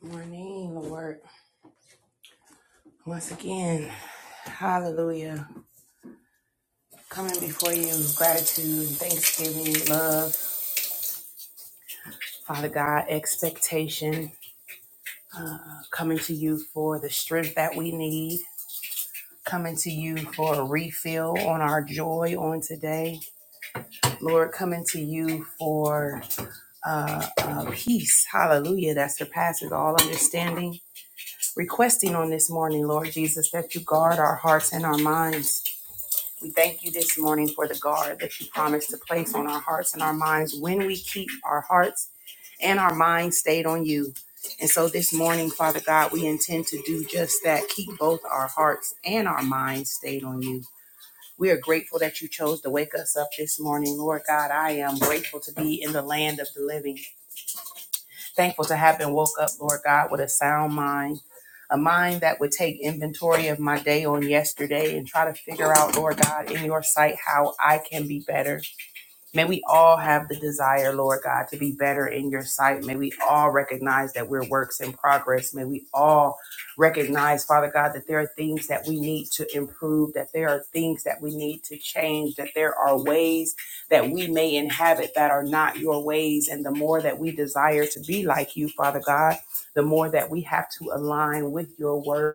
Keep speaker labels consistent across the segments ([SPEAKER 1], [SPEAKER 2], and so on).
[SPEAKER 1] Good Morning, Lord. Once again, hallelujah. Coming before you with gratitude, thanksgiving, love, Father God, expectation. Coming to you for the strength that we need. Coming to you for a refill on our joy on today. Lord, coming to you for uh, uh, peace, hallelujah, that surpasses all understanding. Requesting on this morning, Lord Jesus, that you guard our hearts and our minds We thank you this morning for the guard that you promised to place on our hearts and our minds when we keep our hearts and our minds stayed on you. And so this morning, Father God, we intend to do just that keep both our hearts and our minds stayed on you. We are grateful that you chose to wake us up this morning. Lord God, I am grateful to be in the land of the living. Thankful to have been woke up, Lord God, with a sound mind, a mind that would take inventory of my day on yesterday and try to figure out, Lord God, in your sight, how I can be better. May we all have the desire, Lord God, to be better in your sight. May we all recognize that we're works in progress. May we all recognize, Father God, that there are things that we need to improve, that there are things that we need to change, that there are ways that we may inhabit that are not your ways. And the more that we desire to be like you, Father God, the more that we have to align with your word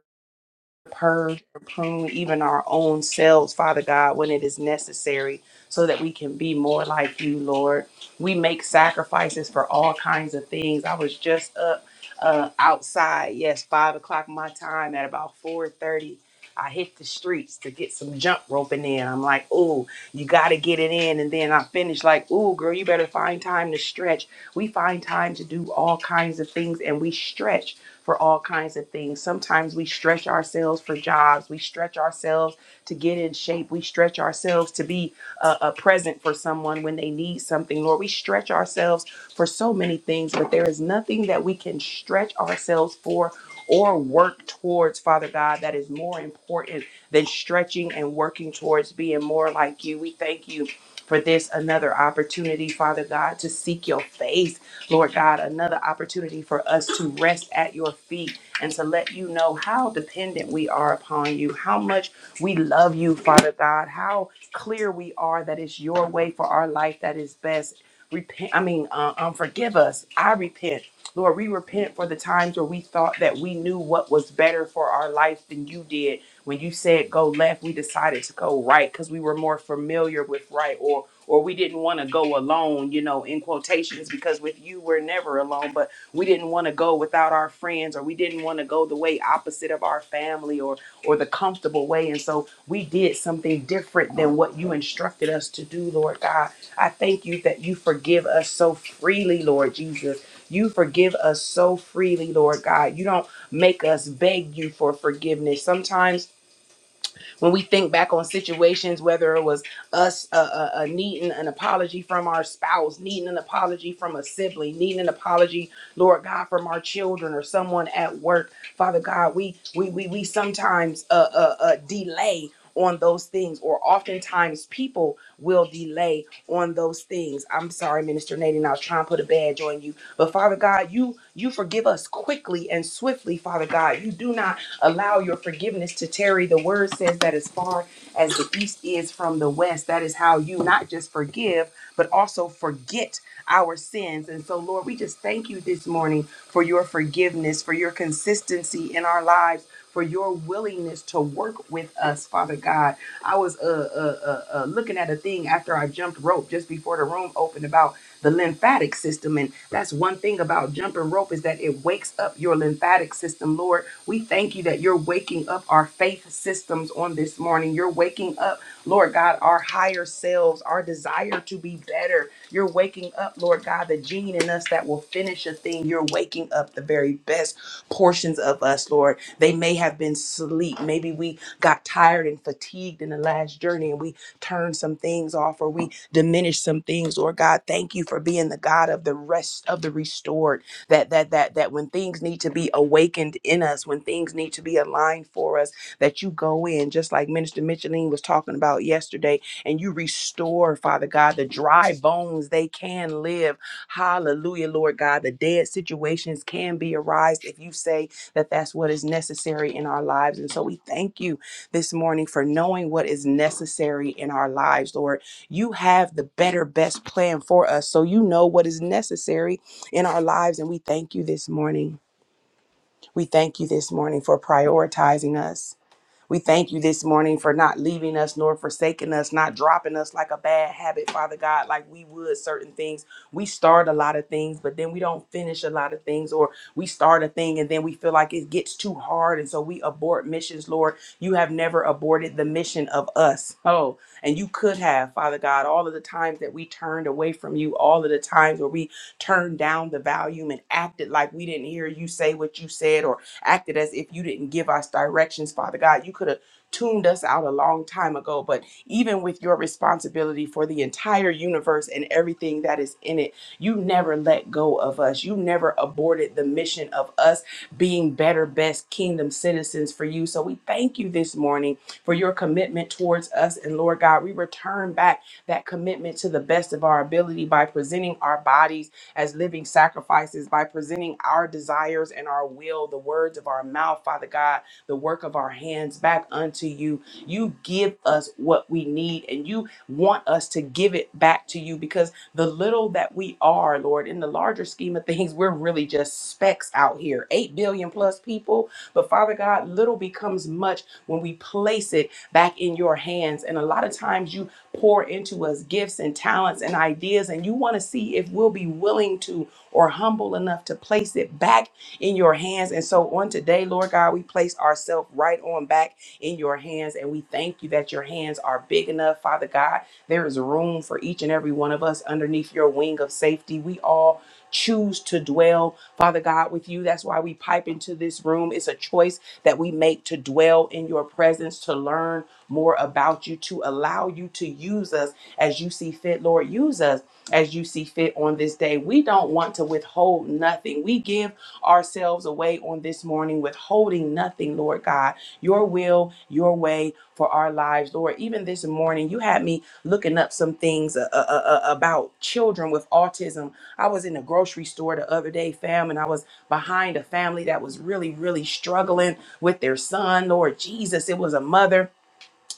[SPEAKER 1] purge or prune even our own selves, Father God, when it is necessary, so that we can be more like you, Lord. We make sacrifices for all kinds of things. I was just up uh, outside, yes, five o'clock my time at about four thirty. I hit the streets to get some jump roping in. I'm like, oh, you got to get it in. And then I finish like, oh, girl, you better find time to stretch. We find time to do all kinds of things and we stretch for all kinds of things. Sometimes we stretch ourselves for jobs, we stretch ourselves to get in shape, we stretch ourselves to be a, a present for someone when they need something. Lord, we stretch ourselves for so many things, but there is nothing that we can stretch ourselves for or work towards, Father God, that is more important than stretching and working towards being more like you. We thank you for this another opportunity, Father God, to seek your face Lord God, another opportunity for us to rest at your feet and to let you know how dependent we are upon you, how much we love you, Father God, how clear we are that it's your way for our life that is best. Repent, I mean, uh, um, forgive us. I repent. Lord, we repent for the times where we thought that we knew what was better for our life than you did when you said go left, we decided to go right because we were more familiar with right or or we didn't want to go alone, you know, in quotations, because with you we're never alone, but we didn't want to go without our friends or we didn't want to go the way opposite of our family or or the comfortable way. And so we did something different than what you instructed us to do, Lord God. I thank you that you forgive us so freely, Lord Jesus. You forgive us so freely, Lord God. You don't make us beg you for forgiveness. Sometimes when we think back on situations, whether it was us uh, uh, uh, needing an apology from our spouse, needing an apology from a sibling, needing an apology, Lord God, from our children or someone at work, Father God, we we we, we sometimes uh, uh, uh, delay on those things, or oftentimes people will delay on those things. I'm sorry, Minister Nadine, I was trying to put a badge on you, but Father God, you you forgive us quickly and swiftly, Father God. You do not Allow your forgiveness to tarry. The word says that as far as the east is from the west, that is how you not just forgive, but also forget our sins. And so, Lord, we just thank you this morning for your forgiveness, for your consistency in our lives, for your willingness to work with us, Father God. I was uh, uh, uh, uh, looking at a thing after I jumped rope just before the room opened about the lymphatic system. And that's one thing about jumping rope is that it wakes up your lymphatic system, Lord. We thank you that you're waking up our faith systems on this morning. You're waking up, Lord God, our higher selves, our desire to be better. You're waking up, Lord God, the gene in us that will finish a thing. You're waking up the very best portions of us, Lord. They may have been sleep. Maybe we got tired and fatigued in the last journey and we turned some things off or we diminish some things, Lord God. Thank you for being the God of the rest of the restored. That that that that when things need to be awakened in us, when things need to be aligned for us, that you go in, just like Minister Micheline was talking about yesterday, and you restore, Father God, the dry bones they can live. Hallelujah, Lord God. The dead situations can be arised if you say that that's what is necessary in our lives. And so we thank you this morning for knowing what is necessary in our lives, Lord you have the better, best plan for us. So you know what is necessary in our lives. And we thank you this morning. We thank you this morning for prioritizing us. We thank you this morning for not leaving us nor forsaking us, not dropping us like a bad habit, Father God, like we would certain things. We start a lot of things, but then we don't finish a lot of things, or we start a thing and then we feel like it gets too hard. And so we abort missions, Lord. You have never aborted the mission of us. Oh, and you could have, Father God, all of the times that we turned away from you, all of the times where we turned down the volume and acted like we didn't hear you say what you said, or acted as if you didn't give us directions, Father God. You could have tuned us out a long time ago, but even with your responsibility for the entire universe and everything that is in it, you never let go of us. You never aborted the mission of us being better, best kingdom citizens for you. So we thank you this morning for your commitment towards us. And Lord God, we return back that commitment to the best of our ability by presenting our bodies as living sacrifices by presenting our desires and our will, the words of our mouth, Father God, the work of our hands back unto you. You give us what we need and you want us to give it back to you because the little that we are, Lord, in the larger scheme of things, we're really just specks out here. 8 billion plus people. But Father God, little becomes much when we place it back in your hands. And a lot of times you pour into us gifts and talents and ideas. And you want to see if we'll be willing to or humble enough to place it back in your hands. And so on today, Lord God, we place ourselves right on back in your hands. And we thank you that your hands are big enough, Father God. There is room for each and every one of us underneath your wing of safety. We all choose to dwell, Father God, with you. That's why we pipe into this room. It's a choice that we make to dwell in your presence, to learn more about you to allow you to use us as you see fit. Lord, use us as you see fit on this day. We don't want to withhold nothing. We give ourselves away on this morning, withholding nothing, Lord God. Your will, your way for our lives, Lord. Even this morning, you had me looking up some things uh, uh, uh, uh, about children with autism. I was in a grocery store the other day, fam, and I was behind a family that was really, really struggling with their son, Lord Jesus. It was a mother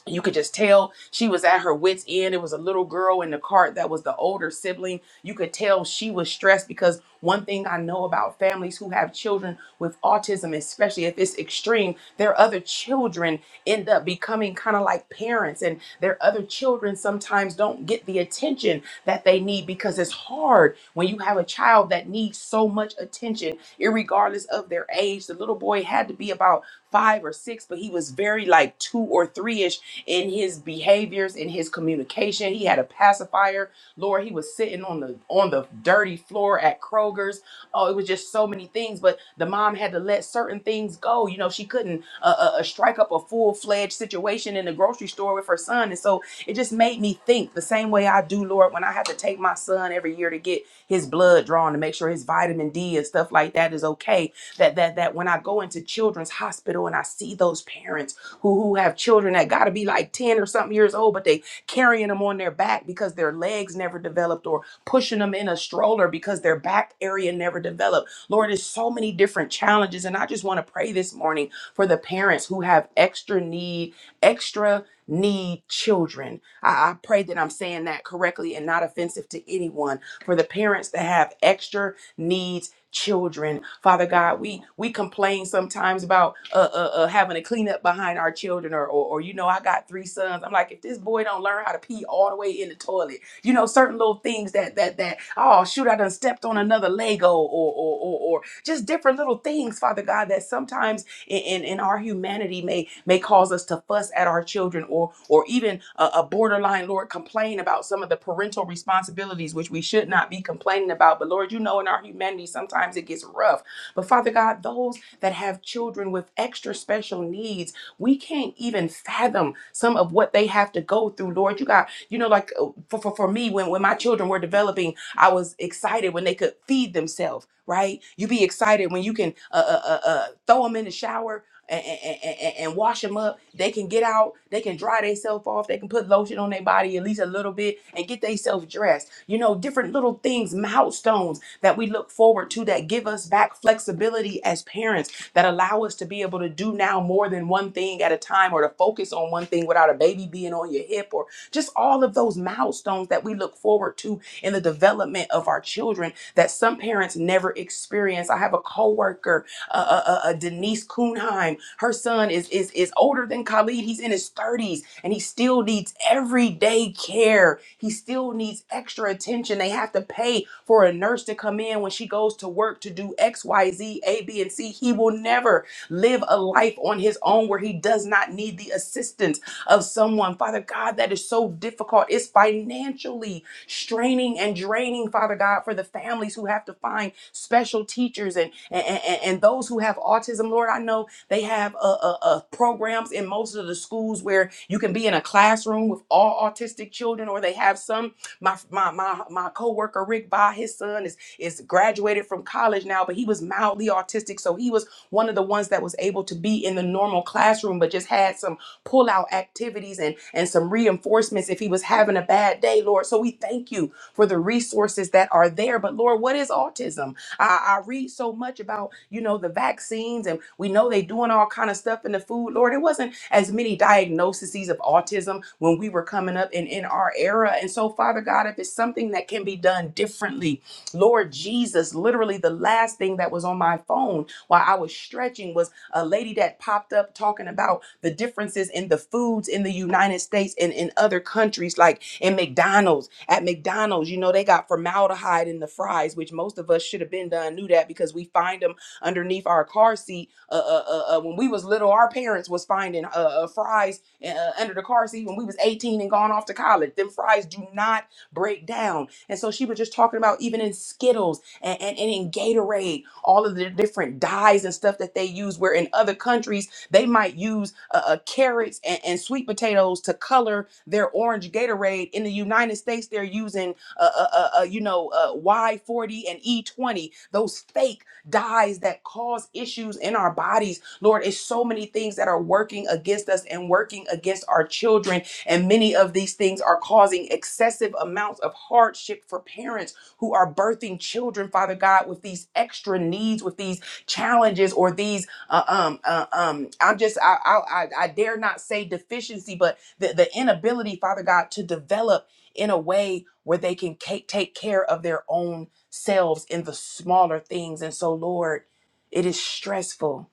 [SPEAKER 1] you could just tell she was at her wits end it was a little girl in the cart that was the older sibling you could tell she was stressed because one thing i know about families who have children with autism especially if it's extreme their other children end up becoming kind of like parents and their other children sometimes don't get the attention attention that they need because it's hard when you have a child that needs so much attention, irregardless of their age. The little boy had to be about five or six, but he was very like two or three ish in his behaviors, in his communication. He had a pacifier. Lord, he was sitting on the on the dirty floor at Kroger's Oh, it was just so many things, but the mom had to let certain things go. You know, she couldn't uh, uh, uh, strike up a full fledged situation in the grocery store with her son. And so it just made me think the same way I do, Lord, when I have to take my son every year to get his blood drawn to make sure his vitamin D and stuff like that is okay that that that when I go into children's hospital and I see those parents who who have children that gotta be like 10 or something years old, but they carrying them on their back because their legs never developed, or pushing them in a stroller because their back area never developed. Lord, there's so many different challenges. And I just want to pray this morning for the parents who have extra need, extra need children. I, I pray that I'm saying that correctly and not offensive to anyone. For the parents that have extra needs children. Father God, we we complain sometimes about uh, uh, uh having to clean up behind our children, or, or or you know, I got three sons. I'm like, if this boy don't learn how to pee all the way in the toilet, you know, certain little things that that that oh shoot, I done stepped on another Lego, or or or, or just different little things, Father God, that sometimes in in and our humanity may may cause us to fuss at our children or or even a, a borderline lord complain about some of the parental responsibilities which we should not be complaining about but lord you know in our humanity sometimes it gets rough but father god those that have children with extra special needs we can't even fathom some of what they have to go through lord you got you know like uh, for, for, for me when when my children were developing I was excited when they could feed themselves, right? You be excited when you can uh, uh, uh, uh, throw them in the shower and, and, and, and wash them up. They can get out, they can dry themselves off, they can put lotion on their body at least a little bit and get themselves dressed. You know, different little things, milestones that we look forward to that give us back flexibility as parents that allow us to be able to do now more than one thing at a time or to focus on one thing without a baby being on your hip or just all of those milestones that we look forward to in the development of our children that some parents never experience. I have a coworker, uh, uh, uh, uh, Denise Kuhnheim. Her son is is is older than Khalid. He's in his 30s, and he still needs everyday care. He still needs extra attention. They have to pay for a nurse to come in when she goes to work to do X, Y, Z, A, B, and C. He will never live a life on his own where he does not need the assistance of someone. Father God, that is so difficult. It's financially straining and draining, Father God, for the families who have to find special teachers and, and, and, and those who have autism. Lord, I know they have uh, uh, uh, programs in most of the schools where you can be in a classroom with all autistic children, or they have some. My my my my coworker Rick Ba, his son is is graduated from college now, but he was mildly autistic, so he was one of the ones that was able to be in the normal classroom, but just had some pull out activities and, and some reinforcements if he was having a bad day, Lord. So we thank you for the resources that are there. But Lord, what is autism? I, I read so much about, you know, the vaccines and we know they doing all kind of stuff in the food. Lord, it wasn't as many diagnoses of autism when we were coming up in, in our era. And so, Father God, if it's something that can be done differently, Lord Jesus, literally the last thing that was on my phone while I was stretching was a lady that popped up talking about the differences in the foods in the United States and in other countries, like in McDonald's. At McDonald's, you know, they got formaldehyde in the fries, which most of us should have been done knew that because we find them underneath our car seat. Uh, uh, uh, uh, when we was little, our parents was finding uh, uh, fries uh, uh, under the car seat when we was 18 and gone off to college. Them fries do not break down. And so she was just talking about even in Skittles and, and, and in Gatorade, all of the different dyes and stuff that they use, where in other countries they might use uh, uh, carrots and, and sweet potatoes to color their orange Gatorade. In the United States, they're using, uh, uh, uh, uh, you know, uh, Y40 and E20, those fake dyes that cause issues in our bodies. Lord, it's so many things that are working against us and working against our children. And many of these things are causing excessive amounts of hardship for parents who are birthing children, Father God, with these extra needs, with these challenges, or these uh, um uh, um. I'm just I, I I I dare not say deficiency, but the the inability, Father God, to develop in a way where they can ca- take care of their own selves in the smaller things. And so, Lord, it is stressful.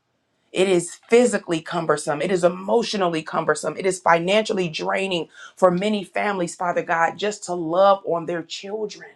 [SPEAKER 1] It is physically cumbersome. It is emotionally cumbersome. It is financially draining for many families, Father God, just to love on their children.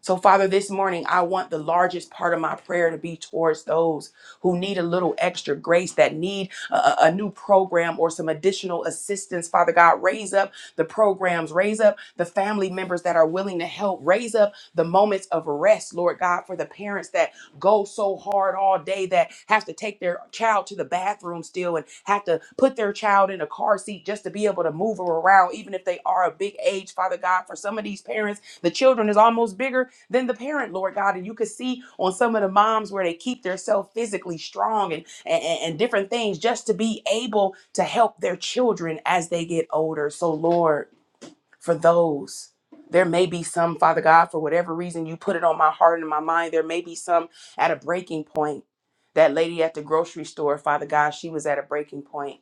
[SPEAKER 1] So, Father, this morning, I want the largest part of my prayer to be towards those who need a little extra grace, that need a, a- a new program or some additional assistance. Father God, raise up the programs, raise up the family members that are willing to help, raise up the moments of rest, Lord God, for the parents that go so hard all day that have to take their child to the bathroom still and have to put their child in a car seat just to be able to move her around, even if they are a big age. Father God, for some of these parents, the children is almost bigger than the parent, Lord God. And you could see on some of the moms where they keep themselves physically strong and, and, and different things just to be able to help their children as they get older. So, Lord for those. There may be some, Father God, for whatever reason you put it on my heart and my mind. There may be some at a breaking point. That lady at the grocery store, Father God, she was at a breaking point.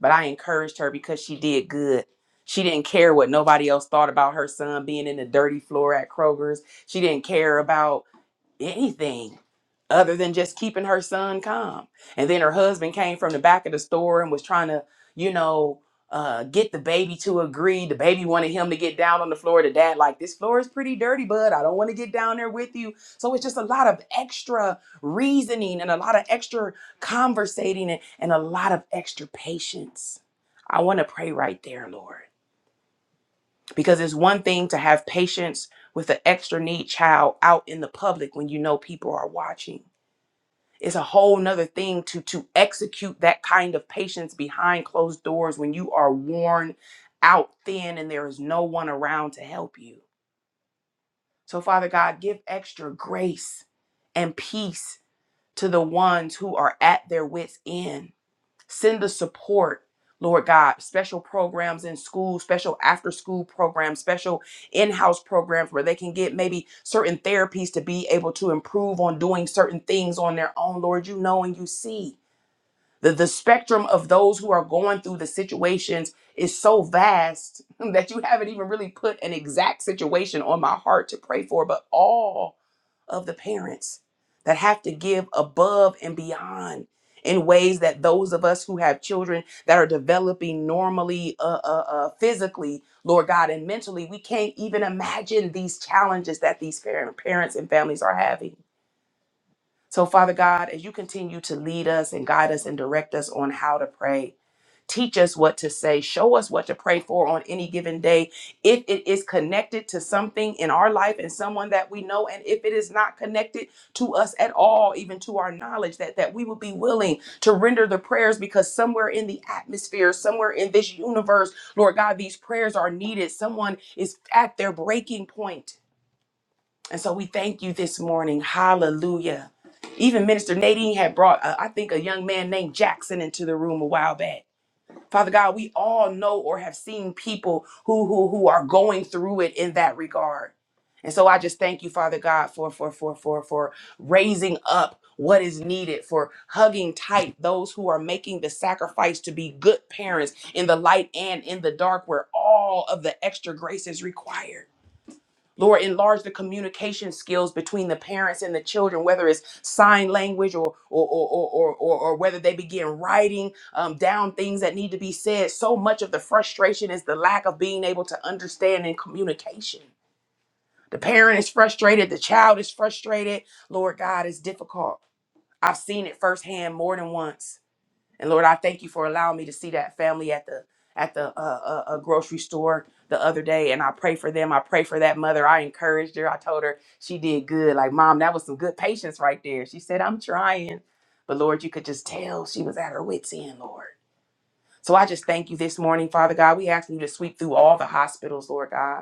[SPEAKER 1] But I encouraged her because she did good. She didn't care what nobody else thought about her son being in the dirty floor at Kroger's. She didn't care about anything other than just keeping her son calm. And then her husband came from the back of the store and was trying to, you know, uh, get the baby to agree. The baby wanted him to get down on the floor. The dad, like, this floor is pretty dirty, bud. I don't want to get down there with you. So it's just a lot of extra reasoning and a lot of extra conversating and, and a lot of extra patience. I want to pray right there, Lord because it's one thing to have patience with an extra need child out in the public when you know people are watching it's a whole nother thing to to execute that kind of patience behind closed doors when you are worn out thin and there is no one around to help you so father god give extra grace and peace to the ones who are at their wits end Send the support, Lord God, special programs in school, special after school programs, special in house programs where they can get maybe certain therapies to be able to improve on doing certain things on their own. Lord, you know and you see. The, the spectrum of those who are going through the situations is so vast that you haven't even really put an exact situation on my heart to pray for, but all of the parents that have to give above and beyond in ways that those of us who have children that are developing normally uh, uh, uh, physically lord god and mentally we can't even imagine these challenges that these par- parents and families are having so father god as you continue to lead us and guide us and direct us on how to pray Teach us what to say. Show us what to pray for on any given day. If it is connected to something in our life and someone that we know, and if it is not connected to us at all, even to our knowledge, that, that we will be willing to render the prayers because somewhere in the atmosphere, somewhere in this universe, Lord God, these prayers are needed. Someone is at their breaking point. And so we thank you this morning. Hallelujah. Even Minister Nadine had brought, uh, I think, a young man named Jackson into the room a while back. Father God, we all know or have seen people who who who are going through it in that regard. And so I just thank you, Father God, for for for for for raising up what is needed for hugging tight those who are making the sacrifice to be good parents in the light and in the dark where all of the extra grace is required. Lord, enlarge the communication skills between the parents and the children, whether it's sign language or or or or or, or, or whether they begin writing um, down things that need to be said. So much of the frustration is the lack of being able to understand in communication. The parent is frustrated, the child is frustrated. Lord God, it's difficult. I've seen it firsthand more than once. And Lord, I thank you for allowing me to see that family at the at the uh, uh, uh, grocery store the other day, and I pray for them. I pray for that mother. I encouraged her. I told her she did good. Like, mom, that was some good patience right there. She said, "I'm trying," but Lord, you could just tell she was at her wits' end, Lord. So I just thank you this morning, Father God. We ask you to sweep through all the hospitals, Lord God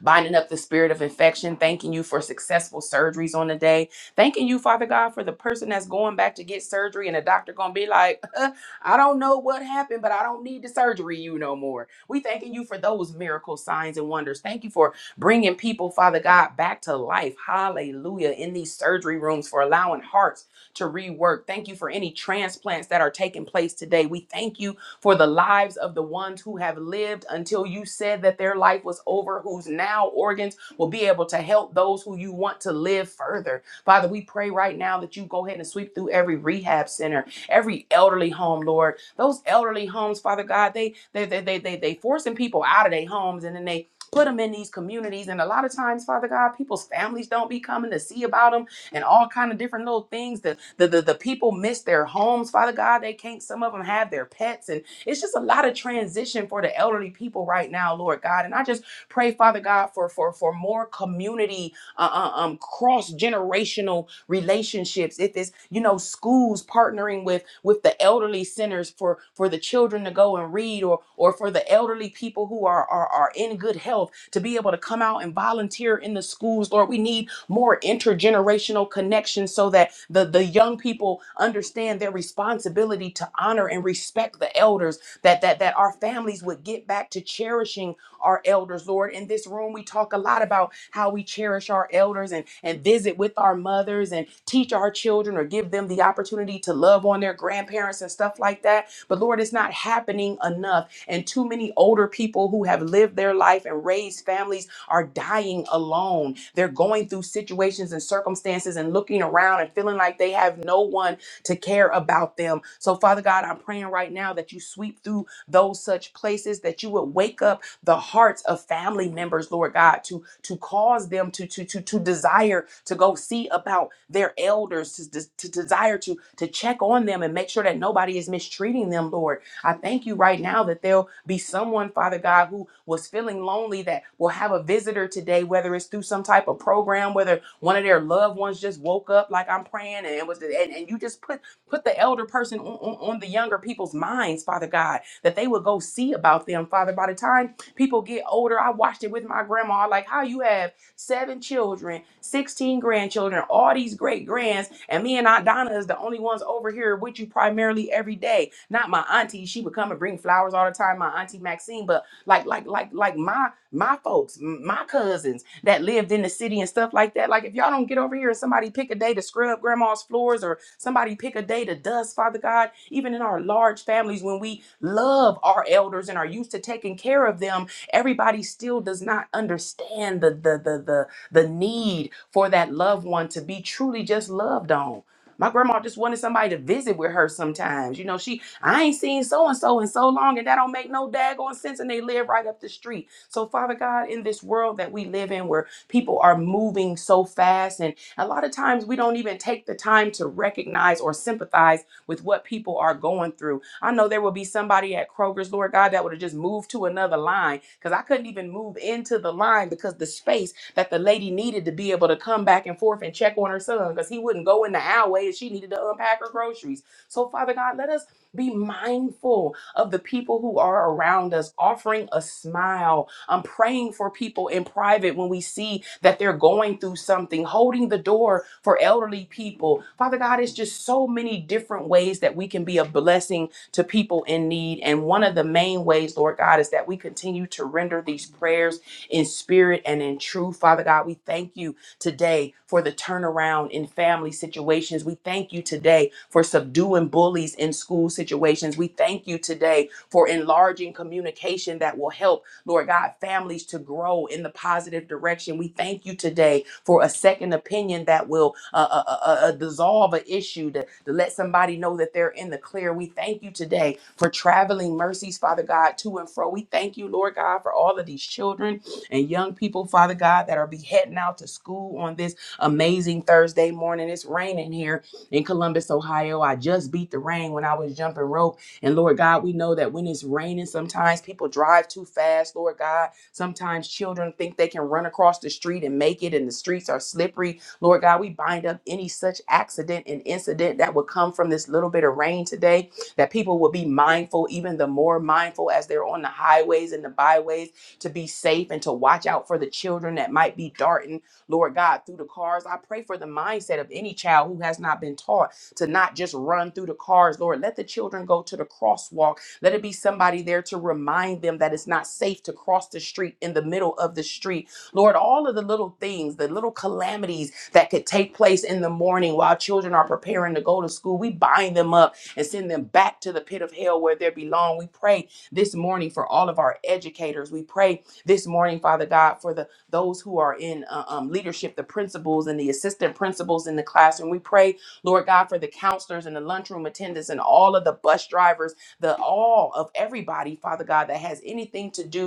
[SPEAKER 1] binding up the spirit of infection, thanking you for successful surgeries on the day, thanking you, Father God, for the person that's going back to get surgery and the doctor gonna be like, I don't know what happened, but I don't need the surgery you no more. We thanking you for those miracle signs and wonders. Thank you for bringing people, Father God, back to life. Hallelujah. In these surgery rooms for allowing hearts to rework. Thank you for any transplants that are taking place today. We thank you for the lives of the ones who have lived until you said that their life was over, whose now organs will be able to help those who you want to live further. Father, we pray right now that you go ahead and sweep through every rehab center, every elderly home, Lord. Those elderly homes, Father God, they they they they they, they forcing people out of their homes and then they put them in these communities and a lot of times father god people's families don't be coming to see about them and all kind of different little things the, the the the people miss their homes father god they can't some of them have their pets and it's just a lot of transition for the elderly people right now, Lord God. And I just pray, Father God, for for for more community, uh, uh, um, cross generational relationships. If it's you know schools partnering with with the elderly centers for for the children to go and read, or or for the elderly people who are are, are in good health to be able to come out and volunteer in the schools, Lord. We need more intergenerational connection so that the, the young people understand their responsibility to honor and respect the elders, that, that, that our families would get back to cherishing our elders, Lord. In this room, we talk a lot about how we cherish our elders and, and visit with our mothers and teach our children or give them the opportunity to love on their grandparents and stuff like that. But Lord, it's not happening enough. And too many older people who have lived their life and raised families are dying alone. They're going through situations and circumstances and looking around and feeling like they have no one to care about them. So, Father God, I'm praying right now that you sweep through those such places, that you would wake up the hearts of family members, Lord God, to to cause them to to to, to desire to go see about their elders, to, to, to desire to to check on them and make sure that nobody is mistreating them, Lord. I thank you right now that there'll be someone, Father God, who was feeling lonely that will have a visitor today, whether it's through some type of program, whether one of their loved ones just woke up like I'm praying and it was and, and you just put put the elder person on, on, on the younger people's minds, Father God, that they would go see about them, Father. By the time people get older, I watched it with my grandma, like how you have seven children, 16 grandchildren, all these great grands, and me and Aunt Donna is the only ones over here with you primarily every day. Not my auntie, she would come and bring flowers all the time, my auntie Maxine, but like like like like my my folks, m- my cousins that lived in the city and stuff like that. Like if y'all don't get over here and somebody pick a day to scrub grandma's floors or somebody pick a day to dust, Father God, even in our large families when we love our elders and are used to taking care of them Everybody still does not understand the the the the, the need for that loved one to be truly just loved on. My grandma just wanted somebody to visit with her sometimes. You know, she I ain't seen so and so in so long, and that don't make no daggone sense. And they live right up the street. So, Father God, in this world that we live in, where people are moving so fast, and a lot of times we don't even take the time to recognize or sympathize with what people are going through. I know there will be somebody at Kroger's, Lord God, that would have just moved to another line because I couldn't even move into the line because the space that the lady needed to be able to come back and forth and check on her son because he wouldn't go in the alleyway and she needed to unpack her groceries. So, Father God, let us be mindful of the people who are around us, offering a smile. I'm praying for people in private when we see that they're going through something, holding the door for elderly people. Father God, it's just so many different ways that we can be a blessing to people in need. And one of the main ways, Lord God, is that we continue to render these prayers in spirit and in truth. Father God, we thank you today for the turnaround in family situations. We thank you today for subduing bullies in school situations. We thank you today for enlarging communication that will help Lord God, families to grow in the positive direction. We thank you today for a second opinion that will uh, uh, uh, uh, uh, dissolve an issue, to, to let somebody know that they're in the clear. We thank you today for traveling mercies, Father God, to and fro. We thank you, Lord God, for all of these children and young people, Father God, that are be heading out to school on this amazing Thursday morning. It's raining here in Columbus, Ohio. I just beat the rain when I was jumping rope and Lord God, we know that when it's raining, sometimes people drive too fast, Lord God. Sometimes children think they can run across the street and make it, and the streets are slippery. Lord God, we bind up any such accident and incident that would come from this little bit of rain today, that people will be mindful, even the more mindful as they're on the highways and the byways, to be safe and to watch out for the children that might be darting, Lord God, through the cars. I pray for the mindset of any child who has not been taught to not just run through the cars, Lord. Let the children go to the crosswalk. Let it be somebody there to remind them that it's not safe to cross the street in the middle of the street. Lord, all of the little things, the little calamities that could take place in the morning while children are preparing to go to school, we bind them up and send them back to the pit of hell where they belong. We pray this morning for all of our educators. We pray this morning, Father God, for the those who are in uh, um, leadership, the principals and the assistant principals in the classroom. We pray Lord God, for the counselors and the lunchroom attendants and all of the bus drivers, the all of everybody, Father God, that has anything to do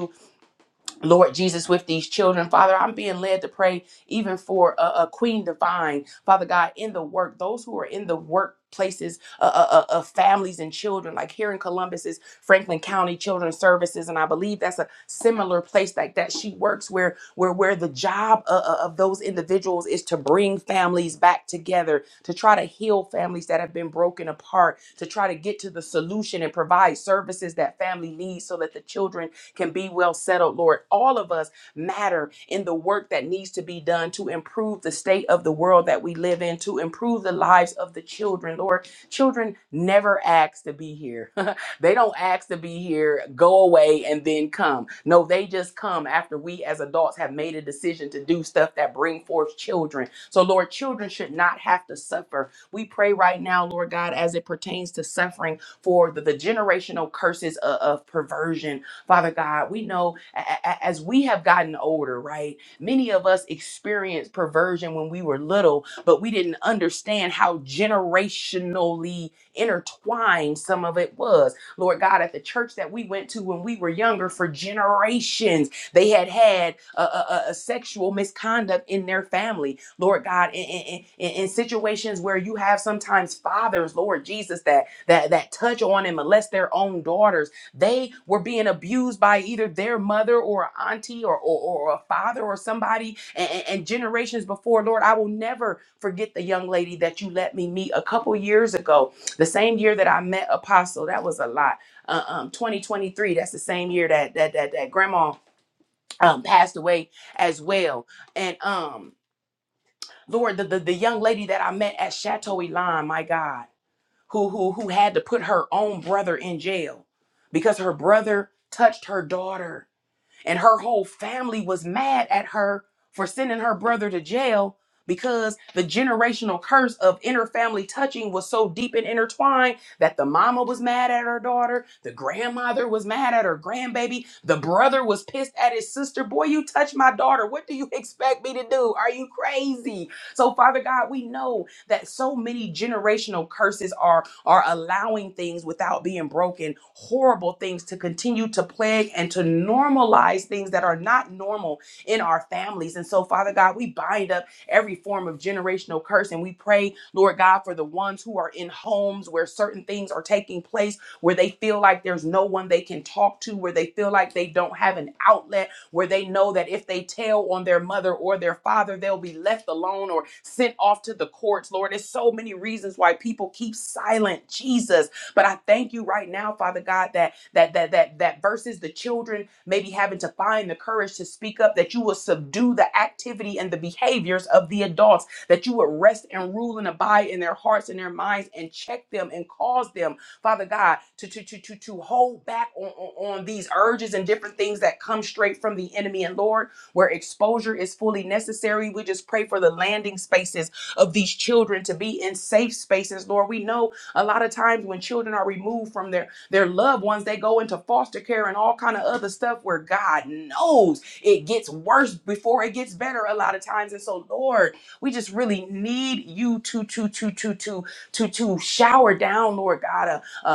[SPEAKER 1] Lord Jesus, with these children, Father, I'm being led to pray even for a, Queen Divine, Father God, in the work, those who are in the workplaces uh, uh, uh, of families and children, like here in Columbus is Franklin County Children's Services, and I believe that's a similar place like that. She works where where where the job uh, uh, of those individuals is to bring families back together, to try to heal families that have been broken apart, to try to get to the solution and provide services that family needs, so that the children can be well settled, Lord. All of us matter in the work that needs to be done to improve the state of the world that we live in, to improve the lives of the children, Lord. Children never ask to be here. they don't ask to be here, go away, and then come. No, they just come after we as adults have made a decision to do stuff that bring forth children. So, Lord, children should not have to suffer. We pray right now, Lord God, as it pertains to suffering for the, the generational curses of, of perversion Father God, we know a- a- as we have gotten older, right? Many of us experienced perversion when we were little, but we didn't understand how generationally intertwined some of it was. Lord God, at the church that we went to when we were younger, for generations, they had had a, a- a- a sexual misconduct in their family. Lord God, in, in, in, in situations where you have sometimes fathers, Lord Jesus, that that that touch on and molest their own daughters they were being abused by either their mother or auntie or, or, or a father or somebody. And, and and generations before, Lord, I will never forget the young lady that you let me meet a couple years ago, the same year that I met Apostle. That was a lot. Uh, um, 2023. That's the same year that that that, that Grandma um, passed away as well. And um, Lord, the, the the young lady that I met at Chateau Elan, my God who who who had to put her own brother in jail because her brother touched her daughter and her whole family was mad at her for sending her brother to jail because the generational curse of interfamily touching was so deep and intertwined that the mama was mad at her daughter the grandmother was mad at her grandbaby the brother was pissed at his sister boy you touched my daughter what do you expect me to do are you crazy so father god we know that so many generational curses are are allowing things without being broken, horrible things to continue to plague and to normalize things that are not normal in our families. And so, Father God, we bind up every form of generational curse and we pray, Lord God, for the ones who are in homes where certain things are taking place, where they feel like there's no one they can talk to, where they feel like they don't have an outlet where they know that if they tell on their mother or their father, they'll be left alone or sent off to the courts. Lord, there's so many reasons why people keep silent, Jesus. But I thank you right now, Father God, that that that that that versus the children maybe having to find the courage to speak up, that you will subdue the activity and the behaviors of the adults, that you would rest and rule and abide in their hearts and their minds and check them and cause them Father God, to to to to, to hold back on, on, on these urges and different things that come straight from the enemy. And Lord, where exposure is fully necessary, we just pray for the landing spaces of these children to be in safe spaces. Lord, we know a lot of times when children are removed from their their loved ones, they go into foster care and all kind of other stuff where God knows it gets worse before it gets better a lot of times. And so, Lord, we just really need you to to to to to to to shower down, Lord God a, a,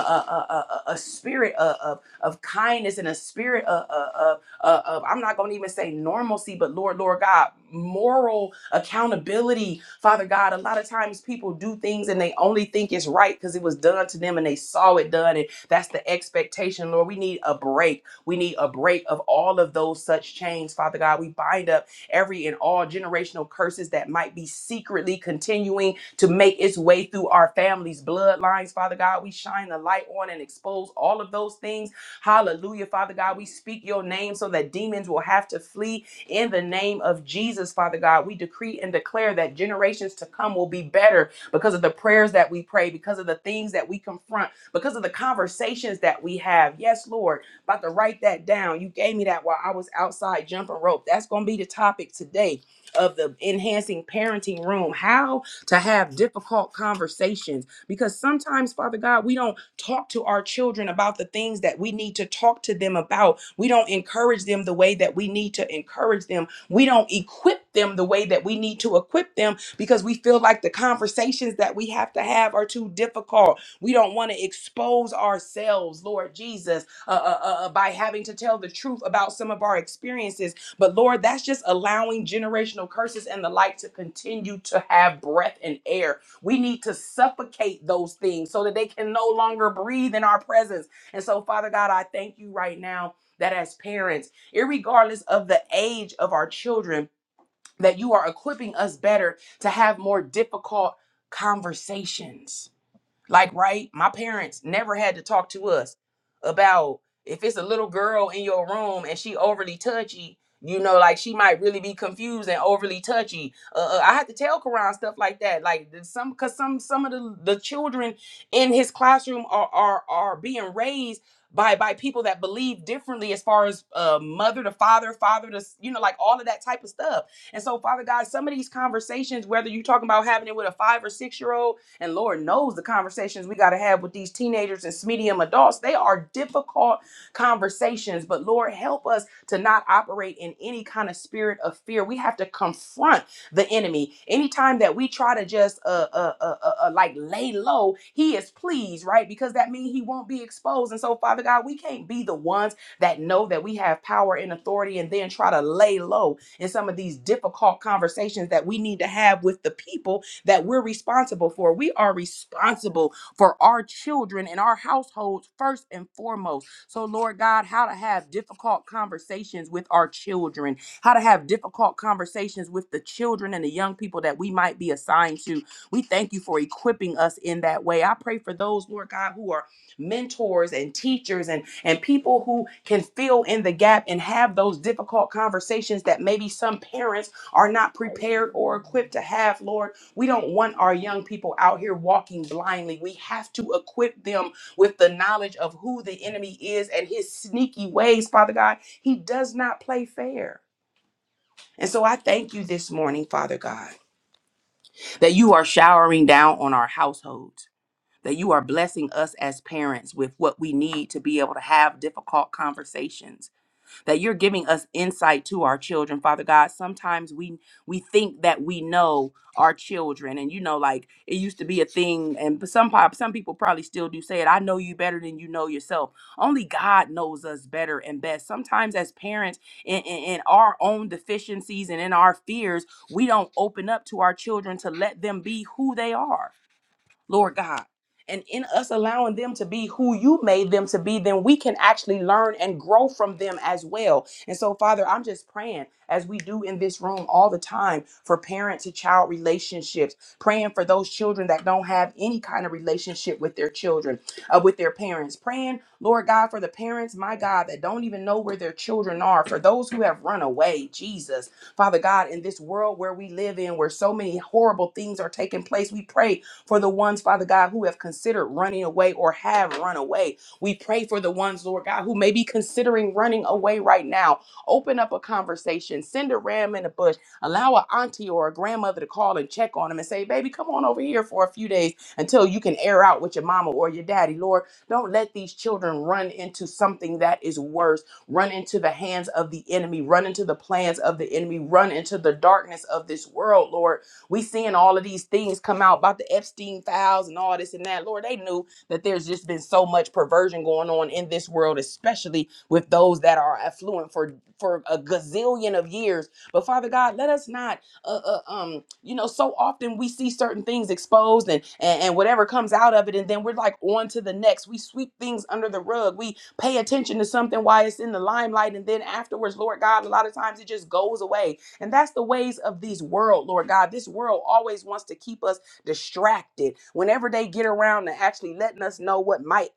[SPEAKER 1] a, a spirit of, of, of kindness and a spirit of, of, of, of, I'm not going to even say normalcy, but Lord, Lord God, moral accountability. Father God, a lot of times people do things and they only think it's right because it was done to them and they saw it done. And that's the expectation, Lord. We need a break. We need a break of all of those such chains, Father God. We bind up every and all generational curses that might be secretly continuing to make its way through our families' bloodlines, Father God. We shine the light on and expose all of those things. Hallelujah, Father God. We speak your name so that demons will have to flee in the name of Jesus, Father God. We decree and declare that generations to come will be better because of the prayers that we pray, because of the things that we confront, because of the conversations that we have. Yes, Lord, about to write that down. You gave me that while I was outside jumping rope. That's going to be the topic today of the enhancing parenting room. How to have difficult conversations because sometimes, Father God, we don't talk to our children about the things that we need to talk to them about. We don't encourage them the way that we need to encourage them. We don't equip them the way that we need to equip them because we feel like the conversations that we have to have are too difficult. We don't want to expose ourselves, Lord Jesus, uh, uh, uh, by having to tell the truth about some of our experiences but Lord, that's just allowing generational curses and the like to continue to have breath and air. We need to suffocate those things so that they can no longer breathe in our presence. And so, Father God, I thank you right now that as parents, irregardless of the age of our children, that you are equipping us better to have more difficult conversations like, right? My parents never had to talk to us about if it's a little girl in your room and she overly touchy, you know, like she might really be confused and overly touchy. Uh, uh, I had to tell Karan stuff like that. Like there's some, cause some, some of the, the children in his classroom are, are, are being raised by, by people that believe differently as far as uh, mother to father, father to, s- you know, like all of that type of stuff. And so Father God, some of these conversations, whether you're talking about having it with a five or six year old, and Lord knows the conversations we got to have with these teenagers and medium adults. They are difficult conversations, but Lord, help us to not operate in any kind of spirit of fear. We have to confront the enemy. Anytime that we try to just uh, uh, uh, uh, uh, like lay low, he is pleased, right? Because that means he won't be exposed. And so, Father God, we can't be the ones that know that we have power and authority and then try to lay low in some of these difficult conversations that we need to have with the people that we're responsible for. We are responsible for our children and our households first and foremost. So, Lord God, how to have difficult conversations with our children, how to have difficult conversations with the children and the young people that we might be assigned to. We thank you for equipping us in that way. I pray for those, Lord God, who are mentors and teachers and and people who can fill in the gap and have those difficult conversations that maybe some parents are not prepared or equipped to have lord we don't want our young people out here walking blindly. We have to equip them with the knowledge of who the enemy is and his sneaky ways, Father God. He does not play fair. And so I thank you this morning, Father God, that you are showering down on our households, that you are blessing us as parents with what we need to be able to have difficult conversations that you're giving us insight to our children, Father God. Sometimes we we think that we know our children, and you know, like it used to be a thing, and some pop some people probably still do say it. I know you better than you know yourself. Only God knows us better and best. Sometimes as parents, in, in, in our own deficiencies and in our fears, we don't open up to our children to let them be who they are Lord God. And in us allowing them to be who you made them to be, then we can actually learn and grow from them as well. And so, Father, I'm just praying, as we do in this room all the time, for parent to child relationships, praying for those children that don't have any kind of relationship with their children, uh, with their parents, praying, Lord God, for the parents, my God, that don't even know where their children are, for those who have run away, Jesus. Father God, in this world where we live in, where so many horrible things are taking place, we pray for the ones, Father God, who have considered running away or have run away. We pray for the ones, Lord God, who may be considering running away right now. Open up a conversation, send a ram in a bush, allow a auntie or a grandmother to call and check on them and say, Baby, come on over here for a few days until you can air out with your mama or your daddy. Lord, don't let these children run into something that is worse, run into the hands of the enemy, run into the plans of the enemy, run into the darkness of this world, Lord. We seeing all of these things come out about the Epstein files and all this and that. Lord, they knew that there's just been so much perversion going on in this world, especially with those that are affluent for for a gazillion of years. But Father God, let us not, uh, uh, um, you know, so often we see certain things exposed and, and and whatever comes out of it, and then we're like on to the next. We sweep things under the rug. We pay attention to something while it's in the limelight, and then afterwards, Lord God, a lot of times it just goes away and that's the ways of these world, Lord God. This world always wants to keep us distracted. Whenever they get around to actually letting us know what might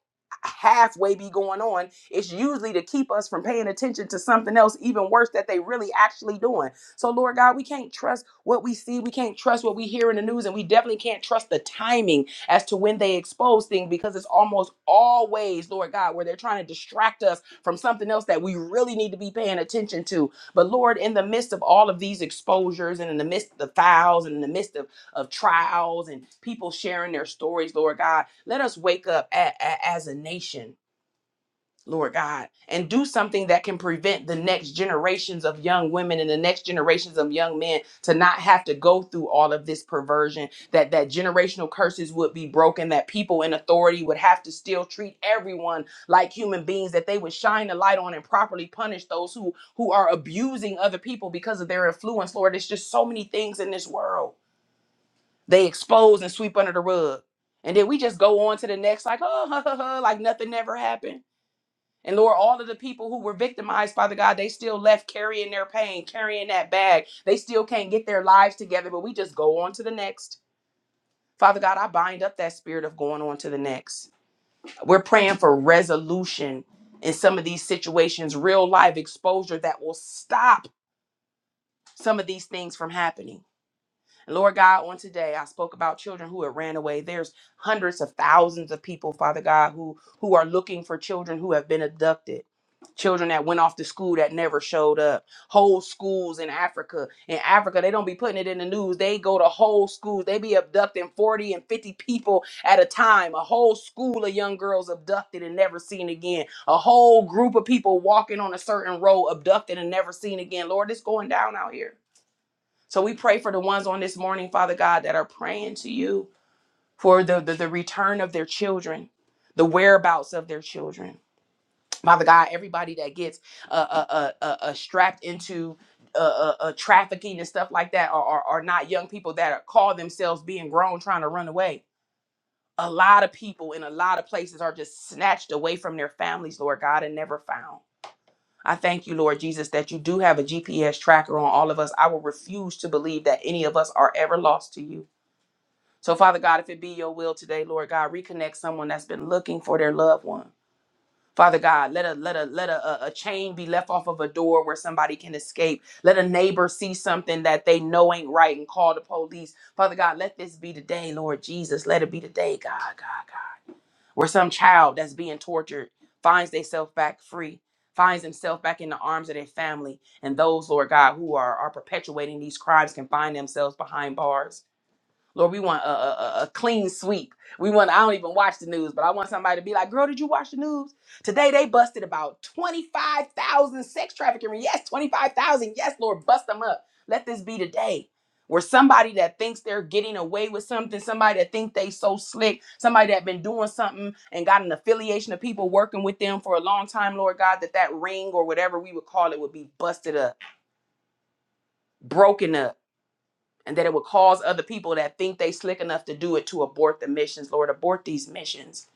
[SPEAKER 1] halfway be going on, it's usually to keep us from paying attention to something else even worse that they really actually doing. So Lord God, we can't trust what we see, we can't trust what we hear in the news, and we definitely can't trust the timing as to when they expose things because it's almost always, Lord God, where they're trying to distract us from something else that we really need to be paying attention to but Lord, in the midst of all of these exposures and in the midst of the files and in the midst of, of trials and people sharing their stories, Lord God, let us wake up a- a- as a nation Lord God, and do something that can prevent the next generations of young women and the next generations of young men to not have to go through all of this perversion, that that generational curses would be broken, that people in authority would have to still treat everyone like human beings, that they would shine a light on and properly punish those who who are abusing other people because of their influence. Lord, it's just so many things in this world they expose and sweep under the rug. And then we just go on to the next, like, oh, like nothing never happened and Lord, all of the people who were victimized, Father God, they still left carrying their pain, carrying that bag. They still can't get their lives together, but we just go on to the next. Father God, I bind up that spirit of going on to the next. We're praying for resolution in some of these situations, real life exposure that will stop some of these things from happening. And Lord God, on today, I spoke about children who have ran away. There's hundreds of thousands of people, Father God, who who are looking for children who have been abducted. Children that went off to school that never showed up. Whole schools in Africa. In Africa, they don't be putting it in the news. They go to whole schools. They be abducting 40 and 50 people at a time. A whole school of young girls abducted and never seen again. A whole group of people walking on a certain road abducted and never seen again. Lord, it's going down out here. So we pray for the ones on this morning, Father God, that are praying to you for the, the, the return of their children, the whereabouts of their children. Father God, everybody that gets uh, uh, uh, uh, uh, strapped into uh, uh, uh, trafficking and stuff like that are, are, are not young people that are, call themselves being grown trying to run away. A lot of people in a lot of places are just snatched away from their families, Lord God, and never found. I thank you, Lord Jesus, that you do have a GPS tracker on all of us. I will refuse to believe that any of us are ever lost to you. So, Father God, if it be your will today, Lord God, reconnect someone that's been looking for their loved one. Father God, let a let a let a, a a chain be left off of a door where somebody can escape. Let a neighbor see something that they know ain't right and call the police. Father God, let this be today, Lord Jesus. Let it be today, God, God, God where some child that's being tortured finds themselves back free, finds himself back in the arms of their family, and those, Lord God, who are, are perpetuating these crimes can find themselves behind bars. Lord, we want a, a, a a clean sweep. We want, I don't even watch the news, but I want somebody to be like, girl, did you watch the news? Today they busted about 25,000 sex trafficking. rings." Yes, 25,000. Yes, Lord, bust them up. Let this be the day where somebody that thinks they're getting away with something, somebody that thinks they so slick, somebody that been doing something and got an affiliation of people working with them for a long time, Lord God, that that ring or whatever we would call it would be busted up, broken up and that it would cause other people that think they slick enough to do it to abort the missions. Lord, abort these missions.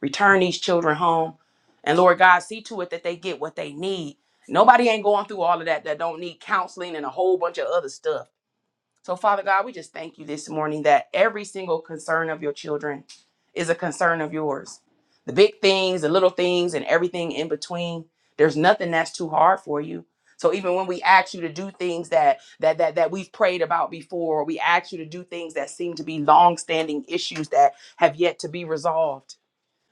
[SPEAKER 1] Return these children home. And Lord God, see to it that they get what they need. Nobody ain't going through all of that that don't need counseling and a whole bunch of other stuff. So, Father God, we just thank you this morning that every single concern of your children is a concern of yours. The big things, the little things, and everything in between. There's nothing that's too hard for you. So even when we ask you to do things that that that that we've prayed about before, or we ask you to do things that seem to be long-standing issues that have yet to be resolved,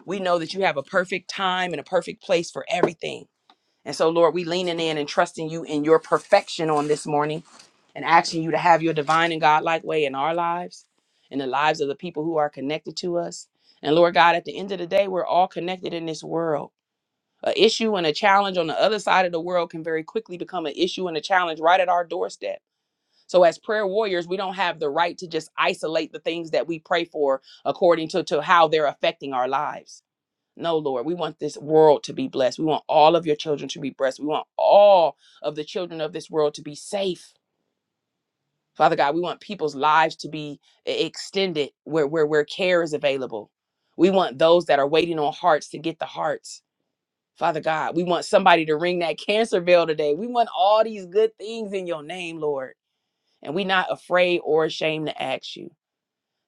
[SPEAKER 1] we know that you have a perfect time and a perfect place for everything. And so, Lord, we leaning in and trusting you in your perfection on this morning and asking you to have your divine and godlike way in our lives, in the lives of the people who are connected to us. And Lord God, at the end of the day, we're all connected in this world. A issue and a challenge on the other side of the world can very quickly become an issue and a challenge right at our doorstep. So, as prayer warriors, we don't have the right to just isolate the things that we pray for according to, to how they're affecting our lives. No, Lord, we want this world to be blessed. We want all of your children to be blessed. We want all of the children of this world to be safe Father God, we want people's lives to be e- extended where, where, where care is available. We want those that are waiting on hearts to get the hearts. Father God, we want somebody to ring that cancer bell today. We want all these good things in your name, Lord. And we're not afraid or ashamed to ask you.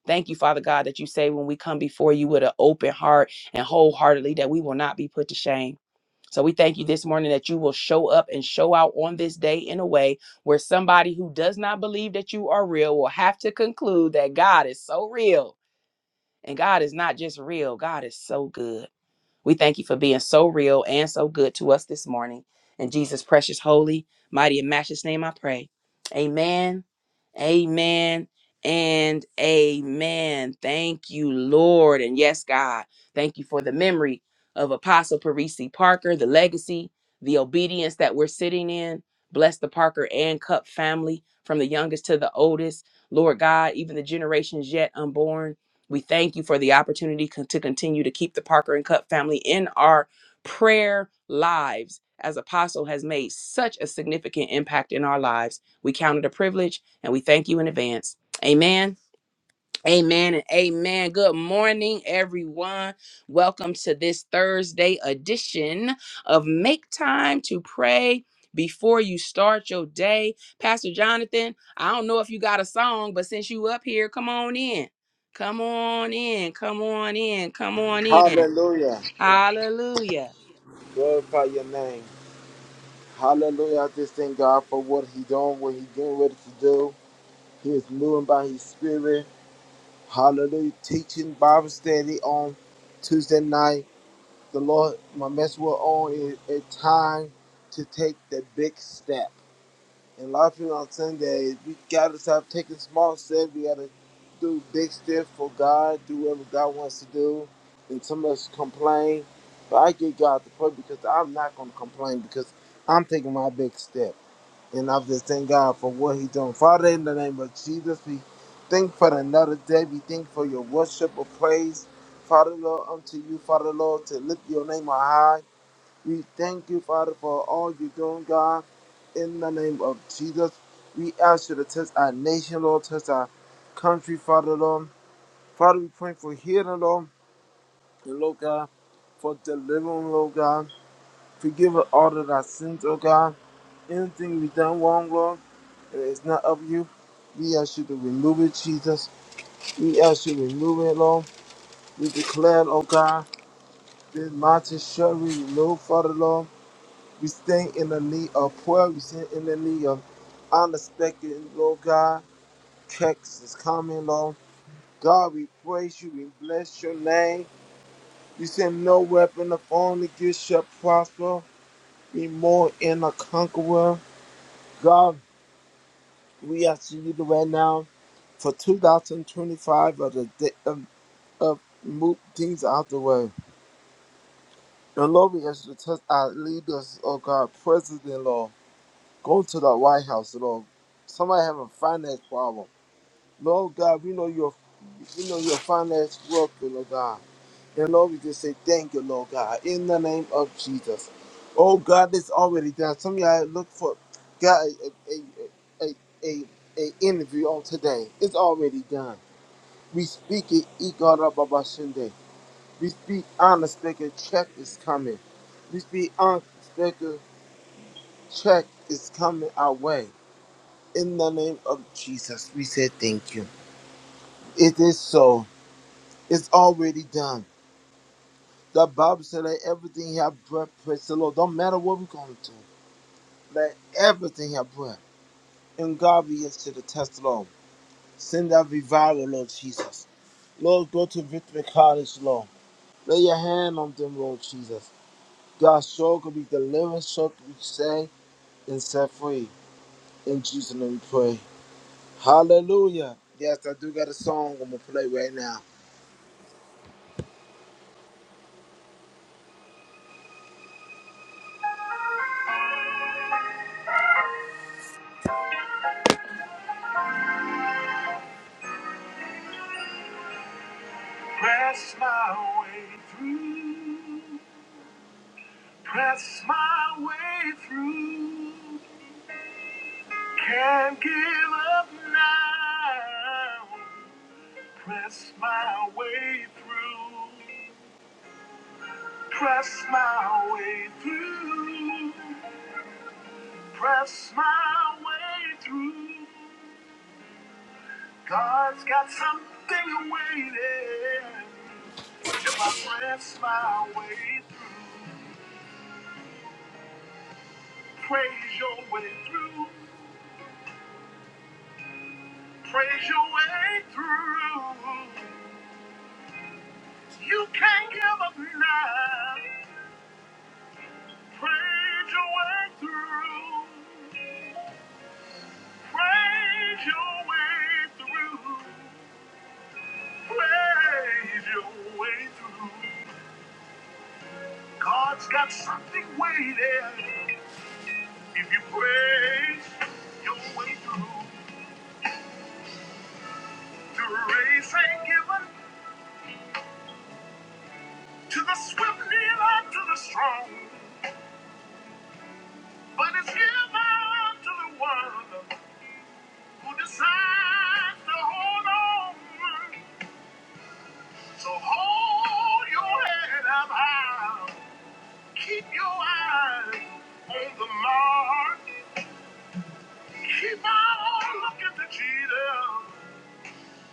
[SPEAKER 1] Thank you, Father God, that you say when we come before you with an open heart and wholeheartedly that we will not be put to shame. So we thank you this morning that you will show up and show out on this day in a way where somebody who does not believe that you are real will have to conclude that God is so real. And God is not just real, God is so good. We thank you for being so real and so good to us this morning. In Jesus' precious, holy, mighty, and matchless name, I pray. Amen. Amen. And amen. Thank you, Lord. And yes, God, thank you for the memory of Apostle Parisi Parker, the legacy, the obedience that we're sitting in. Bless the Parker and Cup family from the youngest to the oldest. Lord God, even the generations yet unborn. We thank you for the opportunity con- to continue to keep the Parker and Cup family in our prayer lives, as Apostle has made such a significant impact in our lives. We count it a privilege and we thank you in advance. Amen. Amen and amen. Good morning, everyone. Welcome to this Thursday edition of Make Time to Pray Before You Start Your Day. Pastor Jonathan, I don't know if you got a song, but since you up here, come on in. Come on in. Come on in. Come on in.
[SPEAKER 2] Hallelujah.
[SPEAKER 1] Hallelujah.
[SPEAKER 2] Glorify your name. Hallelujah. I just thank God for what he done, what he getting ready to do. He is moving by his spirit. Hallelujah. Teaching Bible study on Tuesday night. The Lord, my message will on is a time to take the big step. And a lot of people on Sunday, we gotta stop taking small steps. We gotta do big steps for God, do whatever God wants to do. And some of us complain, but I give God the praise because I'm not gonna complain because I'm taking my big step. And I just thank God for what He's doing. Father, in the name of Jesus, we thank for another day. We thank for your worship of praise. Father Lord, unto you, Father Lord, to lift your name on high. We thank you, Father, for all you're doing, God. In the name of Jesus, we ask you to touch our nation, Lord, touch our country, Father, Lord. Father, we pray for healing, Lord, and Lord God, for delivering, Lord God. Forgive us all of our sins, Lord God. Anything we done wrong, Lord, and it's not of you. We ask you to remove it, Jesus. We ask you to remove it, Lord. We declare, Lord God, this mountain shall be removed, Father, Lord. We stand in the need of prayer. We stand in the need of unexpected, Lord God. Checks is coming, Lord. God, we praise you. We bless your name. You said no weapon of only good shall prosper. Be more in a conqueror. God, we ask you right now for 2025 of the day of, of move things out the way. And Lord, we ask you to touch our leaders, oh God, President, Lord. Go to the White House, Lord. Somebody have a finance problem. Lord God, we know your we know your finance work, oh Lord God. And Lord, we just say thank you, Lord God, in the name of Jesus. Oh God, it's already done. Some of y'all look for God a a a, a, a interview on today. It's already done. We speak it, E God of our Sunday. We speak unexpected check is coming. We speak unexpected check is coming our way. In the name of Jesus, we say thank you. It is so. It's already done. The Bible said that everything have breath, praise the Lord. Don't matter what we're going to. do, Let everything have breath. And God be to the test, Lord. Send that revival, Lord Jesus. Lord, go to Victory College, Lord. Lay your hand on them, Lord Jesus. God's soul could be delivered, soul could be saved and set free. In Jesus' name we pray. Hallelujah. Yes, I do got a song I'm going to play right now. Press my way through. Press my way through. Can't give up now. Press my way through. Press my way through. Press my way through. God's got something waiting. If I press my way through, praise your way through. Praise your way through. You can't give up now. Praise your way through. Praise your way through. Praise your way through. God's got something waiting. If you praise your way through, the race ain't given to the swift neither to the strong. But it's given to the one who decides to hold on. So hold your head up high. Keep your eyes on the mark. Keep on looking to Jesus.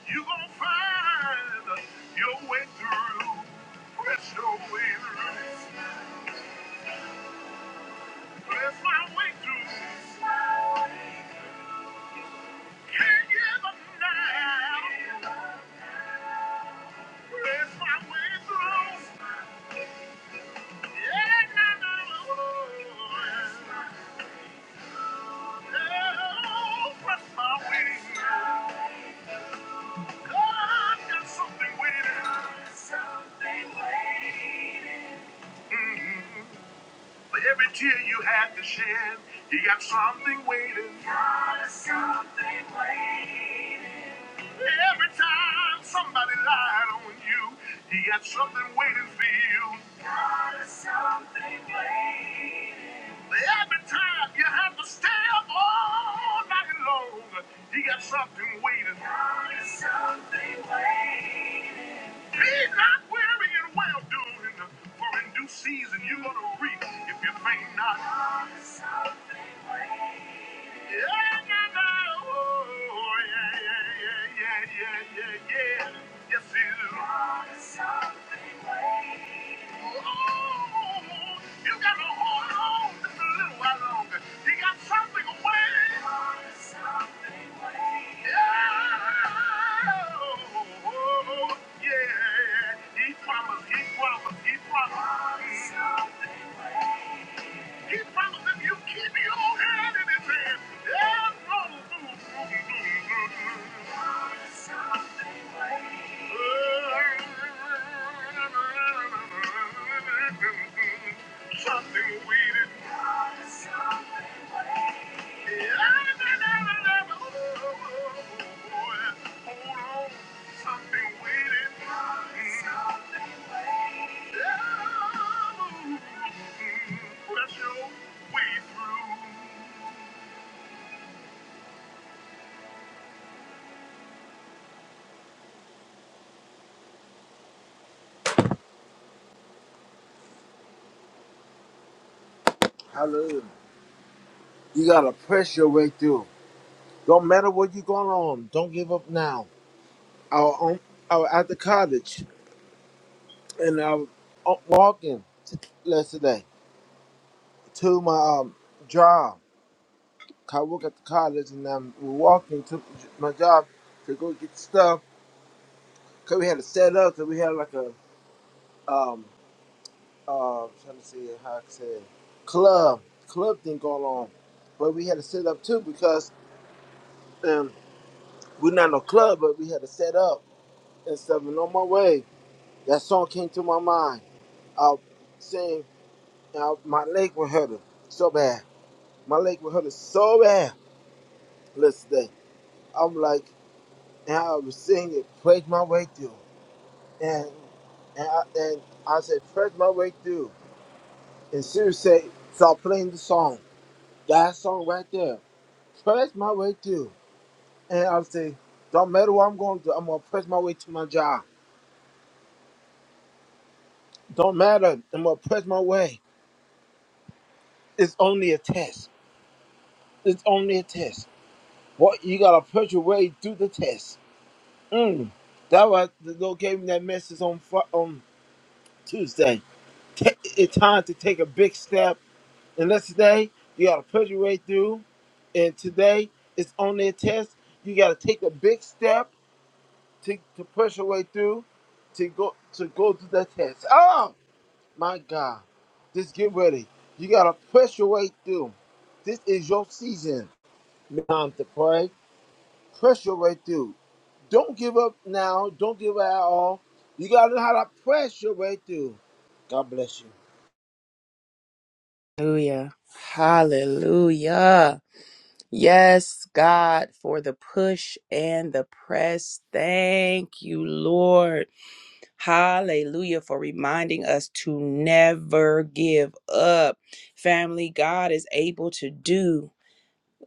[SPEAKER 2] You're going to find your way through. Press your way through. Press my way through. Can't give up now. Every tear you had to shed, you got something waiting. Got something waiting. Every time somebody lied on you, you got something waiting for you. Got something Every time you have to stay up all night long, you got something waiting. Be not weary and well doing, for in due season you're gonna reap if you faint not. Yeah, yeah, yeah. He promised, he promised, he promised. He promised if you keep your hand in his hand, there's no food. Something waiting. Hold on. Something waiting. Something waiting. Press your way through. Hallelujah. You gotta press your way through. Don't matter what you're going on. Don't give up now. I was, on, I was at the college and I was o- walking t- yesterday to my um, job. 'Cause I work at the college and I'm walking to my job to go get stuff. Cause we had to set up. Cause we had like a um uh I'm trying to see how I can say it. club club thing going on, but we had to set up too because um we're not no club, but we had to set up and stuff. And on my way, that song came to my mind. I sang, uh, my leg was hurting so bad. My leg was hurting so bad. Listen, to that. I'm like, and I was singing it, prayed my way through. And and I, and I said, prayed my way through. And Siri said, start playing the song. That song right there. Press my way through. And I say, don't matter what I'm going to do, I'm going to press my way to my job. Don't matter, I'm going to press my way. It's only a test. It's only a test. What you gotta push your way through the test. Mm. That was the Lord gave me that message on Fri- on Tuesday. Ta it's time to take a big step, and that's today. You gotta push your way through, and today it's only a test. You gotta take a big step to, to push your way through, to go to go through that test. Oh my God! Just get ready. You gotta push your way through. This is your season. Time to pray. Push your way through. Don't give up now. Don't give up at all. You got to know how to press your way through. God bless you.
[SPEAKER 1] Hallelujah. Hallelujah. Yes, God, for the push and the press. Thank you, Lord. Hallelujah for reminding us to never give up. Family, God is able to do.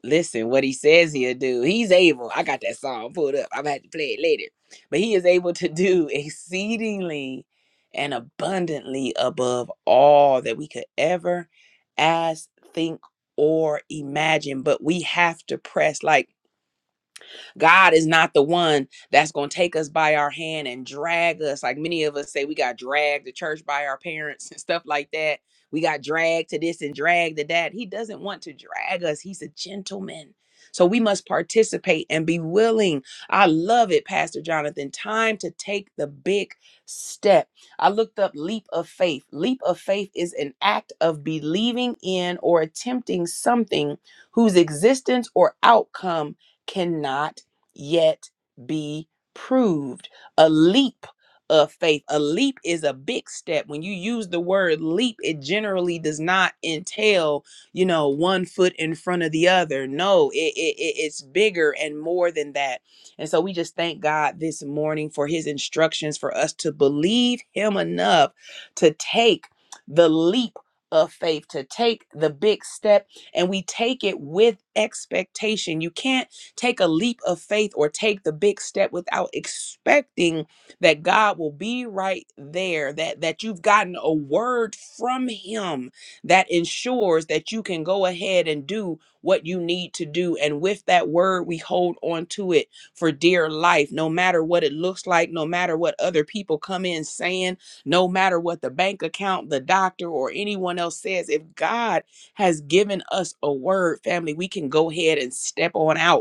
[SPEAKER 1] Listen, what he says he'll do. He's able. I got that song pulled up. I'm gonna have to play it later. But he is able to do exceedingly and abundantly above all that we could ever ask, think, or imagine. But we have to press like God is not the one that's going to take us by our hand and drag us. Like many of us say, we got dragged to church by our parents and stuff like that. We got dragged to this and dragged to that. He doesn't want to drag us, He's a gentleman. So we must participate and be willing. I love it, Pastor Jonathan. Time to take the big step. I looked up leap of faith. Leap of faith is an act of believing in or attempting something whose existence or outcome cannot yet be proved. A leap of faith. A leap is a big step. When you use the word leap, it generally does not entail, you know, one foot in front of the other. No, it, it, it- it's bigger and more than that. And so we just thank God this morning for his instructions for us to believe him enough to take the leap of faith, to take the big step, and we take it with expectation. You can't Take a leap of faith or take the big step without expecting that God will be right there, that, that you've gotten a word from Him that ensures that you can go ahead and do what you need to do. And with that word, we hold on to it for dear life, no matter what it looks like, no matter what other people come in saying, no matter what the bank account, the doctor, or anyone else says. If God has given us a word, family, we can go ahead and step on out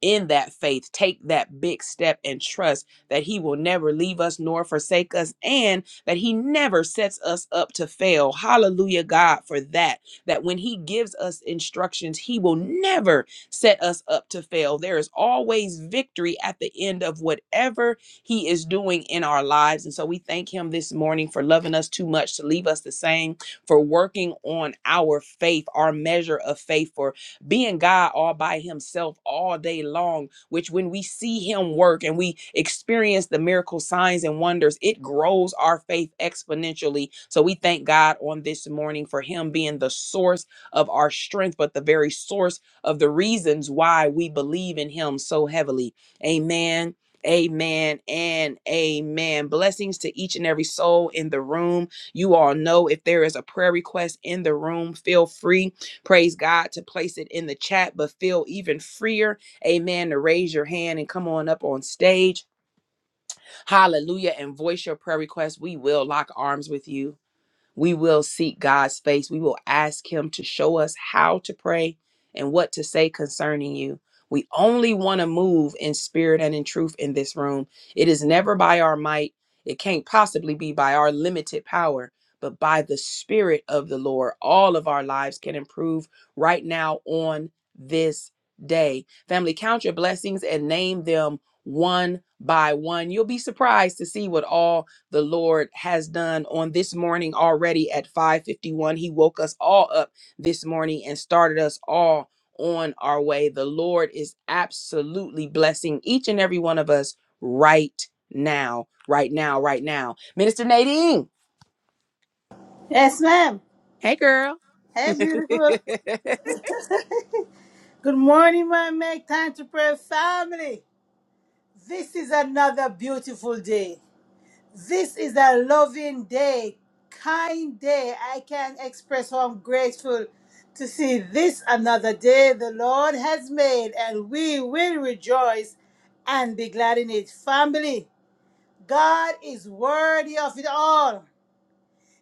[SPEAKER 1] in that faith, take that big step and trust that He will never leave us nor forsake us and that He never sets us up to fail. Hallelujah, God, for that. That when He gives us instructions, He will never set us up to fail. There is always victory at the end of whatever He is doing in our lives. And so we thank Him this morning for loving us too much to leave us the same, for working on our faith, our measure of faith, for being God all by himself all day long, which when we see him work and we experience the miracle signs and wonders, it grows our faith exponentially. So we thank God on this morning for him being the source of our strength, but the very source of the reasons why we believe in him so heavily. Amen. Amen and amen. Blessings to each and every soul in the room. You all know if there is a prayer request in the room, feel free praise God, to place it in the chat, but feel even freer, amen, to raise your hand and come on up on stage. Hallelujah. And voice your prayer request. We will lock arms with you we will seek God's face. We will ask Him to show us how to pray and what to say concerning you. We only want to move in spirit and in truth in this room. It is never by our might, it can't possibly be by our limited power. But by the Spirit of the Lord, all of our lives can improve right now on this day. Family, count your blessings and name them one by one. You'll be surprised to see what all the Lord has done on this morning already at 5:51. He woke us all up this morning and started us all on our way. The Lord is absolutely blessing each and every one of us right now, right now, right now. Minister Nadine,
[SPEAKER 3] Yes, ma'am.
[SPEAKER 1] hey girl.
[SPEAKER 3] Hey, beautiful. Good morning, my Make Time to Pray family. This is another beautiful day. This is a loving day, kind day. I can express how I'm grateful to see this another day the Lord has made, and we will rejoice and be glad in it. Family, God is worthy of it all.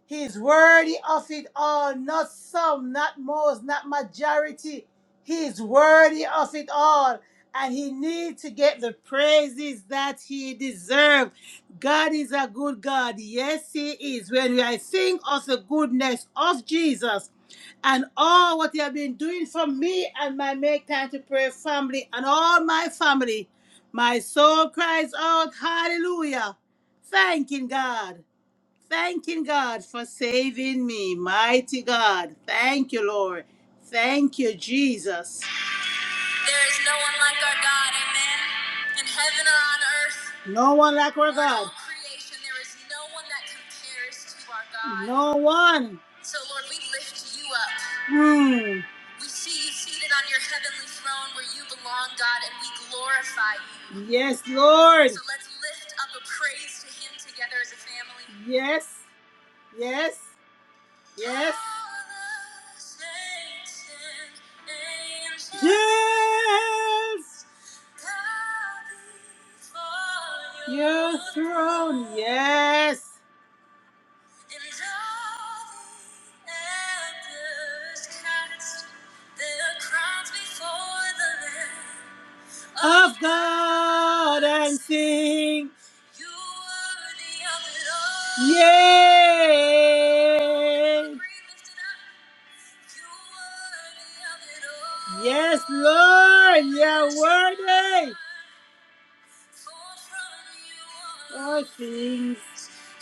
[SPEAKER 3] He is worthy of it all, not some, not most, not majority. He is worthy of it all, and he needs to get the praises that he deserves. God is a good God. Yes, he is. When I think of the goodness of Jesus and all what he has been doing for me and my Make Time to Pray family and all my family, my soul cries out, Hallelujah, thanking God. Thanking God for saving me, mighty God. Thank you, Lord. Thank you, Jesus. There is no one like our God, amen. In heaven or on earth. No one like our God. In God. all creation, there is no one that compares to our God. No one. So, Lord, we lift you up. Hmm. We see you seated on your heavenly throne where you belong, God, and we glorify you. Yes, Lord. So let's lift up a praise to him together as a family. Yes. Yes. Yes. Yes. Your throne. Yes of God and sing. Yay! Yes, Lord, you're worthy. All things,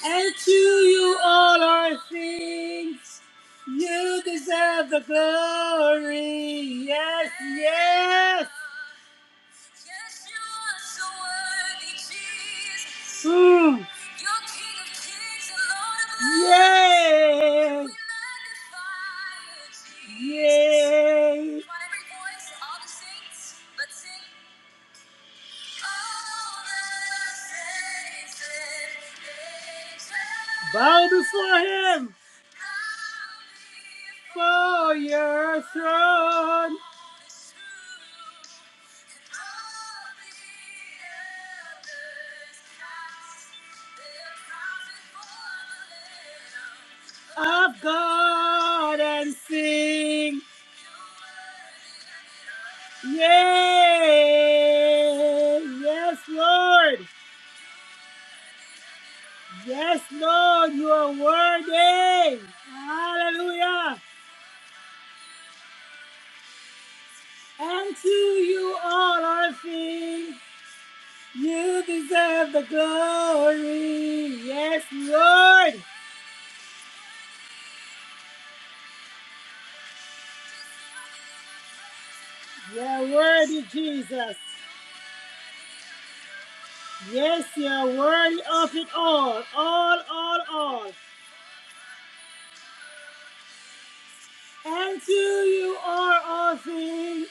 [SPEAKER 3] and to you all are things. You deserve the glory. Yes, yes. Yes, you are so Mm. Yay! Yay! Bow before him, for your throne. Of God and sing. Yay! Yes, Lord. Yes, Lord, you are worthy. Hallelujah. And to you all are things. You deserve the glory. Yes, Lord. You are worthy, Jesus. Yes, you are worthy of it all. All, all, all. And to you are all things.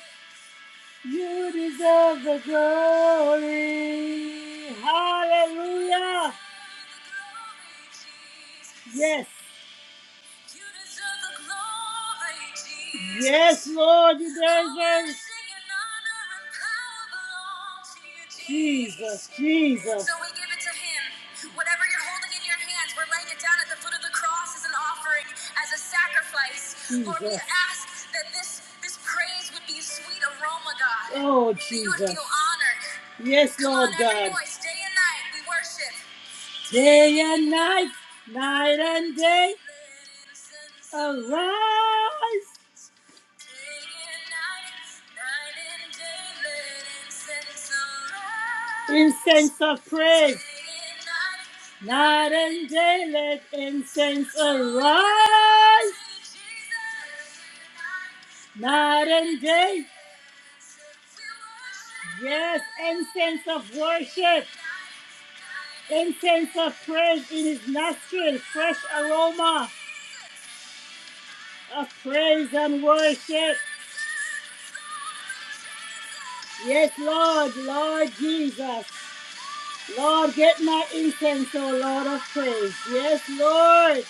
[SPEAKER 3] You deserve the glory. Hallelujah. Yes. Yes, Lord, you deserve it. Jesus, Jesus. So we give it to Him. Whatever you're holding in your hands, we're laying it down at the foot of the cross as an offering, as a sacrifice. Jesus. Lord, we ask that this this praise would be a sweet aroma, God. Oh, Jesus. That you would Jesus. feel honored. Yes, Lord. Come on, Lord every God. voice, day and night, we worship day and night, night and day. Arise Incense of praise. Night and day let incense arise. Night and day. Yes, incense of worship. Incense of praise in his nostrils. Fresh aroma of praise and worship. Yes, Lord, Lord Jesus. Lord, get my incense, O Lord of praise. Yes, Lord.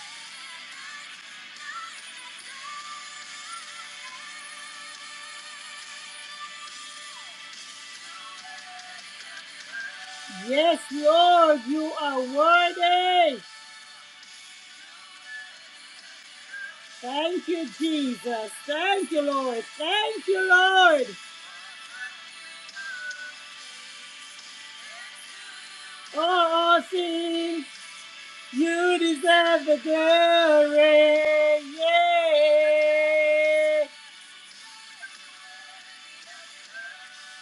[SPEAKER 3] Yes, Lord, you are worthy. Thank you, Jesus. Thank you, Lord. Thank you, Lord. Oh, all things, you deserve the glory. Yeah.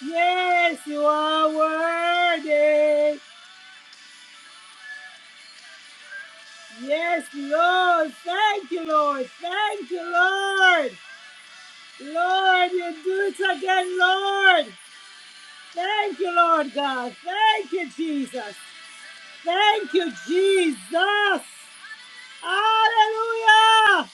[SPEAKER 3] Yes, you are worthy. Yes, Lord. Thank you, Lord. Thank you, Lord. Lord, you do it again, Lord. Thank you, Lord God. Thank you, Jesus. Thank you, Jesus. Hallelujah.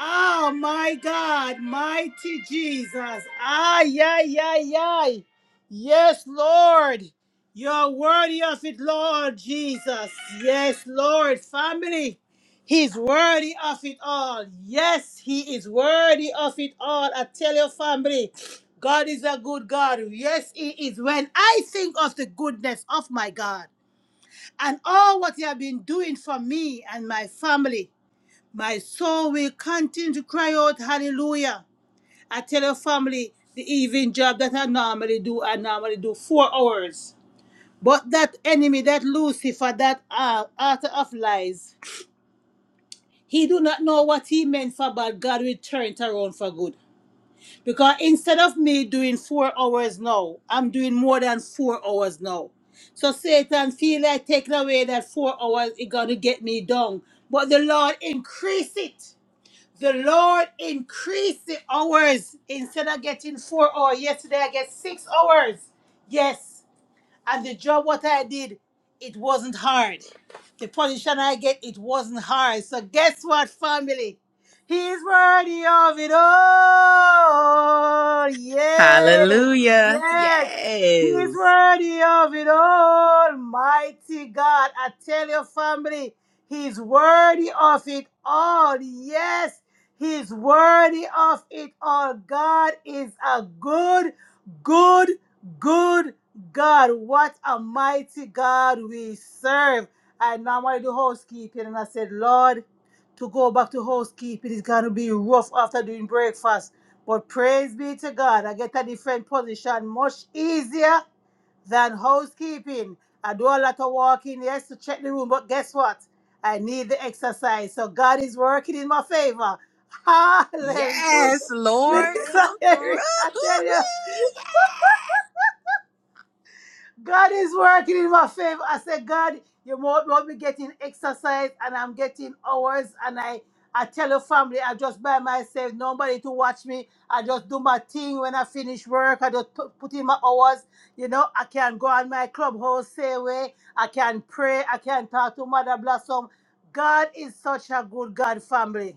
[SPEAKER 3] Oh my God, mighty Jesus. Ay, ay, ay, ay. Yes, Lord. You're worthy of it, Lord Jesus. Yes, Lord. Family, He's worthy of it all. Yes, He is worthy of it all. I tell your family, God is a good God. Yes, He is. When I think of the goodness of my God and all what He has been doing for me and my family, my soul will continue to cry out, hallelujah. I tell your family the evening job that I normally do, I normally do four hours. But that enemy, that Lucifer, that uh, author of lies, he do not know what he meant for bad. God will turn it around for good. Because instead of me doing four hours now, I'm doing more than four hours now. So Satan feel like taking away that four hours is gonna get me down. But the Lord increase it. The Lord increase the hours instead of getting four hours. Yesterday I get six hours. Yes. And the job what I did, it wasn't hard. The position I get, it wasn't hard. So guess what, family? He's worthy of it all. Yes,
[SPEAKER 1] Hallelujah.
[SPEAKER 3] yes. He's
[SPEAKER 1] Yes.
[SPEAKER 3] worthy of it all. Mighty God, I tell your family, he's worthy of it all. Yes, he's worthy of it all. God is a good, good, good God, what a mighty God we serve. I normally do housekeeping, and I said, Lord, to go back to housekeeping is going to be rough after doing breakfast. But praise be to God, I get a different position much easier than housekeeping. I do a lot of walking, yes, to check the room, but guess what? I need the exercise. So God is working in my favor. Hallelujah.
[SPEAKER 1] Yes, Lord,
[SPEAKER 3] Minister
[SPEAKER 1] come through.
[SPEAKER 3] Eric, I tell you. God is working in my favor. I said, God, you won't want me getting exercise and I'm getting hours and I I tell your family I just by myself, nobody to watch me. I just do my thing when I finish work. I just put, put in my hours. You know, I can go on my clubhouse, say away. I can pray. I can talk to Mother Blossom. God is such a good God, family.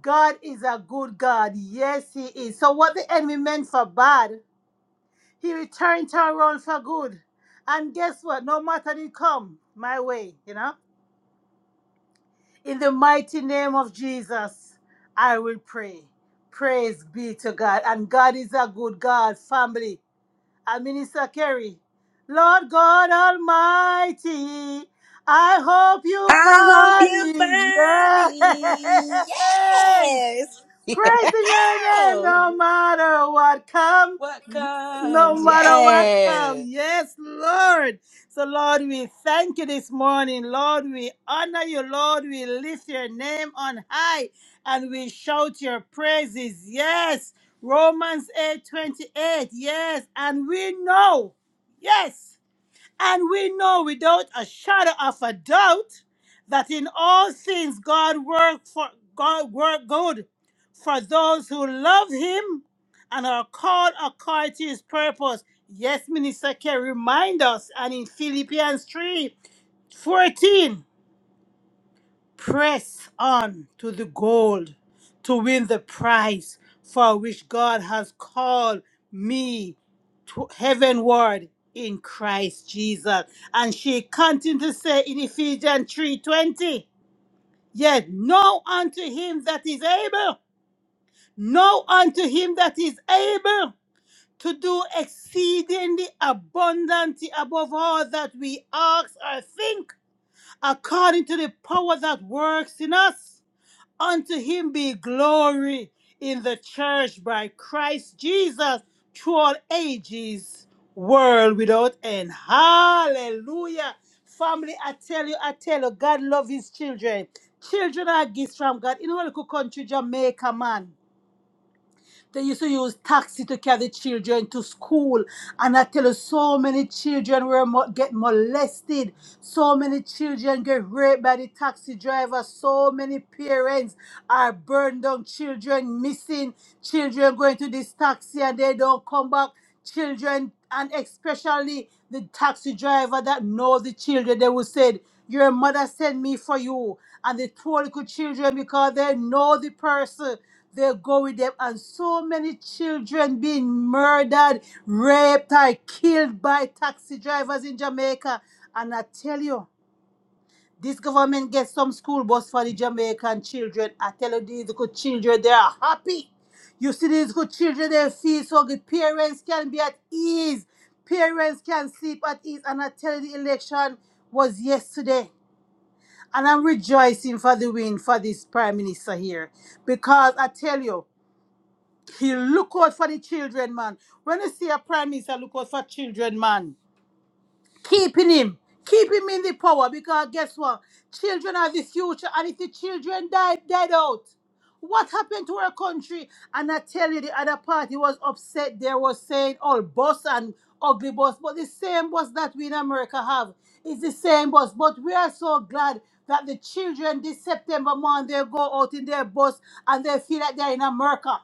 [SPEAKER 3] God is a good God. Yes, He is. So what the enemy meant for bad. He returned to Tyrone for good. And guess what? No matter it come my way, you know. In the mighty name of Jesus, I will pray. Praise be to God. And God is a good God, family and Minister Kerry. Lord God Almighty, I hope you
[SPEAKER 1] I hope
[SPEAKER 3] find
[SPEAKER 1] you
[SPEAKER 3] me.
[SPEAKER 1] find me.
[SPEAKER 3] Yay!
[SPEAKER 1] Yes.
[SPEAKER 3] Praising your name
[SPEAKER 1] Yeah.
[SPEAKER 3] no matter what come.
[SPEAKER 1] What
[SPEAKER 3] No
[SPEAKER 1] comes?
[SPEAKER 3] matter what comes.
[SPEAKER 1] Yes.
[SPEAKER 3] Yes, Lord. So, Lord, we thank you this morning. Lord, we honor you. Lord, we lift your name on high and we shout your praises. Yes. Romans eight twenty eight. Yes. And we know, yes. And we know without a shadow of a doubt that in all things God work for God work good for those who love him and are called according to his purpose. Yes, Minister Kerry, remind us and in Philippians 3 14 press on to the goal to win the prize for which God has called me to heavenward in Christ Jesus. And she continued to say in Ephesians 3:20, yet know unto him that is able, know unto him that is able to do exceedingly abundantly above all that we ask or think, according to the power that works in us. Unto him be glory in the church by Christ Jesus through all ages, world without end. Hallelujah. Family, I tell you, I tell you, God loves his children. Children are gifts from God. In our little country, Jamaica, man. They used to use taxi to carry children to school. And I tell you, so many children were mo- get molested. So many children get raped by the taxi driver. So many parents are burned down. Children missing. Children going to this taxi and they don't come back. Children and especially the taxi driver that knows the children. They will say, "Your mother sent me for you," and they told the children because they know the person. They go with them, and so many children being murdered, raped, or killed by taxi drivers in Jamaica. And I tell you, this government gets some school bus for the Jamaican children. I tell you, these good children, they are happy. You see these good children, they feel so good. Parents can be at ease. Parents can sleep at ease. And I tell you, the election was yesterday. And I'm rejoicing for the win for this prime minister here. Because I tell you, he look out for the children, man. When you see a prime minister look out for children, man, keeping him, keep him in the power because guess what? Children are the future, and if the children died, died out. What happened to our country? And I tell you, the other party was upset. They were saying, "Oh, boss and ugly boss," but the same boss that we in America have is the same boss. But we are so glad that the children this September month they go out in their bus and they feel like they're in America.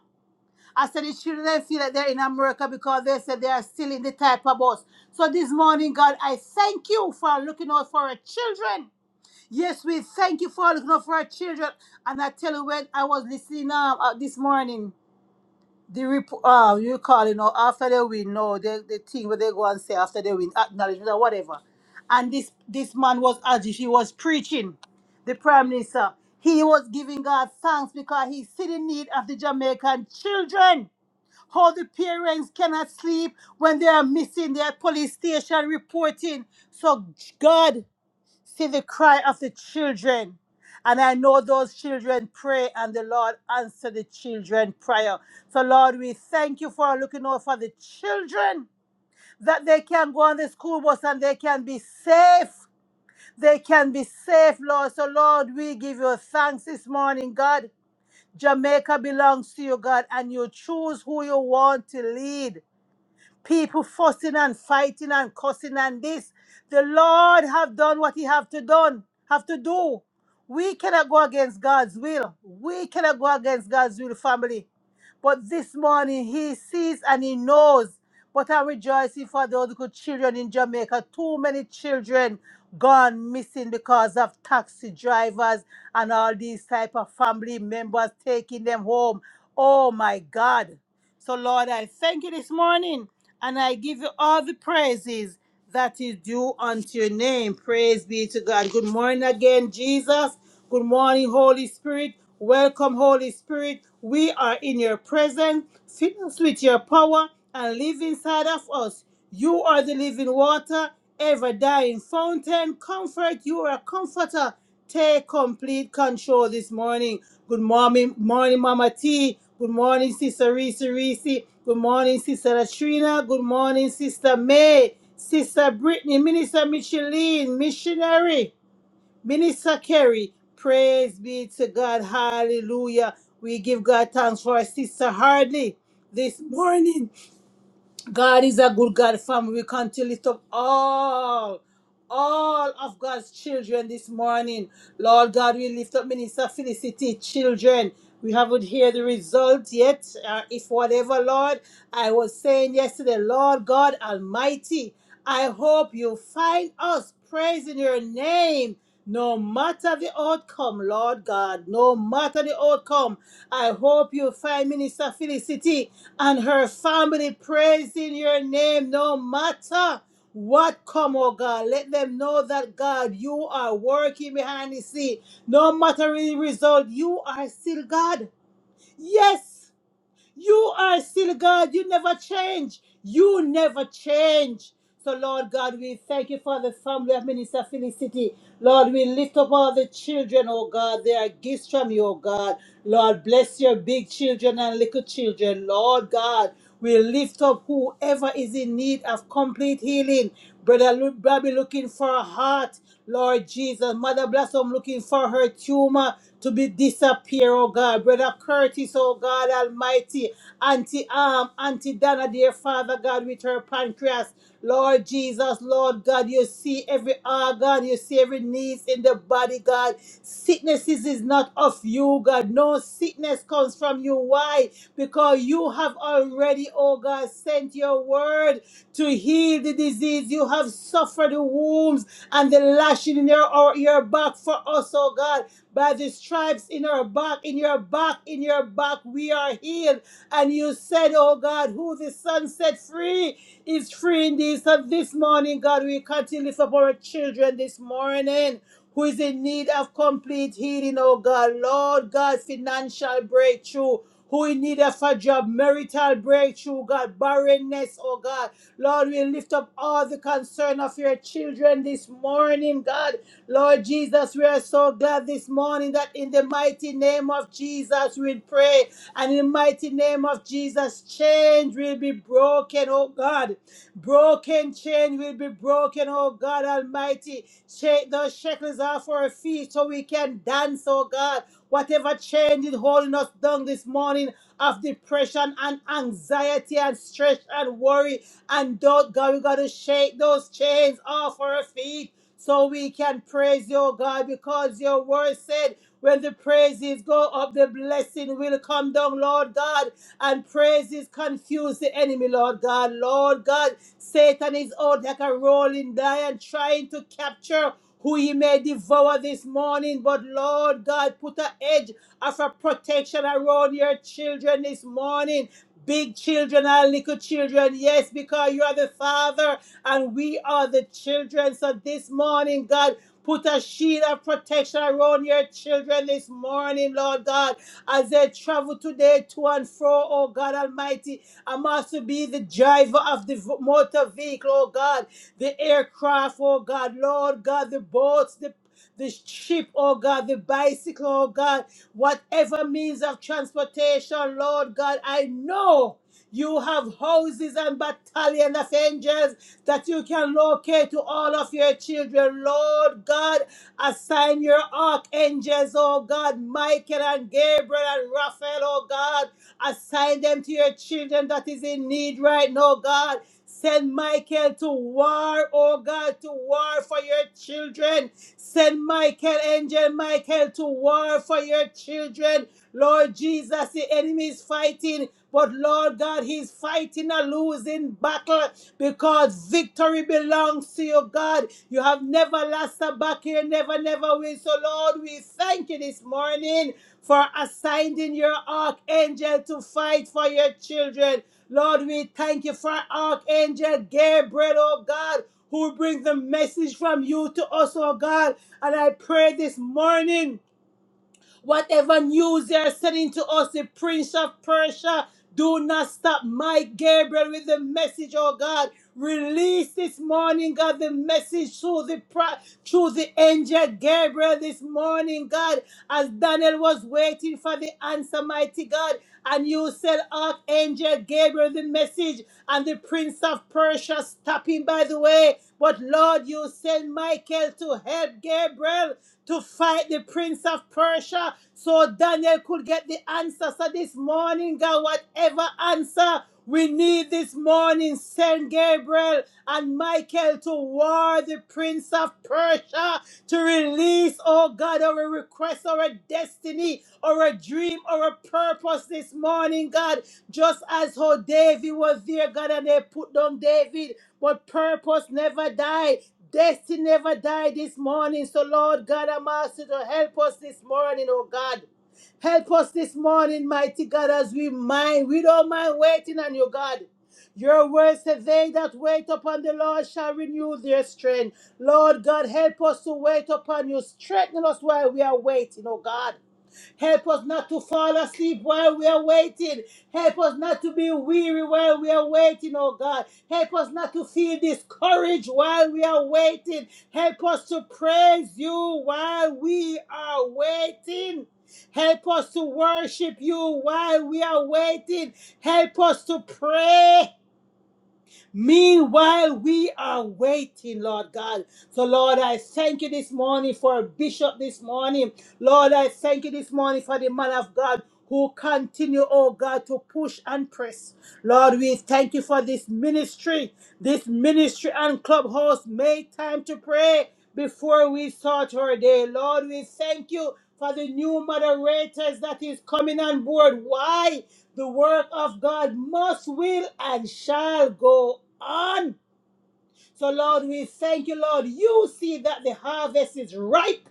[SPEAKER 3] I said the children I feel that they're in America because they said they are still in the type of bus. So this morning, God, I thank you for looking out for our children. Yes, we thank you for looking out for our children. And I tell you, when I was listening um, uh, this morning, the report, uh, you call, you know, after they win, no, the, the thing where they go and say after they win, acknowledgement or whatever. And this, this man was as if he was preaching the prime minister. He was giving God thanks because he see the need of the Jamaican children. How the parents cannot sleep when they are missing their police station reporting. So God see the cry of the children. And I know those children pray and the Lord answer the children prayer. So Lord, we thank you for looking out for the children that they can go on the school bus and they can be safe. They can be safe, Lord. So Lord, we give you thanks this morning, God. Jamaica belongs to you, God, and you choose who you want to lead. People fussing and fighting and cussing and this. The Lord have done what he have to done, have to do. We cannot go against God's will. We cannot go against God's will, family. But this morning he sees and he knows. But I'm rejoicing for those good children in Jamaica. Too many children gone missing because of taxi drivers and all these type of family members taking them home. Oh my God. So, Lord, I thank you this morning and I give you all the praises that is due unto your name. Praise be to God. Good morning again, Jesus. Good morning, Holy Spirit. Welcome, Holy Spirit. We are in your presence. Fill us with your power and live inside of us. You are the living water, ever dying fountain. Comfort, you are a comforter. Take complete control this morning. Good morning, morning, Mama T. Good morning, Sister Reese Reese. Good morning, Sister Latrina. Good morning, Sister May. Sister Brittany, Minister Micheline, Missionary, Minister Kerry. Praise be to God. Hallelujah. We give God thanks for our Sister Hardly this morning. God is a good God, family. We continue to lift up all all of God's children this morning. Lord God, we lift up Minister Felicity children. We haven't heard the result yet, uh, if whatever, Lord. I was saying yesterday, Lord God Almighty, I hope you find us praising your name. No matter the outcome, Lord God, no matter the outcome, I hope you find Minister Felicity and her family praising your name, no matter. What come, oh God? Let them know that God, you are working behind the scene. No matter the result, you are still God. Yes. You are still God. You never change. You never change. So, Lord God, we thank you for the family of Minister Felicity. Lord, we lift up all the children, oh God. They are gifts from you, oh God. Lord, bless your big children and little children. Lord God, we lift up whoever is in need of complete healing. Brother Lu- Bobby looking for a heart. Lord Jesus. Mother Blossom looking for her tumor to be disappear, oh God. Brother Curtis artist, oh God Almighty. Auntie Arm, Auntie Donna, dear Father God, with her pancreas. Lord Jesus, Lord God, you see every organ, you see every needs in the body, God. Sicknesses is not of you, God. No sickness comes from you. Why? Because you have already, oh God, sent your word to heal the disease. You have suffered the wounds and the lashing in your, or your back for us, oh God. By the stripes in our back, in your back, in your back, we are healed. And you said, oh God, who the Son set free is free indeed. So this morning, God, we continue to lift up our children this morning who is in need of complete healing, oh God. Lord God, financial breakthrough. Who in need of a job, marital breakthrough, God, barrenness, oh God. Lord, we lift up all the concern of your children this morning, God. Lord Jesus, we are so glad this morning that in the mighty name of Jesus we pray. And in the mighty name of Jesus, change will be broken, oh God. Broken chain will be broken, oh God Almighty. Shake those shackles off our feet so we can dance, oh God. Whatever chain is holding us down this morning of depression and anxiety and stress and worry and doubt, God, we got to shake those chains off our feet so we can praise your God because your word said. When the praises go up, the blessing will come down, Lord God. And praises confuse the enemy, Lord God. Lord God, Satan is out like a rolling lion trying to capture who he may devour this morning. But Lord God, put a edge of a protection around your children this morning big children and little children. Yes, because you are the Father and we are the children. So this morning, God, put a shield of protection around your children this morning, Lord God, as they travel today to and fro, oh God Almighty. I must be the driver of the v- motor vehicle, oh God, the aircraft, oh God, Lord God, the boats, the the ship, oh God, the bicycle, oh God, whatever means of transportation, Lord God, I know you have houses and battalion of angels that you can locate to all of your children, Lord God. Assign your archangels, oh God, Michael and Gabriel and Raphael, oh God. Assign them to your children that is in need right now, God. Send Michael to war, oh God, to war for your children. Send Michael, angel Michael, to war for your children. Lord Jesus, the enemy is fighting, but Lord God, he's fighting a losing battle because victory belongs to you, God. You have never lost a battle, you never, never will. So, Lord, we thank you this morning for assigning your archangel to fight for your children. Lord, we thank you for Archangel Gabriel, oh God, who brings the message from you to us, oh God. And I pray this morning Whatever news they are sending to us, the Prince of Persia, do not stop Mike Gabriel with the message, oh God. Release this morning, God, the message through the pro- through the angel Gabriel this morning, God, as Daniel was waiting for the answer, mighty God. And you said, Archangel Gabriel, the message, and the Prince of Persia stopping by the way. But Lord, you send Michael to help Gabriel to fight the prince of Persia so Daniel could get the answer. So this morning, God, whatever answer we need this morning, send Gabriel and Michael to war the prince of Persia to release, oh God, our request, our destiny, our dream, our purpose this morning, God. Just as how David was there, God, and they put down David, but purpose never died. Destiny never died this morning. So, Lord God, I'm asking you to help us this morning, oh God. Help us this morning, mighty God, as we mind. We don't mind waiting on you, God. Your word said, They that wait upon the Lord shall renew their strength. Lord God, help us to wait upon you. Strengthen us while we are waiting, oh God. Help us not to fall asleep while we are waiting. Help us not to be weary while we are waiting, oh God. Help us not to feel discouraged while we are waiting. Help us to praise you while we are waiting. Help us to worship you while we are waiting. Help us to pray. Meanwhile, we are waiting, Lord God. So, Lord, I thank you this morning for a bishop this morning. Lord, I thank you this morning for the man of God who continue, oh God, to push and press. Lord, we thank you for this ministry, this ministry and clubhouse. Make time to pray before we start our day. Lord, we thank you for the new moderators that is coming on board. Why? The work of God must, will, and shall go on. So, Lord, we thank you, Lord. You see that the harvest is ripe,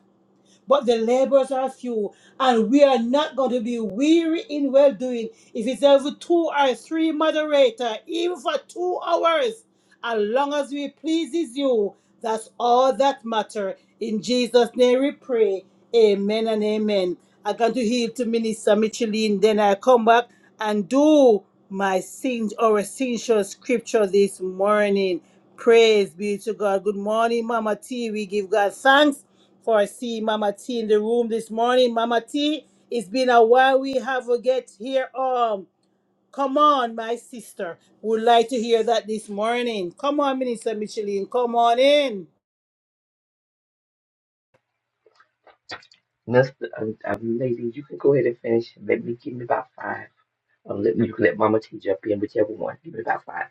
[SPEAKER 3] but the laborers are few, and we are not going to be weary in well doing. If it's every two or three moderator, even for two hours, as long as we pleases you, that's all that matter. In Jesus' name we pray. Amen and amen. I got to heal to Minister Micheline. Then I come back and do my sing or essential scripture this morning. Praise be to God. Good morning, Mama T. We give God thanks for seeing Mama T in the room this morning. Mama T, it's been a while we haven't get here. Um, come on, my sister. Would like to hear that this morning. Come on, Minister Micheline. Come on in.
[SPEAKER 4] That's, I'm I'm lazy. you can go ahead and finish. Let me give me about five. Um, let me, you can let Mama T jump in, whichever one. Give me about five.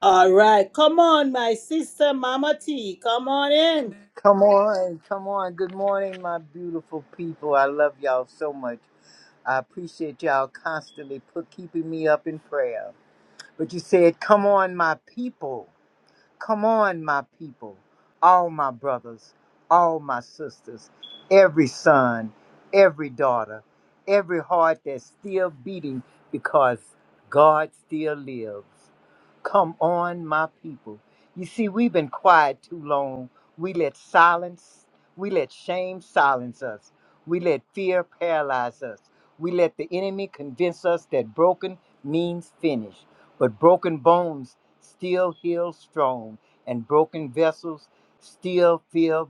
[SPEAKER 3] All right, come on, my sister Mama T. Come on in.
[SPEAKER 5] Come on, come on. Good morning, my beautiful people. I love y'all so much. I appreciate y'all constantly put keeping me up in prayer. But you said, "Come on, my people." Come on, my people, all my brothers, all my sisters, every son, every daughter, every heart that's still beating because God still lives. Come on, my people. You see, we've been quiet too long. We let silence, we let shame silence us. We let fear paralyze us. We let the enemy convince us that broken means finished. But broken bones still heal strong, and broken vessels still feel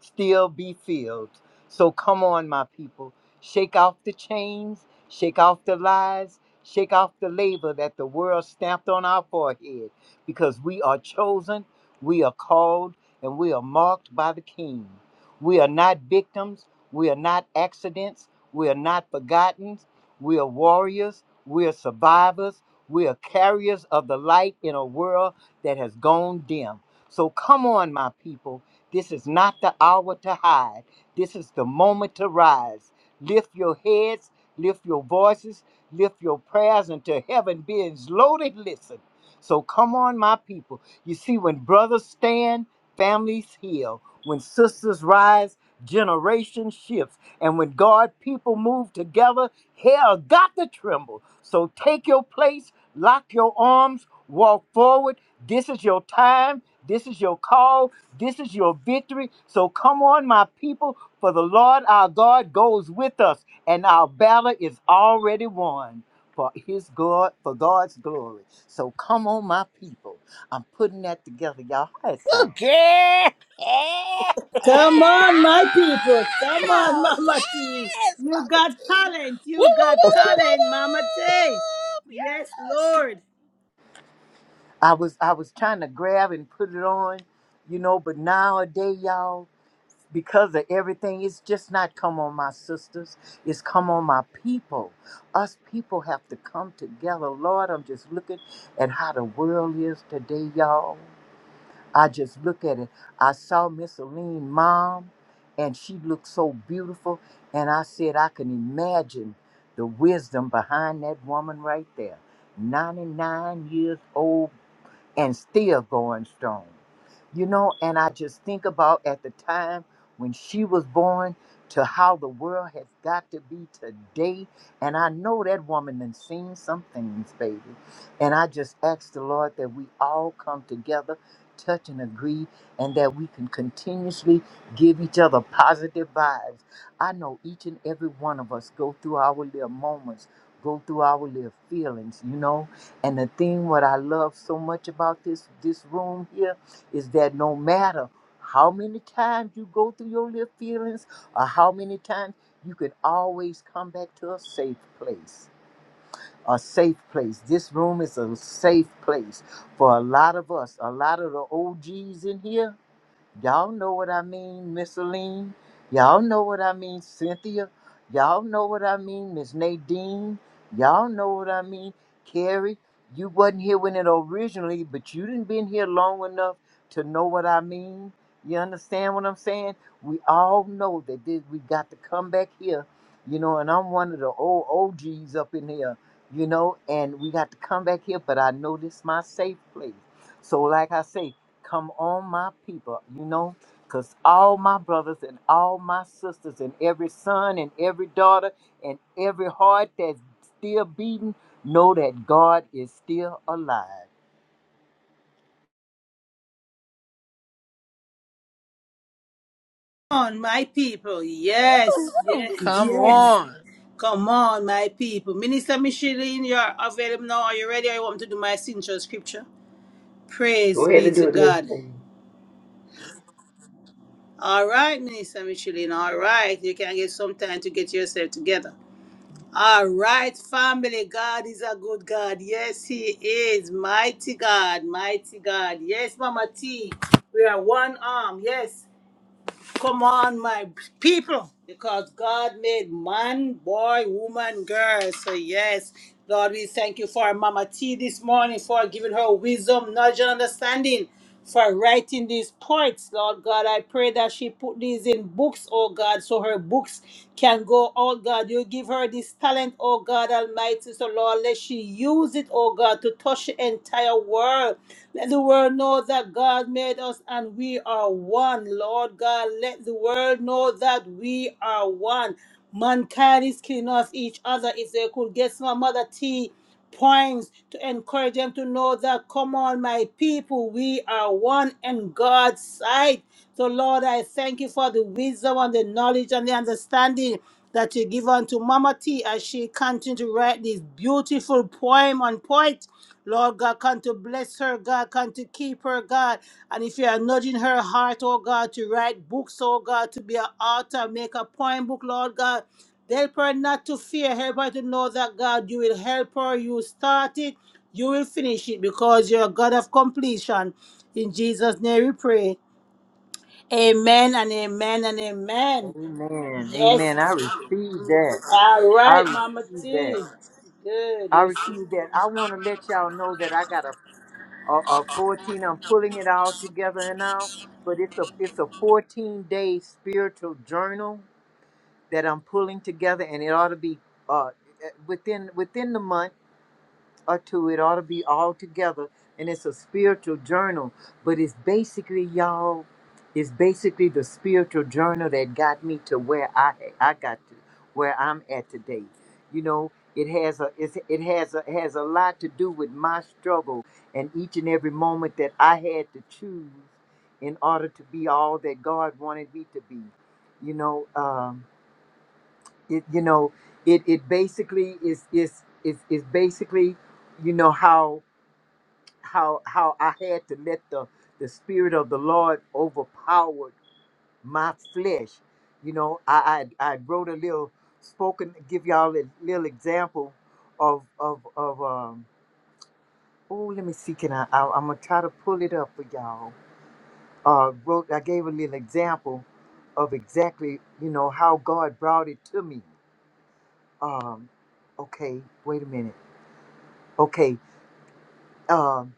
[SPEAKER 5] still be filled. So come on, my people. Shake off the chains, shake off the lies, shake off the labor that the world stamped on our forehead because we are chosen, we are called, and we are marked by the King. We are not victims, we are not accidents, we are not forgotten, we are warriors, we are survivors, we are carriers of the light in a world that has gone dim. So come on, my people. This is not the hour to hide. This is the moment to rise. Lift your heads, lift your voices, lift your prayers until heaven bids loaded. Listen. So come on, my people. You see, when brothers stand, families heal. When sisters rise, generation shifts. And when God people move together, hell got to tremble. So take your place, lock your arms, walk forward. This is your time. This is your call. This is your victory. So come on, my people, for the Lord our God goes with us, and our battle is already won for his God, for God's glory. So come on, my people. I'm putting that together. Y'all, how it sound?
[SPEAKER 1] Good girl. Yeah.
[SPEAKER 3] Come on, my people. Come on, Mama T.
[SPEAKER 1] Yes,
[SPEAKER 3] You
[SPEAKER 1] Mama
[SPEAKER 3] got
[SPEAKER 1] T.
[SPEAKER 3] talent.
[SPEAKER 1] Woo,
[SPEAKER 3] You
[SPEAKER 1] woo,
[SPEAKER 3] got
[SPEAKER 1] woo, woo, woo,
[SPEAKER 3] talent, Mama T.
[SPEAKER 1] woo.
[SPEAKER 3] Yes,
[SPEAKER 1] Yes.
[SPEAKER 3] Lord.
[SPEAKER 5] I was I was trying to grab and put it on, you know, but nowadays, y'all. because of everything. It's just not come on my sisters, it's come on my people. Us people have to come together. Lord, I'm just looking at how the world is today, y'all. I just look at it. I saw Miss Aline mom, and she looked so beautiful. And I said, I can imagine the wisdom behind that woman right there. 99 years old and still going strong. You know, and I just think about at the time when she was born to how the world has got to be today. And I know that woman done seen some things, baby. And I just ask the Lord that we all come together, touch and agree, and that we can continuously give each other positive vibes. I know each and every one of us go through our little moments, go through our little feelings, you know. And the thing what I love so much about this this room here is that no matter how many times you go through your little feelings or how many times you can always come back to a safe place. A safe place. This room is a safe place for a lot of us. A lot of the OGs in here Y'all know what I mean, Miss Aline. Y'all know what I mean, Cynthia. Y'all know what I mean, Miss Nadine. Y'all know what I mean, Carrie. You wasn't here when it originally, but you didn't been here long enough to know what I mean. You understand what I'm saying? We all know that this, we got to come back here, you know. And I'm one of the old OGs up in here, you know. And we got to come back here, but I know this my safe place. So, like I say. Come on, my people, you know, because all my brothers and all my sisters, and every son and every daughter, and every heart that's still beating, know that God is still alive.
[SPEAKER 3] Come on, my people. Yes,
[SPEAKER 1] Oh,
[SPEAKER 3] yes,
[SPEAKER 1] come
[SPEAKER 3] yes.
[SPEAKER 1] on.
[SPEAKER 3] Come on, my people. Minister Micheline, you're available now. Are you ready? I want to do my signature scripture. Praise
[SPEAKER 4] Go ahead
[SPEAKER 3] be
[SPEAKER 4] and
[SPEAKER 3] to
[SPEAKER 4] do it, Miss
[SPEAKER 3] God.
[SPEAKER 4] Lady.
[SPEAKER 3] All right, Minister Micheline. All right. You can get some time to get yourself together. All right, family. God is a good God. Yes, He is. Mighty God, mighty God. Yes, Mama T. We are one arm. Yes. Come on, my people. Because God made man, boy, woman, girl. So, yes. Lord, we thank you for Mama T this morning for giving her wisdom, knowledge, and understanding for writing these poets, Lord God. I pray that she put these in books, oh God, so her books can go, oh God. You give her this talent, oh God Almighty. So, Lord, let she use it, oh God, to touch the entire world. Let the world know that God made us and we are one, Lord God. Let the world know that we are one. Mankind is killing off each other. If they could get some of Mother T points to encourage them to know that, come on, my people, we are one in God's sight. So, Lord, I thank you for the wisdom and the knowledge and the understanding that you give unto Mama T as she continues to write this beautiful poem on point. Lord God, come to bless her, God, come to keep her, God. And if you are nudging her heart, oh God, to write books, oh God, to be an author, make a poem book, Lord God. Help her not to fear. Help her to know that God, you will help her. You start it, you will finish it because you're a God of completion. In Jesus' name we pray. Amen and amen and amen.
[SPEAKER 5] Amen.
[SPEAKER 3] Yes.
[SPEAKER 5] Amen. I receive that.
[SPEAKER 3] All
[SPEAKER 5] I
[SPEAKER 3] right, Mama
[SPEAKER 5] receive that.
[SPEAKER 3] T. Good. You
[SPEAKER 5] I
[SPEAKER 3] receive-
[SPEAKER 5] receive that. I want to let y'all know that I got a, a, a 14. I'm pulling it all together now, but it's a it's a 14 day spiritual journal that I'm pulling together, and it ought to be uh, eh, within within the month or two. It ought to be all together, and it's a spiritual journal. But it's basically y'all. It's basically the spiritual journal that got me to where I I got to where I'm at today. You know, it has a it's, it has a has a lot to do with my struggle and each and every moment that I had to choose in order to be all that God wanted me to be. You know. Um, it you know it it basically is is is is basically you know how how how I had to let the the spirit of the Lord overpower my flesh. You know, I I, I wrote a little spoken give y'all a little example of of of um oh let me see can I, I I'm gonna try to pull it up for y'all. Uh wrote I gave a little example of exactly you know how God brought it to me. Um okay wait a minute Okay. Um,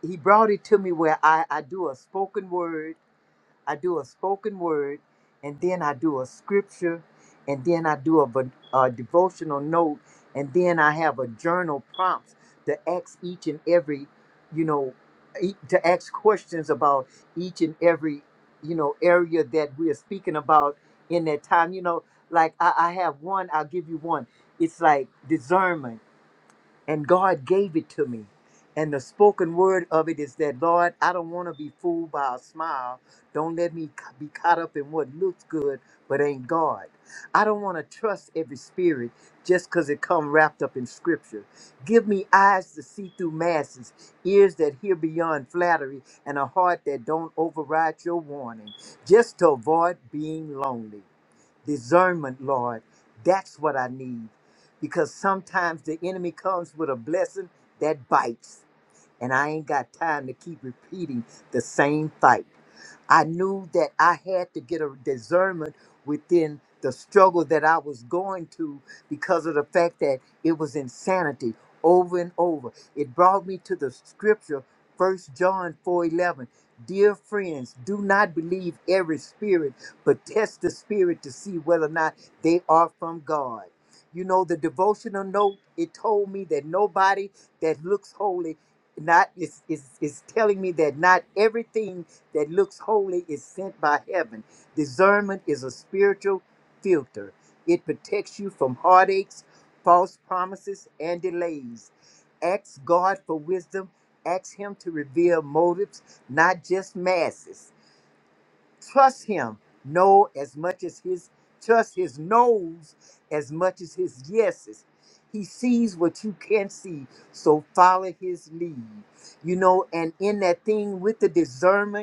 [SPEAKER 5] he brought it to me where I, I do a spoken word, I do a spoken word, and then I do a scripture, and then I do a, vo- a devotional note, and then I have a journal prompts to ask each and every, you know, e- to ask questions about each and every, you know, area that we are speaking about in that time. You know, like I, I have one, I'll give you one. It's like discernment and God gave it to me. And the spoken word of it is that, Lord, I don't want to be fooled by a smile. Don't let me ca- be caught up in what looks good but ain't God. I don't want to trust every spirit just because it come wrapped up in scripture. Give me eyes to see through masses, ears that hear beyond flattery, and a heart that don't override your warning, just to avoid being lonely discernment, Lord. That's what I need. Because sometimes the enemy comes with a blessing that bites. And I ain't got time to keep repeating the same fight. I knew that I had to get a discernment within the struggle that I was going to because of the fact that it was insanity over and over. It brought me to the scripture, First John 4:11. Dear friends, do not believe every spirit, but test the spirit to see whether or not they are from God. You know, the devotional note, it told me that nobody that looks holy not is, is, is telling me that not everything that looks holy is sent by heaven. Discernment is a spiritual filter, it protects you from heartaches, false promises, and delays. Ask God for wisdom, ask Him to reveal motives, not just masses. Trust Him, know as much as His trust His no's as much as His yeses. He sees what you can't see, so follow his lead. You know, and in that thing with the discernment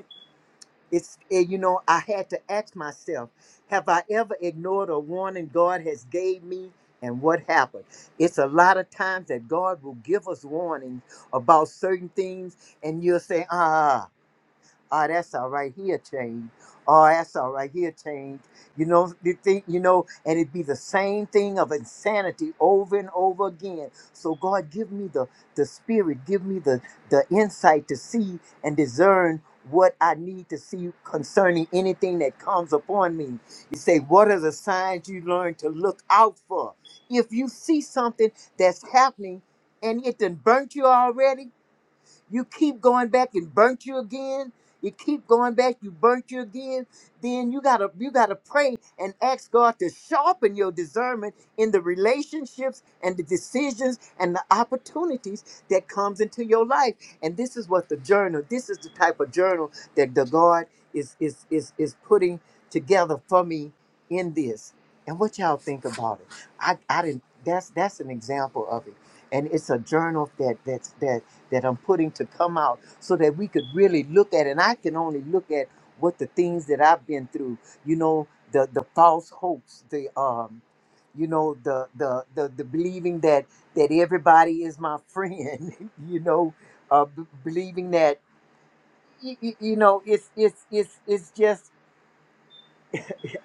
[SPEAKER 5] it's eh, you know i had to ask myself have i ever ignored a warning god has gave me and what happened it's a lot of times that god will give us warnings about certain things and you'll say ah Oh, that's all right. He'll change. Oh, that's all right. He'll change. You know, you think you know, and it'd be the same thing of insanity over and over again. So God, give me the the spirit, give me the the insight to see and discern what I need to see concerning anything that comes upon me. You say, what are the signs you learn to look out for? If you see something that's happening and it done burnt you already, you keep going back and burnt you again. You keep going back, you burnt you again. Then you gotta you gotta pray and ask God to sharpen your discernment in the relationships and the decisions and the opportunities that comes into your life. And this is what the journal, this is the type of journal that the God is is is is putting together for me in this. And what y'all think about it? I I didn't that's that's an example of it. And it's a journal that that's that that I'm putting to come out so that we could really look at and I can only look at what the things that I've been through, you know, the the false hopes, the um you know the the the, the believing that that everybody is my friend, you know, uh b- believing that you, you know it's it's it's it's just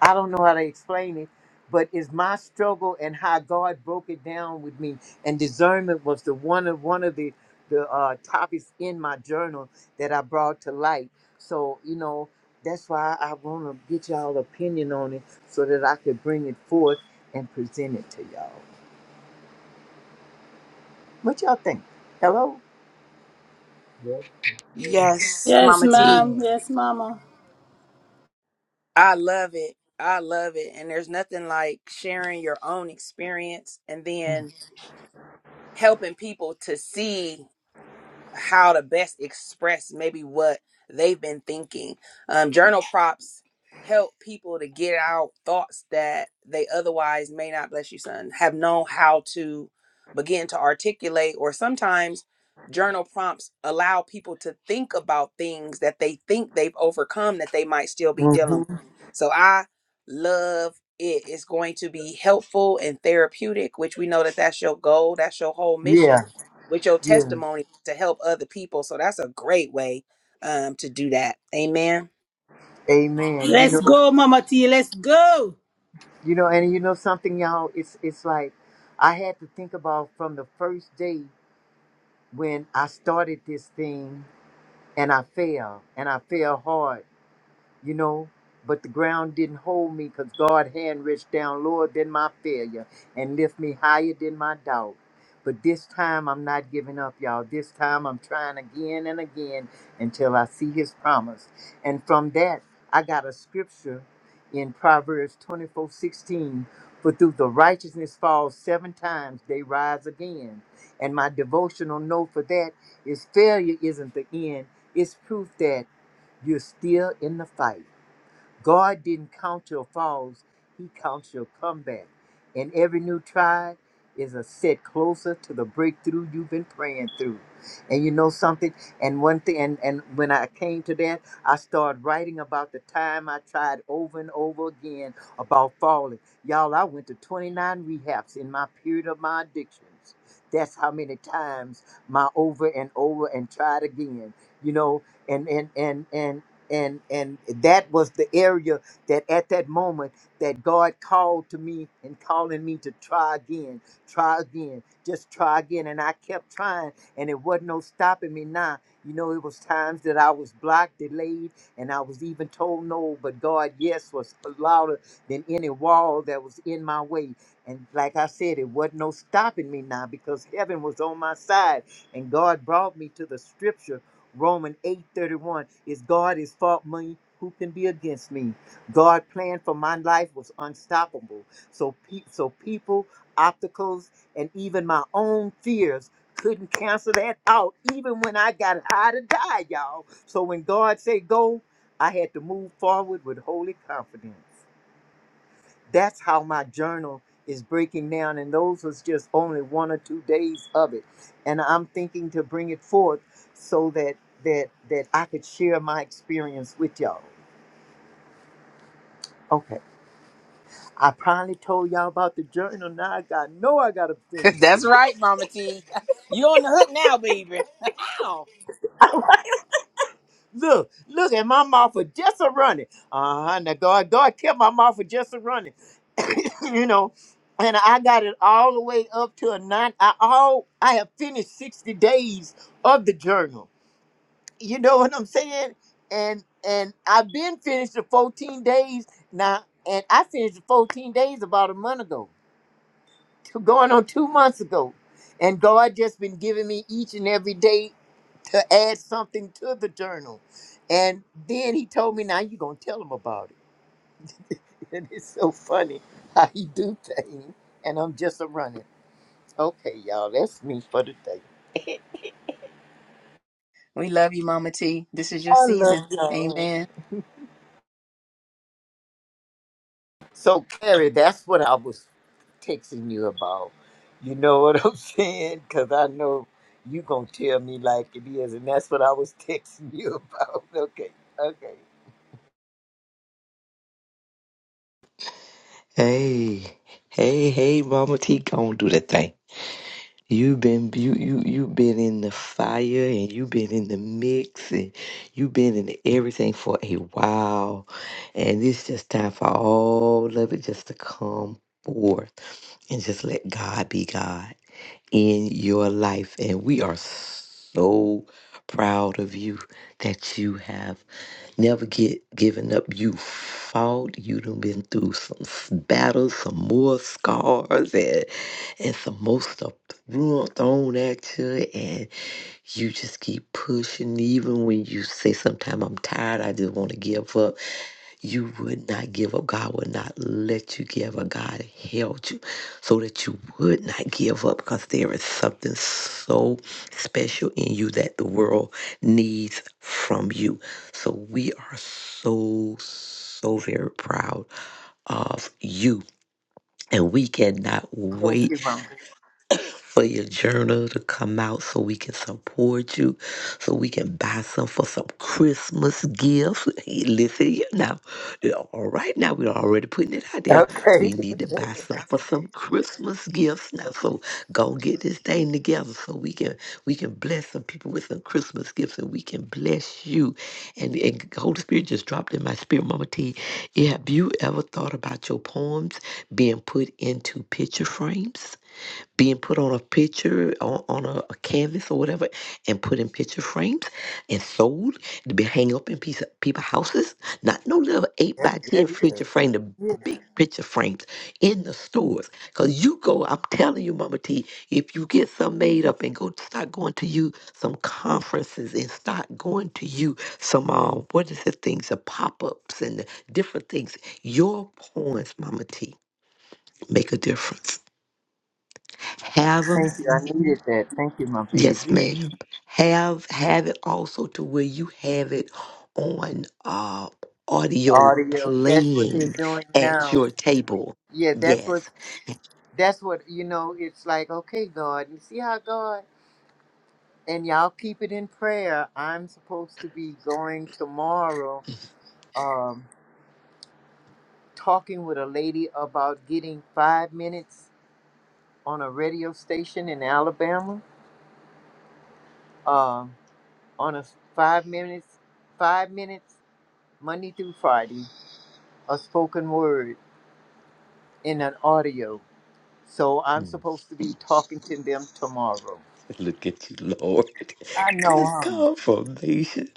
[SPEAKER 5] I don't know how to explain it, but it's my struggle and how God broke it down with me. And discernment was the one of one of the the uh, topics in my journal that I brought to light. So you know that's why I want to get y'all opinion on it so that I could bring it forth and present it to y'all. What y'all think? Hello.
[SPEAKER 4] Yes, ma'am.
[SPEAKER 1] Yes,
[SPEAKER 3] Yes,
[SPEAKER 1] Mama T.
[SPEAKER 3] ma'am.
[SPEAKER 4] Yeah.
[SPEAKER 3] Yes, Mama.
[SPEAKER 1] I love it. I love it. And there's nothing like sharing your own experience and then helping people to see how to best express maybe what they've been thinking. Um, journal prompts help people to get out thoughts that they otherwise may not, bless you, son, have known how to begin to articulate. Or sometimes journal prompts allow people to think about things that they think they've overcome that they might still be
[SPEAKER 5] hmm
[SPEAKER 1] dealing with. So I love it. It's going to be helpful and therapeutic, which we know that that's your goal, that's your whole mission
[SPEAKER 5] Yeah.
[SPEAKER 1] with your
[SPEAKER 5] Yeah.
[SPEAKER 1] testimony to help other people. So that's a great way um, to do that. Amen.
[SPEAKER 5] Amen. You
[SPEAKER 3] Let's
[SPEAKER 5] know.
[SPEAKER 3] go, Mama T. Let's go.
[SPEAKER 5] You know. And you know something, y'all. It's it's like I had to think about from the first day when I started this thing and I failed and I failed hard you know. But the ground didn't hold me because God hand reached down lower than my failure and lift me higher than my doubt. But this time I'm not giving up, y'all. This time I'm trying again and again until I see his promise. And from that, I got a scripture in Proverbs 24 16: For through the righteousness falls seven times, they rise again. And my devotional note for that is failure isn't the end, it's proof that you're still in the fight. God didn't count your falls, He counts your comeback. And every new try is a step closer to the breakthrough you've been praying through. And you know something? And one thing, and, and when I came to that, I started writing about the time I tried over and over again about falling. Y'all, I went to 29 rehabs in my period of my addictions. That's how many times my over and over and tried again, you know, and and and and and and that was the area that at that moment that god called to me and calling me to try again try again just try again and i kept trying and it wasn't no stopping me now you know it was times that i was blocked delayed and i was even told no but god yes was louder than any wall that was in my way and like i said it wasn't no stopping me now because heaven was on my side and god brought me to the scripture Romans 8:31 is God is fault me. Who can be against me? God plan for my life was unstoppable. So, pe- so people, obstacles, and even my own fears couldn't cancel that out. Even when I got high to die, y'all. So when God said go, I had to move forward with holy confidence that's how my journal is breaking down and those was just only one or two days of it and i'm thinking to bring it forth so that that that i could share my experience with y'all okay i finally told y'all about the journal now i got know i gotta finish it
[SPEAKER 1] That's right, Mama T. You on the hook now, baby. Ow.
[SPEAKER 5] look look at my mouth for just a running uh-huh now god god kept my mouth for just a running you know and i got it all the way up to a nine i all i have finished 60 days of the journal You know what I'm saying? And and I've been finished the 14 days now, and I finished the 14 days about a month ago, two, going on two months ago. And God just been giving me each and every day to add something to the journal. And then he told me, now you going to tell him about it. And it's so funny how he do things. And I'm just a running. Okay, y'all, that's me for the day.
[SPEAKER 1] We love you, Mama T. This is your
[SPEAKER 5] I love
[SPEAKER 1] season.
[SPEAKER 5] y'all.
[SPEAKER 1] Amen.
[SPEAKER 5] So, Carrie, that's what I was texting you about. You know what I'm saying? Because I know you going to tell me like it is, and that's what I was texting you about. Okay, okay.
[SPEAKER 4] Hey, hey, hey, Mama T, go and do that thing. You been you you you been in the fire and you been in the mix and you been in everything for a while, and it's just time for all of it just to come forth and just let God be God. in your life. And we are so proud of you that you have never get given up. You fought. You done been through some s- battles, some more scars, and and some more stuff thrown thrown at you. And you just keep pushing, even when you say, "Sometimes I'm tired. I just want to give up." you would not give up. God would not let you give up. God held you so that you would not give up because there is something so special in you that the world needs from you. So we are so, so very proud of you. And we cannot
[SPEAKER 5] Thank
[SPEAKER 4] wait
[SPEAKER 5] you, Mama.
[SPEAKER 4] for your journal to come out so we can support you, so we can buy some for some Christmas gifts. Hey, Listen here now. Yeah, All right, now we're already putting it out there.
[SPEAKER 5] Okay,
[SPEAKER 4] We need to buy some for some Christmas gifts now. So go get this thing together so we can we can bless some people with some Christmas gifts and we can bless you. And, and Holy Spirit just dropped in my spirit, Mama T. Have you ever thought about your poems being put into picture frames? being put on a picture on, on a, a canvas or whatever and put in picture frames and sold to be hung up in piece of people's houses not no little 8
[SPEAKER 5] that,
[SPEAKER 4] by
[SPEAKER 5] that
[SPEAKER 4] 10
[SPEAKER 5] is.
[SPEAKER 4] picture frame the
[SPEAKER 5] Yeah,
[SPEAKER 4] big picture frames in the stores because you go i'm telling you mama t if you get some made up and go start going to you some conferences and start going to you some uh, what is the things the pop-ups and the different things your poems mama t make a difference Have 'em
[SPEAKER 5] thank you. I needed that. Thank you, my
[SPEAKER 4] Yes,
[SPEAKER 5] baby.
[SPEAKER 4] ma'am. Have have it also to where you have it on uh, audio
[SPEAKER 5] Audio. That's what they're
[SPEAKER 4] playing
[SPEAKER 5] doing
[SPEAKER 4] at
[SPEAKER 5] now.
[SPEAKER 4] your table.
[SPEAKER 5] Yeah, that's what.
[SPEAKER 4] Yes.
[SPEAKER 5] That's what you know. It's like, okay, God, you see how God and y'all keep it in prayer. I'm supposed to be going tomorrow. um, talking with a lady about getting five minutes on a radio station in Alabama. Um, on a s- five minutes, five minutes Monday through Friday, a spoken word in an audio. So I'm
[SPEAKER 4] Mm.
[SPEAKER 5] supposed to be talking to them tomorrow.
[SPEAKER 4] Look at you, Lord.
[SPEAKER 5] I know,
[SPEAKER 4] Cause
[SPEAKER 5] huh?
[SPEAKER 4] confirmation.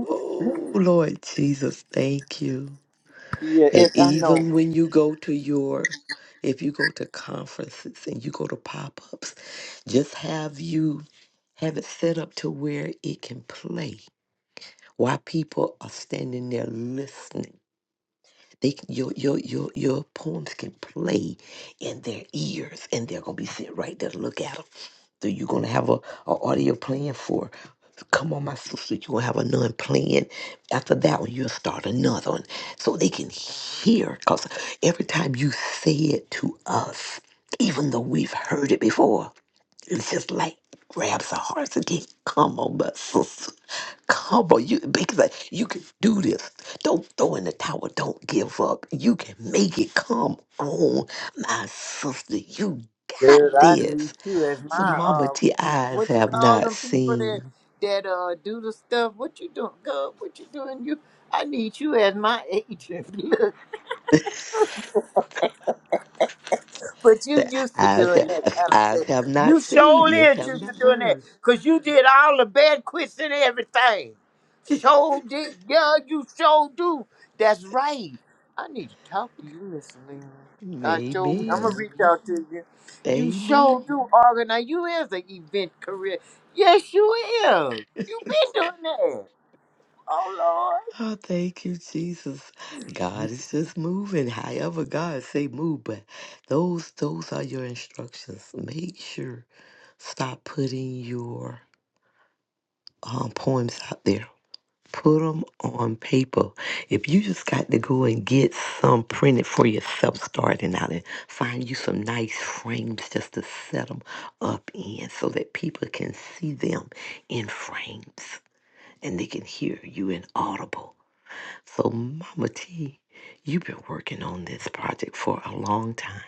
[SPEAKER 4] Oh Lord Jesus, thank you.
[SPEAKER 5] Yeah,
[SPEAKER 4] And
[SPEAKER 5] it, I know.
[SPEAKER 4] even when you go to your if you go to conferences and you go to pop-ups, just have you have it set up to where it can play Why people are standing there listening. They can- your your your your poems can play in their ears, and they're gonna be sitting right there to look at them. So you're gonna have a, a audio playing for. Come on, my sister. You're gonna have another playing. After that one, you'll start another one, so they can hear. Cause every time you say it to us, even though we've heard it before, it's just like grabs our hearts again. Come on, my sister. Come on. You because I- you can do this. Don't throw in the towel. Don't give up. You can make it. Come on, my sister. You got
[SPEAKER 5] Dude, I need
[SPEAKER 4] this.
[SPEAKER 5] you as
[SPEAKER 4] So
[SPEAKER 5] my
[SPEAKER 4] Mama
[SPEAKER 5] uh,
[SPEAKER 4] T eyes
[SPEAKER 5] what you
[SPEAKER 4] have
[SPEAKER 5] call
[SPEAKER 4] not
[SPEAKER 5] them people that
[SPEAKER 4] seen.
[SPEAKER 5] that uh do the stuff? What you doing, Gov? What you doing? You, I need you as my agent. But you
[SPEAKER 4] The
[SPEAKER 5] used to
[SPEAKER 4] eyes
[SPEAKER 5] doing that
[SPEAKER 4] have
[SPEAKER 5] kind of
[SPEAKER 4] eyes
[SPEAKER 5] thing.
[SPEAKER 4] have not
[SPEAKER 5] You
[SPEAKER 4] seen.
[SPEAKER 5] surely
[SPEAKER 4] Ears
[SPEAKER 5] is
[SPEAKER 4] have
[SPEAKER 5] used to
[SPEAKER 4] not
[SPEAKER 5] doing that.
[SPEAKER 4] heard.
[SPEAKER 5] Cause you did all the bad quits and everything. Sure did yeah, you sure do. That's right. I need to talk to you, Miss Lena. I sure I'm gonna
[SPEAKER 4] Amen.
[SPEAKER 5] reach out to you. You
[SPEAKER 4] Amen.
[SPEAKER 5] sure do organize. You is an event career. Yes, you is. you been doing that. Oh
[SPEAKER 4] Oh, thank you, Jesus. God is just moving. However, God say move, but those those are your instructions. Make sure stop putting your um, poems out there. Put them on paper. If you just got to go and get some printed for yourself, starting out and find you some nice frames just to set them up in, so that people can see them in frames and they can hear you in audible. So, Mama T, you've been working on this project for a long time.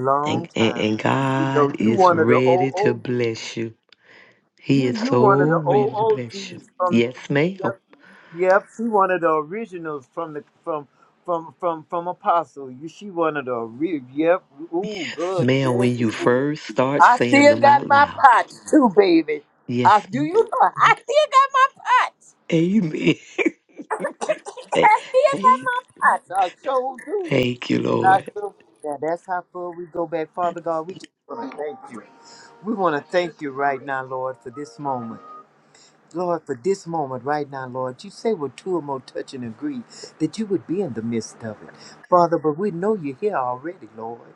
[SPEAKER 5] Lord.
[SPEAKER 4] And,
[SPEAKER 5] Long
[SPEAKER 4] and,
[SPEAKER 5] time.
[SPEAKER 4] and
[SPEAKER 5] You
[SPEAKER 4] God
[SPEAKER 5] know you
[SPEAKER 4] is
[SPEAKER 5] one of the old
[SPEAKER 4] ready to
[SPEAKER 5] OGs.
[SPEAKER 4] bless you. He
[SPEAKER 5] You
[SPEAKER 4] is
[SPEAKER 5] you one of
[SPEAKER 4] so
[SPEAKER 5] the
[SPEAKER 4] ready to
[SPEAKER 5] old
[SPEAKER 4] bless you.
[SPEAKER 5] OGs from
[SPEAKER 4] Yes, ma'am.
[SPEAKER 5] Yep. Yep, she one of the originals from the from from from from Apostle. You she one of the ori- yep. Ooh,
[SPEAKER 4] Yes,
[SPEAKER 5] good.
[SPEAKER 4] ma'am,
[SPEAKER 5] Yes,
[SPEAKER 4] when you
[SPEAKER 5] yes.
[SPEAKER 4] first start
[SPEAKER 5] I
[SPEAKER 4] saying
[SPEAKER 5] still
[SPEAKER 4] them
[SPEAKER 5] got
[SPEAKER 4] out
[SPEAKER 5] my
[SPEAKER 4] loud.
[SPEAKER 5] pots too, baby.
[SPEAKER 4] Yes,
[SPEAKER 5] I do
[SPEAKER 4] ma'am.
[SPEAKER 5] you know I still got my pots.
[SPEAKER 4] amen. Hey,
[SPEAKER 5] I still got my
[SPEAKER 4] thank,
[SPEAKER 5] pots. I sure do.
[SPEAKER 4] thank you,
[SPEAKER 5] I
[SPEAKER 4] Lord.
[SPEAKER 5] sure yeah, that's how far we go back. Father God, we just want to thank you. We want to thank you right now, Lord, for this moment. Lord, for this moment right now, Lord, you say we're two or more touch and agree that you would be in the midst of it. Father, but we know you're here already, Lord.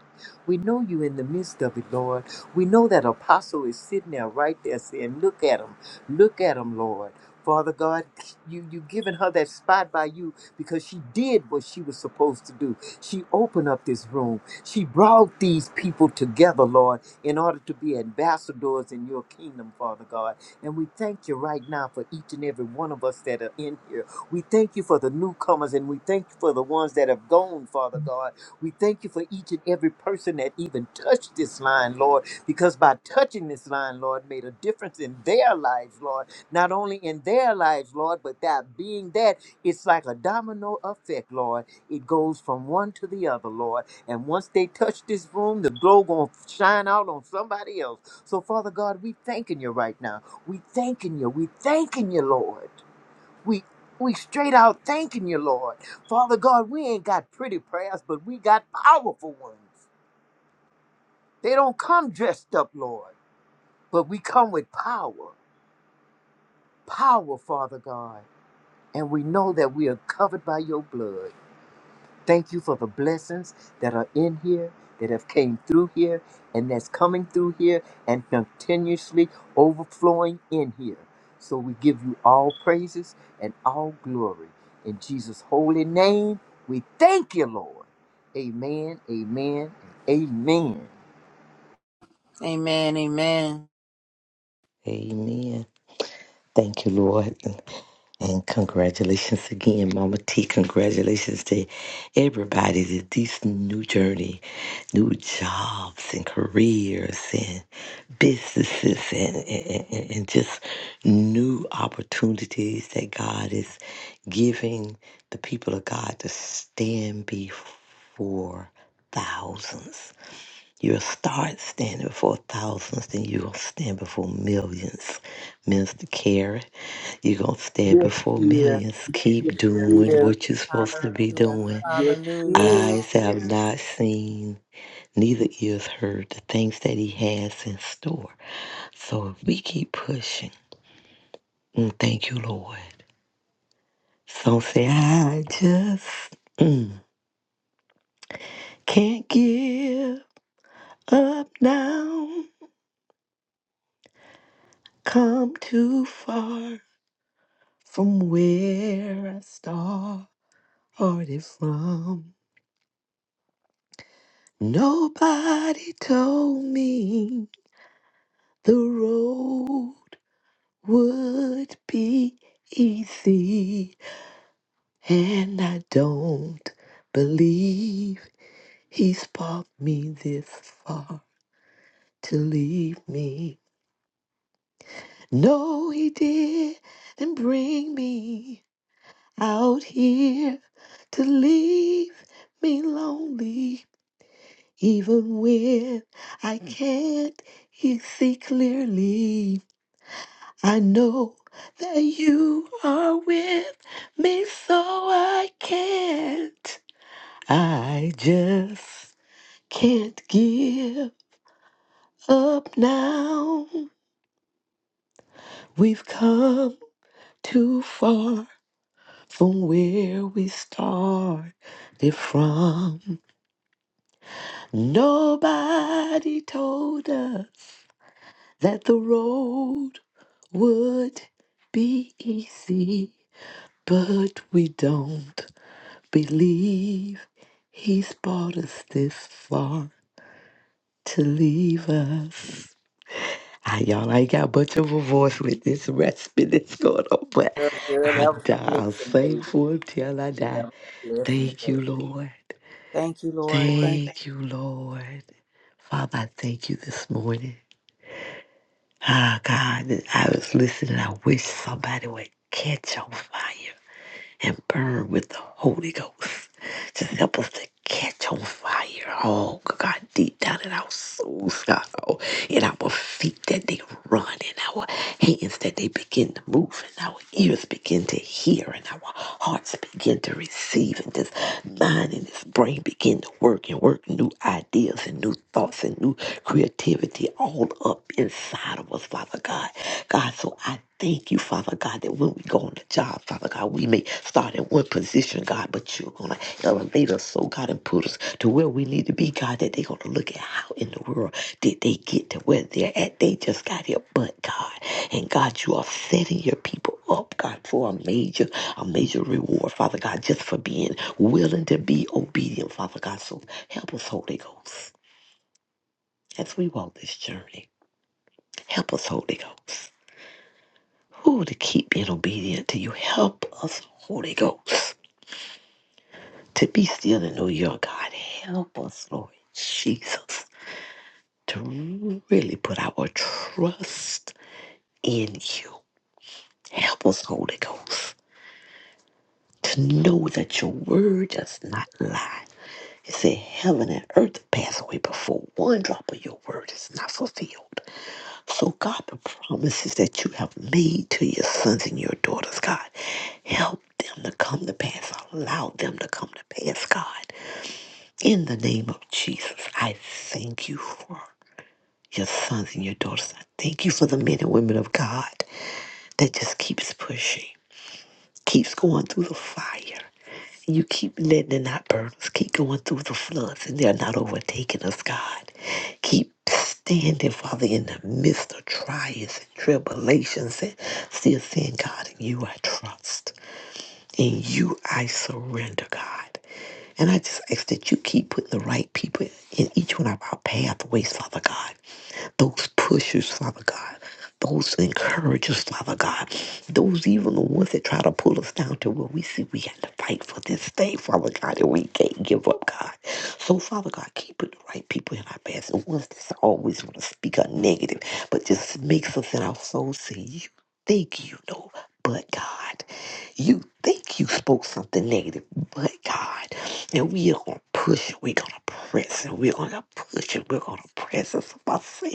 [SPEAKER 5] We know you in the midst of it, Lord. We know that apostle is sitting there right there saying, Look at him, look at him, Lord. Father God, you you given her that spot by you because she did what she was supposed to do. She opened up this room. She brought these people together, Lord, in order to be ambassadors in your kingdom, Father God. And we thank you right now for each and every one of us that are in here. We thank you for the newcomers and we thank you for the ones that have gone, Father God. We thank you for each and every person that even touched this line, Lord, because by touching this line, Lord, made a difference in their lives, Lord. Not only in their lives, Lord, but that being that, it's like a domino effect, Lord. It goes from one to the other, Lord. And once they touch this room, the glow gonna shine out on somebody else. So, Father God, we thanking you right now. We thanking you. We thanking you, Lord. We we straight out thanking you, Lord. Father God, we ain't got pretty prayers, but we got powerful ones. They don't come dressed up, Lord, but we come with power. Power, Father God. And we know that we are covered by your blood. Thank you for the blessings that are in here, that have came through here, and that's coming through here and continuously overflowing in here. So we give you all praises and all glory. In Jesus' holy name, we thank you, Lord. Amen, amen, and amen.
[SPEAKER 1] Amen. Amen.
[SPEAKER 4] Amen. Thank you, Lord. And congratulations again, Mama T. Congratulations to everybody that this new journey new jobs and careers and businesses and, and, and and just new opportunities that God is giving the people of God to stand before thousands. You'll start standing before thousands, then you'll stand before millions. Mister Carey, you're going to stand
[SPEAKER 5] Yes,
[SPEAKER 4] before
[SPEAKER 5] yeah.
[SPEAKER 4] millions.
[SPEAKER 5] Yes,
[SPEAKER 4] Keep doing
[SPEAKER 5] yeah.
[SPEAKER 4] what you're supposed to be
[SPEAKER 1] Hallelujah.
[SPEAKER 4] doing.
[SPEAKER 5] Yes,
[SPEAKER 1] Hallelujah.
[SPEAKER 5] yeah.
[SPEAKER 4] Eyes have not seen neither ears heard the things that he has in store. So if we keep pushing, mm, thank you, Lord. Some say, I just mm, can't give up now. Come too far from where I started from. Nobody told me the road would be easy. And I don't believe he's brought me this far to leave me. No, he did and bring me out here to leave me lonely. Even when I can't e- see clearly, I know that you are with me, so I can't. I just Can't give up now. We've come too far from where we started from. Nobody told us that the road would be easy, but we don't believe he's brought us this far to leave us. I, y'all I ain't got much of a voice with this recipe that's going on, but
[SPEAKER 5] Girl, girl,
[SPEAKER 4] I
[SPEAKER 5] that was
[SPEAKER 4] die.
[SPEAKER 5] a
[SPEAKER 4] I'll
[SPEAKER 5] blessing,
[SPEAKER 4] sing
[SPEAKER 5] baby.
[SPEAKER 4] for him till I
[SPEAKER 5] That
[SPEAKER 4] die.
[SPEAKER 5] was a blessing,
[SPEAKER 4] Thank you,
[SPEAKER 5] baby.
[SPEAKER 4] Lord.
[SPEAKER 1] Thank you, Lord. Thank
[SPEAKER 4] Thank you, Lord. Father, I thank you this morning. Ah, God, I was listening. I wish somebody would catch on fire and burn with the Holy Ghost. Just help us to catch on fire. Oh, God, deep down in our souls, God. Oh, in our feet that they run, in our hands that they begin to move, and our ears begin to hear, and our hearts begin to receive, and this mind and this brain begin to work and work new ideas and new thoughts and new creativity all up inside of us, Father God. God, so I Thank you, Father God, that when we go on the job, Father God, we may start in one position, God, but you're going to elevate us, so God, and put us to where we need to be, God, that they're going to look at how in the world did they get to where they're at. They just got here, but God. And God, you are setting your people up, God, for a major, a major reward, Father God, just for being willing to be obedient, Father God. So help us, Holy Ghost, as we walk this journey. Help us, Holy Ghost. Who to keep being obedient to you. Help us, Holy Ghost, to be still and know your God. Help us, Lord Jesus, to really put our trust in you. Help us, Holy Ghost, to know that your word does not lie. It said heaven and earth pass away before one drop of your word is not fulfilled. So, God, the promises that you have made to your sons and your daughters, God, help them to come to pass. Allow them to come to pass, God. In the name of Jesus, I thank you for your sons and your daughters. I thank you for the men and women of God that just keeps pushing, keeps going through the fire. You keep letting it not burn Keep going through the floods, and they're not overtaking us, God. Keep standing, Father, in the midst of trials and tribulations, and still saying, God, in you I trust. In you I surrender, God. And I just ask that you keep putting the right people in each one of our pathways, Father God those pushers, Father God, those encouragers, Father God, those even the ones that try to pull us down to where we see we have to fight for this thing, Father God, and we can't give up, God. So, Father God, keep it the right people in our paths, the ones that always want to speak a negative, but just makes us in our soul say, You think you know, but God. You think you spoke something negative, but God. And we are going to push, and we're going to press, and we're going to push, and we're going to press. It's about sin.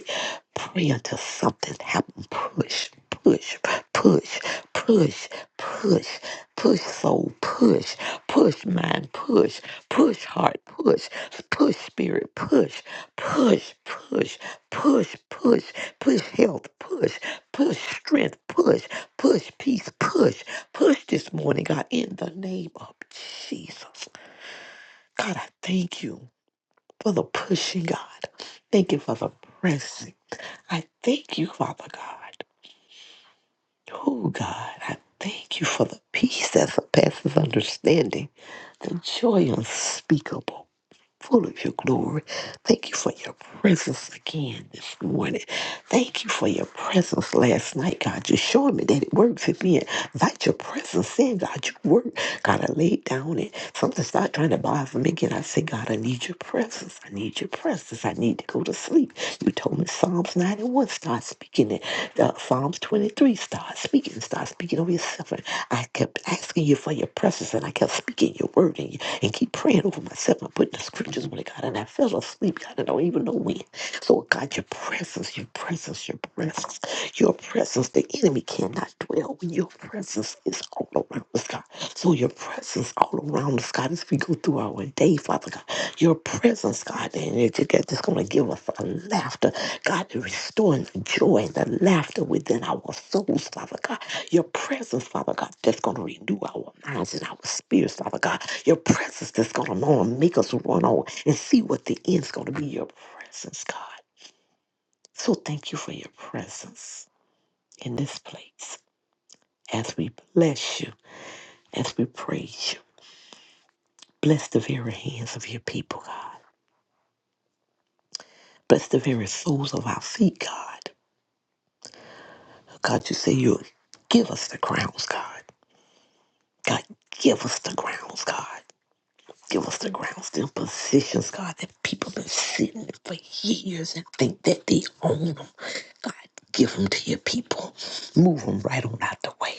[SPEAKER 4] Pray until something happens. Push, push, push, push, push, push, soul, push, push, mind, push, push, heart, push, push, spirit, push, push, push, push, push, push, health, push, push, strength, push, push, peace, push, push this morning, God, in the name of Jesus. God, I thank you for the pushing, God. Thank you for the pressing. I thank you, Father God. Oh, God, I thank you for the peace that surpasses understanding, the joy unspeakable full of your glory. Thank you for your presence again this morning. Thank you for your presence last night, God. You're showing me that it works in me. Invite your presence in, God. You work. God, I laid down and something started trying to bother me again. I said, God, I need your presence. I need your presence. I need to go to sleep. You told me Psalms 91, start speaking it. Uh, Psalms 23, start speaking. Start speaking over yourself. And I kept asking you for your presence and I kept speaking your word. and and keep praying over myself and putting the scriptures on it, God. And I fell asleep, God. I don't even know when. So, God, your presence, your presence, your presence, your presence. The enemy cannot dwell when your presence is all around us, God. So, your presence all around us, God, as we go through our day, Father God. Your presence, God, and it- it- it's going to give us a laughter, God, to restore the joy and the laughter within our souls, Father God. Your presence, Father God, that's going to renew our minds and our spirits, Father God. Your presence that's going to Lord, make us run on and see what the end's going to be your presence, God. So thank you for your presence in this place as we bless you, as we praise you. Bless the very hands of your people, God. Bless the very soles of our feet, God. God, you say you'll give us the crowns, God. God, give us the crowns, God. Give us the ground them positions, God, that people been sitting for years and think that they own them. God, give them to your people. Move them right on out the way.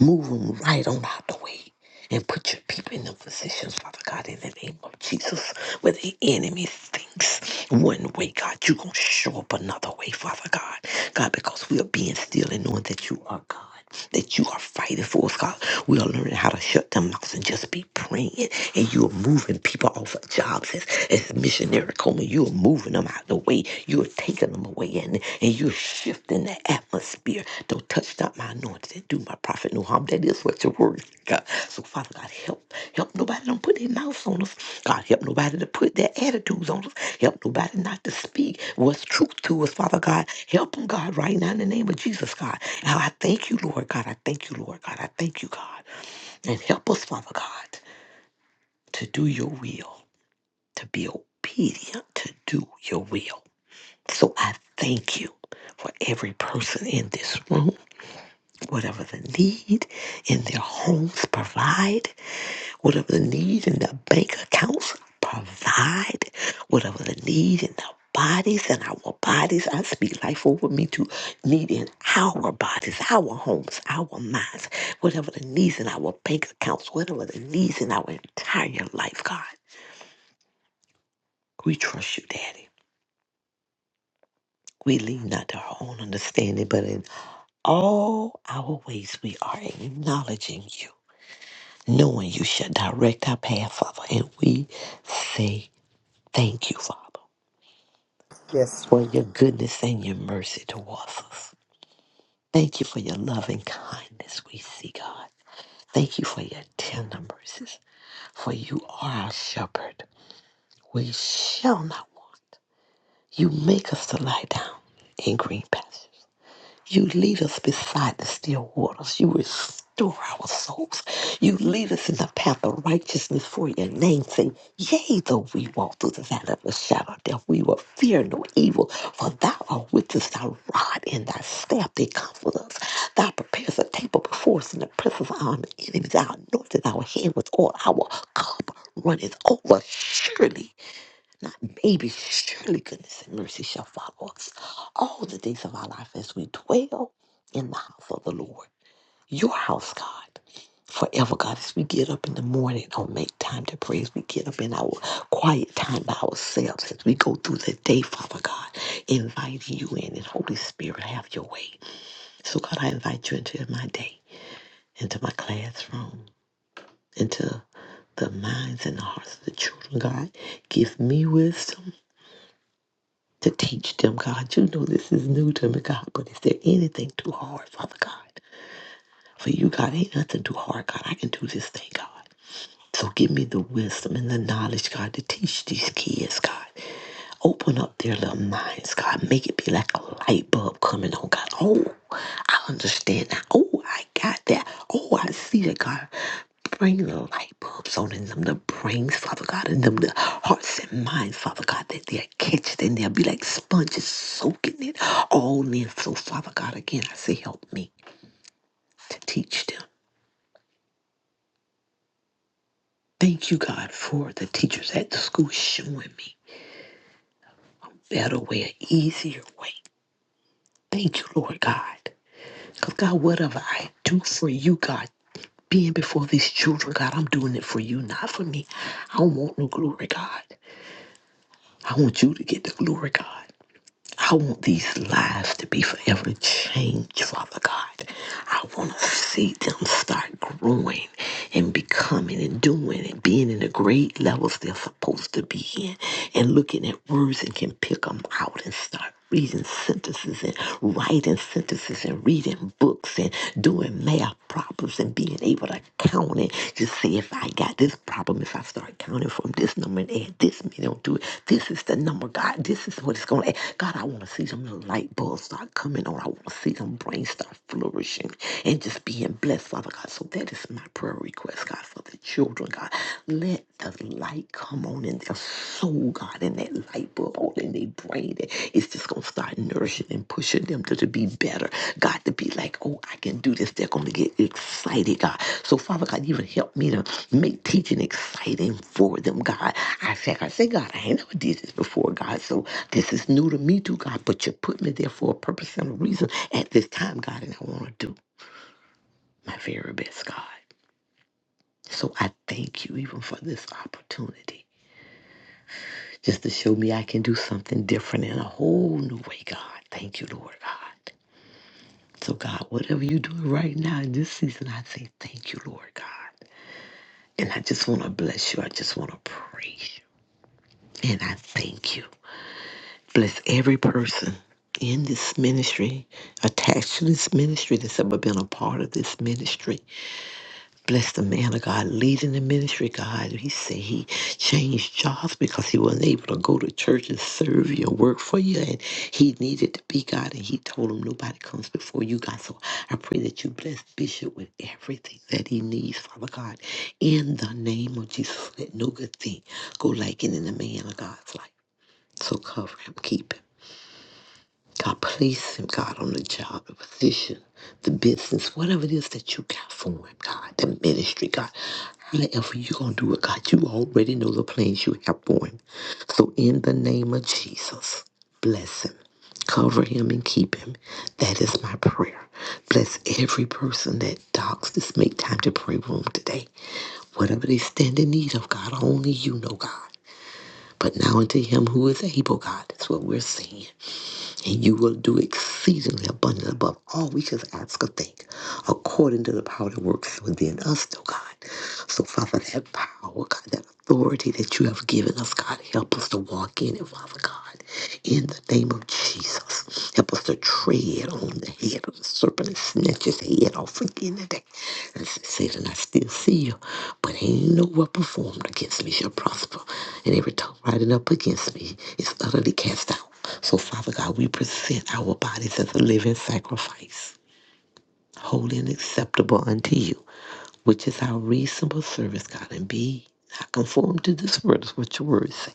[SPEAKER 4] Move them right on out the way. And put your people in the positions, Father God, in the name of Jesus, where the enemy thinks one way, God, you're going to show up another way, Father God. God, because we are being still and knowing that you are God that you are fighting for us, God. We are learning how to shut them mouths and just be praying. And you are moving people off of jobs as, as missionary Coleman. You are moving them out of the way. You are taking them away and, and you're shifting the atmosphere. Don't touch not my anointing and do my prophet no harm. That is what your word, is, God. So Father God, help. Help nobody don't put their mouths on us. God, help nobody to put their attitudes on us. Help nobody not to speak what's truth to us, Father God. Help them, God, right now in the name of Jesus, God. Now I thank you, Lord God. I thank you, Lord God. I thank you, God. And help us, Father God, to do your will, to be obedient, to do your will. So I thank you for every person in this room, whatever the need in their homes, provide. whatever the needs in their bank accounts, provide whatever the needs in their bodies and our bodies. I speak life over me to need in our bodies, our homes, our minds, whatever the needs in our bank accounts, whatever the needs in our entire life, God. We trust you, Daddy. We lean not to our own understanding, but in all our ways we are acknowledging you, knowing you shall direct our path, Father. And we say thank you, Father.
[SPEAKER 5] Yes. sir.
[SPEAKER 4] for your goodness and your mercy towards us. Thank you for your loving kindness, we see, God. Thank you for your tender mercies, for you are our shepherd. We shall not want. You make us to lie down in green pastures. You lead us beside the still waters. You restore our souls. You lead us in the path of righteousness for your name's sake. Yea, though we walk through the valley of the shadow of death, we will fear no evil, for thou art with us, thy rod and thy staff, they comfort us. Thou preparest a table before us in the presence of our enemies. Thou anointest our hand with oil. Our cup runneth over. Surely not maybe, surely goodness and mercy shall follow us all the days of our life as we dwell in the house of the Lord, your house, God. Forever, God, as we get up in the morning, don't make time to pray. As we get up in our quiet time by ourselves, as we go through the day, Father God, inviting you in and Holy Spirit, have your way. So, God, I invite you into my day, into my classroom, into the minds and the hearts of the children, God. Give me wisdom. to teach them, God. You know this is new to me, God, but is there anything too hard, Father God? For you, God, ain't nothing too hard, God. I can do this thing, God. So give me the wisdom and the knowledge, God, to teach these kids, God. Open up their little minds, God. Make it be like a light bulb coming on, God. Oh, I understand that. Oh, I got that. Oh, I see that, God. Bring the light bulbs on in them, the brains, Father God, in them, the hearts and minds, Father God, that they'll catch it and they'll be like sponges soaking it all in. So, Father God, again, I say, help me to teach them. Thank you, God, for the teachers at the school showing me. better way, an easier way. Thank you, Lord God. Because, God, whatever I do for you, God, being before these children, God, I'm doing it for you, not for me. I don't want no glory, God. I want you to get the glory, God. I want these lives to be forever changed, Father God. I want to see them start growing and becoming and doing and being in the grade levels they're supposed to be in and looking at words and can pick them out and start reading sentences and writing sentences and reading books and doing math problems and being able to count it to see if I got this problem, if I start counting from this number and add this many don't do it, this is the number, God, this is what it's going to God, I want to see them little light bulbs start coming on. I want to see them brains start flourishing and just being blessed, Father God. So that is my prayer request, God, for the children, God. Let the light come on in their soul, God, and that light bulb on in their brain. that It's just going to start nourishing and pushing them to, to be better, God, to be like, oh, I can do this. They're going to get excited, God. So, Father God, even help me to make teaching exciting for them, God. I say, I say, God, I ain't never did this before, God. So. This is new to me too, God, but you put me there for a purpose and a reason at this time, God, and I want to do my very best, God. So I thank you even for this opportunity just to show me I can do something different in a whole new way, God. Thank you, Lord God. So, God, whatever you're doing right now in this season, I say thank you, Lord God. And I just want to bless you. I just want to praise you. And I thank you. Bless every person in this ministry, attached to this ministry, that's ever been a part of this ministry. Bless the man of God leading the ministry, God. He said he changed jobs because he wasn't able to go to church and serve you and work for you. And he needed to be God. And he told him, nobody comes before you, God. So I pray that you bless Bishop with everything that he needs, Father God. In the name of Jesus, let no good thing go lacking in the man of God's life. So cover him, keep him. God, place him, God, on the job, the position, the business, whatever it is that you got for him, God, the ministry, God. However you're going to do it, God, you already know the plans you have for him. So in the name of Jesus, bless him. Cover him and keep him. That is my prayer. Bless every person that dogs this make time to pray room today. Whatever they stand in need of, God, only you know, God. But now unto him who is able, God, that's what we're saying and you will do exceedingly abundantly above all we could ask or think, according to the power that works within us, oh God. So, Father, that power, God, that authority that you have given us, God, help us to walk in it, Father God, in the name of Jesus. Help us to tread on the head of the serpent and snatch his head off again today and said, and I still see you, but ain't no weapon formed against me shall prosper. And every tongue rising up against me is utterly cast out. So, Father God, we present our bodies as a living sacrifice, holy and acceptable unto you, which is our reasonable service, God. And be not conformed to this world, is what your word say,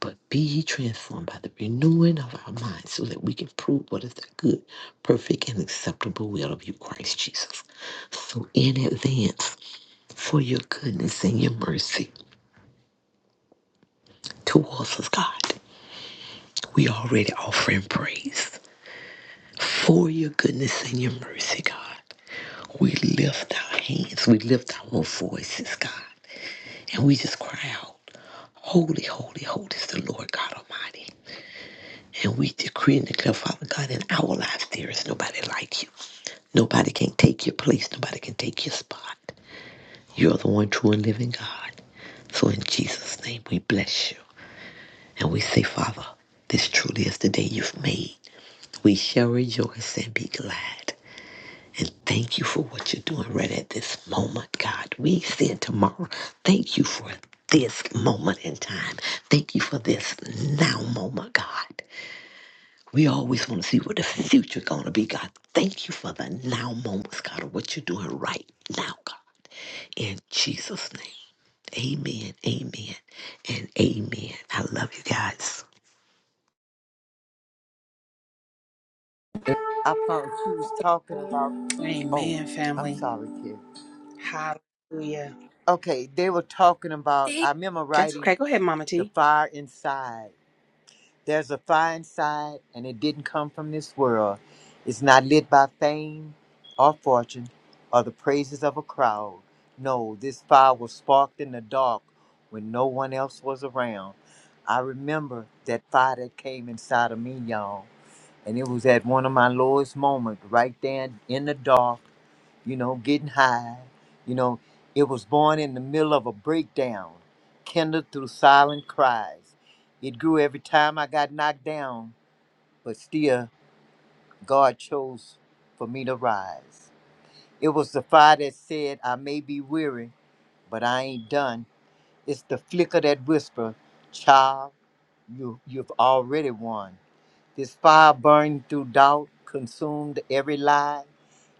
[SPEAKER 4] but be ye transformed by the renewing of our minds so that we can prove what is the good, perfect, and acceptable will of you, Christ Jesus. So, in advance, for your goodness and your mercy towards us, God. We already offering praise for your goodness and your mercy, God. We lift our hands, we lift our voices, God, and we just cry out, Holy, holy, holy is the Lord God Almighty. And we decree and declare, Father God, in our lives there is nobody like you. Nobody can take your place. Nobody can take your spot. You're the one true and living God. So in Jesus' name we bless you. And we say, Father, this truly is the day you've made. We shall rejoice and be glad. And thank you for what you're doing right at this moment, God. We said tomorrow, thank you for this moment in time. Thank you for this now moment, God. We always want to see what the future gonna be, God. Thank you for the now moments, God, of what you're doing right now, God. In Jesus' name. Amen. Amen. And amen. I love you guys.
[SPEAKER 5] I thought she was talking about.
[SPEAKER 1] you.
[SPEAKER 5] Oh,
[SPEAKER 1] Amen,
[SPEAKER 5] I'm
[SPEAKER 1] family.
[SPEAKER 5] sorry, kid.
[SPEAKER 1] Hallelujah.
[SPEAKER 5] Okay, they were talking about, I remember
[SPEAKER 1] That's
[SPEAKER 5] writing
[SPEAKER 1] okay. Go ahead, Mama
[SPEAKER 5] The
[SPEAKER 1] T.
[SPEAKER 5] Fire Inside. There's a fire inside, and it didn't come from this world. It's not lit by fame or fortune or the praises of a crowd. No, this fire was sparked in the dark when no one else was around. I remember that fire that came inside of me, y'all. And it was at one of my lowest moments, right there in the dark, you know, getting high. You know, it was born in the middle of a breakdown, kindled through silent cries. It grew every time I got knocked down, but still, God chose for me to rise. It was the fire that said, I may be weary, but I ain't done. It's the flicker that whisper, child, you, you've already won. This fire burned through doubt, consumed every lie.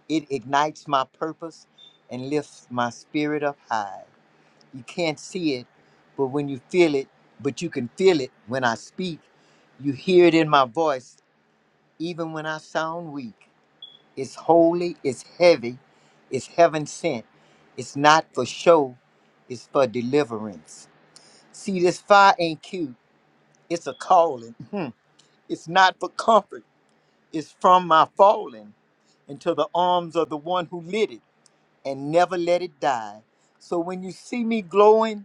[SPEAKER 5] It ignites my purpose and lifts my spirit up high. You can't see it, but when you feel it, but you can feel it when I speak. You hear it in my voice, even when I sound weak. It's holy, it's heavy, it's heaven sent. It's not for show, it's for deliverance. See, this fire ain't cute. It's a calling. Hmm. It's not for comfort. It's from my falling into the arms of the one who lit it and never let it die. So when you see me glowing,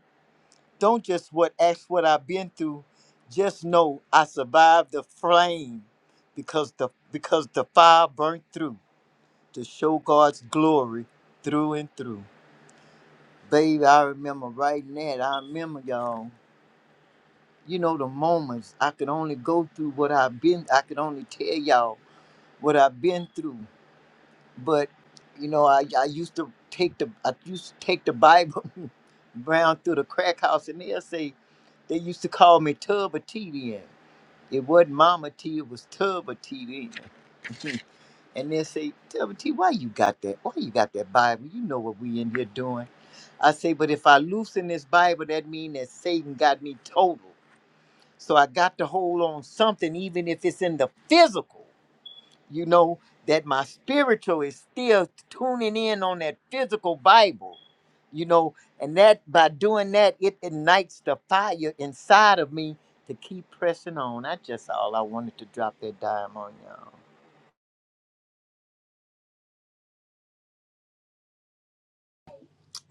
[SPEAKER 5] don't just what ask what I've been through. Just know I survived the flame because the because the fire burnt through to show God's glory through and through. Baby, I remember writing that. I remember y'all. you know the moments i could only go through what i've been i could only tell y'all what i've been through but you know i, I used to take the i used to take the bible round through the crack house and they'll say they used to call me tub of tea then it wasn't mama T, it was tub of then and they'll say tub of why you got that why you got that bible you know what we in here doing i say but if i loosen this bible that mean that satan got me total so I got to hold on something, even if it's in the physical, you know, that my spiritual is still tuning in on that physical Bible, you know, and that by doing that, it ignites the fire inside of me to keep pressing on. That's just all I wanted to drop that dime on y'all.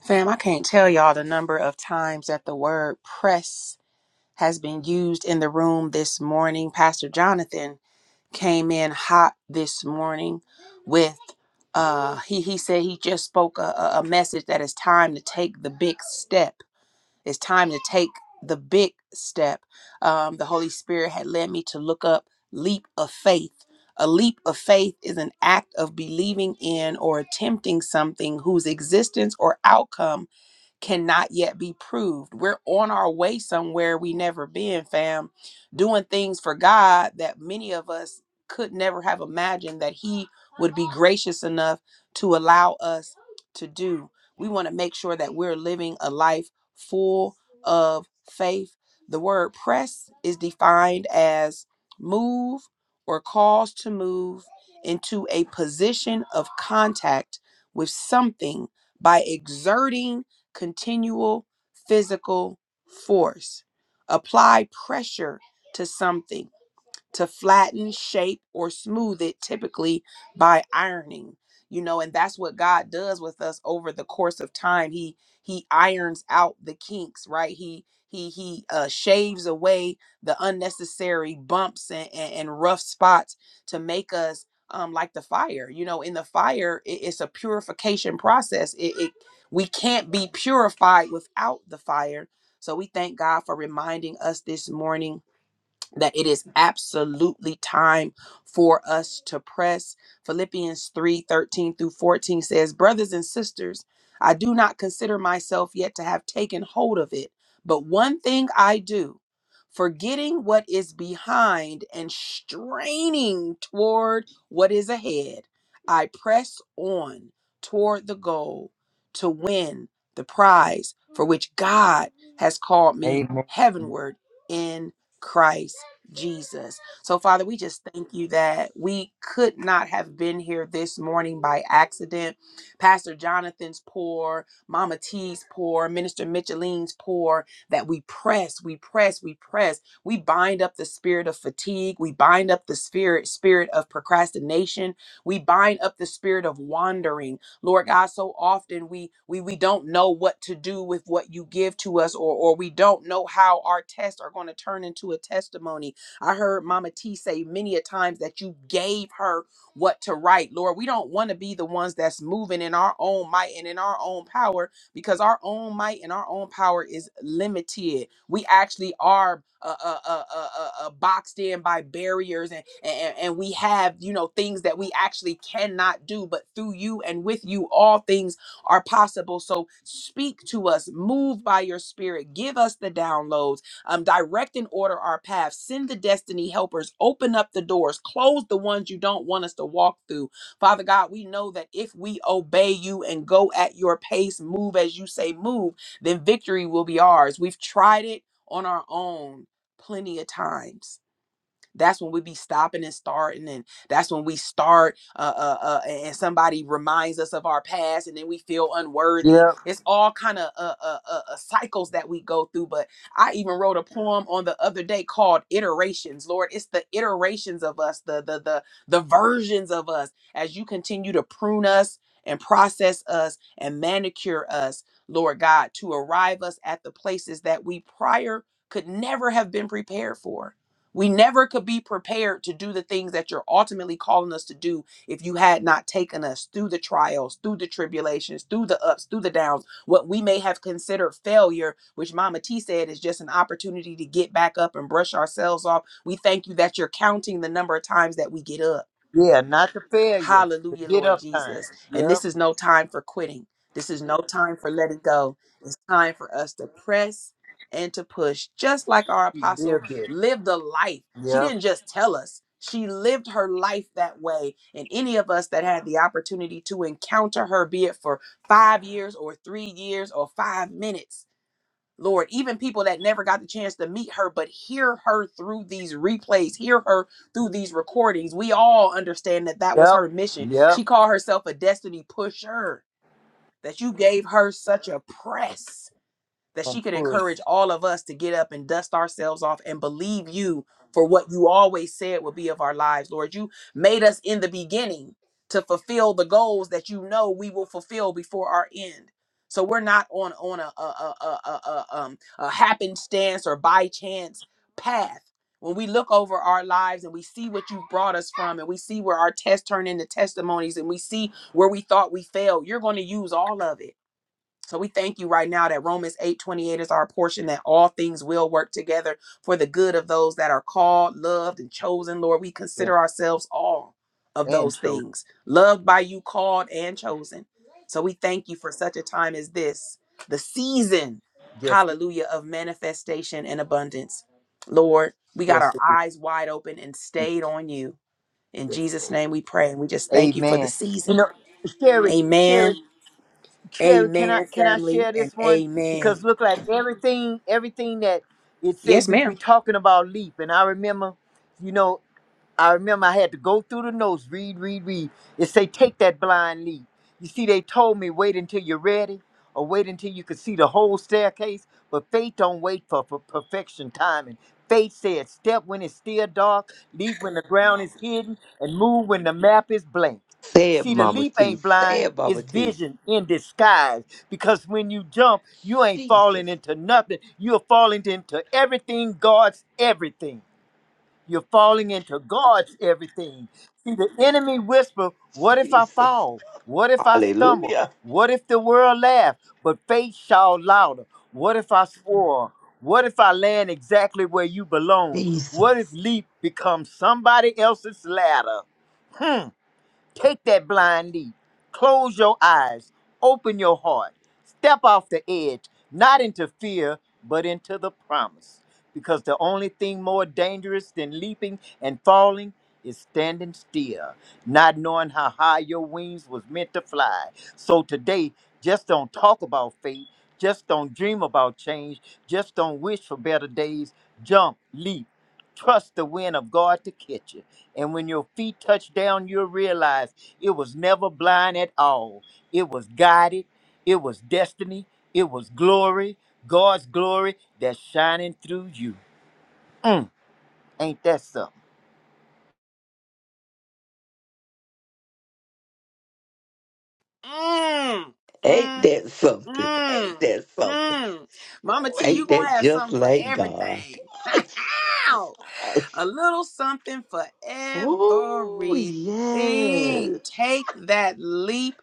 [SPEAKER 1] Fam, I can't tell y'all the number of times that the word press has been used in the room this morning. Pastor Jonathan came in hot this morning with uh he he said he just spoke a, a a message that it's time to take the big step. It's time to take the big step. Um the Holy Spirit had led me to look up leap of faith. A leap of faith is an act of believing in or attempting something whose existence or outcome cannot yet be proved. We're on our way somewhere we never been, fam, doing things for God that many of us could never have imagined that He would be gracious enough to allow us to do. We want to make sure that we're living a life full of faith. The word press is defined as move or cause to move into a position of contact with something by exerting continual physical force. Apply pressure to something to flatten, shape, or smooth it, typically by ironing. You know, and that's what God does with us over the course of time. He he irons out the kinks, right? He he he uh, shaves away the unnecessary bumps and, and, and rough spots to make us um, like the fire. You know, in the fire, it, it's a purification process. It, it we can't be purified without the fire. So we thank God for reminding us this morning that it is absolutely time for us to press. Philippians 3 13 through 14 says, Brothers and sisters, I do not consider myself yet to have taken hold of it, but one thing I do, forgetting what is behind and straining toward what is ahead, I press on toward the goal to win the prize for which God has called me
[SPEAKER 5] Amen.
[SPEAKER 1] heavenward in Christ Jesus. So, Father, we just thank you that we could not have been here this morning by accident. Pastor Jonathan's poor, Mama T's poor, Minister Micheline's poor, that we press, we press, we press. We bind up the spirit of fatigue. We bind up the spirit, spirit of procrastination. We bind up the spirit of wandering. Lord God, so often we we we don't know what to do with what you give to us, or or we don't know how our tests are going to turn into a testimony I heard Mama T say many a times that you gave her what to write. Lord, we don't want to be the ones that's moving in our own might and in our own power because our own might and our own power is limited. We actually are uh, uh, uh, uh, uh, uh, boxed in by barriers and, and and we have you know things that we actually cannot do. But through you and with you, all things are possible. So speak to us, move by your spirit, give us the downloads um, direct and order our path, send the destiny helpers, open up the doors, close the ones you don't want us to walk through. Father God, we know that if we obey you and go at your pace, move as you say move, then victory will be ours. We've tried it on our own plenty of times that's when we be stopping and starting and that's when we start uh, uh, uh and somebody reminds us of our past and then we feel unworthy
[SPEAKER 5] Yep.
[SPEAKER 1] it's all kind of uh, uh, uh, uh, cycles that we go through but i even wrote a poem on the other day called iterations lord it's the iterations of us the the the, the versions of us as you continue to prune us and process us and manicure us lord god to arrive us at the places that we prior could never have been prepared for we never could be prepared to do the things that you're ultimately calling us to do if you had not taken us through the trials, through the tribulations, through the ups, through the downs, what we may have considered failure, which Mama T said is just an opportunity to get back up and brush ourselves off. We thank you that you're counting the number of times that we get up.
[SPEAKER 5] Yeah, not the failures, the
[SPEAKER 1] Hallelujah,
[SPEAKER 5] get
[SPEAKER 1] Lord
[SPEAKER 5] up time.
[SPEAKER 1] Jesus. And
[SPEAKER 5] Yep.
[SPEAKER 1] this is no time for quitting. This is no time for letting go. It's time for us to press and to push, just like our
[SPEAKER 5] She
[SPEAKER 1] apostle
[SPEAKER 5] lived it.
[SPEAKER 1] lived the life. She
[SPEAKER 5] Yep.
[SPEAKER 1] didn't just tell us, she lived her life that way. And any of us that had the opportunity to encounter her, be it for five years or three years or five minutes, Lord, even people that never got the chance to meet her, but hear her through these replays, hear her through these recordings. We all understand that that was
[SPEAKER 5] Yep.
[SPEAKER 1] her mission.
[SPEAKER 5] Yep.
[SPEAKER 1] She called herself a destiny pusher, that you gave her such a press that
[SPEAKER 5] And
[SPEAKER 1] she could
[SPEAKER 5] push.
[SPEAKER 1] encourage all of us to get up and dust ourselves off and believe you for what you always said would be of our lives, Lord. You made us in the beginning to fulfill the goals that you know we will fulfill before our end. So we're not on on a a a a, a, um, a happenstance or by chance path. When we look over our lives and we see what you've brought us from, and we see where our tests turn into testimonies, and we see where we thought we failed, you're going to use all of it so we thank you right now that Romans 8 28 is our portion, that all things will work together for the good of those that are called, loved, and chosen. Lord, we
[SPEAKER 5] Yeah.
[SPEAKER 1] consider ourselves all of
[SPEAKER 5] And
[SPEAKER 1] those
[SPEAKER 5] chose.
[SPEAKER 1] things, loved by you, called, and chosen. So we thank you for such a time as this, the season,
[SPEAKER 5] Yes,
[SPEAKER 1] hallelujah, of manifestation and abundance. Lord, we got
[SPEAKER 5] Yes,
[SPEAKER 1] our
[SPEAKER 5] it
[SPEAKER 1] eyes wide open and
[SPEAKER 5] is.
[SPEAKER 1] stayed on you. In
[SPEAKER 5] Yes,
[SPEAKER 1] Jesus'
[SPEAKER 5] Lord.
[SPEAKER 1] name we pray. And we just thank you for the
[SPEAKER 5] Amen. You
[SPEAKER 1] season.
[SPEAKER 5] know, Sherry,
[SPEAKER 1] Amen
[SPEAKER 5] Sherry, Sherry, can I
[SPEAKER 1] Amen,
[SPEAKER 5] can I
[SPEAKER 1] family,
[SPEAKER 5] share
[SPEAKER 1] and
[SPEAKER 5] this one? Because
[SPEAKER 1] amen.
[SPEAKER 5] look like everything, everything that it say
[SPEAKER 1] Yes,
[SPEAKER 5] we we
[SPEAKER 1] ma'am.
[SPEAKER 5] talking about leap, and I remember, you know, I remember I had to go through the notes, read, read, read. It say, take that blind lead. You see, they told me wait until you're ready or wait until you could see the whole staircase. But faith don't wait for, for perfection timing. Faith said, step when it's still dark, leap when the ground is hidden, and move when the map is blank.
[SPEAKER 4] Say it,
[SPEAKER 5] See, the
[SPEAKER 4] Mama
[SPEAKER 5] leap
[SPEAKER 4] T.
[SPEAKER 5] ain't
[SPEAKER 4] Say
[SPEAKER 5] blind,
[SPEAKER 4] it,
[SPEAKER 5] it's
[SPEAKER 4] Mama T.
[SPEAKER 5] vision in disguise. Because when you jump, you ain't falling
[SPEAKER 4] Jesus,
[SPEAKER 5] into nothing. You're falling into everything, God's everything. You're falling into God's everything. See, the enemy whisper, What if I
[SPEAKER 4] Jesus.
[SPEAKER 5] fall? What if I stumble?
[SPEAKER 4] Hallelujah.
[SPEAKER 5] What if the world laugh? But faith shout louder. What if I swore? What if I land exactly where you belong? What if
[SPEAKER 4] Jesus.
[SPEAKER 5] leap becomes somebody else's ladder? Hmm. Take that blind leap. Close your eyes. Open your heart. Step off the edge, not into fear, but into the promise. Because the only thing more dangerous than leaping and falling is standing still, not knowing how high your wings was meant to fly. So today, just don't talk about fate. Just don't dream about change. Just don't wish for better days. Jump, leap. Trust the wind of God to catch you. And when your feet touch down, you'll realize it was never blind at all. It was guided, it was destiny, it was glory, God's glory that's shining through you. Mm, ain't that something?
[SPEAKER 1] Mm,
[SPEAKER 4] Ain't
[SPEAKER 1] mm,
[SPEAKER 4] that something?
[SPEAKER 1] mm,
[SPEAKER 4] Ain't that something?
[SPEAKER 1] mm. Mama
[SPEAKER 4] Ooh,
[SPEAKER 1] T, you
[SPEAKER 4] ain't
[SPEAKER 1] gonna
[SPEAKER 4] that
[SPEAKER 1] have
[SPEAKER 4] just
[SPEAKER 1] something for
[SPEAKER 4] like God?
[SPEAKER 1] everything.
[SPEAKER 4] Oh, Jesus.
[SPEAKER 1] a little something for
[SPEAKER 4] Oh,
[SPEAKER 1] everything.
[SPEAKER 4] yes.
[SPEAKER 1] Take that leap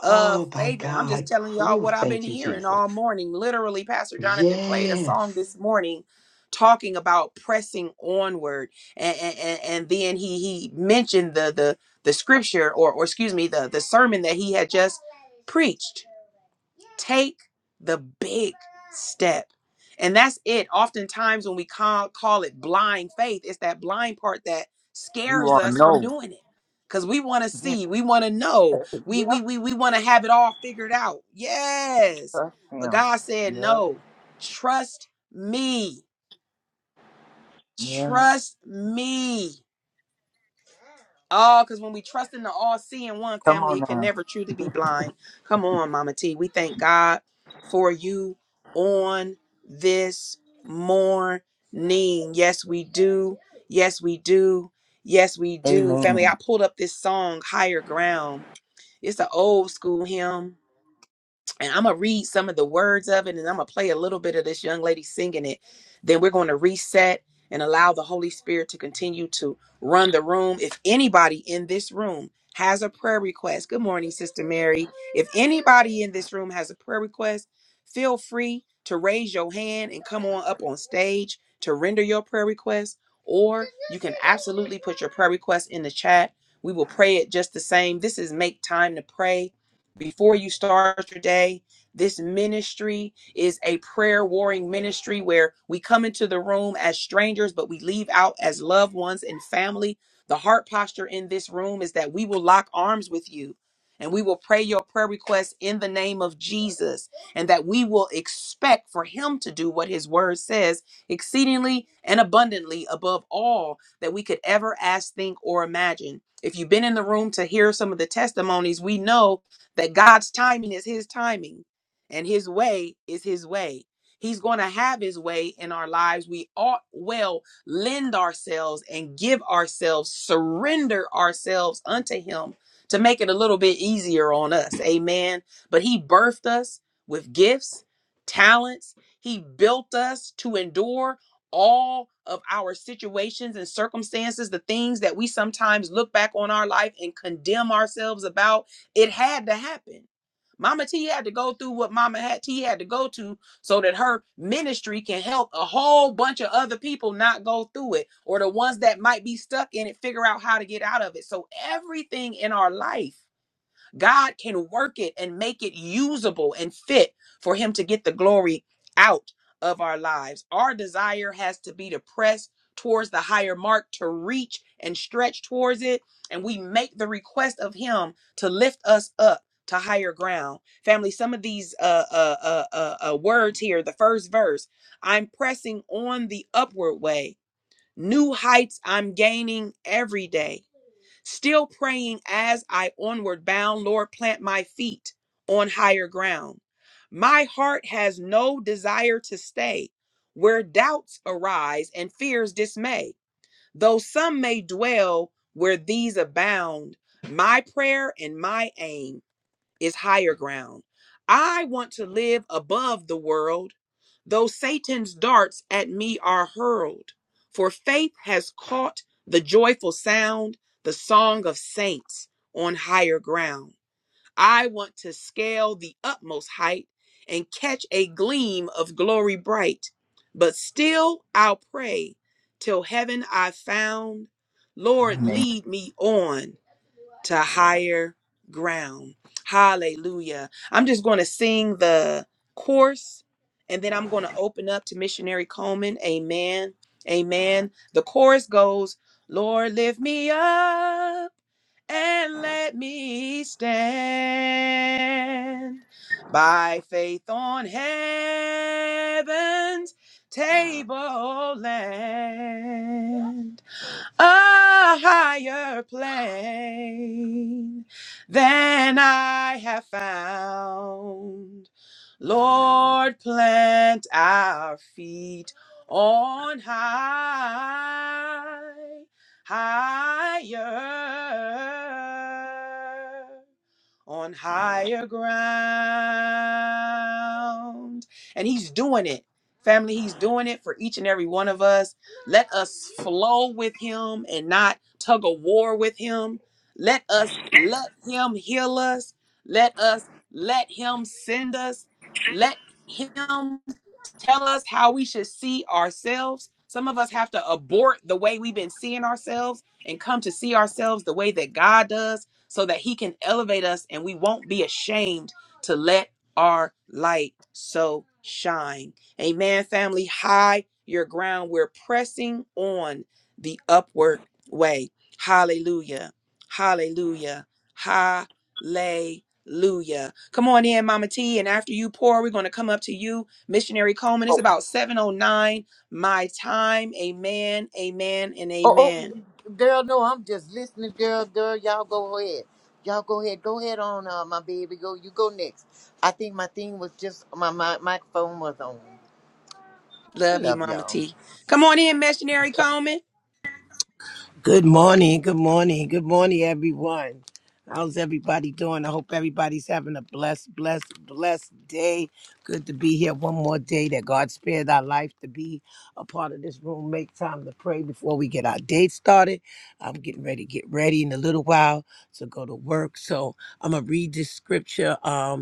[SPEAKER 1] of
[SPEAKER 4] my
[SPEAKER 1] faith. And I'm just
[SPEAKER 4] God.
[SPEAKER 1] telling y'all
[SPEAKER 4] Ooh,
[SPEAKER 1] what I've been
[SPEAKER 4] thank you,
[SPEAKER 1] hearing
[SPEAKER 4] Jesus.
[SPEAKER 1] all morning. Literally, Pastor Jonathan played a song
[SPEAKER 4] Yes.
[SPEAKER 1] this morning talking about pressing onward. And, and, and and then he he mentioned the the the scripture or or excuse me, the the sermon that he had just preached Take the big step. And that's it. Oftentimes, when we call, call it blind faith, it's that blind part that
[SPEAKER 5] You
[SPEAKER 1] scares
[SPEAKER 5] want to
[SPEAKER 1] us from
[SPEAKER 5] know.
[SPEAKER 1] doing it. Because we want to see, we want to know, we, we,
[SPEAKER 5] yep,
[SPEAKER 1] we, we want to have it all figured out. Yes.
[SPEAKER 5] that's
[SPEAKER 1] But
[SPEAKER 5] him.
[SPEAKER 1] God said,
[SPEAKER 5] Yep,
[SPEAKER 1] no, trust me.
[SPEAKER 5] yep.
[SPEAKER 1] Trust me. Oh, because when we trust in the all seeing one
[SPEAKER 5] Come
[SPEAKER 1] family,
[SPEAKER 5] on
[SPEAKER 1] it can
[SPEAKER 5] now.
[SPEAKER 1] never truly be blind. Come on, Mama T. We thank God for you on this morning. Yes, we do. Yes, we do. Yes, we do. Family, I
[SPEAKER 5] Amen.
[SPEAKER 1] pulled up this song, Higher Ground. It's an old school hymn and I'm gonna read some of the words of it, and I'm gonna play a little bit of this young lady singing it. Then we're going to reset and allow the Holy Spirit to continue to run the room. If anybody in this room has a prayer request, good morning, Sister Mary. If anybody in this room has a prayer request, feel free to raise your hand and come on up on stage to render your prayer request, or you can absolutely put your prayer request in the chat. We will pray it just the same. This is Make Time to Pray before you start your day. This ministry is a prayer warring ministry where we come into the room as strangers, but we leave out as loved ones and family. The heart posture in this room is that we will lock arms with you and we will pray your prayer requests in the name of Jesus and that we will expect for him to do what his word says exceedingly and abundantly above all that we could ever ask, think, or imagine. If you've been in the room to hear some of the testimonies, we know that God's timing is his timing and his way is his way. He's going to have his way in our lives. We ought well lend ourselves and give ourselves, surrender ourselves unto him to make it a little bit easier on us. Amen. But he birthed us with gifts, talents. He built us to endure all of our situations and circumstances, the things that we sometimes look back on our life and condemn ourselves about it had to happen. Mama T had to go through what Mama had T had to go to so that her ministry can help a whole bunch of other people not go through it or the ones that might be stuck in it figure out how to get out of it. So everything in our life God can work it and make it usable and fit for Him to get the glory out of our lives. Our desire has to be to press towards the higher mark, to reach and stretch towards it. And we make the request of Him to lift us up to higher ground. Family, some of these uh, uh, uh, uh, uh, words here, the first verse I'm pressing on the upward way. New heights I'm gaining every day. Still praying as I onward bound, Lord, plant my feet on higher ground. My heart has no desire to stay where doubts arise and fears dismay. Though some may dwell where these abound, my prayer and my aim is higher ground. I want to live above the world, though Satan's darts at me are hurled. For faith has caught the joyful sound, the song of saints on higher ground. I want to scale the utmost height and catch a gleam of glory bright. But still I'll pray till heaven I've found. Lord,
[SPEAKER 5] Amen.
[SPEAKER 1] lead me on to higher ground. Hallelujah. I'm just going to sing the chorus and then I'm going to open up to Missionary Coleman. Amen. Amen. The chorus goes, Lord, lift me up and let me stand by faith on heaven's tableland a higher plane than I have found. Lord, plant our feet on high, higher on higher ground. And he's doing it. Family, he's doing it for each and every one of us. Let us flow with him and not tug a war with him. Let us let him heal us. Let us let him send us. Let him tell us how we should see ourselves. Some of us have to abort the way we've been seeing ourselves and come to see ourselves the way that God does so that He can elevate us and we won't be ashamed to let our light so shine. Amen, family. High your ground. We're pressing on the upward way. Hallelujah. Hallelujah. Hallelujah. Hallelujah. Come on in, Mama T. And after you pour, we're going to come up to you Missionary Coleman, it's about 709 my time. Amen, amen, and
[SPEAKER 5] Oh,
[SPEAKER 1] amen.
[SPEAKER 5] oh, girl, no, I'm just listening, girl, girl. Y'all go ahead. Y'all go ahead. Go ahead on, uh, my baby. Go, you go next. I think my thing was just my my microphone was on. I
[SPEAKER 1] Love you,
[SPEAKER 5] love
[SPEAKER 1] Mama
[SPEAKER 5] y'all.
[SPEAKER 1] T. Come on in, Missionary Coleman.
[SPEAKER 6] Good morning, good morning, good morning, everyone. How's everybody doing? I hope everybody's having a blessed, blessed, blessed day. Good to be here one more day that God spared our life to be a part of this room. Make time to pray before we get our day started. I'm getting ready to get ready in a little while to go to work. So I'm going to read this scripture. um,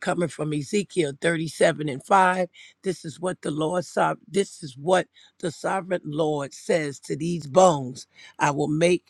[SPEAKER 6] coming from Ezekiel 37 and 5. This is what the Lord sov- this is what the sovereign Lord says to these bones. I will make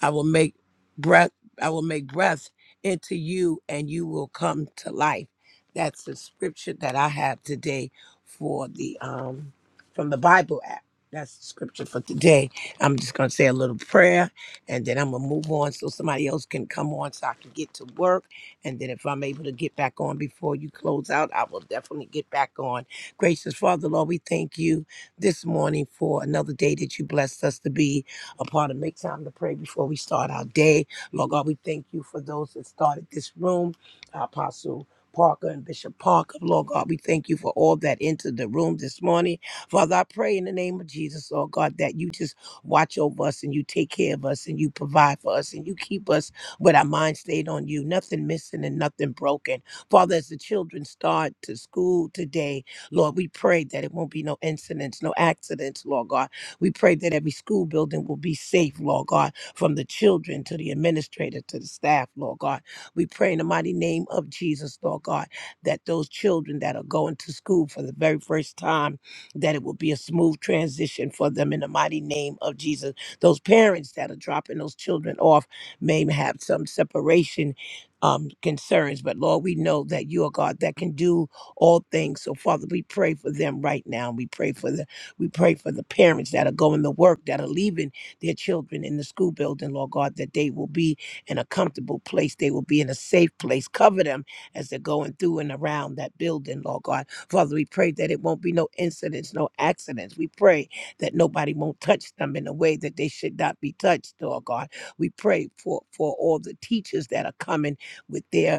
[SPEAKER 6] I will make breath I will make breath into you and you will come to life. That's the scripture that I have today for the um from the Bible app. That's the scripture for today. I'm just gonna say a little prayer and then I'm gonna move on so somebody else can come on so I can get to work. And then if I'm able to get back on before you close out, I will definitely get back on. Gracious Father, Lord, we thank you this morning for another day that you blessed us to be upon and make time to pray before we start our day. Lord God, we thank you for those that started this room, our Apostle Parker and Bishop Parker. Lord God, we thank you for all that entered the room this morning. Father, I pray in the name of Jesus, Lord God, that you just watch over us and you take care of us and you provide for us and you keep us with our mind stayed on you, nothing missing and nothing broken. Father, as the children start to school today, Lord, we pray that it won't be no incidents, no accidents, Lord God. We pray that every school building will be safe, Lord God, from the children to the administrator to the staff, Lord God. We pray in the mighty name of Jesus, Lord God, that those children that are going to school for the very first time, that it will be a smooth transition for them in the mighty name of Jesus. Those parents that are dropping those children off may have some separation um, concerns, but Lord, we know that you are God that can do all things. So, Father, we pray for them right now. We pray for them we pray for the parents that are going to work, that are leaving their children in the school building, Lord God, that they will be in a comfortable place. They will be in a safe place. Cover them as they're going through and around that building, Lord God. Father, we pray that it won't be no incidents, no accidents. We pray that nobody won't touch them in a way that they should not be touched, Lord God. We pray for, for all the teachers that are coming with their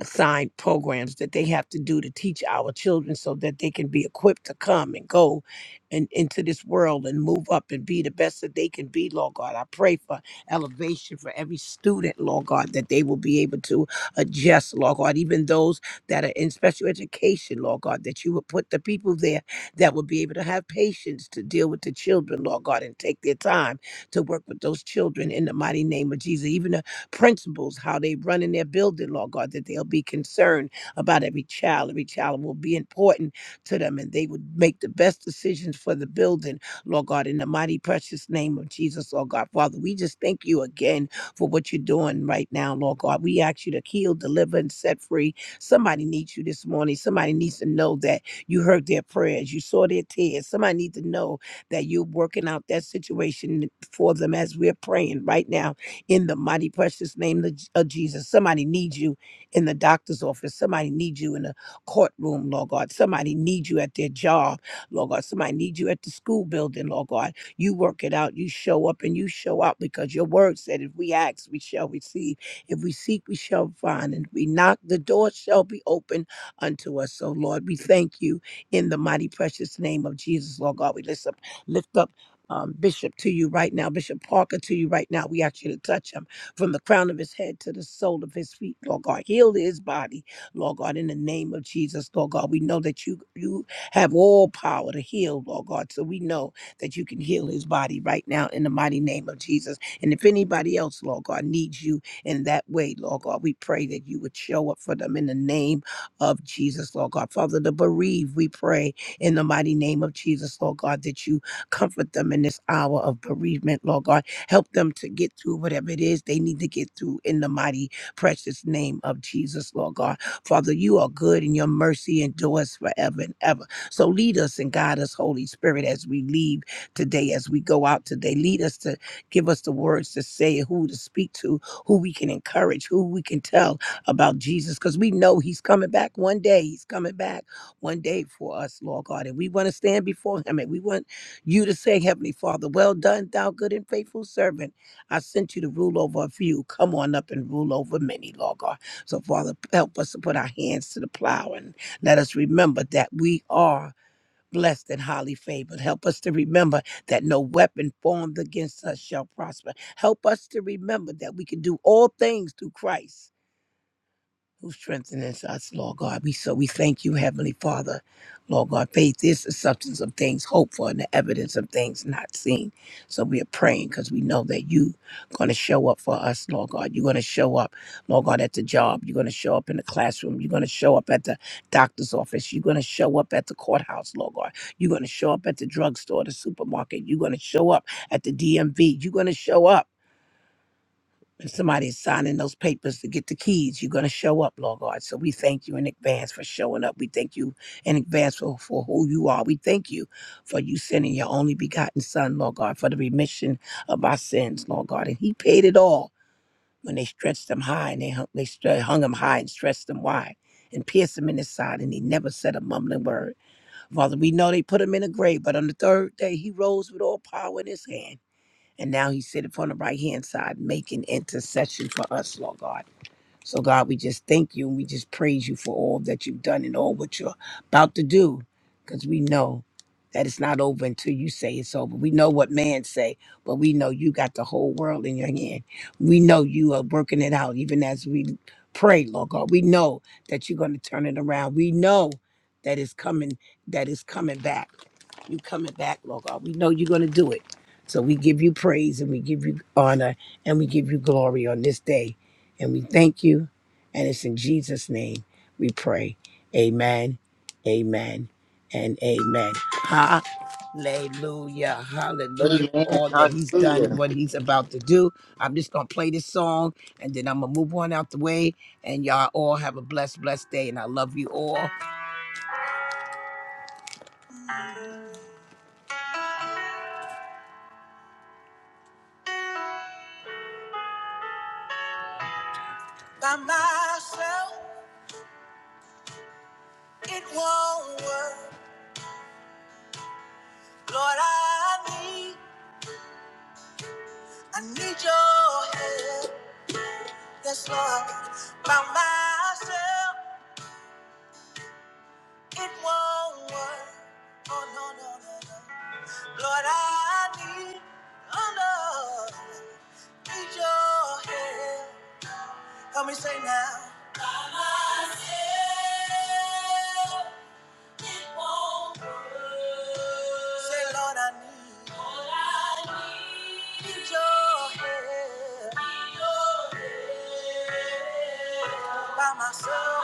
[SPEAKER 6] assigned programs that they have to do to teach our children so that they can be equipped to come and go and into this world and move up and be the best that they can be, Lord God. I pray for elevation for every student, Lord God, that they will be able to adjust, Lord God, even those that are in special education, Lord God, that you would put the people there that will be able to have patience to deal with the children, Lord God, and take their time to work with those children in the mighty name of Jesus. Even principals, how they run in their building, Lord God, that they'll be concerned about every child. Every child will be important to them and they would make the best decisions for the building, Lord God, in the mighty precious name of Jesus, Lord God. Father, we just thank you again for what you're doing right now, Lord God. We ask you to heal, deliver, and set free. Somebody needs you this morning. Somebody needs to know that you heard their prayers, you saw their tears. Somebody needs to know that you're working out that situation for them as we're praying right now in the mighty precious name of of Jesus. Somebody needs you in the doctor's office. Somebody needs you in the courtroom, Lord God. Somebody needs you at their job, Lord God. Somebody needs you at the school building, Lord God. You work it out. You show up and you show out because your word said, if we ask, we shall receive. If we seek, we shall find. And if we knock, the door shall be open unto us. So, Lord, we thank you in the mighty precious name of Jesus, Lord God. We lift up, lift up um, Bishop to you right now, Bishop Parker to you right now. We ask you to touch him from the crown of his head to the sole of his feet, Lord God. Heal his body, Lord God, in the name of Jesus, Lord God. We know that you you have all power to heal, Lord God. So we know that you can heal his body right now in the mighty name of Jesus. And if anybody else, Lord God, needs you in that way, Lord God, we pray that you would show up for them in the name of Jesus, Lord God. Father, the bereaved, we pray in the mighty name of Jesus, Lord God, that you Comfort them in this hour of bereavement, Lord God. Help them to get through whatever it is they need to get through in the mighty, precious name of Jesus, Lord God. Father, you are good and your mercy endures forever and ever. So lead us and guide us, Holy Spirit, as we leave today, as we go out today. Lead us to give us the words to say, who to speak to, who we can encourage, who we can tell about Jesus, because we know he's coming back one day. He's coming back one day for us, Lord God. And we want to stand before him and we want you to say, Heavenly Father, well done, thou good and faithful servant. I sent you to rule over a few. Come on up and rule over many, Lord God. So, Father, help us to put our hands to the plow and let us remember that we are blessed and highly favored. Help us to remember that no weapon formed against us shall prosper. Help us to remember that we can do all things through Christ who strengthens us, Lord God. We so we thank you, Heavenly Father, Lord God. Faith is the substance of things hoped for and the evidence of things not seen. So we are praying because we know that you going to show up for us, Lord God. You're going to show up, Lord God, at the job. You're going to show up in the classroom. You're going to show up at the doctor's office. You're going to show up at the courthouse, Lord God. You're going to show up at the drugstore, the supermarket. You're going to show up at the DMV. You're going to show up. When somebody's signing those papers to get the keys, you're going to show up, Lord God. So we thank you in advance for showing up. We thank you in advance for, for who you are. We thank you for you sending your only begotten Son, Lord God, for the remission of our sins, Lord God. And He paid it all when they stretched Him high and they hung, they stre- hung Him high and stretched Him wide and pierced Him in His side, and He never said a mumbling word. Father, we know they put Him in a grave, but on the third day He rose with all power in His hand. And now he's sitting on the right hand side, making intercession for us, Lord God. So, God, we just thank you and we just praise you for all that you've done and all what you're about to do because we know that it's not over until you say it's over. We know what man say, but we know you got the whole world in your hand. We know you are working it out even as we pray, Lord God. We know that you're going to turn it around. We know that it's coming, that it's coming back. You coming back, Lord God. We know you're going to do it. So we give you praise and we give you honor and we give you glory on this day and we thank you. And it's in Jesus' name we pray. Amen, amen, and amen. Hallelujah, hallelujah for
[SPEAKER 5] Amen.
[SPEAKER 6] all that he's done and
[SPEAKER 5] Hallelujah.
[SPEAKER 6] what he's about to do. I'm just going to play this song and then I'm going to move on out the way. And y'all all have a blessed, blessed day. And I love you all. By myself, it won't work. Lord, I need, I need your help. Yes, Lord. By myself. It won't work. Oh, no, no, no, no. Lord, I need, oh, no, need your help. Help me say now. Help. Say, Lord, I need. Lord, I need. Need your help. Need your help. By myself. By myself.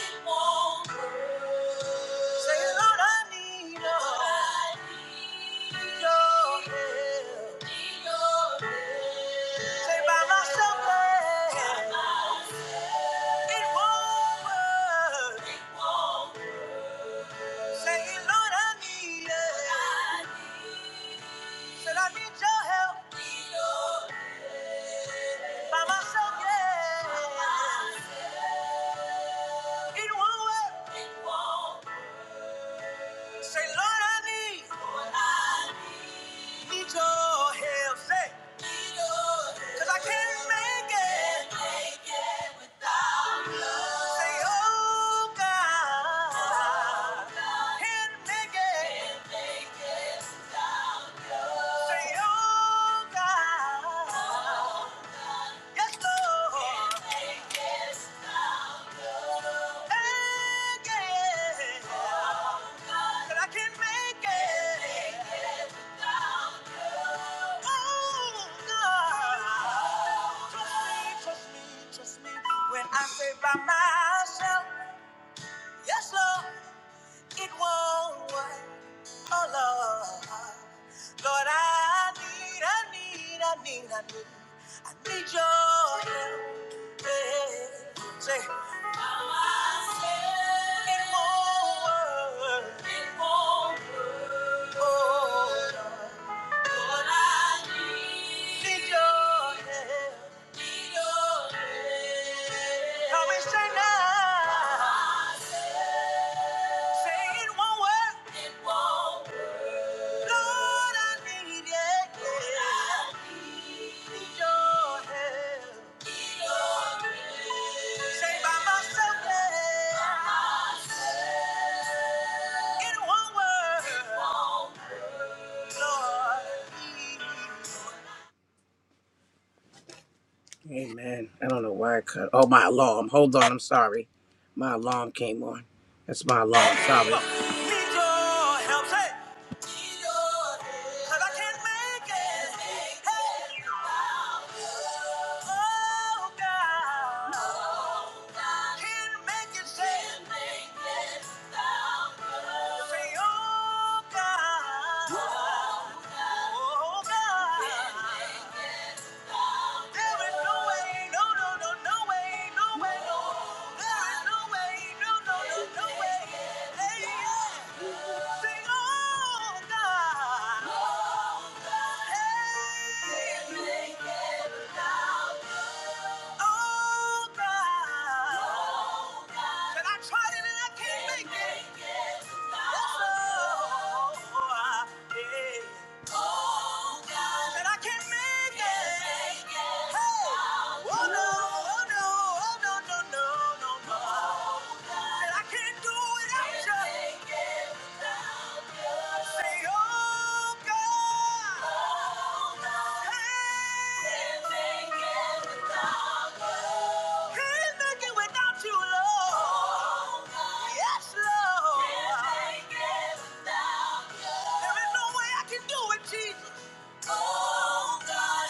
[SPEAKER 6] Say, Lord, I need your help. Need your help. Need your help. Say, by myself, Lord, By myself. it won't work. Say, Lord, I need it. Said, I need your help. By myself, yeah. It won't work. Say, Lord, I need, need your help. Say. Cause I can't make it. make it without love. Say, oh God. Oh, God. Can't make it. make it without love. Say, oh God. Oh, yes, Lord. Can't make it without love. Again. Oh, But I can't make it. Trust me when I say by myself, yes, Lord, it won't work. Oh, Lord, Lord, I need, I need, I need, I need, I need your help. Yeah. Say, by myself, it won't work. It won't work. Oh, Lord. Lord, I need your help. Need your help. Help me say now. Say it won't work. It won't work. Lord, I need it. Lord, I need your help. Need your help. Say by myself, yeah. By myself. It won't work. It won't Lord. Amen. I don't know why I cut. Oh, my alarm. Hold on. I'm sorry. My alarm came on. That's my alarm. Sorry. Need your help. Hey. Need your help. 'Cause I can't make it. Hey. Oh, God. No, God. Can't make it. Say. Can't make it. No. Say, oh, God. No, God. Oh, God. Can't make it. There is no way, no, no, no, no way, no way, no. There is no way, no, no, no, no way. Hey, yeah. Sing, oh, God. Hey. Oh, God. Said I tried it and I can't make it. Yes, oh, yeah. Oh God, that I can't make it. Make it. Hey, oh oh, no, oh no, oh no, no, no, no, no. Oh God, That I can't do without you. Can't make it without you. Say, oh God. Jesus. Oh, God.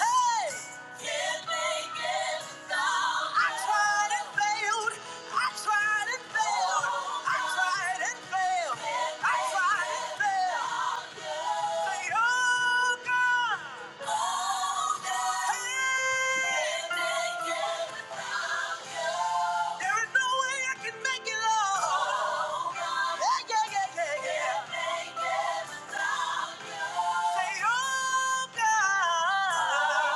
[SPEAKER 6] There is no way I can make it all. Oh, God. Yeah, yeah, yeah, yeah, yeah. make it without you. Say, oh, God.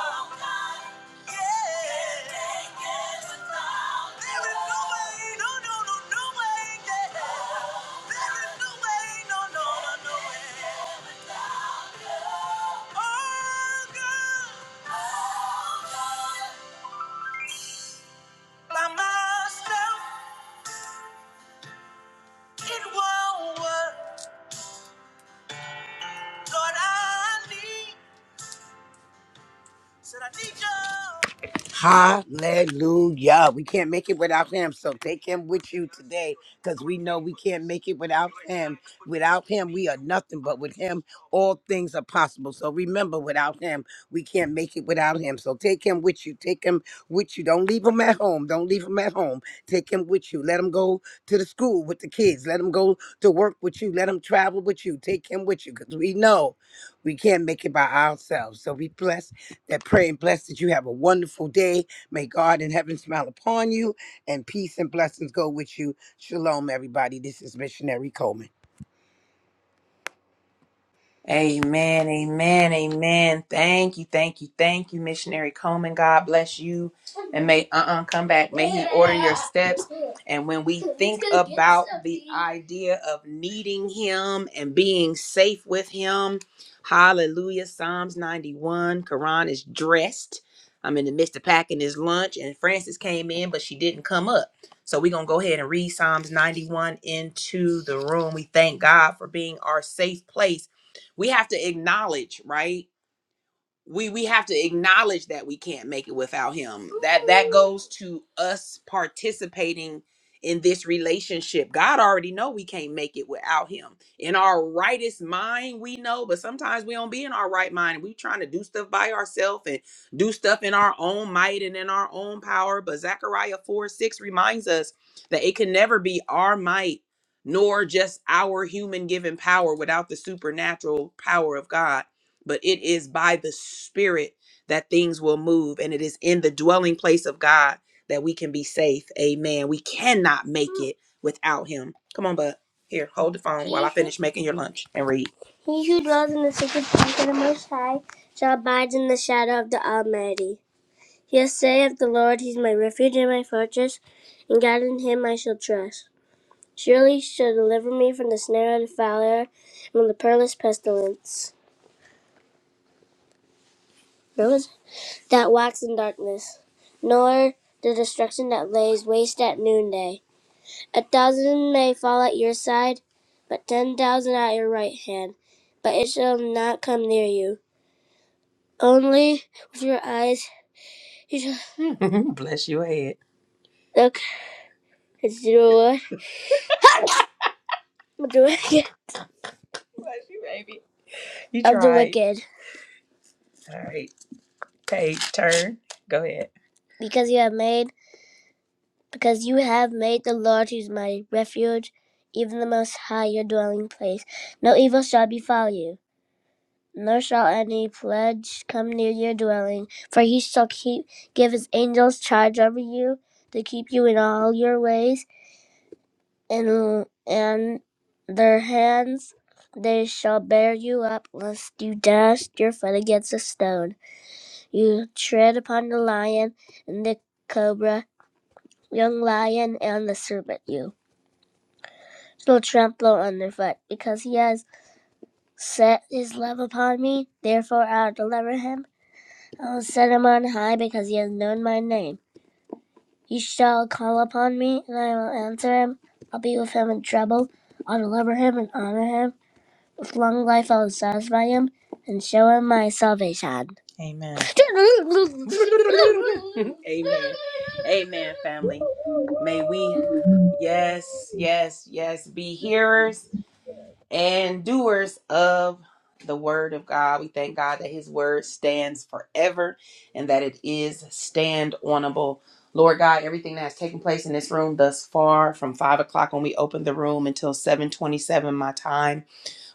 [SPEAKER 6] Oh, God. Yeah. make it without There is no way, no, no, no, no way, yeah. There is no way, no, no, no, no way. Oh, God. Oh, God. By myself, it won't work. Lord, I need. Said I need you. Hallelujah. We can't make it without him. So take him with you today because we know we can't make it without him. Without him, we are nothing, but with him, all things are possible. So remember, without him, we can't make it without him. So take him with you. Take him with you. Don't leave him at home. Don't leave him at home. Take him with you. Let him go to the school with the kids. Let him go to work with you. Let him travel with you. Take him with you because we know we can't make it by ourselves. So we bless that pray and bless that you have a wonderful day. May God in heaven smile upon you and peace and blessings go with you. Shalom, everybody. This is Missionary Coleman.
[SPEAKER 1] Amen, amen, amen. Thank you, thank you, thank you, missionary Coleman. God bless you, and may uh-uh come back. May He order your steps. And when we think about the idea of needing Him and being safe with Him, Hallelujah. Psalms ninety-one. Quran is dressed. I'm in the midst of packing his lunch, and Francis came in, but she didn't come up. So we're gonna go ahead and read Psalms ninety-one into the room. We thank God for being our safe place we have to acknowledge, right? we we have to acknowledge that we can't make it without him that that goes to us participating in this relationship god already know we can't make it without him in our rightest mind we know but sometimes we don't be in our right mind we trying to do stuff by ourselves and do stuff in our own might and in our own power but zechariah 4 6 reminds us that it can never be our might nor just our human given power without the supernatural power of god but it is by the spirit that things will move and it is in the dwelling place of god that we can be safe amen we cannot make it without him come on bud here hold the phone while i finish making your lunch and read he who dwells in the secret place of the most high shall abide in the shadow of the almighty he'll say of the lord he's my refuge and my fortress and god in him i shall trust surely he shall deliver me from the snare of the fowler and from the perilous pestilence that wax in darkness, nor the destruction that lays waste at noonday. A thousand may fall at your side, but ten thousand at your right hand, but it shall not come near you. Only with your eyes you shall Bless your head. look it's the Lord of the wicked. Bless you, baby. You Of the tried. wicked. All right. Page turn. Go ahead. Because you have made because you have made the Lord, who is my refuge, even the Most High, your dwelling place. No evil shall befall you, nor shall any pledge come near your dwelling, for he shall keep give his angels charge over you to keep you in all your ways, and and their hands they shall bear you up, lest you dash your foot against a stone. You tread upon the lion and the cobra, young lion and the serpent you shall trample underfoot, because he has set his love upon me. Therefore I will deliver him. I will set him on high, because he has known my name. He shall call upon me, and I will answer him. I'll be with him in trouble. I'll deliver him and honor him. With long life I will satisfy him and show him my salvation. Amen. Amen. Amen, family. May we, yes, yes, yes, be hearers and doers of the word of God. We thank God that his word stands forever and that it is stand onable. Lord God, everything that has taken place in this room thus far, from five o'clock when we opened the room until 727 my time.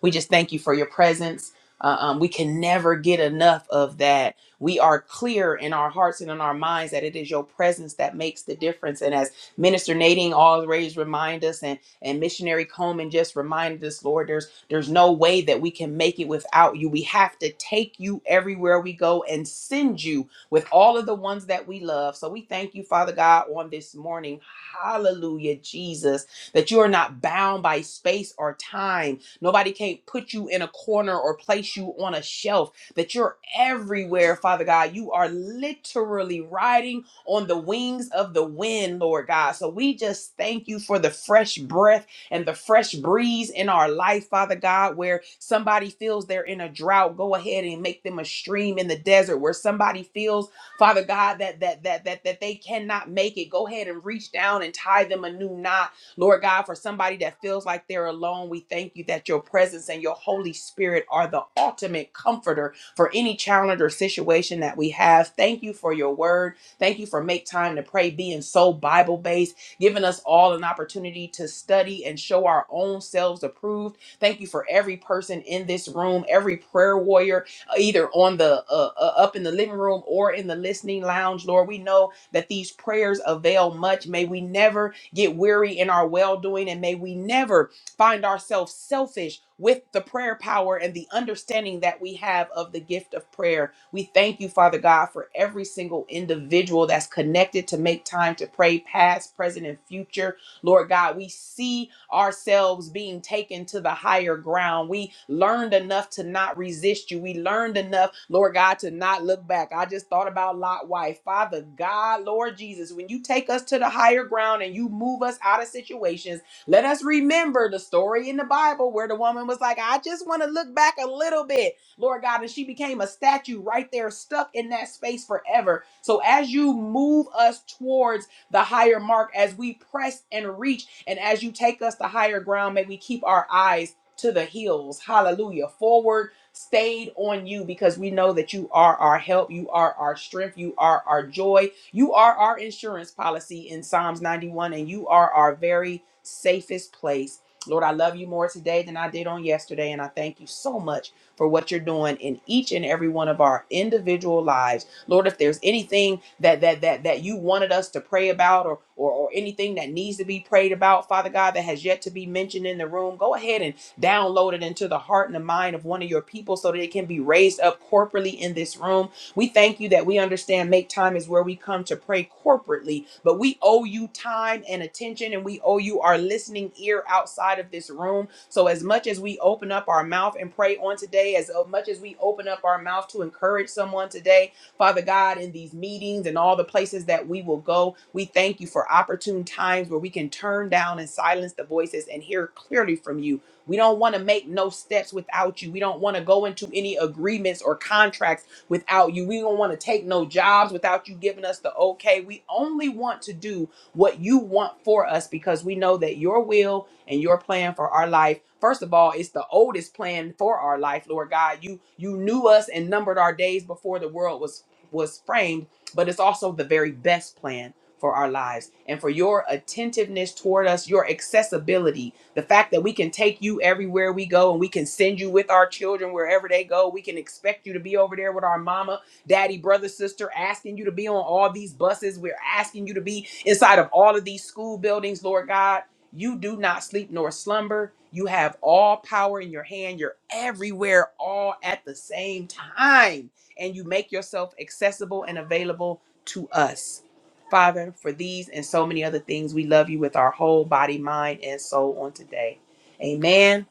[SPEAKER 1] We just thank you for your presence. Uh, um, we can never get enough of that. We are clear in our hearts and in our minds that it is your presence that makes the difference. And as Minister Nadine always remind us, and and Missionary Coleman just reminded us, Lord, there's there's no way that we can make it without you. We have to take you everywhere we go and send you with all of the ones that we love. So we thank you, Father God, on this morning. Hallelujah, Jesus, that you are not bound by space or time Nobody can't put you in a corner or place you on a shelf, that you're everywhere, Father God. You are literally riding on the wings of the wind, Lord God. So we just thank you for the fresh breath and the fresh breeze in our life, Father God, where somebody feels they're in a drought, go ahead and make them a stream in the desert. Where somebody feels, Father God, that that that that that they cannot make it, go ahead and reach down and tie them a new knot Lord God, for somebody that feels like they're alone, we thank you that your presence and your Holy Spirit are the ultimate comforter for any challenge or situation that we have. Thank you for your word. Thank you for make time to pray, being so Bible based, giving us all an opportunity to study and show our own selves approved. Thank you for every person in this room, every prayer warrior, uh, either on the uh, uh, up in the living room or in the listening lounge. Lord, we know that these prayers avail much. May we never get weary in our well doing, and may we never find ourselves selfish with the prayer power and the understanding that we have of the gift of prayer. We thank you, Father God, for every single individual that's connected to make time to pray, past, present, and future. Lord God, we see ourselves being taken to the higher ground. We learned enough to not resist you. We learned enough, Lord God, to not look back. I just thought about Lot's wife. Father God, Lord Jesus, when you take us to the higher ground and you move us out of situations, let us remember the story in the Bible where the woman was like, I just want to look back a little bit, Lord God. And she became a statue right there, stuck in that space forever. So as you move us towards the higher mark as we press and reach. And as you take us to higher ground, may we keep our eyes to the hills. Hallelujah. Forward, stayed on you because we know that you are our help. You are our strength. You are our joy. You are our insurance policy in Psalms 91, and you are our very safest place. Lord, I love you more today than I did on yesterday, and I thank you so much for what you're doing in each and every one of our individual lives. Lord, if there's anything that that that that you wanted us to pray about or or, or anything that needs to be prayed about, Father God, that has yet to be mentioned in the room, go ahead and download it into the heart and the mind of one of your people so that it can be raised up corporately in this room. We thank you that we understand make time is where we come to pray corporately, but we owe you time and attention and we owe you our listening ear outside of this room. So, as much as we open up our mouth and pray on today, as much as we open up our mouth to encourage someone today, Father God, in these meetings and all the places that we will go, we thank you for opportune times where we can turn down and silence the voices and hear clearly from you. We don't want to make no steps without you. We don't want to go into any agreements or contracts without you. We don't want to take no jobs without you giving us the okay. We only want to do what you want for us because we know that your will and your plan for our life first of all it's the oldest plan for our life lord god you you knew us and numbered our days before the world was was framed, but it's also the very best plan for our lives and for your attentiveness toward us, your accessibility, the fact that we can take you everywhere we go and we can send you with our children wherever they go. We can expect you to be over there with our mama, daddy, brother, sister, asking you to be on all these buses. We're asking you to be inside of all of these school buildings, Lord God. You do not sleep nor slumber. You have all power in your hand. You're everywhere all at the same time and you make yourself accessible and available to us. Father, for these and so many other things, we love you with our whole body, mind, and soul on today. Amen,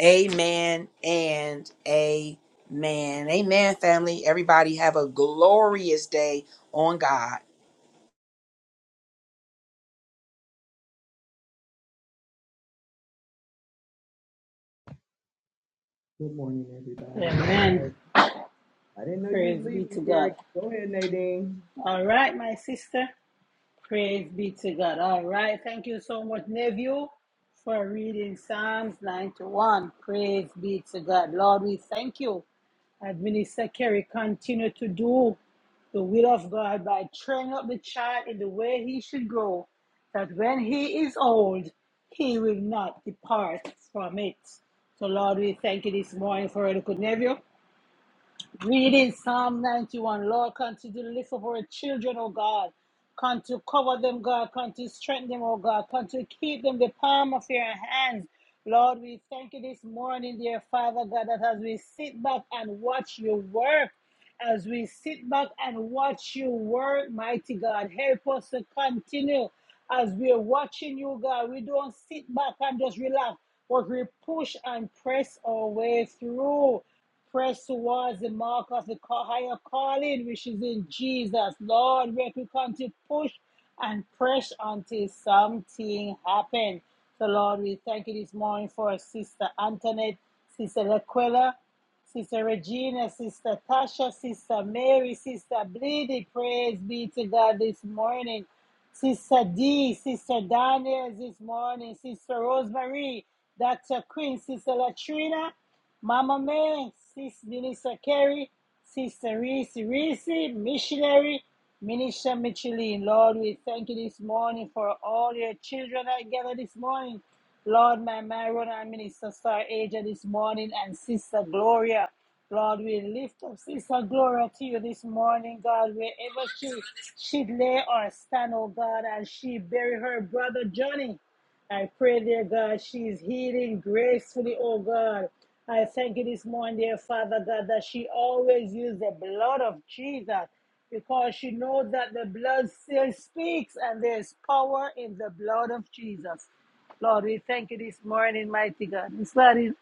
[SPEAKER 1] amen, and amen. Amen, family. Everybody have a glorious day on God.
[SPEAKER 7] Good morning, everybody.
[SPEAKER 3] Amen.
[SPEAKER 7] I didn't know you was
[SPEAKER 3] Praise be
[SPEAKER 7] leaving,
[SPEAKER 3] to
[SPEAKER 7] Gary.
[SPEAKER 3] God.
[SPEAKER 7] Go ahead, Nadine.
[SPEAKER 3] All right, my sister. Praise be to God. All right. Thank you so much, nephew, for reading Psalms 91. Praise be to God. Lord, we thank you. As Minister Kerry continue to do the will of God by training up the child in the way he should go, that when he is old, he will not depart from it. So, Lord, we thank you this morning for our good nephew. Reading Psalm 91, Lord, continue to lift up our children, oh God. Continue to cover them, God. Continue to strengthen them, oh God. Continue to keep them the palm of your hands. Lord, we thank you this morning, dear Father God, that as we sit back and watch you work, as we sit back and watch you work, mighty God. Help us to continue as we're watching you, God. We don't sit back and just relax, but we push and press our way through. Press towards the mark of the higher calling, which is in Jesus. Lord, we can come to push and press until something happens. So, Lord, we thank you this morning for Sister Antoinette, Sister Laquella, Sister Regina, Sister Tasha, Sister Mary, Sister Bleedy. Praise be to God this morning. Sister D, Sister Daniels this morning, Sister Rosemary, Dr. Quinn, Sister Latrina, Mama May, Sis Denisa Carey, Sister Reese Reese, Missionary, Minister Micheline. Lord, we thank you this morning for all your children that gather this morning. Lord, my Myron and Minister Star Asia this morning and Sister Gloria. Lord, we lift up Sister Gloria to you this morning, God, wherever she should lay or stand, oh God, and she bury her brother Johnny. I pray, dear God, she is healing gracefully, oh God. I thank you this morning, dear Father God, that she always used the blood of Jesus because she knows that the blood still speaks and there's power in the blood of Jesus. Lord, we thank you this morning, mighty God. This Lord is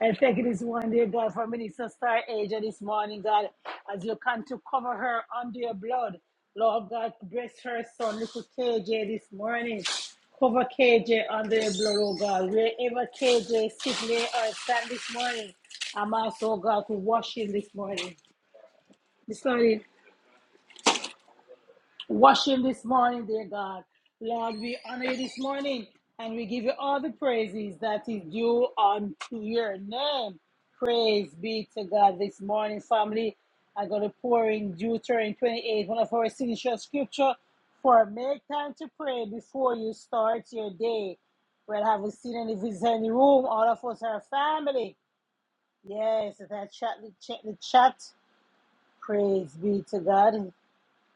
[SPEAKER 3] I thank you this one, dear God, for Minister Star Asia this morning, God, as you come to cover her under your blood. Lord God, bless her son, little KJ, this morning. Cover KJ under your blood, oh God. Wherever KJ sit, lay or stand this morning, I'm also, God, to wash him this morning. This morning. Wash him this morning, dear God. Lord, we honor you this morning and we give you all the praises that is due unto your name. Praise be to God this morning, family. I'm going to pour in Deuteronomy 28, one of our signature scripture for make time to pray before you start your day. Well, have we seen any visitors in the room? All of us are family. Yes, that chat, the chat, the chat. Praise be to God.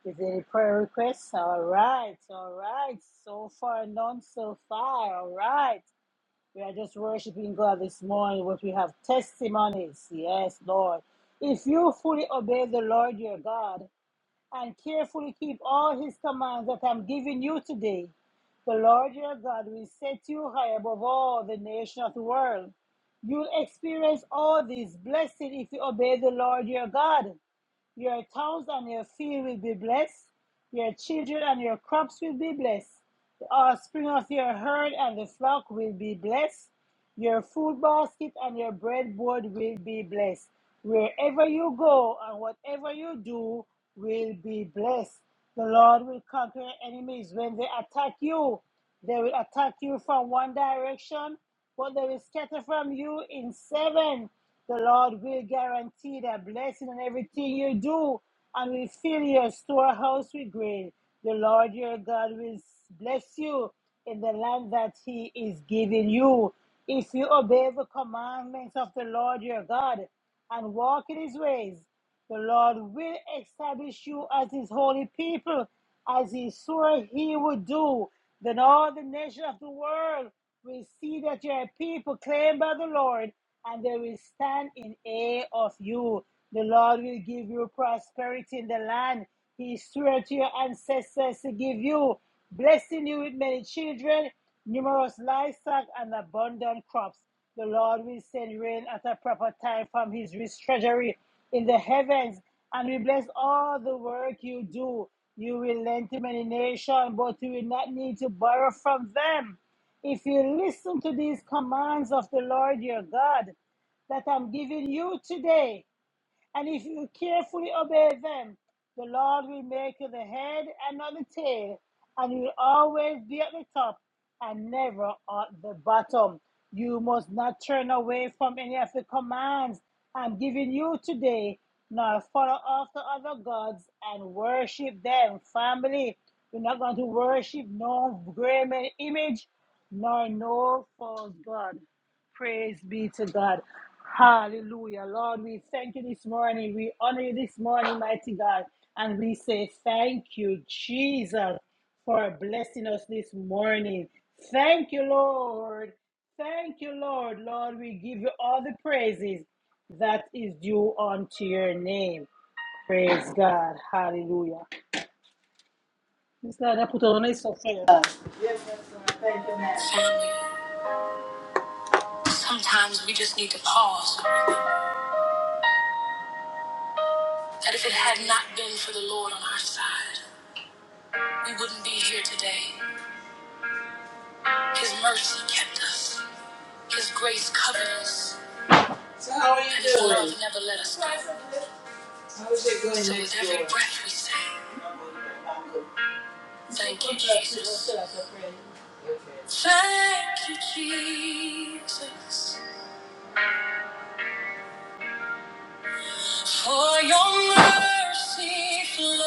[SPEAKER 3] Is there any prayer requests? All right, all right. So far, none so far. All right. We are just worshiping God this morning, but we have testimonies. Yes, Lord. If you fully obey the Lord your God and carefully keep all his commands that I'm giving you today, the Lord your God will set you high above all the nations of the world. You'll experience all these blessings if you obey the Lord your God. Your towns and your field will be blessed. Your children and your crops will be blessed. The offspring of your herd and the flock will be blessed. Your food basket and your breadboard will be blessed. Wherever you go and whatever you do will be blessed. The Lord will conquer enemies. When they attack you, they will attack you from one direction what they will scatter from you in seven, the Lord will guarantee the blessing on everything you do and will fill your storehouse with grain. The Lord your God will bless you in the land that he is giving you. If you obey the commandments of the Lord your God and walk in his ways, the Lord will establish you as his holy people, as he swore he would do. Then all the nations of the world will see that you are a people claimed by the Lord, and they will stand in awe of you. The Lord will give you prosperity in the land he swore to your ancestors to give you, blessing you with many children Numerous livestock and abundant crops. The Lord will send rain at a proper time from his rich treasury in the heavens, and will bless all the work you do. You will lend to many nations, but you will not need to borrow from them. If you listen to these commands of the Lord your God that I'm giving you today, and if you carefully obey them, the Lord will make you the head and not the tail, and you will always be at the top and never at the bottom. You must not turn away from any of the commands I'm giving you today, nor follow after other gods and worship them. Family, you're not going to worship no graven image, nor no false god. Praise be to God. Hallelujah. Lord, we thank you this morning. We honor you this morning, mighty God. And we say thank you, Jesus, for blessing us this morning. Thank you, Lord. Thank you, Lord. Lord, we give you all the praises that is due unto your name. Praise God. Hallelujah. Miss Lord, I put on a for you. Sometimes we just need to pause that if it had not been for the Lord on our side, we wouldn't be here today. His mercy kept us. His grace covered us. So how are you and His doing? love never let us go. How is it going? So with every Lord? breath we say, thank you, Jesus. Thank you, Jesus, for your mercy flowing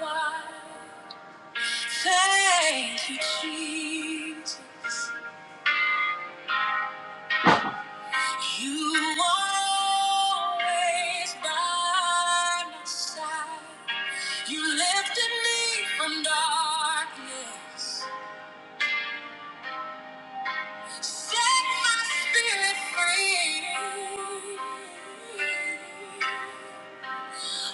[SPEAKER 3] wide. Thank you, Jesus. You are always by my side. You lifted me from darkness, set my spirit free.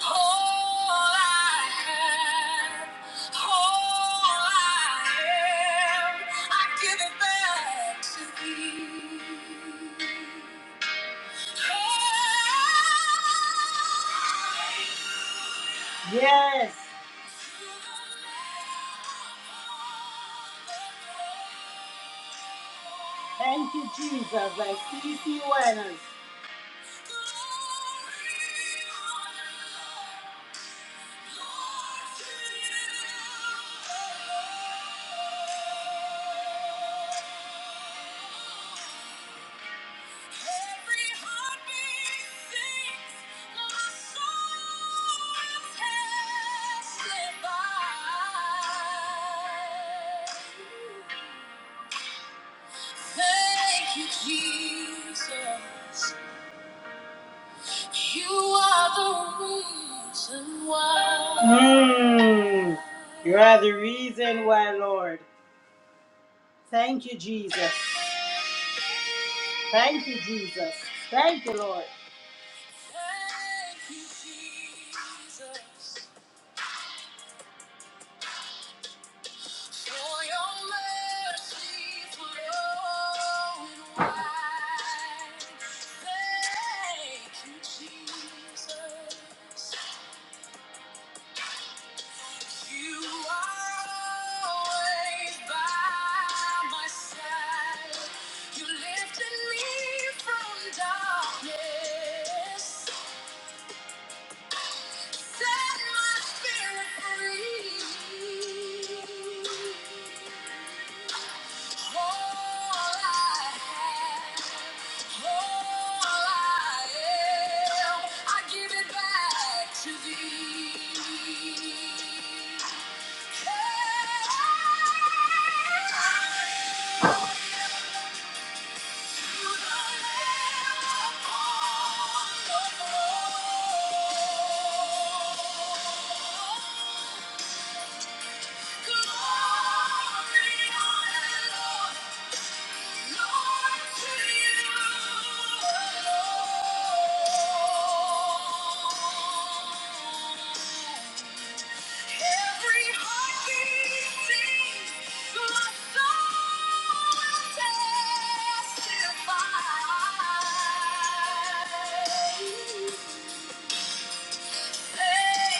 [SPEAKER 3] All I have, all I am, I give it back to thee. Yes. Thank you, Jesus. I see you well. Thank you, Jesus. You are the reason why. Mm. You are the reason why, Lord. Thank you, Jesus. Thank you, Jesus. Thank you, Lord. Thank you, Jesus, for your mercy flowing wide. Thank you, Jesus. You are always by my side. You lifted me from darkness. Set my spirit free.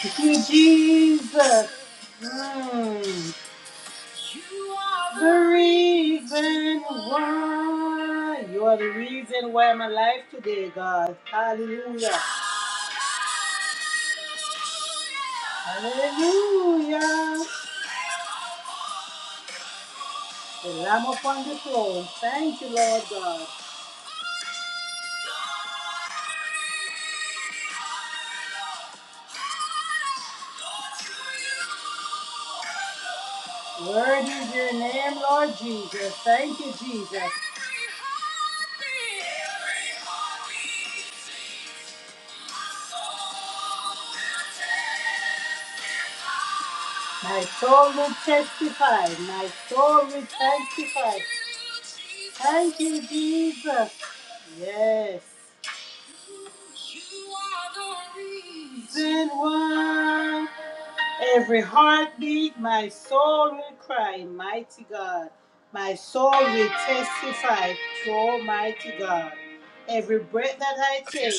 [SPEAKER 3] Thank you, Jesus. Mm. You are the reason why. You are the reason why I'm alive today, God. Hallelujah. Hallelujah. The Lamb upon the throne. Thank you, Lord God. Word is your name, Lord Jesus. Thank you, Jesus. My soul will testify. My soul will testify. Thank you, Jesus. Yes. You are the reason why. Every heartbeat, my soul will cry, mighty God. My soul will testify to Almighty God. Every breath that I take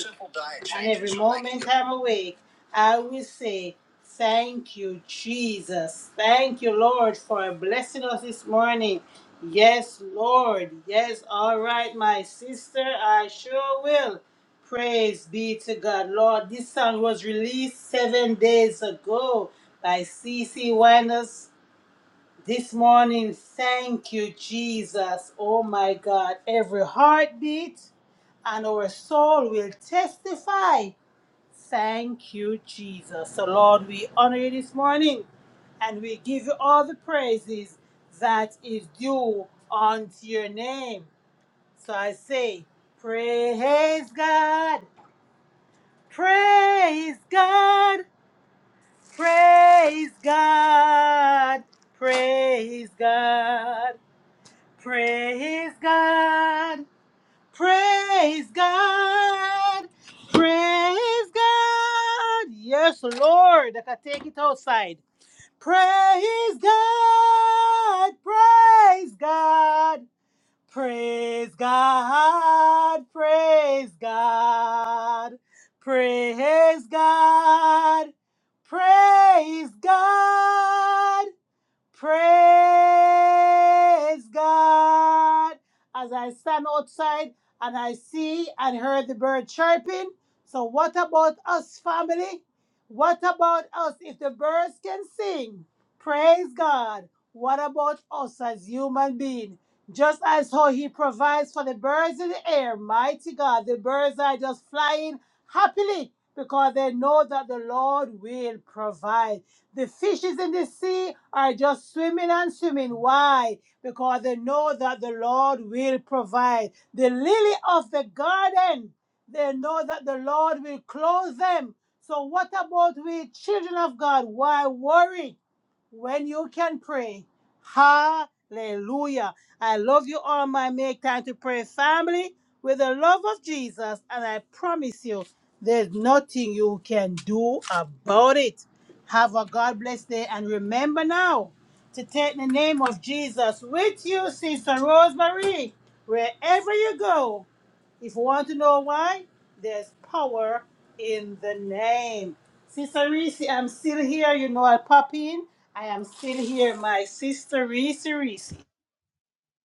[SPEAKER 3] and every moment I'm awake, I will say, Thank you, Jesus. Thank you, Lord, for blessing us this morning. Yes, Lord. Yes, all right, my sister, I sure will. Praise be to God. Lord, this song was released seven days ago by CC Winers this morning. Thank you, Jesus. Oh my God. Every heartbeat and our soul will testify. Thank you, Jesus. So, Lord, we honor you this morning and we give you all the praises that is due unto your name. So I say, Praise God. Praise God, praise God, praise God, praise God, praise God, praise God. Yes, Lord, I can take it outside. Praise God, praise God. Praise God, praise God, praise God, praise God. Praise God. As I stand outside and I see and hear the bird chirping. So, what about us, family? What about us? If the birds can sing, praise God. What about us as human beings? Just as how He provides for the birds in the air, mighty God, the birds are just flying happily because they know that the Lord will provide. The fishes in the sea are just swimming and swimming. Why? Because they know that the Lord will provide. The lily of the garden, they know that the Lord will clothe them. So, what about we, children of God? Why worry? when you can pray. Hallelujah. I love you all, my make time to pray family with the love of Jesus. And I promise you, there's nothing you can do about it. Have a God bless day. And remember now to take the name of Jesus with you, Sister Rosemary, wherever you go. If you want to know why, there's power in the name. Sister Reese, I'm still here. You know I pop in. I am still here. My sister Reese Reese.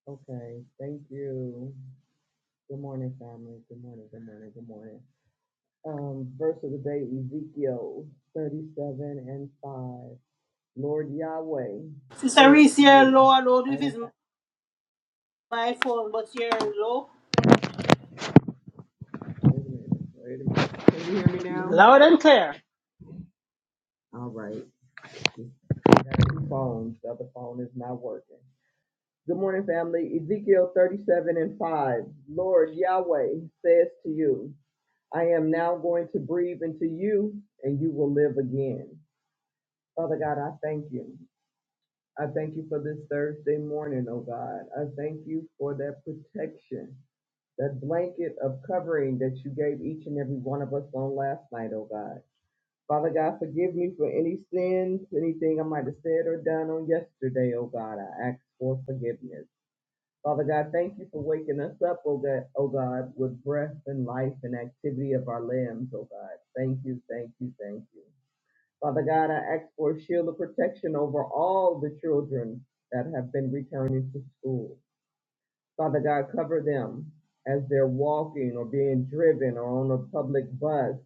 [SPEAKER 7] Okay, thank you. Good morning, family. Good morning, good morning, good morning. Um, verse of the day, Ezekiel 37 and 5. Lord Yahweh
[SPEAKER 3] Sister
[SPEAKER 7] says
[SPEAKER 3] Reese,
[SPEAKER 7] to
[SPEAKER 3] you're
[SPEAKER 7] you,
[SPEAKER 3] low. I don't know
[SPEAKER 7] I
[SPEAKER 3] if
[SPEAKER 7] am
[SPEAKER 3] it's
[SPEAKER 7] not.
[SPEAKER 3] my phone, but you're low.
[SPEAKER 7] Wait a minute, wait a minute. Can you hear me now?
[SPEAKER 3] Loud and clear.
[SPEAKER 7] All right. I got two phones. The other phone is not working. Good morning, family. Ezekiel 37 and 5. Lord Yahweh says to you, I am now going to breathe into you, and you will live again. Father God, I thank you. I thank you for this Thursday morning, oh God. I thank you for that protection, that blanket of covering that you gave each and every one of us on last night, oh God. Father God, forgive me for any sins, anything I might have said or done on yesterday, oh God. I ask for forgiveness. Father God, thank you for waking us up, oh God, oh God, with breath and life and activity of our limbs, oh God. Thank you, thank you, thank you. Father God, I ask for a shield of protection over all the children that have been returning to school. Father God, cover them as they're walking or being driven or on a public bus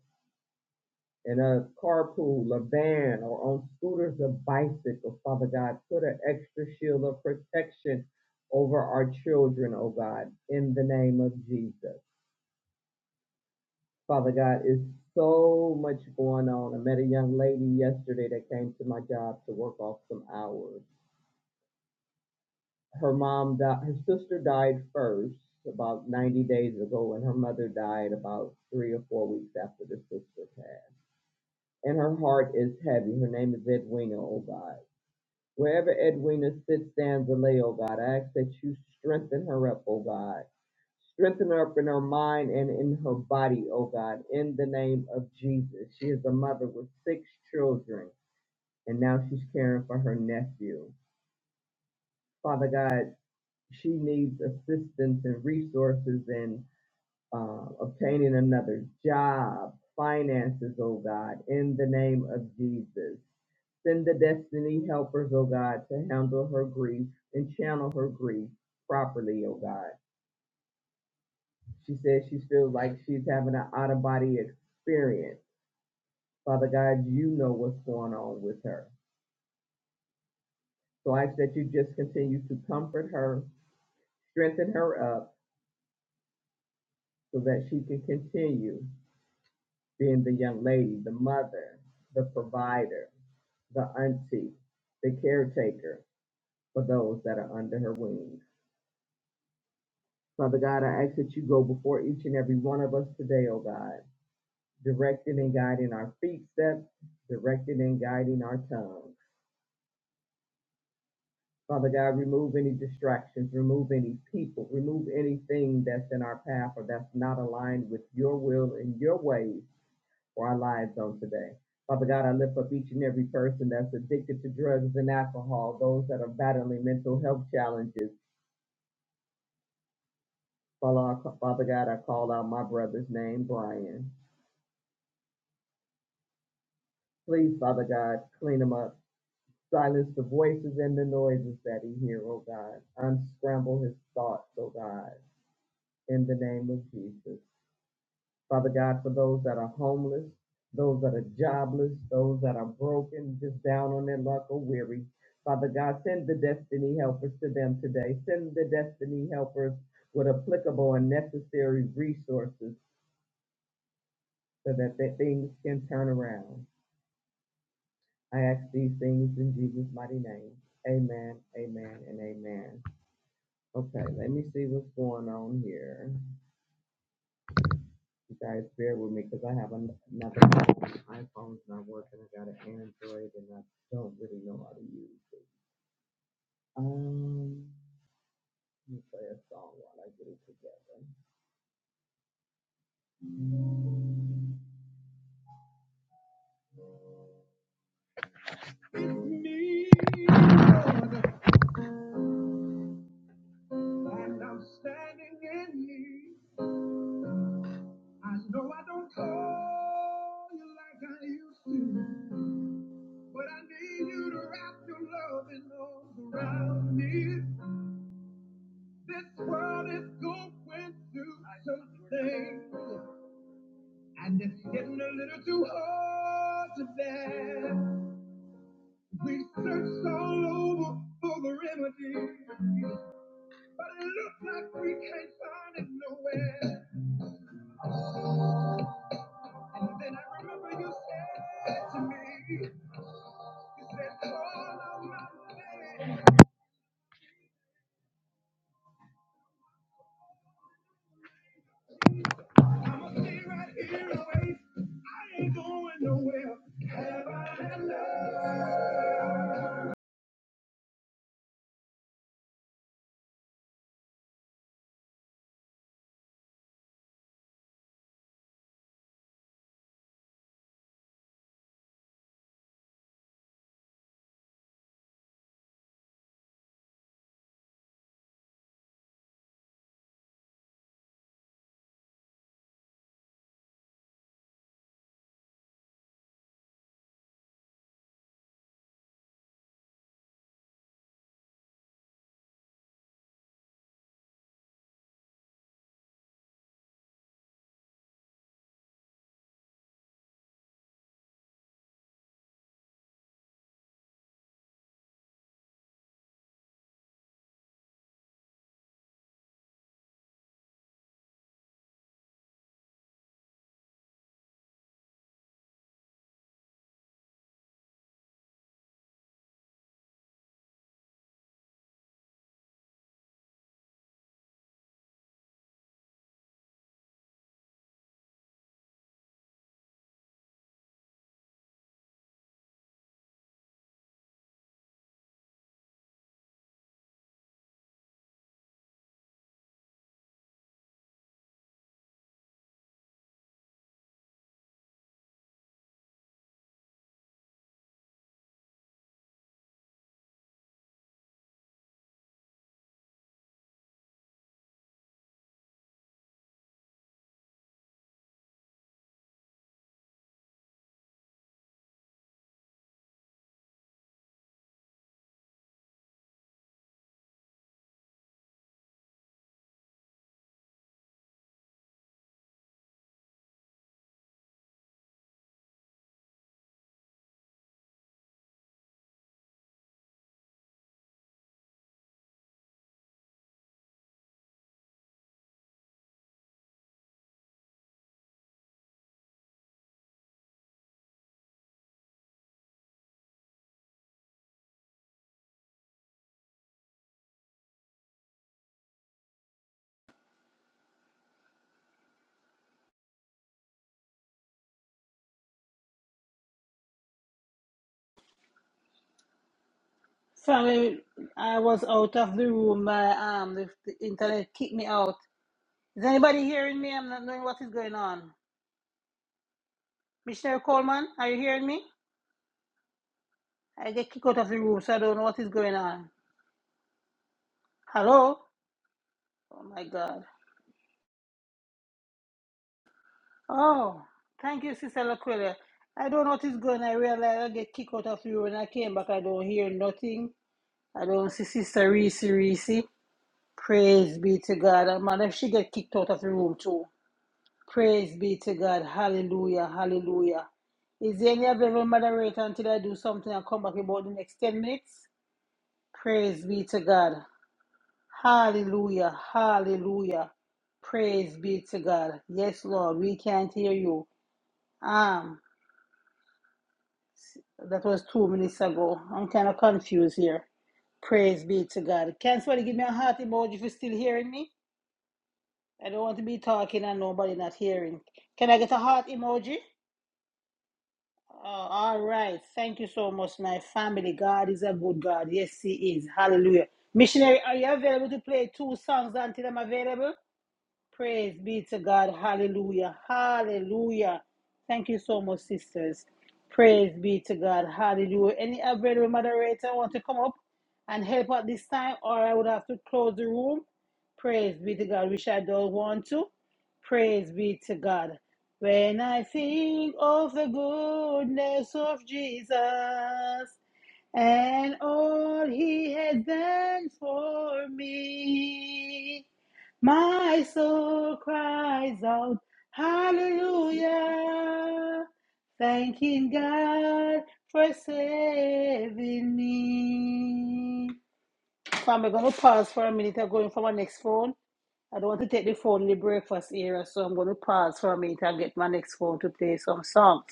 [SPEAKER 7] in a carpool a van or on scooters or bicycles, Father God. Put an extra shield of protection over our children, oh God, in the name of Jesus. Father God, it's so much going on. I met a young lady yesterday that came to my job to work off some hours. Her mom died, her sister died first about 90 days ago, and her mother died about three or four weeks after the sister passed. And her heart is heavy. Her name is Edwina, oh God Wherever Edwina sits, stands a lay, oh God. I ask that you strengthen her up, oh God. Strengthen her up in her mind and in her body, oh God, in the name of Jesus. She is a mother with six children, and now she's caring for her nephew. Father God, she needs assistance and resources and uh, obtaining another job, finances, oh God, in the name of Jesus. Send the destiny helpers, oh God, to handle her grief and channel her grief properly, oh God. She says she feels like she's having an out of body experience. Father God, you know what's going on with her. So I ask that you just continue to comfort her, strengthen her up so that she can continue being the young lady, the mother, the provider the auntie, the caretaker for those that are under her wing. Father God, I ask that you go before each and every one of us today, oh God, directing and guiding our feet steps, directing and guiding our tongue. Father God, remove any distractions, remove any people, remove anything that's in our path or that's not aligned with your will and your ways for our lives on today. Father God, I lift up each and every person that's addicted to drugs and alcohol, those that are battling mental health challenges, Father, Father God, I call out my brother's name, Brian. Please, Father God, clean him up. Silence the voices and the noises that he hear, oh God. Unscramble his thoughts, oh God, in the name of Jesus. Father God, for those that are homeless, those that are jobless, those that are broken, just down on their luck or weary. Father God, send the destiny helpers to them today. Send the destiny helpers with applicable and necessary resources so that, that things can turn around. I ask these things in Jesus' mighty name. Amen, amen, and amen. Okay, let me see what's going on here. You guys bear with me because I have an- another iPhone. iPhone's not working. I got an Android and I don't really know how to use it. Um, let me play a song while I get it together. With me, Lord, and I'm standing in need. I know I don't call you like I used to. But I need you to wrap your loving arms around me. This world is going through some things, and it's getting a little too hard to bear. We searched all over for the remedy, but it looked like we can't find it nowhere. And then I remember you said to me, you said, call on my name. I'ma stay right here and I ain't going nowhere. Have I had enough?
[SPEAKER 3] Family, I was out of the room. My um, the, the internet kicked me out. Is anybody hearing me? I'm not knowing what is going on. Missionary Coleman, are you hearing me? I get kicked out of the room, so I don't know what is going on. Hello? Oh my God. Oh, thank you, Sister Laquilla. I don't know what is going on. I realize I get kicked out of you when I came back. I don't hear nothing. I don't see Sister Reese Reese. Praise be to God. And man, if she get kicked out of the room too. Praise be to God. Hallelujah. Hallelujah. Is there any available moderator until I do something and come back about the next 10 minutes? Praise be to God. Hallelujah. Hallelujah. Praise be to God. Yes, Lord, we can't hear you. Um, that was two minutes ago. I'm kind of confused here. Praise be to God. Can somebody give me a heart emoji if you're still hearing me? I don't want to be talking and nobody not hearing. Can I get a heart emoji? Uh, all right. Thank you so much, my family. God is a good God. Yes, He is. Hallelujah. Missionary, are you available to play two songs until I'm available? Praise be to God. Hallelujah. Hallelujah. Thank you so much, sisters. Praise be to God. Hallelujah. Any available moderator want to come up and help at this time, or I would have to close the room. Praise be to God, which I don't want to. Praise be to God. When I think of the goodness of Jesus, and all he has done for me. My soul cries out, Hallelujah, thanking God for saving me. So I'm going to pause for a minute. I'm going for my next phone. I don't want to take the phone in the breakfast era, so I'm going to pause for a minute and get my next phone to play some songs.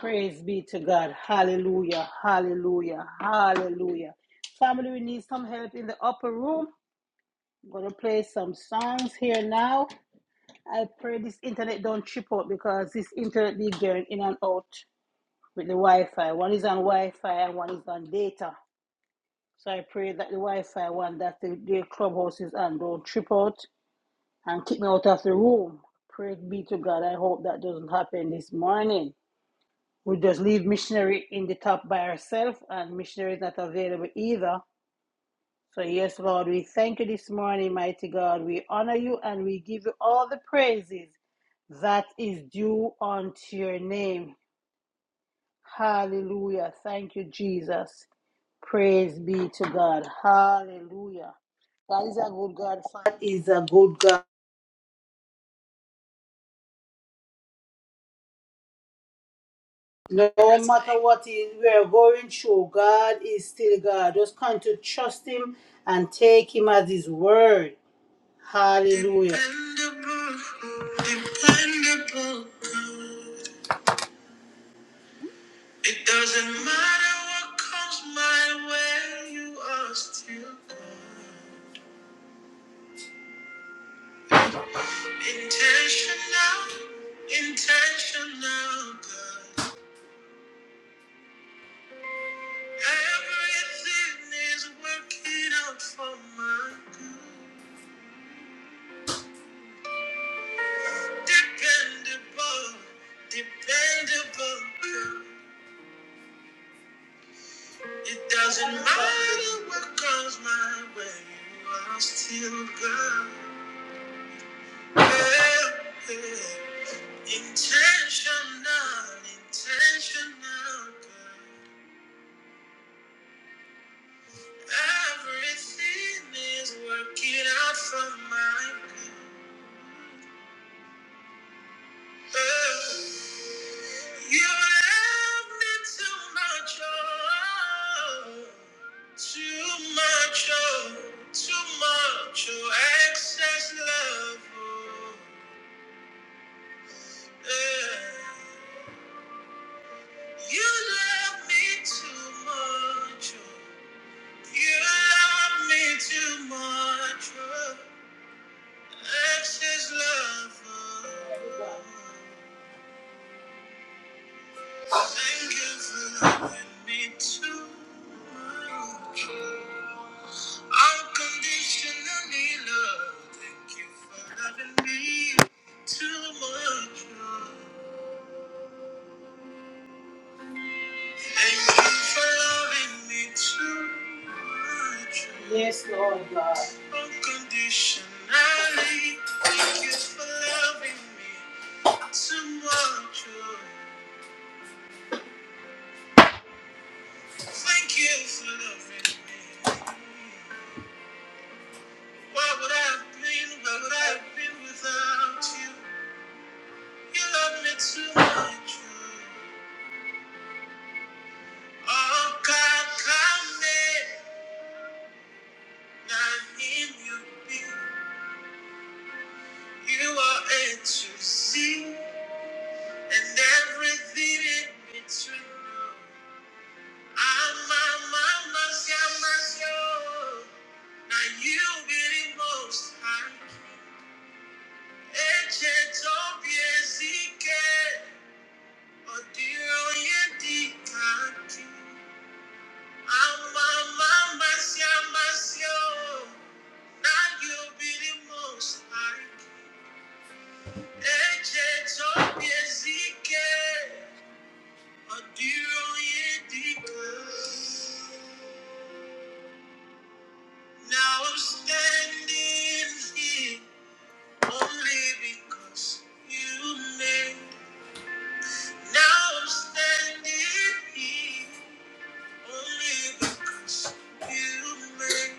[SPEAKER 3] Praise be to God. Hallelujah. Hallelujah. Hallelujah. Family, we need some help in the upper room. I'm gonna play some songs here now. I pray this internet don't trip out because this internet be going in and out with the Wi-Fi. One is on Wi-Fi and one is on data. So I pray that the Wi-Fi one that the, the clubhouse is on don't trip out and kick me out of the room. Praise be to God. I hope that doesn't happen this morning. we just leave missionary in the top by herself and missionary is not available either. So yes, Lord, we thank you this morning, mighty God. We honor you and we give you all the praises that is due unto your name. Hallelujah. Thank you, Jesus. Praise be to God. Hallelujah. God is a good God. Father is a good God. No matter what is we are going through, God is still God. Just come to trust Him and take Him at His word. Hallelujah. Dependable, dependable. It doesn't matter what comes my way, you are still God. intentional, intentional. God. Everything is working out for my good. Dependable, dependable. God. It doesn't matter what comes my way, you are still God. Yeah, yeah. Intentional, intentional. God. Everything is working out for my good. You love me too much, oh, too much, oh, too much, oh, excess love. oh, yeah. You love me too much, oh, you love me too much, oh, excess love. oh. Thank you for loving me too much. Unconditionally love. Thank you for loving me too much. Thank you for loving me too much. Yes, Lord God. Unconditionally. Thank you for loving me too much. Thank you for loving me. What would I have been? Where would I have been without you? You love me too much. Oh, God, come in. I need you. be. You are A to Z and everything in between. I'm my mama's yeah, mama's yo. Now you be the most high. Eche tobie zike. Now I'm standing here only because you made. Now I'm standing here only because you made.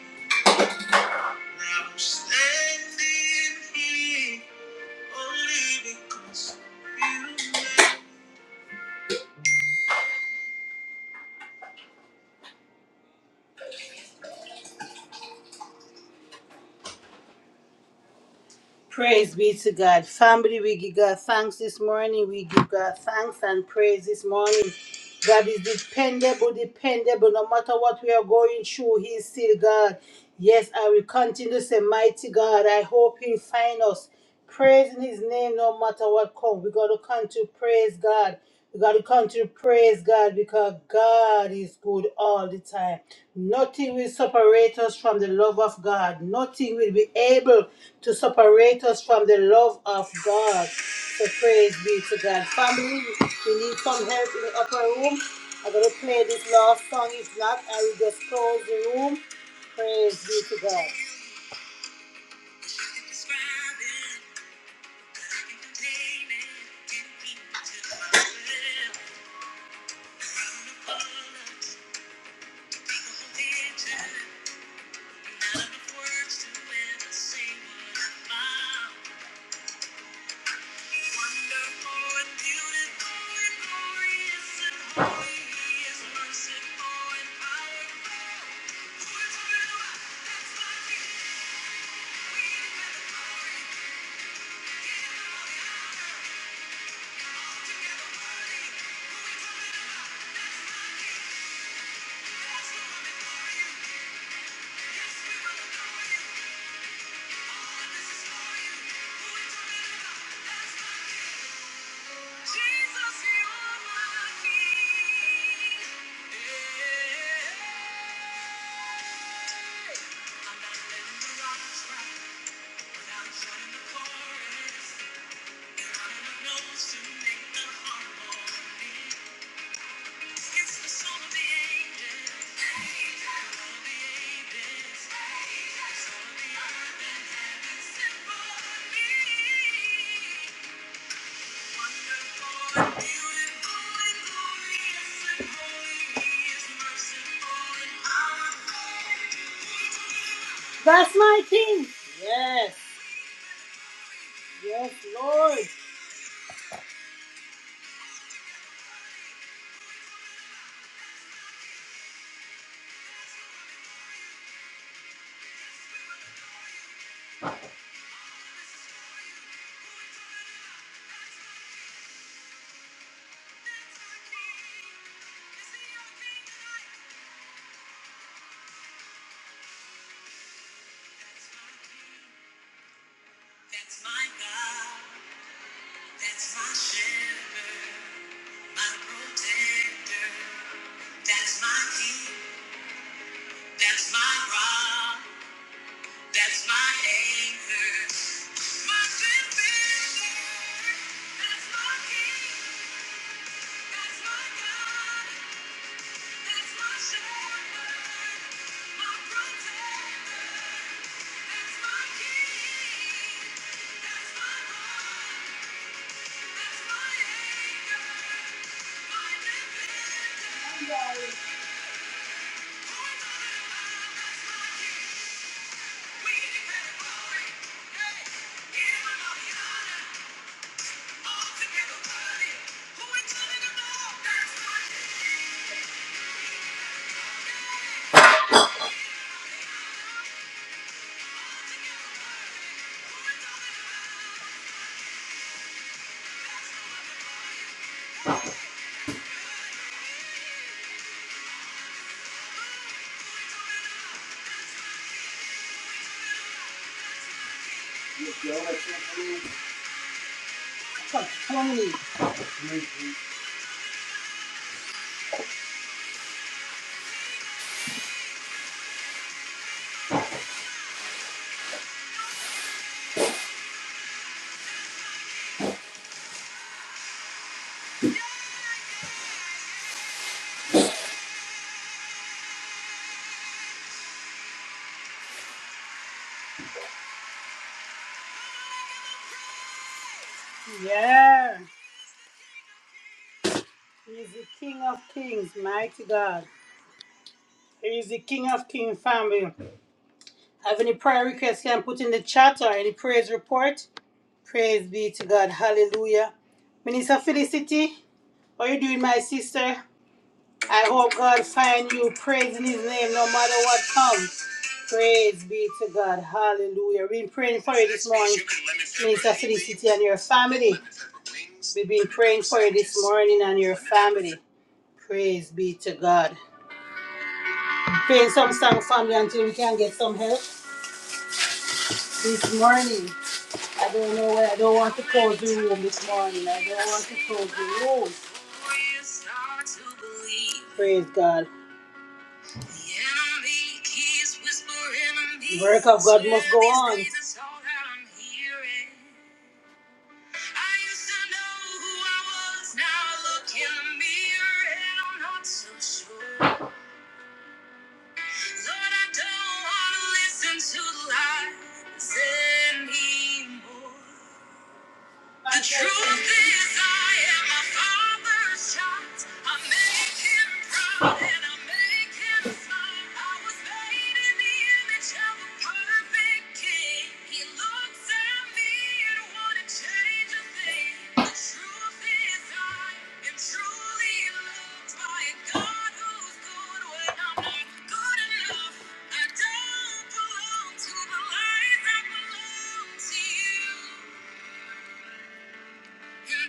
[SPEAKER 3] Praise be to God. Family, we give God thanks this morning. We give God thanks and praise this morning. God is dependable, dependable. No matter what we are going through, He is still God. Yes, I will continue to say, Mighty God, I hope He find us. Praising His name no matter what comes. We got to continue to praise God. We got to continue to praise God because God is good all the time. Nothing will separate us from the love of God. Nothing will be able to separate us from the love of God. So praise be to God. Family, we need some help in the upper room. I'm going to play this last song. If not, I will just close the room. Praise be to God. To make the heart warm That's my king. Yes, yes, Lord. That's my God. That's my shepherd. My protector, that's my key, that's my rock, that's my anchor. My defender, that's my king, that's my God, that's my shepherd. My protector, that's my king, that's my rock, that's my anchor. My defender, we declare glory, give 'em a Top 20. Yeah. He's the King of Kings, mighty God. He's the King of Kings, family. Have any prayer requests you can put in the chat or any praise report? Praise be to God. Hallelujah. Minister Felicity, how you doing, my sister? I hope God find you praising his name no matter what comes. Praise be to God. Hallelujah. We've been praying for you this morning, Minister Felicity, and your family. We've been praying for you this morning and your family. Praise be to God. Playing some song, family, until we can get some help this morning. I don't know why I don't want to close the room this morning. I don't want to close the room. Praise God. The work of God must go on. I used to know who I was. Now I look in the mirror and I'm not so sure. Lord, I don't want to listen to lies anymore. The truth is, I am my father's child. I make him proud and I make him smile. I was made in the image of a perfect king. He looks at me and wouldn't change a thing. The truth is, I am truly loved by a God who's good when I'm not good enough. I don't belong to the lies. I belong to you. And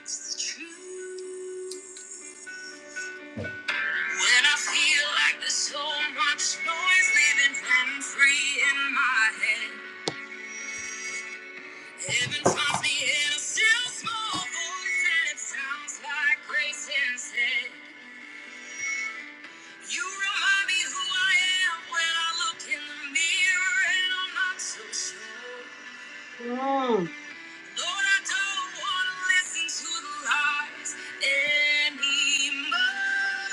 [SPEAKER 3] that's the truth. When I feel like there's so much noise leaving rent free in my head, heaven finds me in a still small voice, and it sounds like grace instead. You remind me who I am when I look in the mirror, and I'm not so sure. Mm. Lord, I don't want to listen to the lies anymore.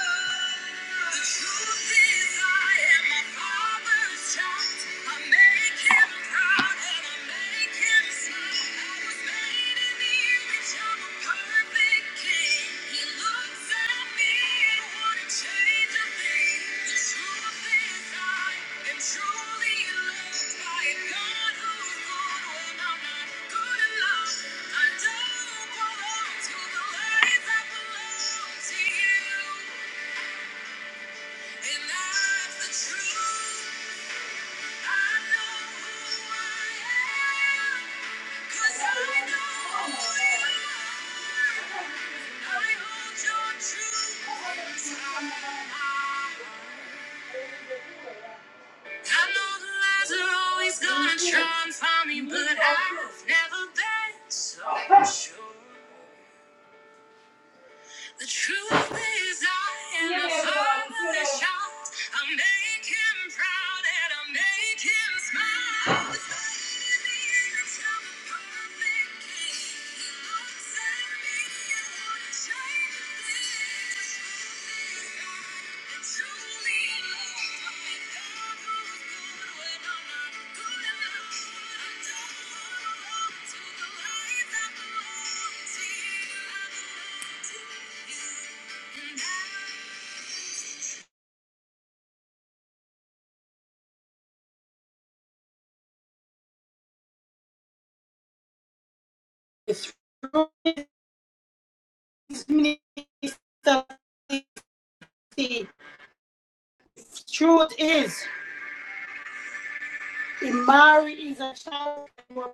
[SPEAKER 3] The truth is, I am my father's child. I make him proud and I make him smile. I was made in the image of a perfect. Cause I know who I am. I know the lies are always gonna try and find me, but I've never been so sure. The truth is, I am a fatherless child. I make him proud and I make him smile. the truth is. Imari is a child who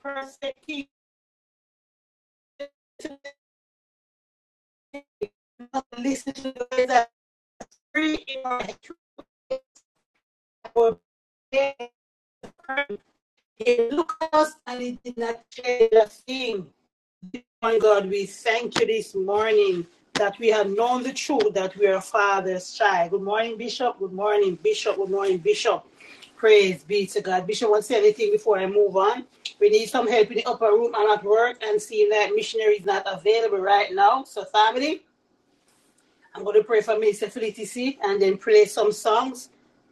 [SPEAKER 3] persecuted listen to the words free in He looked at us and he did not change a thing. My God, we thank you this morning that we have known the truth that we are Father's child. Good morning, Bishop. Good morning, Bishop. Good morning, Bishop. Praise be to God. Bishop, want to say anything before I move on? We need some help in the upper room. I'm at work and seeing that missionary is not available right now. So, family, I'm going to pray for Minister Felicity and then play some songs.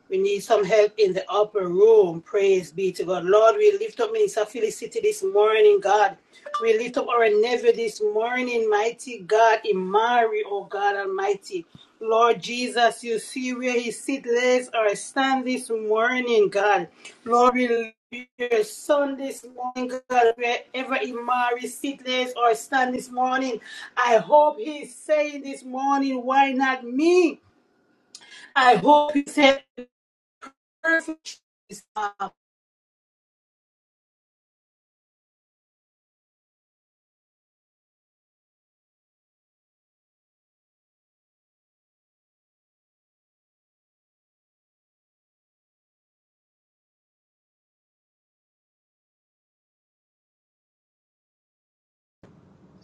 [SPEAKER 3] We need some help in the upper room. Praise be to God. Lord, we lift up Minister Felicity this morning, God. We lift up our nephew this morning, mighty God, Imari, oh God Almighty. Lord Jesus, you see where he sit, lays, or stand this morning, God. Lord, we lift your son this morning, God, wherever Imari sit, lays, or stand this morning. I hope he's saying this morning, why not me? I hope he said, perfect is uh,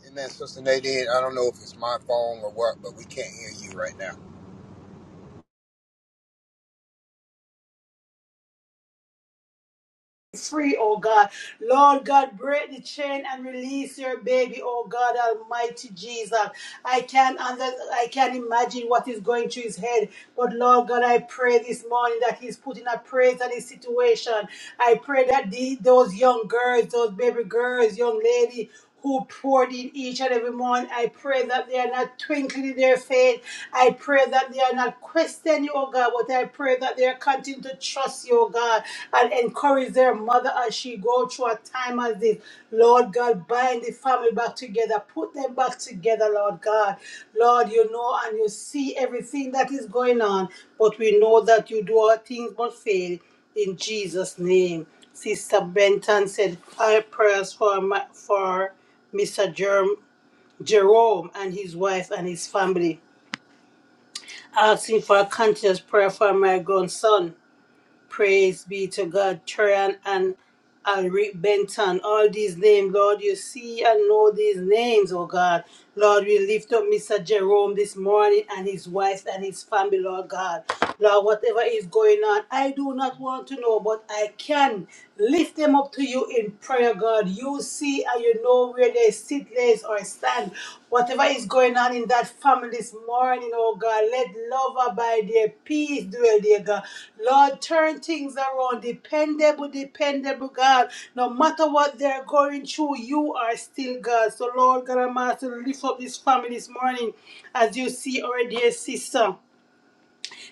[SPEAKER 8] Amen, Sister Nadine. I don't know if it's my phone or what, but we can't hear you right now.
[SPEAKER 3] free, oh God. Lord God, break the chain and release your baby, oh God, Almighty Jesus. I can't under, I can't imagine what is going through his head, but Lord God, I pray this morning that he's putting a praise on his situation. I pray that the, those young girls, those baby girls, young lady who poured in each and every morning. I pray that they are not twinkling in their faith. I pray that they are not questioning you, oh God, but I pray that they are continuing to trust you, oh God, and encourage their mother as she go through a time as this. Lord God, bind the family back together. Put them back together, Lord God. Lord, you know and you see everything that is going on, but we know that you do all things but fail in Jesus' name. Sister Benton said five prayers for my, for Mr. Jerm, Jerome and his wife and his family, asking for a continuous prayer for my grandson. Praise be to God, Trian and Alric Benton. All these names, Lord, you see and know these names, oh God. Lord, we lift up Mr. Jerome this morning and his wife and his family, Lord God. Lord, whatever is going on, I do not want to know, but I can lift them up to you in prayer, God. You see and you know where they sit, lays, or stand. Whatever is going on in that family this morning, oh God, let love abide there, peace dwell there, God. Lord, turn things around, dependable, dependable, God. No matter what they're going through, you are still God. So, Lord God, I'm asking, lift up this family this morning as you see our dear sister.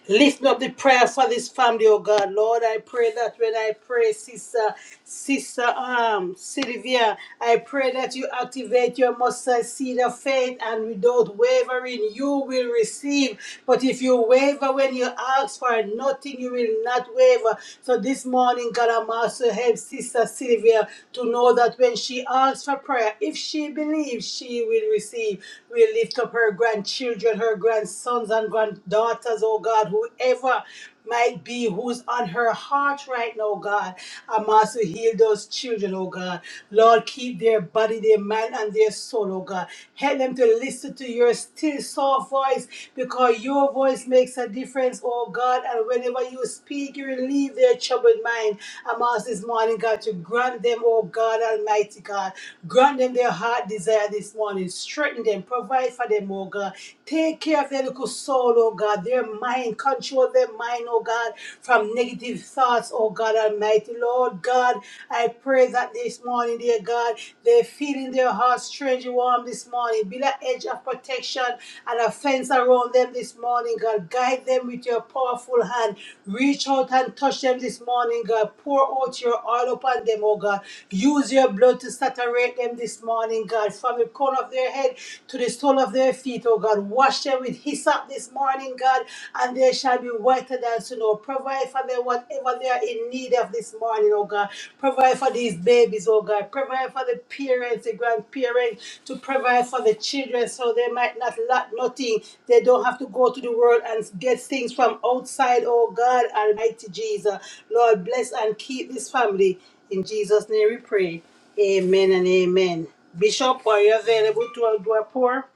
[SPEAKER 3] Lifting up the prayer for this family, oh God. Lord, I pray that when I pray, sister, sister um, Sylvia, I pray that you activate your mustard seed of faith and without wavering, you will receive. But if you waver when you ask for nothing, you will not waver. So this morning, God, I'm also help sister Sylvia to know that when she asks for prayer, if she believes, she will receive. We lift up her grandchildren, her grandchildren grandsons and granddaughters, oh God, whoever might be who's on her heart right now, God. I'm also heal those children, oh God. Lord, keep their body, their mind, and their soul, oh God. Help them to listen to your still soft voice because your voice makes a difference, oh God. And whenever you speak, you relieve their troubled mind. I'm asked this morning, God, to grant them, oh God, Almighty God. Grant them their heart desire this morning. Strengthen them, Provide for them, oh God. Take care of their little soul, oh God. Their mind, control their mind, oh God, from negative thoughts, oh God Almighty. Lord God, I pray that this morning, dear God, they feel in their hearts strange warm this morning. Be that edge of protection and a fence around them this morning, God. Guide them with your powerful hand. Reach out and touch them this morning, God. Pour out your oil upon them, oh God. Use your blood to saturate them this morning, morning, God, from the crown of their head to the sole of their feet, oh God. Wash them with hyssop this morning, God, and they shall be whiter than snow. Provide for them whatever they are in need of this morning, oh God. Provide for these babies, oh God. Provide for the parents, the grandparents, to provide for the children so they might not lack nothing. They don't have to go to the world and get things from outside, oh God, Almighty Jesus. Lord, bless and keep this family. In Jesus' name we pray. Amen and amen. Bishop, are you available to do a pour?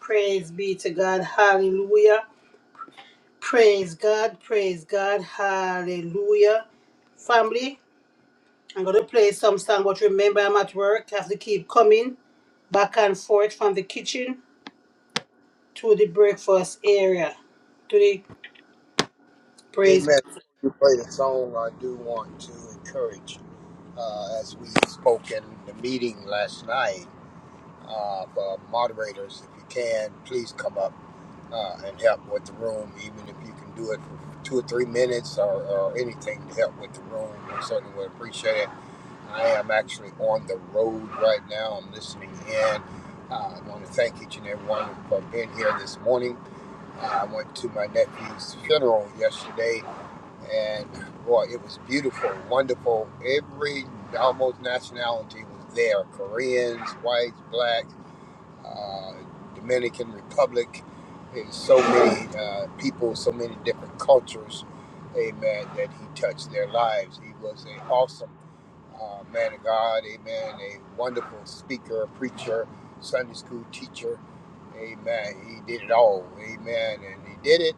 [SPEAKER 3] Praise be to God. Hallelujah. Praise God. Praise God. Hallelujah. Family, I'm going to play some song, but remember I'm at work. I have to keep coming back and forth from the kitchen to the breakfast area. To the praise.
[SPEAKER 8] Amen. You play the song. I do want to encourage, uh, as we spoke in the meeting last night, uh, for moderators, if you can, please come up uh, and help with the room, even if you can do it for two or three minutes or, or anything to help with the room. I certainly would appreciate it. I am actually on the road right now. I'm listening in. Uh, I want to thank each and every one for being here this morning. I went to my nephew's funeral yesterday, and boy, it was beautiful, wonderful. Every almost nationality was there: Koreans, whites, blacks, uh, Dominican Republic, and so many uh, people, so many different cultures. Amen. That he touched their lives. He was an awesome uh, man of God, amen, a wonderful speaker, preacher, Sunday school teacher, amen. He did it all, amen, and he did it,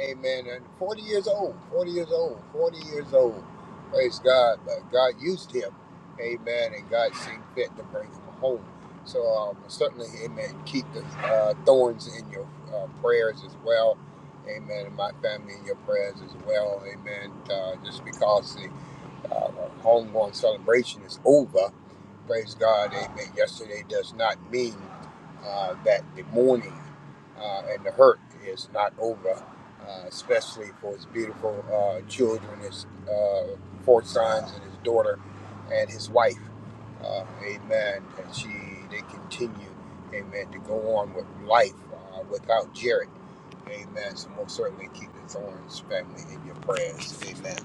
[SPEAKER 8] amen, and 40 years old, 40 years old, 40 years old, praise God, but God used him, amen, and God seemed fit to bring him home. So um, certainly, amen, keep the uh, thorns in your uh, prayers as well, amen, and my family in your prayers as well, amen, uh, just because uh, homeborn celebration is over. Praise God, amen. Yesterday does not mean uh, that the mourning uh, and the hurt is not over, uh, especially for his beautiful uh, children, his uh, four sons, and his daughter, and his wife. Uh, amen. And she, they continue, amen, to go on with life uh, without Jared. Amen. So most certainly keep the Thorns family in your prayers. Amen.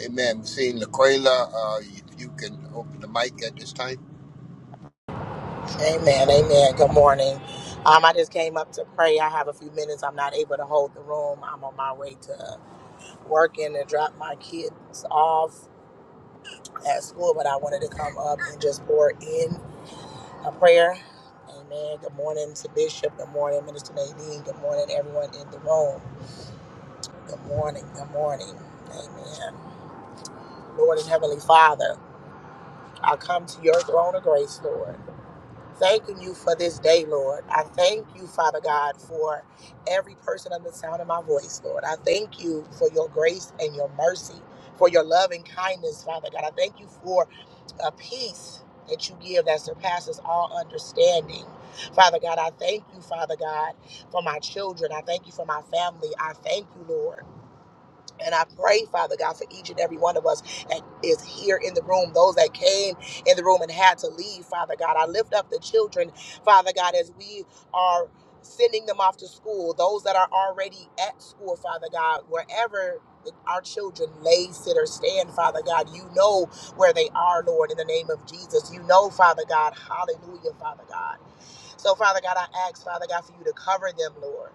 [SPEAKER 8] Amen. We're seeing Laquela. Uh, if you can open the mic at this time.
[SPEAKER 9] Amen. Amen. Good morning. Um, I just came up to pray. I have a few minutes. I'm not able to hold the room. I'm on my way to work and to drop my kids off at school, but I wanted to come up and just pour in a prayer. Amen. Good morning to Bishop. Good morning, Minister Nadine. Good morning, everyone in the room. Good morning. Good morning. Amen. Lord and Heavenly Father, I come to your throne of grace, Lord. Thanking you for this day, Lord. I thank you, Father God, for every person under the sound of my voice, Lord. I thank you for your grace and your mercy, for your love and kindness, Father God. I thank you for a peace that you give that surpasses all understanding. Father God, I thank you, Father God, for my children. I thank you for my family. I thank you, Lord. And I pray, Father God, for each and every one of us that is here in the room, those that came in the room and had to leave, Father God. I lift up the children, Father God, as we are sending them off to school, those that are already at school, Father God, wherever. Our children lay, sit, or stand, Father God. You know where they are, Lord, in the name of Jesus. You know, Father God. Hallelujah, Father God. So, Father God, I ask, Father God, for you to cover them, Lord.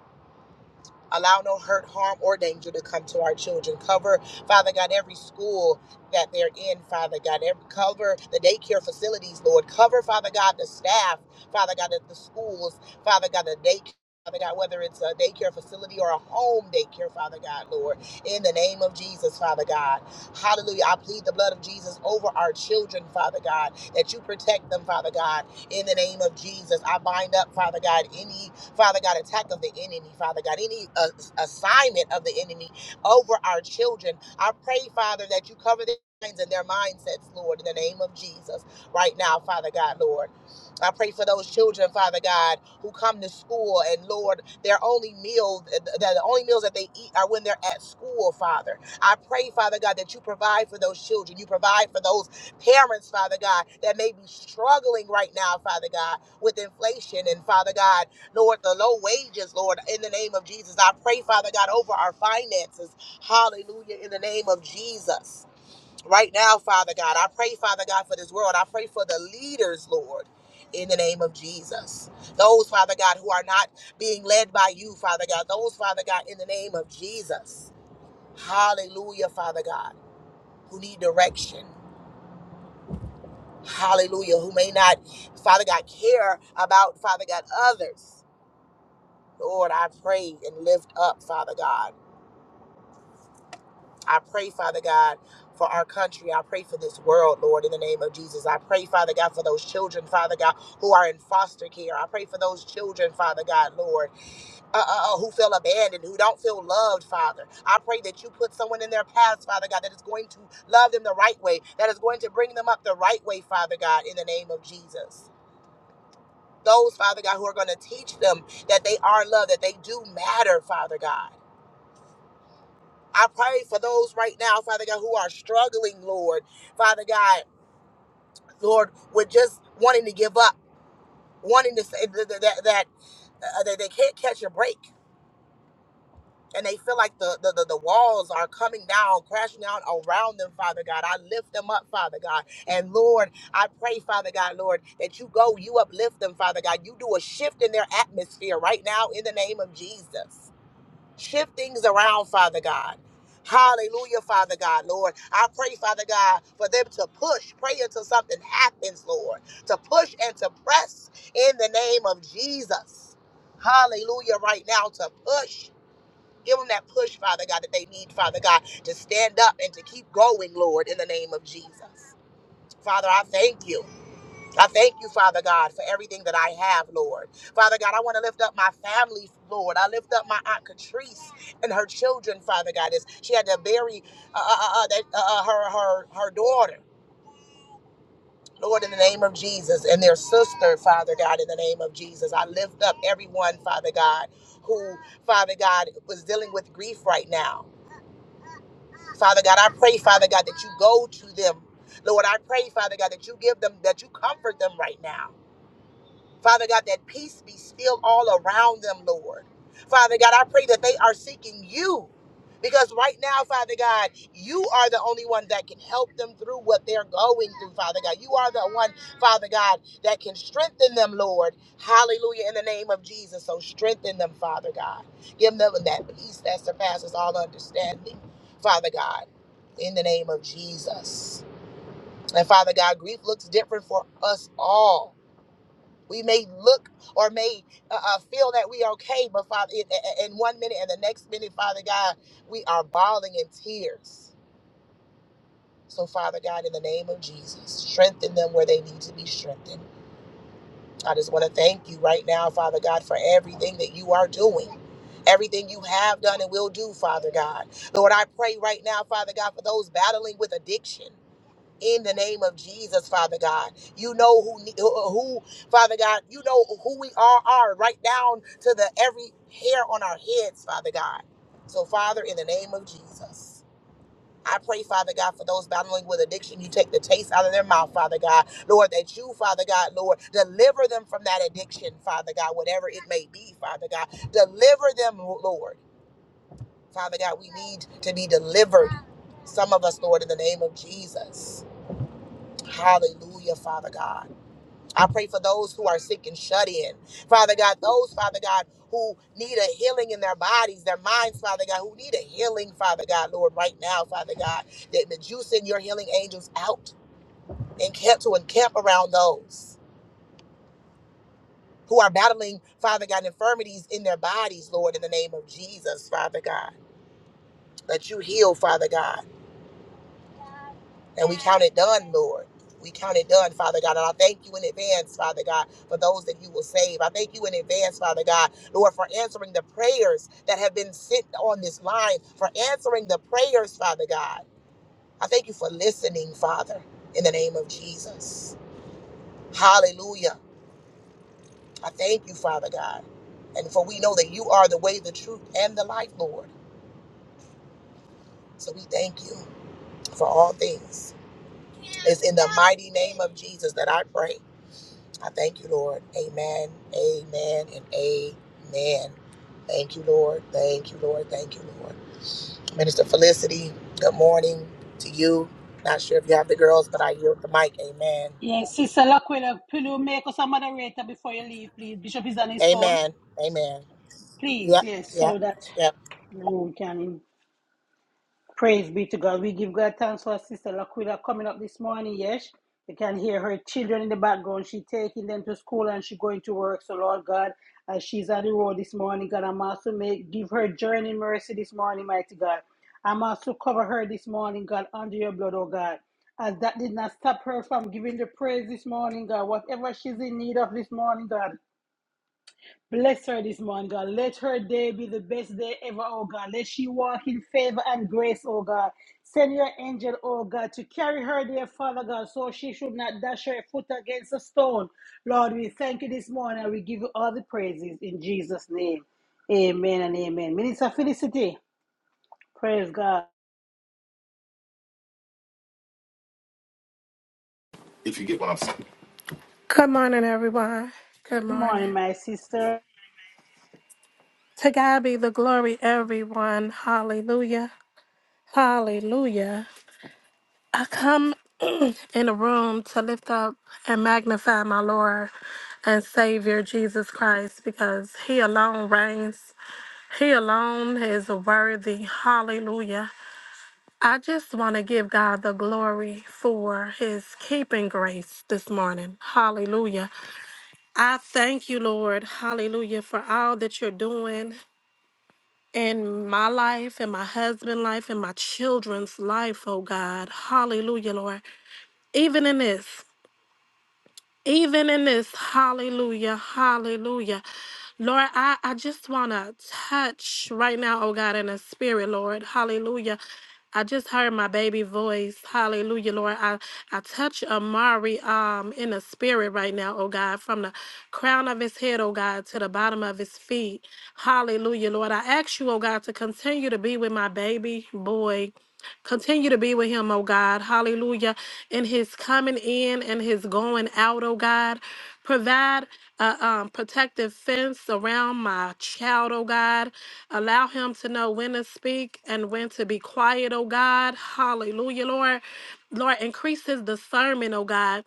[SPEAKER 9] Allow no hurt, harm, or danger to come to our children. Cover, Father God, every school that they're in, Father God. Every, cover the daycare facilities, Lord. Cover, Father God, the staff, Father God, at the schools, Father God, the daycare. Father God, whether it's a daycare facility or a home daycare, Father God, Lord, in the name of Jesus, Father God. Hallelujah. I plead the blood of Jesus over our children, Father God, that you protect them, Father God in the name of Jesus. I bind up, Father God, any, Father God, attack of the enemy, Father God, any uh, assignment of the enemy over our children. I pray, Father, that you cover their minds and their mindsets, Lord, in the name of Jesus, right now, Father God, Lord. I pray for those children, Father God, who come to school and Lord, their only meal, the, the only meals that they eat are when they're at school, Father. I pray, Father God, that you provide for those children. You provide for those parents, Father God, that may be struggling right now, Father God, with inflation and Father God, Lord, the low wages, Lord, in the name of Jesus. I pray, Father God, over our finances. Hallelujah, in the name of Jesus. Right now, Father God, I pray, Father God, for this world. I pray for the leaders, Lord. In the name of Jesus. Those, Father God, who are not being led by you, Father God. Those, Father God, in the name of Jesus. Hallelujah, Father God, who need direction hallelujah, who may not, Father God, care about, Father God, others. Lord, I pray and lift up, Father God. I pray, Father God, for our country. I pray for this world, Lord, in the name of Jesus. I pray, Father God, for those children, Father God, who are in foster care. I pray for those children, Father God, Lord, uh, uh, uh, who feel abandoned, who don't feel loved, Father. I pray that you put someone in their path, Father God, that is going to love them the right way, that is going to bring them up the right way, Father God, in the name of Jesus. those, Father God, who are going to teach them that they are loved, that they do matter, Father God. I pray for those right now, Father God, who are struggling, Lord, Father God, Lord, with just wanting to give up, wanting to say that, that, that, uh, that they can't catch a break. And they feel like the, the, the, the walls are coming down, crashing down around them, Father God. I lift them up, Father God. And Lord, I pray, Father God, Lord, that you go, you uplift them, Father God. You do a shift in their atmosphere right now in the name of Jesus. Shift things around, Father God. Hallelujah, Father God, Lord. I pray, Father God, for them to push, pray until something happens, Lord, to push and to press in the name of Jesus. Hallelujah, right now to push. Give them that push, Father God, that they need, Father God, to stand up and to keep going, Lord, in the name of Jesus. Father, I thank you. I thank you, Father God, for everything that I have, Lord. Father God, I want to lift up my family, Lord. I lift up my Aunt Catrice and her children, Father God, as she had to bury uh, uh, uh, uh, that, uh, uh, her, her, her daughter. Lord, in the name of Jesus, and their sister, Father God, in the name of Jesus, I lift up everyone, Father God, who, Father God, was dealing with grief right now. Father God, I pray, Father God, that you go to them. Lord, I pray, Father God, that you give them, that you comfort them right now. Father God, that peace be still all around them, Lord. Father God, I pray that they are seeking you because right now, Father God, you are the only one that can help them through what they're going through, Father God. You are the one, Father God, that can strengthen them, Lord. Hallelujah, in the name of Jesus. So strengthen them, Father God. Give them that peace that surpasses all understanding, Father God, in the name of Jesus. And Father God, grief looks different for us all. We may look or may uh, uh, feel that we are okay, but Father, in, in in one minute and the next minute, Father God, we are bawling in tears. So, Father God, in the name of Jesus, strengthen them where they need to be strengthened. I just want to thank you right now, Father God, for everything that you are doing. Everything you have done and will do, Father God. Lord, I pray right now, Father God, for those battling with addiction in the name of Jesus, Father God. You know who ne- who, who, Father God, you know who we all are right down to the every hair on our heads, Father God. So Father, in the name of Jesus, I pray, Father God, for those battling with addiction, you take the taste out of their mouth, Father God. Lord, that you, Father God, Lord, deliver them from that addiction, Father God, whatever it may be, Father God. Deliver them, Lord. Father God, we need to be delivered. Some of us, Lord, in the name of Jesus. Hallelujah, Father God. I pray for those who are sick and shut in. Father God, those, Father God, who need a healing in their bodies, their minds, Father God, who need a healing, Father God, Lord, right now, Father God, that, that you send your healing angels out and camp to encamp around those who are battling, Father God, infirmities in their bodies, Lord, in the name of Jesus, Father God. That you heal, Father God. And we count it done, Lord. We count it done, Father God. And I thank you in advance, Father God, for those that you will save. I thank you in advance, Father God, Lord, for answering the prayers that have been sent on this line, for answering the prayers, Father God. I thank you for listening, Father, in the name of Jesus. Hallelujah. I thank you, Father God. And for we know that you are the way, the truth, and the life, Lord. So we thank you for all things. It's in the mighty name of Jesus that I pray. I thank you, Lord. Amen, amen, and amen. Thank you, Lord. Thank you, Lord. Thank you, Lord. Minister Felicity, good morning to you. Not sure if you have the girls, but I yield the mic. Amen.
[SPEAKER 3] Yes, Sister Laquila, will you make us a moderator before you leave, please? Bishop is on his phone.
[SPEAKER 9] Amen. Amen.
[SPEAKER 3] Please,
[SPEAKER 9] Yep,
[SPEAKER 3] yes, so
[SPEAKER 9] yep,
[SPEAKER 3] that
[SPEAKER 9] yep.
[SPEAKER 3] the room can Praise be to God. We give God thanks for Sister Laquila coming up this morning. Yes, you can hear her children in the background. She taking them to school and she going to work. So Lord God, as she's on the road this morning, God, I'm also make give her journey mercy this morning, mighty God. I'm also cover her this morning, God, under your blood, oh God. As that did not stop her from giving the praise this morning, God. Whatever she's in need of this morning, God. Bless her this morning, God. Let her day be the best day ever, oh God. Let she walk in favor and grace, oh God. Send your angel, oh God, to carry her there, Father God, so she should not dash her foot against a stone. Lord, we thank you this morning and we give you all the praises in Jesus' name. Amen and amen. Minister Felicity, praise God.
[SPEAKER 10] If you get what I'm saying. Good morning, everyone. Good
[SPEAKER 3] Good morning,
[SPEAKER 10] morning.
[SPEAKER 3] my sister.
[SPEAKER 10] To God be the glory, everyone. Hallelujah. Hallelujah. I come in the room to lift up and magnify my Lord and Savior Jesus Christ because He alone reigns. He alone is worthy. Hallelujah. I just want to give God the glory for His keeping grace this morning. Hallelujah. I thank you, Lord, hallelujah, for all that you're doing in my life, in my husband's life, in my children's life, oh God. Hallelujah, Lord. Even in this even in this, hallelujah, hallelujah. Lord, I, I just want to touch right now, oh God, in the spirit, Lord, hallelujah. I just heard my baby voice. Hallelujah, Lord. I, I touch Amari um in the spirit right now, oh God, from the crown of his head, oh God, to the bottom of his feet. Hallelujah, Lord. I ask you, oh God, to continue to be with my baby boy. Continue to be with him, oh God. Hallelujah. In his coming in and his going out, oh God. Provide a um, protective fence around my child, oh God. Allow him to know when to speak and when to be quiet, oh God. Hallelujah, Lord. Lord, increase his discernment, oh God.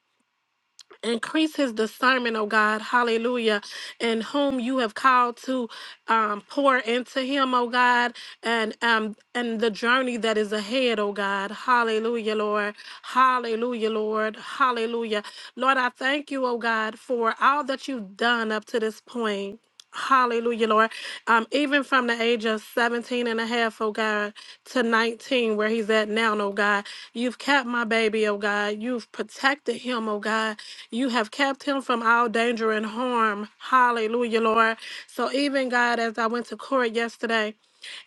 [SPEAKER 10] Increase his discernment, oh God, hallelujah, and whom you have called to um, pour into him, oh God, and um, and the journey that is ahead, oh God, hallelujah, Lord, hallelujah, Lord, hallelujah, Lord, I thank you, oh God, for all that you've done up to this point. Hallelujah, Lord. Um, even from the age of 17 and a half, oh God, to 19, where he's at now, oh God, you've kept my baby, oh God. You've protected him, oh God. You have kept him from all danger and harm. Hallelujah, Lord. So even God, as I went to court yesterday,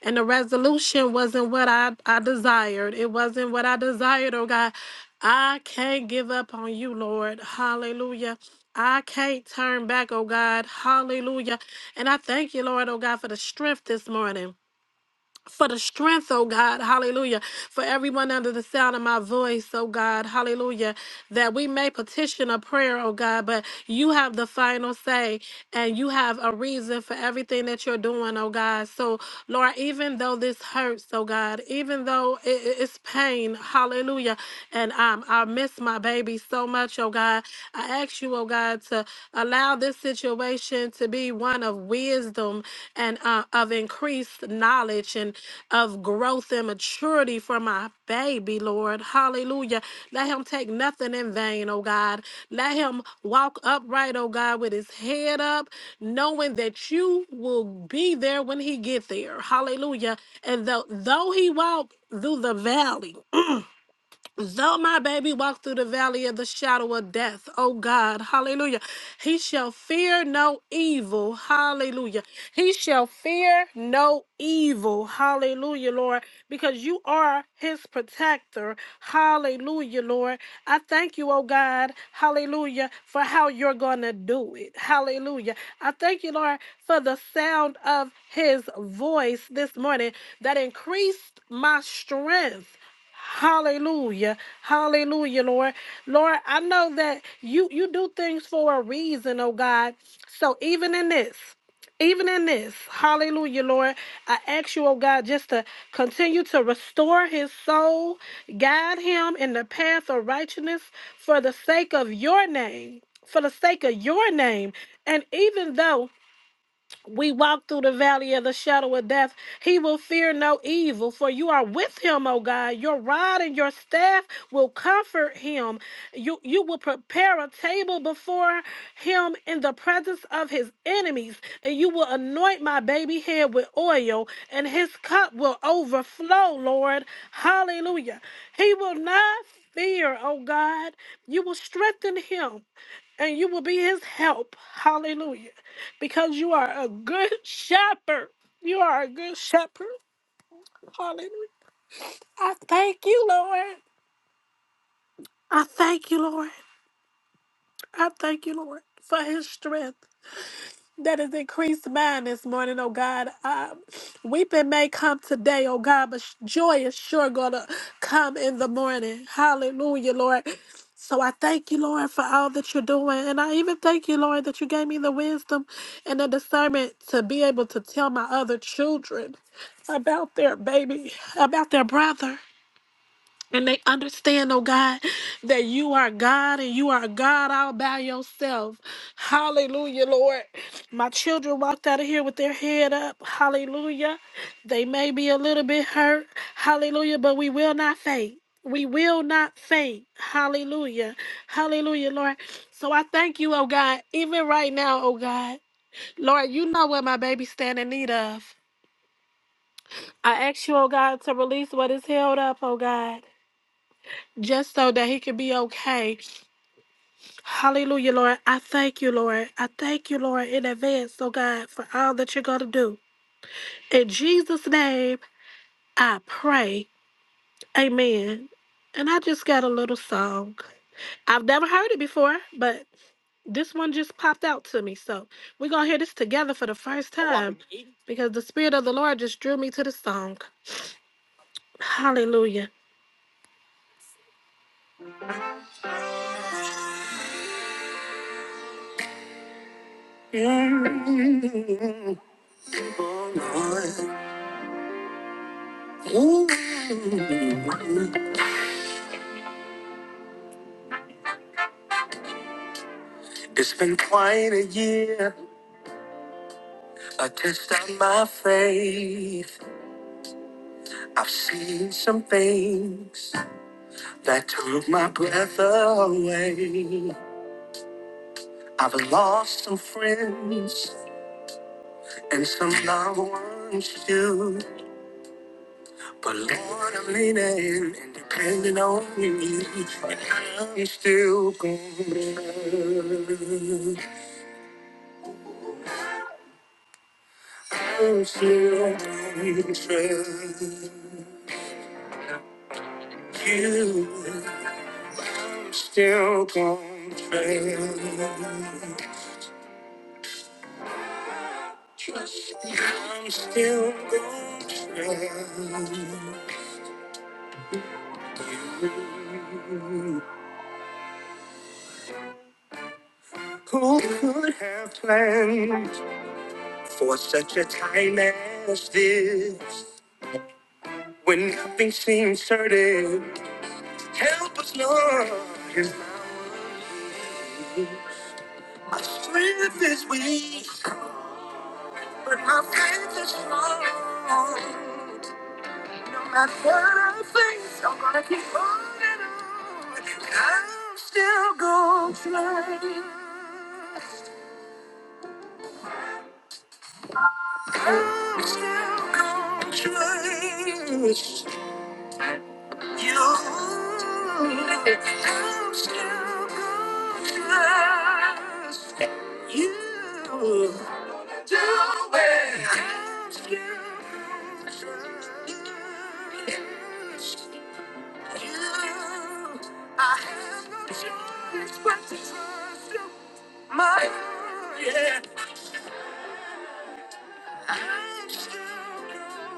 [SPEAKER 10] and the resolution wasn't what I, I desired. It wasn't what I desired, oh God. I can't give up on you, Lord. Hallelujah. I can't turn back, oh God. Hallelujah. And I thank you, Lord, oh God, for the strength this morning for the strength, oh God, hallelujah, for everyone under the sound of my voice, oh God, hallelujah, that we may petition a prayer, oh God, but you have the final say and you have a reason for everything that you're doing, oh God. So, Lord, even though this hurts, oh God, even though it, it- it's pain, hallelujah, and um, I miss my baby so much, oh God, I ask you, oh God, to Allow this situation to be one of wisdom and uh, of increased knowledge and of growth and maturity for my baby, Lord. Hallelujah. Let him take nothing in vain, oh God. Let him walk upright, oh God, with his head up, knowing that you will be there when he get there. Hallelujah. And though, though he walk through the valley, Though my baby walk through the valley of the shadow of death, oh God, hallelujah. He shall fear no evil, hallelujah. He shall fear no evil, hallelujah, Lord, because you are his protector, hallelujah, Lord. I thank you, oh God, hallelujah, for how you're going to do it, hallelujah. I thank you, Lord, for the sound of his voice this morning that increased my strength. Hallelujah. Hallelujah, Lord. Lord, I know that you you do things for a reason, oh God. So even in this, even in this, hallelujah, Lord, I ask you, oh God, just to continue to restore his soul, guide him in the path of righteousness for the sake of your name, for the sake of your name. And even though we walk through the valley of the shadow of death, he will fear no evil, for you are with him, O God. Your rod and your staff will comfort him. You you will prepare a table before him in the presence of his enemies, and you will anoint my baby head with oil, and his cup will overflow, Lord. Hallelujah. He will not fear, O God. You will strengthen him, and you will be his help. Hallelujah because you are a good shepherd. You are a good shepherd. Hallelujah. I thank you, Lord. I thank you, Lord. I thank you, Lord, for his strength. that has increased mine this morning, oh God. Uh, weeping may come today, oh God, but sh- joy is sure going to come in the morning. Hallelujah, Lord. So I thank you, Lord, for all that you're doing. And I even thank you, Lord, that you gave me the wisdom and the discernment to be able to tell my other children about their baby, about their brother. And they understand, oh God, that you are God and you are God all by yourself. Hallelujah, Lord. My children walked out of here with their head up. Hallelujah. They may be a little bit hurt. Hallelujah, but we will not faint. We will not faint. Hallelujah. Hallelujah, Lord. So I thank you, oh God, even right now, oh God. Lord, you know what my baby stand in need of. I ask you, oh God, to release what is held up, oh God just so that he could be okay. Hallelujah, Lord. I thank you, Lord. I thank you, Lord, in advance, oh God, for all that you're going to do. In Jesus' name, I pray. Amen. And I just got a little song. I've never heard it before, but this one just popped out to me. So we're going to hear this together for the first time because the Spirit of the Lord just drew me to the song. Hallelujah. Ooh. It's been quite a year, a test of my faith. I've seen some things that took my breath away. I've lost some friends and some loved ones too. But Lord, I'm leaning and depending on you. And I'm still going. I'm still going to trust. you. I'm still going to fail. Trust me. I'm still going to fail you. Who could have planned for such a time as this? When nothing seems certain, help us, Lord, in our needs. My strength is weak, but my faith is strong. No matter what I face, I'm gonna keep holding on. I'm still gonna try. I'm still gonna trust you. I'm still gonna trust you. Do it. I'm still gonna trust you. You, I have no choice but to trust you. My, yeah, I'm still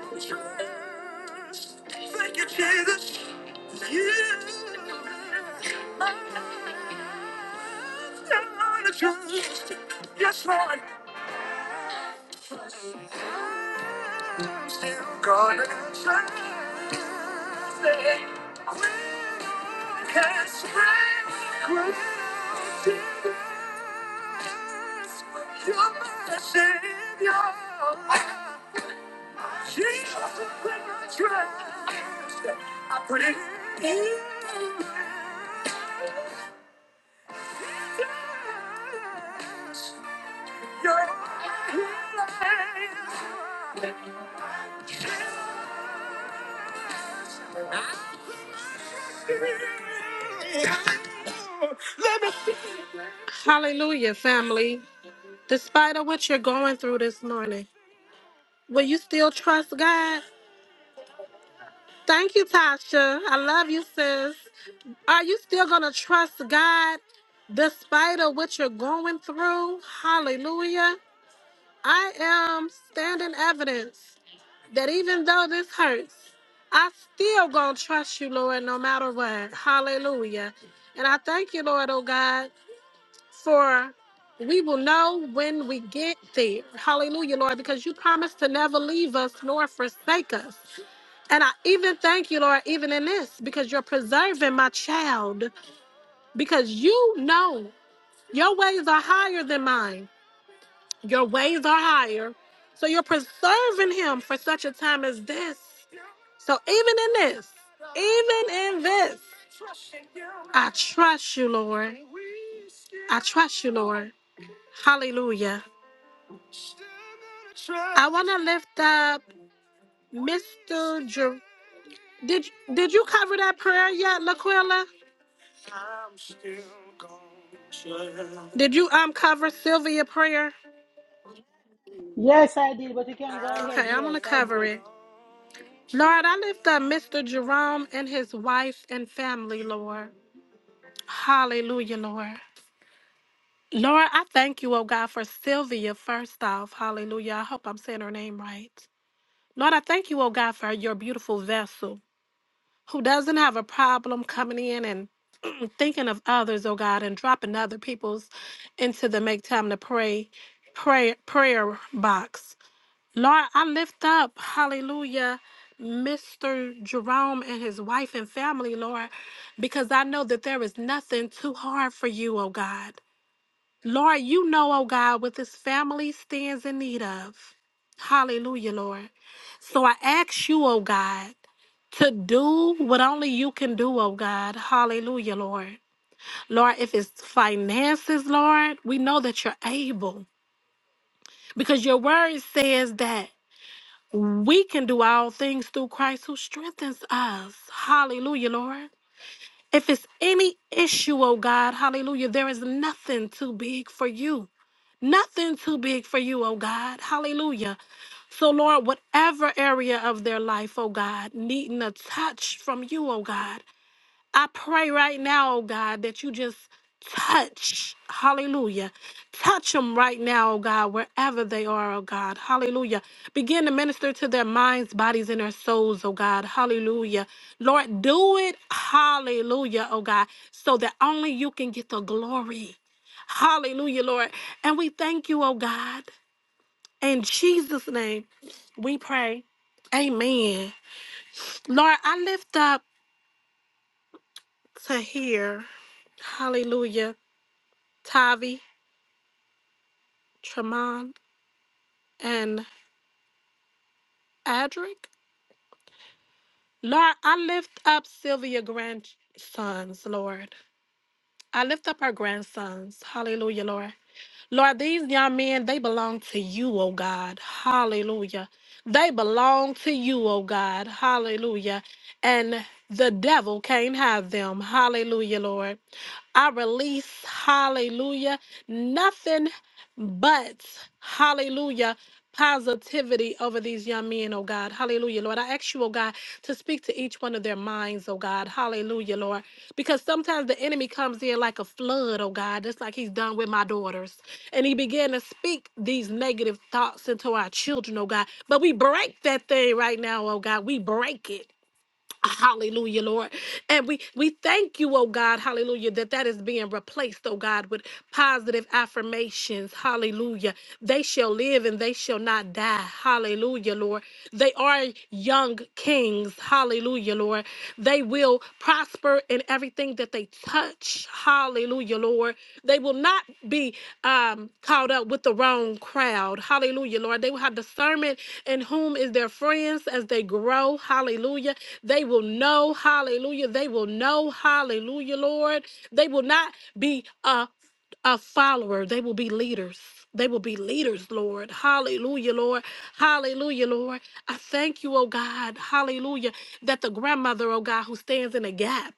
[SPEAKER 10] gonna trust. Thank you, Jesus. You, I'm still gonna trust. Yes, Lord. I'm still gonna try. When you can strike when you are my savior. Jesus, when I trust, I put it in you. Hallelujah, family. Despite of what you're going through this morning, will you still trust God? Thank you, Tasha. I love you, sis. Are you still gonna trust God despite of what you're going through? Hallelujah. I am standing evidence. that even though this hurts, I still gonna trust you, Lord, no matter what. Hallelujah. And I thank you, Lord, oh God, for we will know when we get there. Hallelujah, Lord, because you promised to never leave us nor forsake us. And I even thank you, Lord, even in this, because you're preserving my child, because you know your ways are higher than mine. Your ways are higher. So you're preserving him for such a time as this. So even in this, even in this, I trust you, Lord. I trust you, Lord. Hallelujah. I want to lift up Mr. Jer- did did you cover that prayer yet, Laquilla? Did you um cover Sylvia prayer?
[SPEAKER 3] Yes, I did, but you can go ahead.
[SPEAKER 10] Okay, I'm
[SPEAKER 3] Yes,
[SPEAKER 10] gonna
[SPEAKER 3] I
[SPEAKER 10] cover
[SPEAKER 3] did.
[SPEAKER 10] it. Lord, I lift up Mr. Jerome and his wife and family, Lord. Hallelujah, Lord. Lord, I thank you, oh God, for Sylvia, first off. Hallelujah. I hope I'm saying her name right. Lord, I thank you, oh God, for your beautiful vessel who doesn't have a problem coming in and thinking of others, oh God, and dropping other people's into the make time to pray prayer prayer box. Lord, I lift up, hallelujah, Mr. Jerome and his wife and family, Lord, because I know that there is nothing too hard for you, oh God. Lord, you know, oh God, what this family stands in need of. Hallelujah, Lord. So I ask you, oh God, to do what only you can do, oh God. Hallelujah, Lord. Lord, if it's finances, Lord, we know that you're able because your word says that. We can do all things through Christ who strengthens us. Hallelujah, Lord. If it's any issue, oh God, hallelujah, there is nothing too big for you. Nothing too big for you, oh God. Hallelujah. So, Lord, whatever area of their life, oh God, needing a touch from you, oh God. I pray right now, oh God, that you just touch, hallelujah. Touch them right now, oh God, wherever they are, oh God, hallelujah. Begin to minister to their minds, bodies, and their souls, oh God, hallelujah. Lord, do it, hallelujah, oh God, so that only you can get the glory, hallelujah, Lord. And we thank you, oh God. In Jesus' name, we pray. Amen. Lord, I lift up to here. Hallelujah. Tavi, Tremont, and Adric. Lord, I lift up Sylvia grandsons, Lord. I lift up our grandsons. Hallelujah, Lord. Lord, these young men, they belong to you, oh God. Hallelujah. They belong to you, oh God. Hallelujah. And the devil can't have them. Hallelujah, Lord. I release, hallelujah, nothing but, hallelujah, positivity over these young men, oh God. Hallelujah, Lord. I ask you, oh God, to speak to each one of their minds, oh God. Hallelujah, Lord. Because sometimes the enemy comes in like a flood, oh God, just like he's done with my daughters. And he began to speak these negative thoughts into our children, oh God. But we break that thing right now, oh God. We break it. Hallelujah, Lord. And we we thank you, oh God, hallelujah, that that is being replaced, oh God, with positive affirmations. Hallelujah. They shall live and they shall not die. Hallelujah, Lord. They are young kings. Hallelujah, Lord. They will prosper in everything everything that they touch, hallelujah, Lord, they will not be um, caught up with the wrong crowd, hallelujah, Lord. They will have discernment in whom is their friends as they grow, hallelujah. They will know, hallelujah. They will know, hallelujah, Lord. They will not be uh, a follower. They will be leaders. They will be leaders, Lord. Hallelujah, Lord. Hallelujah, Lord. I thank you, oh God. Hallelujah. That the grandmother, oh God, who stands in a gap.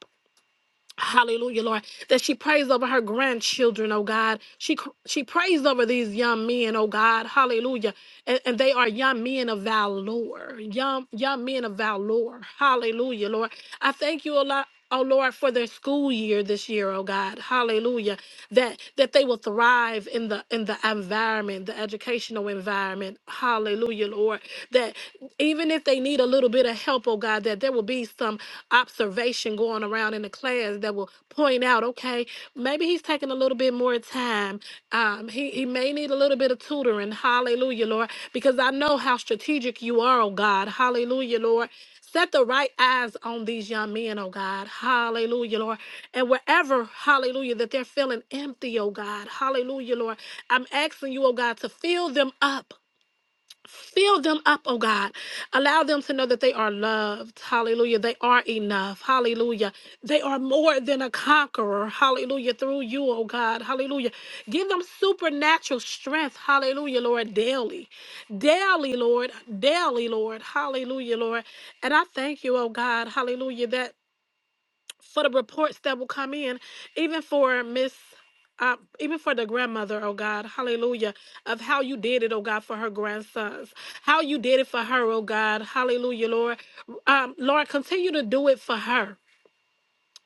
[SPEAKER 10] Hallelujah, Lord, that she prays over her grandchildren, oh God. She cr- she prays over these young men, oh God. Hallelujah. And, and they are young men of valor. Young young men of valor. Hallelujah, Lord. I thank you a lot. Oh Lord, for their school year this year, oh God, Hallelujah! That that they will thrive in the in the environment, the educational environment, Hallelujah, Lord. That even if they need a little bit of help help, oh God, that there will be some observation going around in the class that will point out, okay, maybe he's taking a little bit more time. Um, he, he may need a little bit of tutoring. Hallelujah, Lord, because I know how strategic you are, oh God. Hallelujah, Lord. Set the right eyes on these young men, oh God. Hallelujah, Lord. And wherever, hallelujah, that they're feeling empty, oh God. Hallelujah, Lord. I'm asking you, oh God, to fill them up. Fill them up, oh God. Allow them to know that they are loved. Hallelujah. They are enough. Hallelujah. They are more than a conqueror. Hallelujah. Through you, oh God. Hallelujah. Give them supernatural strength. Hallelujah, Lord. Daily. Daily, Lord. Daily, Lord. Hallelujah, Lord. And I thank you, oh God. Hallelujah. That for the reports that will come in, even for Miss. Uh, even for the grandmother, oh God, hallelujah, of how you did it, oh God, for her grandsons, how you did it for her, oh God, hallelujah, Lord. Um, Lord, continue to do it for her.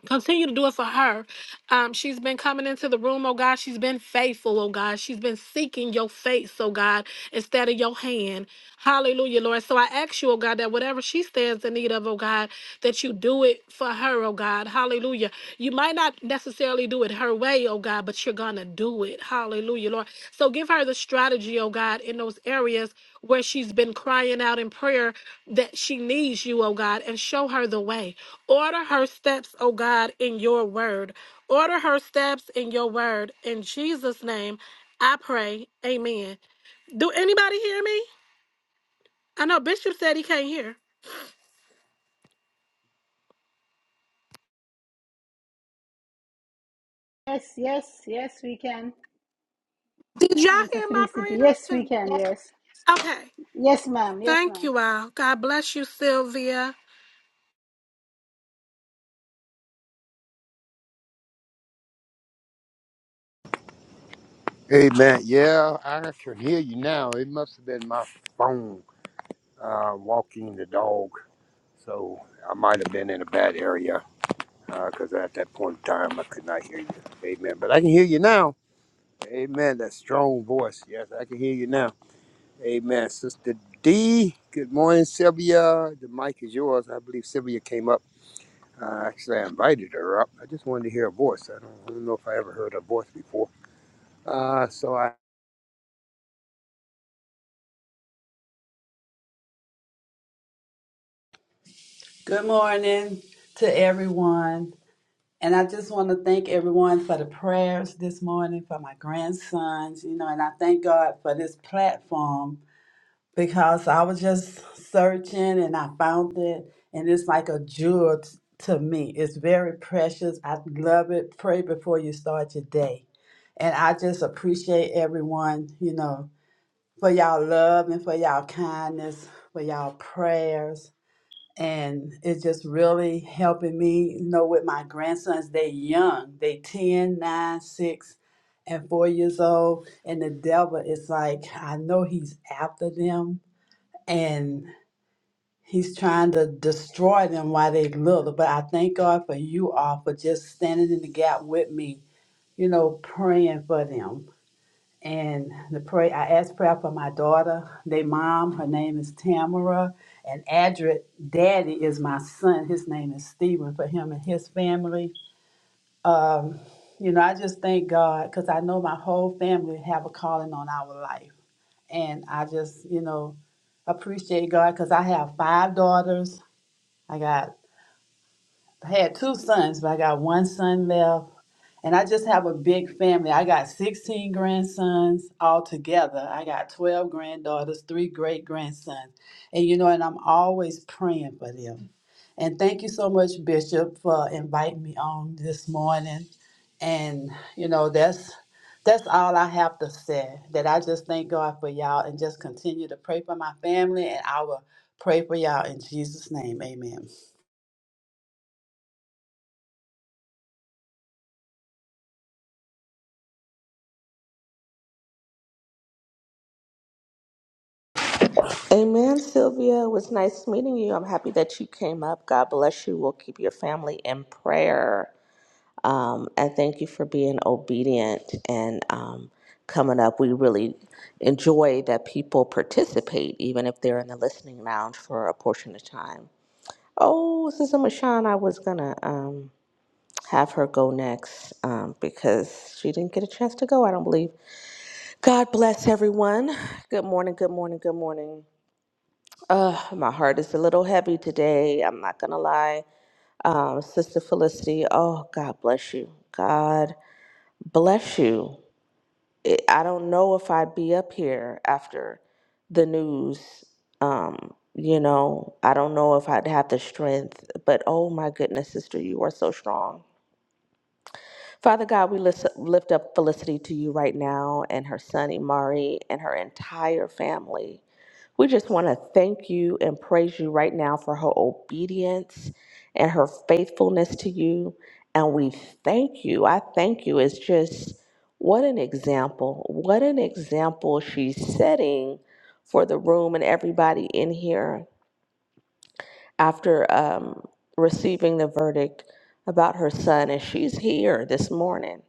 [SPEAKER 10] Continue to do it for her. Um, she's been coming into the room, oh God. She's been faithful, oh God. She's been seeking your face, oh God, instead of your hand. Hallelujah, Lord. So I ask you, oh God, that whatever she stands in need of, oh God, that you do it for her, oh God. Hallelujah. You might not necessarily do it her way, oh God, but you're going to do it. Hallelujah, Lord. So give her the strategy, oh God, in those areas where she's been crying out in prayer that she needs you, oh God, and show her the way. Order her steps, oh God, in your word. Order her steps in your word. In Jesus' name, I pray. Amen. Do anybody hear me? I know Bishop said he can't hear.
[SPEAKER 3] Yes, yes, yes, we can.
[SPEAKER 10] Did y'all
[SPEAKER 3] Minister
[SPEAKER 10] hear my
[SPEAKER 3] Felicity,
[SPEAKER 10] prayer?
[SPEAKER 3] yes, we
[SPEAKER 10] 'Cause-
[SPEAKER 3] can. Yes.
[SPEAKER 10] Okay.
[SPEAKER 3] Yes, ma'am. Yes,
[SPEAKER 10] Thank
[SPEAKER 3] ma'am.
[SPEAKER 10] you all. God bless you, Sylvia.
[SPEAKER 8] Amen. Yeah, I can hear you now. It must have been my phone uh, walking the dog. So I might have been in a bad area because at that point in time I could not hear you. Amen. But I can hear you now. Amen. That strong voice. Yes, I can hear you now. Amen. Sister D, good morning, Sylvia. The mic is yours. I believe Sylvia came up. Uh, actually, I invited her up. I just wanted to hear a voice. I don't, I don't know if I ever heard her voice before. Uh, so I,
[SPEAKER 11] Good morning to everyone. And I just want to thank everyone for the prayers this morning for my grandsons, you know, and I thank God for this platform because I was just searching and I found it. And it's like a jewel t- to me. It's very precious. I love it. Pray before you start your day. And I just appreciate everyone, you know, for y'all love and for y'all kindness, for y'all prayers and it's just really helping me you know with my grandsons they young they ten, nine, 6 and 4 years old and the devil is like i know he's after them and he's trying to destroy them while they little but i thank god for you all for just standing in the gap with me you know praying for them and the pray, I asked prayer for my daughter, They mom. Her name is Tamara. And Adrit, daddy is my son. His name is Stephen for him and his family. Um, you know, I just thank God because I know my whole family have a calling on our life. And I just, you know, appreciate God because I have five daughters. I got I had two sons, but I got one son left. And I just have a big family. I got 16 grandsons altogether. I got 12 granddaughters, three great grandsons. And you know, and I'm always praying for them. And thank you so much, Bishop, for inviting me on this morning. And you know, that's that's all I have to say. That I just thank God for y'all and just continue to pray for my family and I will pray for y'all in Jesus' name. Amen.
[SPEAKER 12] Amen, Sylvia. It was nice meeting you. I'm happy that you came up. God bless you. We'll keep your family in prayer. Um, and thank you for being obedient and um, coming up. We really enjoy that people participate, even if they're in the listening lounge for a portion of time. Oh, Sister Mashawn, I was going to um, have her go next um, because she didn't get a chance to go, I don't believe. God bless everyone. Good morning, good morning, good morning. Uh, my heart is a little heavy today. I'm not gonna lie. Um, Sister Felicity, oh, God bless you. God bless you. It, I don't know if I'd be up here after the news. Um, you know, I don't know if I'd have the strength, but oh my goodness, sister, you are so strong. Father God, we lift, lift up Felicity to you right now and her son, Imari, and her entire family. We just want to thank you and praise you right now for her obedience and her faithfulness to you. And we thank you. I thank you. It's just what an example. What an example she's setting for the room and everybody in here after um, receiving the verdict about her son. And she's here this morning.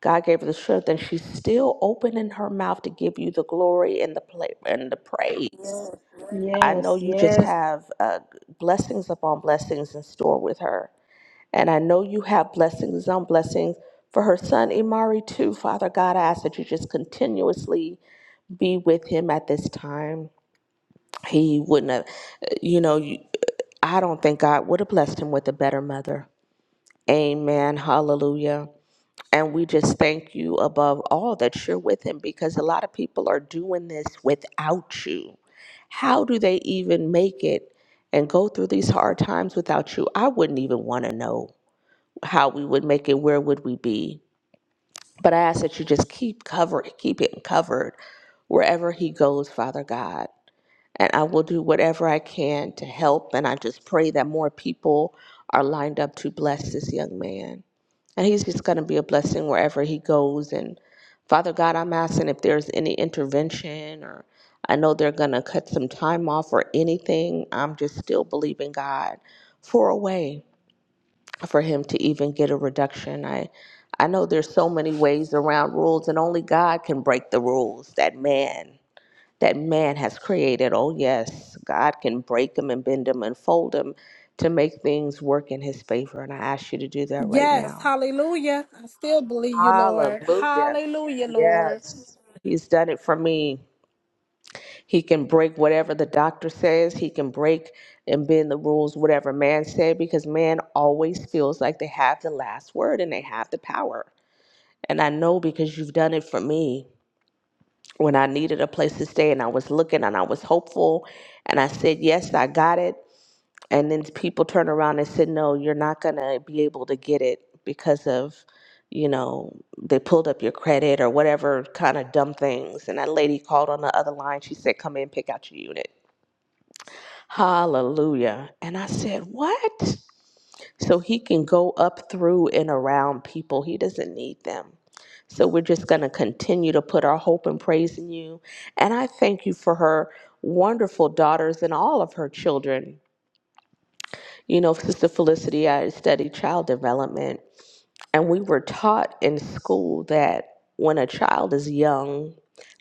[SPEAKER 12] God gave her the strength, and she's still opening her mouth to give you the glory and the pla- and the praise. I know
[SPEAKER 3] Yes,
[SPEAKER 12] you just
[SPEAKER 3] yes.
[SPEAKER 12] have uh, blessings upon blessings in store with her. And I know you have blessings on blessings for her son, Imari, too. Father God, I ask that you just continuously be with him at this time. He wouldn't have, uh, you know, you, I don't think God would have blessed him with a better mother. Amen. Hallelujah. And we just thank you above all that you're with him because a lot of people are doing this without you how do they even make it and go through these hard times without you? I wouldn't even want to know how we would make it. Where would we be? But I ask that you just keep covering, keep him covered wherever he goes, Father God. And I will do whatever I can to help. And I just pray that more people are lined up to bless this young man. And he's just going to be a blessing wherever he goes. And Father God, I'm asking if there's any intervention or I know they're going to cut some time off or anything. I'm just still believing God for a way for him to even get a reduction. I I know there's so many ways around rules and only God can break the rules that man that man has created. Oh yes, God can break them and bend them and fold them to make things work in his favor and I ask you to do that right
[SPEAKER 10] Yes.
[SPEAKER 12] now.
[SPEAKER 10] Hallelujah. I still believe you, Lord.
[SPEAKER 12] Hallelujah.
[SPEAKER 10] Hallelujah, Lord.
[SPEAKER 12] Yes. He's done it for me. He can break whatever the doctor says. He can break and bend the rules, whatever man said, because man always feels like they have the last word and they have the power. And I know because you've done it for me when I needed a place to stay and I was looking and I was hopeful and I said, Yes, I got it and then people turn around and said no you're not going to be able to get it because of you know they pulled up your credit or whatever kind of dumb things and that lady called on the other line she said come in pick out your unit hallelujah and i said what so he can go up through and around people he doesn't need them so we're just going to continue to put our hope and praise in you and i thank you for her wonderful daughters and all of her children you know, Sister Felicity, I studied child development, and we were taught in school that when a child is young,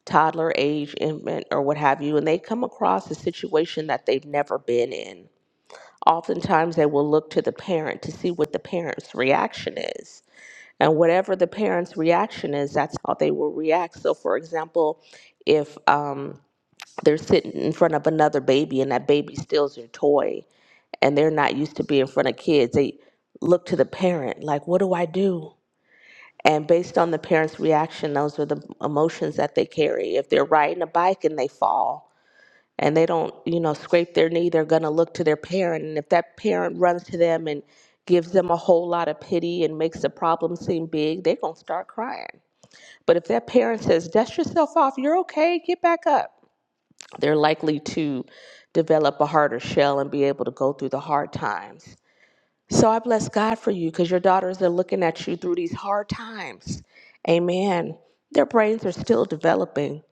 [SPEAKER 12] toddler age, infant, or what have you, and they come across a situation that they've never been in, oftentimes they will look to the parent to see what the parent's reaction is. And whatever the parent's reaction is, that's how they will react. So, for example, if um, they're sitting in front of another baby and that baby steals your toy, and they're not used to be in front of kids. They look to the parent, like, what do I do? And based on the parent's reaction, those are the emotions that they carry. If they're riding a bike and they fall and they don't, you know, scrape their knee, they're going to look to their parent. And if that parent runs to them and gives them a whole lot of pity and makes the problem seem big, they're going to start crying. But if that parent says, dust yourself off, you're okay, get back up, they're likely to develop a harder shell and be able to go through the hard times so I bless God for you because your daughters are looking at you through these hard times. Amen. Their brains are still developing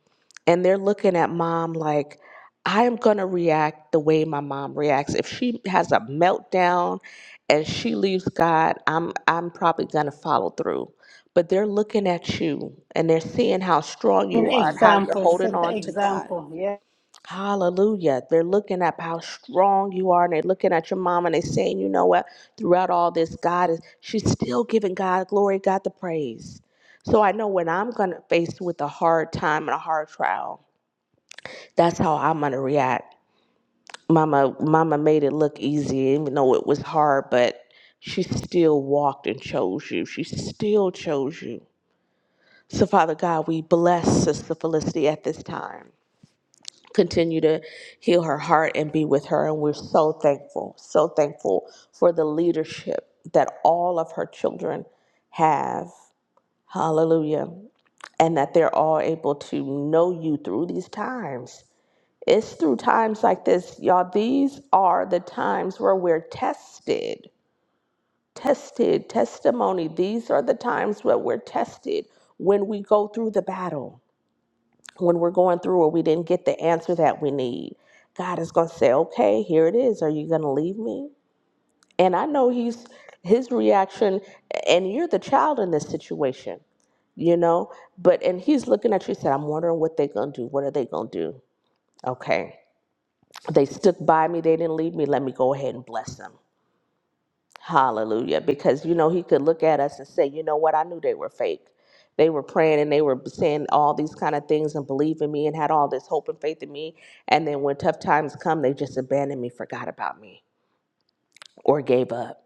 [SPEAKER 12] and they're looking at mom like, I am going to react the way my mom reacts. If she has a meltdown and she leaves God, I'm I'm probably going to follow through. But they're looking at you and they're seeing how strong
[SPEAKER 3] An
[SPEAKER 12] you are and how you're
[SPEAKER 3] example, set
[SPEAKER 12] holding
[SPEAKER 3] an
[SPEAKER 12] on to God.
[SPEAKER 3] example. Yes,
[SPEAKER 12] Hallelujah. They're looking up how strong you are, and they're looking at your mom, and they're saying, you know what? Throughout all this, God is, she's still giving God glory, God the praise. So I know when I'm going to face with a hard time and a hard trial, that's how I'm going to react. Mama, mama made it look easy, even though it was hard, but she still walked and chose you. She still chose you. So Father God, we bless Sister Felicity at this time. continue to heal her heart and be with her. And we're so thankful, so thankful for the leadership that all of her children have. Hallelujah. And that they're all able to know you through these times. It's through times like this, y'all. These are the times where we're tested, tested, testimony. These are the times where we're tested when we go through the battle when we're going through or we didn't get the answer that we need, God is going to say, "Okay, here it is. Are you going to leave me?" And I know he's his reaction and you're the child in this situation, you know? But and he's looking at you and said, "I'm wondering what they're going to do. What are they going to do?" Okay. They stuck by me. They didn't leave me. Let me go ahead and bless them. Hallelujah. Because, you know, he could look at us and say, you know what? I knew they were fake. They were praying and they were saying all these kind of things and believing me and had all this hope and faith in me. And then when tough times come, they just abandoned me, forgot about me, or gave up.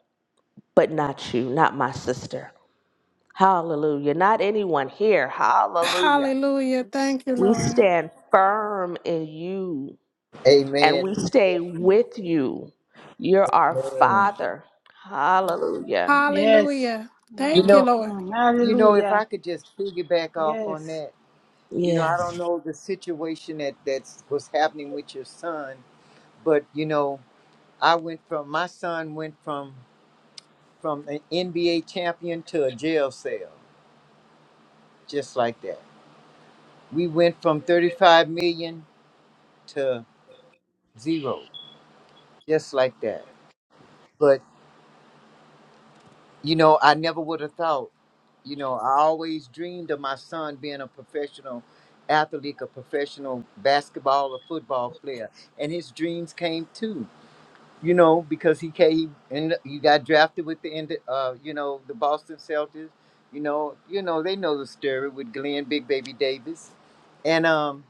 [SPEAKER 12] But not you, not my sister. Hallelujah. Not anyone here. Hallelujah.
[SPEAKER 10] Hallelujah. Thank you,
[SPEAKER 12] We
[SPEAKER 10] Lord.
[SPEAKER 12] stand firm in you and
[SPEAKER 5] Amen.
[SPEAKER 12] we stay with you. You're our
[SPEAKER 5] Amen.
[SPEAKER 12] Father. Hallelujah.
[SPEAKER 3] yes.
[SPEAKER 10] Hallelujah.
[SPEAKER 5] You
[SPEAKER 10] Thank you,
[SPEAKER 5] know,
[SPEAKER 10] Lord.
[SPEAKER 3] Mhm.
[SPEAKER 5] you know, if I
[SPEAKER 3] Hallelujah.
[SPEAKER 5] could just piggyback off on
[SPEAKER 3] Yes.
[SPEAKER 5] that, you know, I
[SPEAKER 12] Yes.
[SPEAKER 5] don't know the situation that that's was happening with your son, but you know, I went from my son went from from an NBA champion to a jail cell, just like that. We went from 35 million to zero, just like that. But, you know, I never would have thought, you know, I always dreamed of my son being a professional athlete, a professional basketball or football player, and his dreams came too. you know, because he came and he got drafted with the end, uh, you know, the Boston Celtics. You know, you know, they know the story with Glenn Big Baby Davis, and um,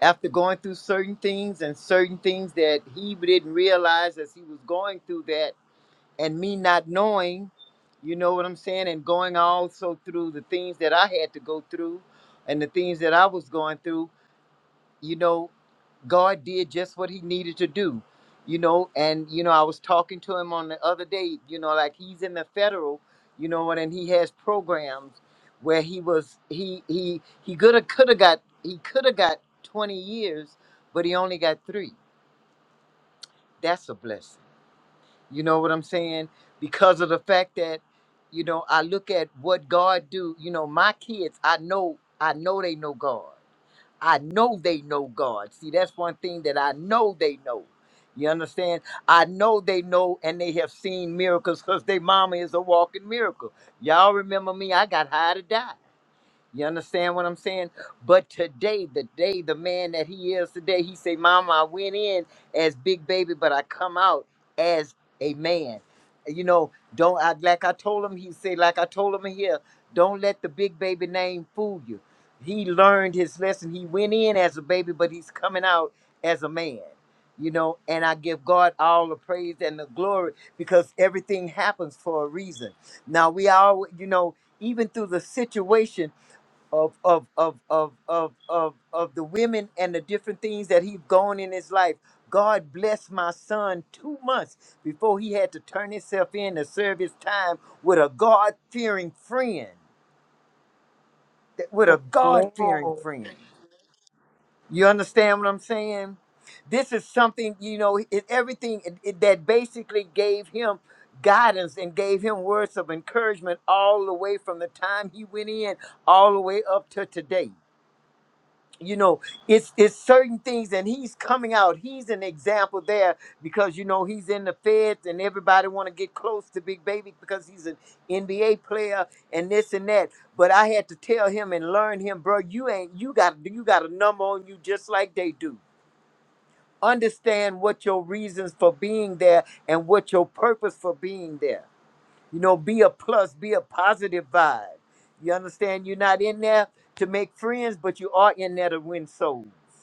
[SPEAKER 5] after going through certain things and certain things that he didn't realize as he was going through that, and me not knowing, you know what I'm saying, and going also through the things that I had to go through, and the things that I was going through you know, God did just what he needed to do, you know. And, you know, I was talking to him on the other day, you know, like he's in the federal, you know, and he has programs where he was he he he could have could have got he could have got 20 years, but he only got three. That's a blessing. You know what I'm saying? Because of the fact that, you know, I look at what God do, you know, my kids, I know, I know they know God. I know they know God. See, that's one thing that I know they know. You understand? I know they know and they have seen miracles because their mama is a walking miracle. Y'all remember me? I got high to die. You understand what I'm saying? But today, the day, the man that he is today, he say, "Mama, I went in as big baby, but I come out as a man." You know, don't I, like I told him. He say, like I told him here, don't let the big baby name fool you. He learned his lesson. He went in as a baby, but he's coming out as a man. You know, and I give God all the praise and the glory because everything happens for a reason. Now we all, you know, even through the situation of of of of of of of the women and the different things that he have gone in his life. God blessed my son two months before he had to turn himself in to serve his time with a God fearing friend. Th- With a God
[SPEAKER 12] Man,
[SPEAKER 5] fearing friend. You understand what I'm saying? This is something, you know, it, everything it, it- that basically gave him guidance and gave him words of encouragement all the way from the time he went in all the way up to today. you know it's it's certain things and he's coming out he's an example there because you know he's in the feds and everybody want to get close to big baby because he's an nba player and this and that but i had to tell him and learn him bro you ain't you got you got a number on you just like they do understand what your reasons for being there and what your purpose for being there you know be a plus be a positive vibe you understand you're not in there to make friends but you are in there to win souls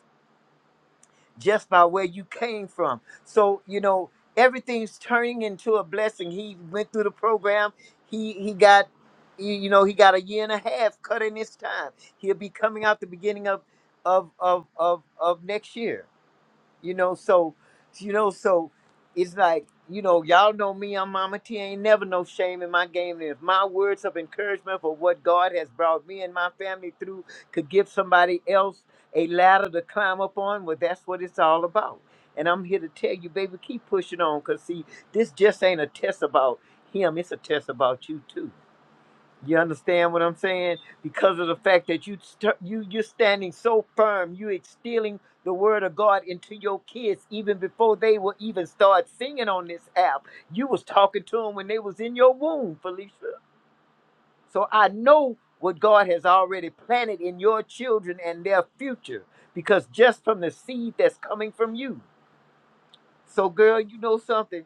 [SPEAKER 5] just by where you came from. So, you know, everything's turning into a blessing. He went through the program. He he got you you know, he got a year and a half cut in his time. He'll be coming out the beginning of of of of, of next year. You know, so you know, so it's like you know, y'all know me. I'm Mama T. Ain't never no shame in my game. And if my words of encouragement for what God has brought me and my family through could give somebody else a ladder to climb up on, well, that's what it's all about. And I'm here to tell you, baby, keep pushing on, cause see, this just ain't a test about him. It's a test about you too. You understand what I'm saying? Because of the fact that you st- you you're standing so firm, you instilling the word of God into your kids even before they will even start singing on this app. You was talking to them when they was in your womb, Felicia. So I know what God has already planted in your children and their future because just from the seed that's coming from you. So girl, you know something?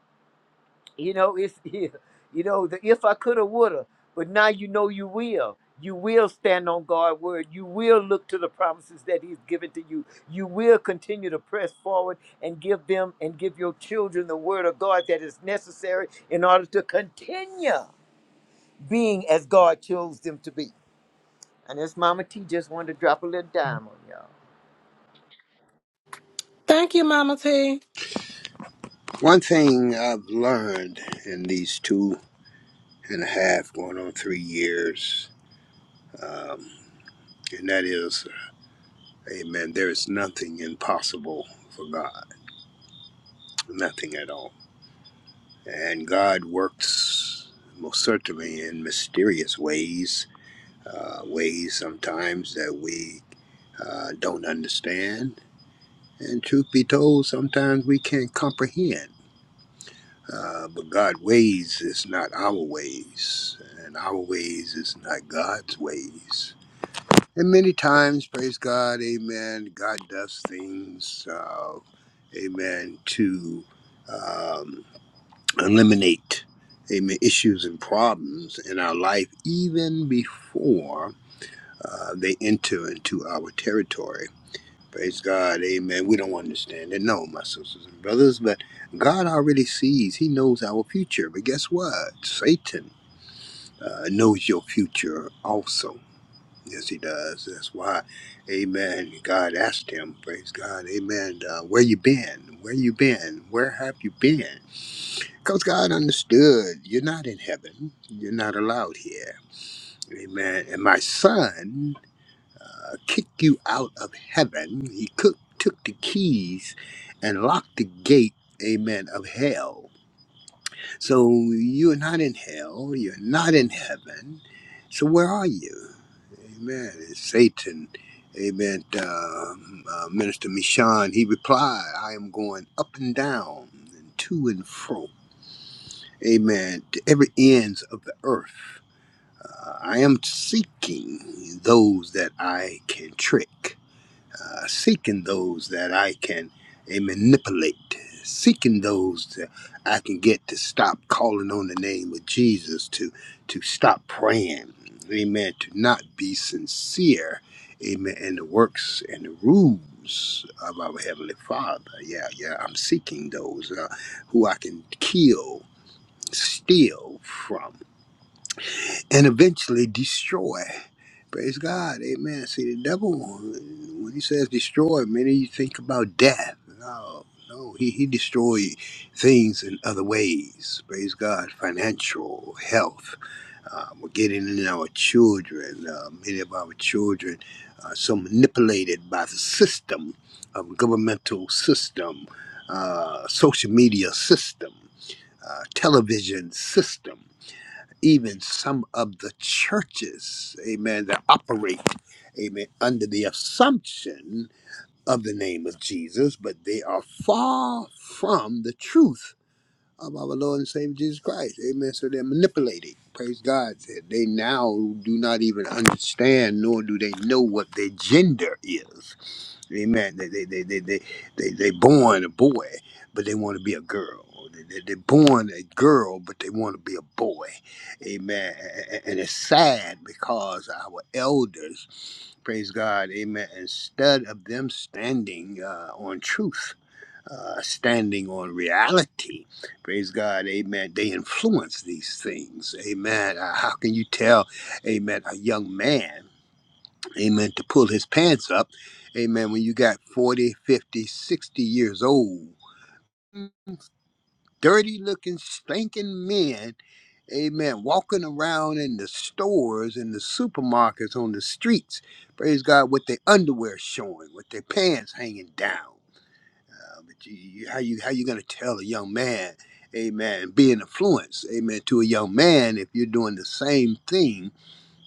[SPEAKER 5] You know, it's yeah, you know, the if I coulda woulda, but now you know you will. You will stand on God's word. You will look to the promises that He's given to you. You will continue to press forward and give them and give your children the word of God that is necessary in order to continue being as God chose them to be. And this Mama T just wanted to drop a little dime on y'all.
[SPEAKER 10] Thank you, Mama T.
[SPEAKER 8] one thing I've learned in these two and a half, going on three years, um, and that is, Amen. There is nothing impossible for God, nothing at all. And God works most certainly in mysterious ways, uh, ways sometimes that we uh, don't understand And truth be told, sometimes we can't comprehend. Uh, but God's ways is not our ways, and our ways is not God's ways. And many times, praise God, amen, God does things, uh, amen, to um, eliminate, amen, issues and problems in our life even before uh, they enter into our territory. Praise God, amen. We don't understand it, no, my sisters and brothers, but God already sees, He knows our future. But guess what? Satan uh, knows your future also. Yes, he does. That's why, amen. God asked him, praise God, amen, uh, where you been? Where you been? Where have you been? Because God understood, you're not in heaven, you're not allowed here. Amen. And my son uh, kick you out of heaven. He cook, took the keys and locked the gate, amen, of hell. So you're not in hell, you're not in heaven. So where are you? Amen. It's Satan, amen, uh, uh, Minister Mishan, he replied, I am going up and down and to and fro. Amen. To every ends of the earth, uh, I am seeking those that I can trick. uh, seeking those that I can uh, manipulate, seeking those that I can get to stop calling on the name of Jesus, to to stop praying, amen, to not be sincere, amen, in the works and the rules of our Heavenly Father. Yeah, yeah, I'm seeking those uh, who I can kill, steal from, and eventually destroy. Praise God. Amen. See, the devil, when he says destroy, many of you think about death. No, no, he, he destroys things in other ways. Praise God. Financial, health. Uh, we're getting in our children. Uh, many of our children are so manipulated by the system of governmental system, uh, social media system, uh, television system even some of the churches, amen, that operate, amen, under the assumption of the name of Jesus, but they are far from the truth of our Lord and Savior Jesus Christ. Amen. So they're manipulating. Praise God. They now do not even understand, nor do they know what their gender is. Amen. They they they they they they, they born a boy, but they want to be a girl. They, they, they're born a girl, but they want to be a boy. Amen. A- a- And it's sad because our elders, praise God, amen, instead of them standing uh, on truth, uh, standing on reality, praise God, amen, they influence these things. Amen. Uh, How can you tell, amen, a young man? amen to pull his pants up amen when you got 40, 50, 60 years old dirty looking stinking men amen walking around in the stores in the supermarkets on the streets praise god with their underwear showing with their pants hanging down Uh, but you, you- how you how you going to tell a young man amen be an influence amen to a young man if you're doing the same thing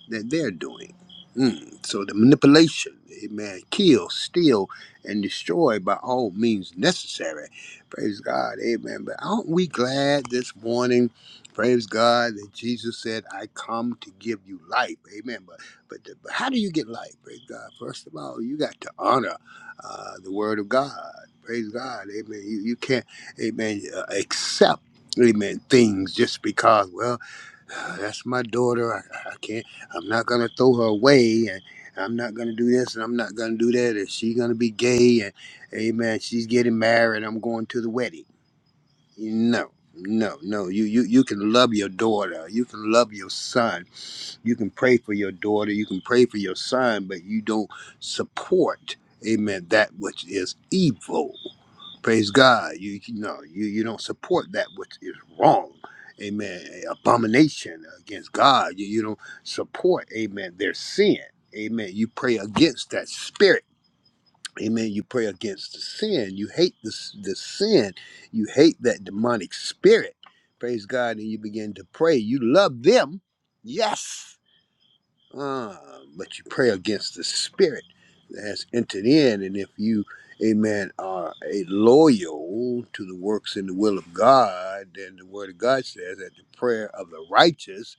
[SPEAKER 8] that they're doing. Mm. So the manipulation, amen, kill, steal, and destroy by all means necessary. Praise God, amen. But aren't we glad this morning? Praise God that Jesus said, "I come to give you life." Amen. But but, the, but how do you get life? Praise God. First of all, you got to honor uh, the Word of God. Praise God, amen. You you can't, amen, uh, accept, amen, things just because. Well uh, that's my daughter. I, I can't. I'm not gonna throw her away, and I'm not gonna do this, and I'm not gonna do that. And she's gonna be gay, and amen. She's getting married. I'm going to the wedding. No, no, no. You you you can love your daughter. You can love your son you can pray for your daughter, you can pray for your son, but you don't support, amen, that which is evil. Praise God. You, you know, you, you don't support that which is wrong. Amen. Abomination against God. You, you don't support, amen, their sin. Amen. You pray against that spirit. Amen. You pray against the sin. You hate this the sin. You hate that demonic spirit. Praise God. And you begin to pray. You love them. Yes. Uh, but you pray against the spirit that has entered in. And if you, amen, are a loyal to the works and the will of God, then the word of God says that the prayer of the righteous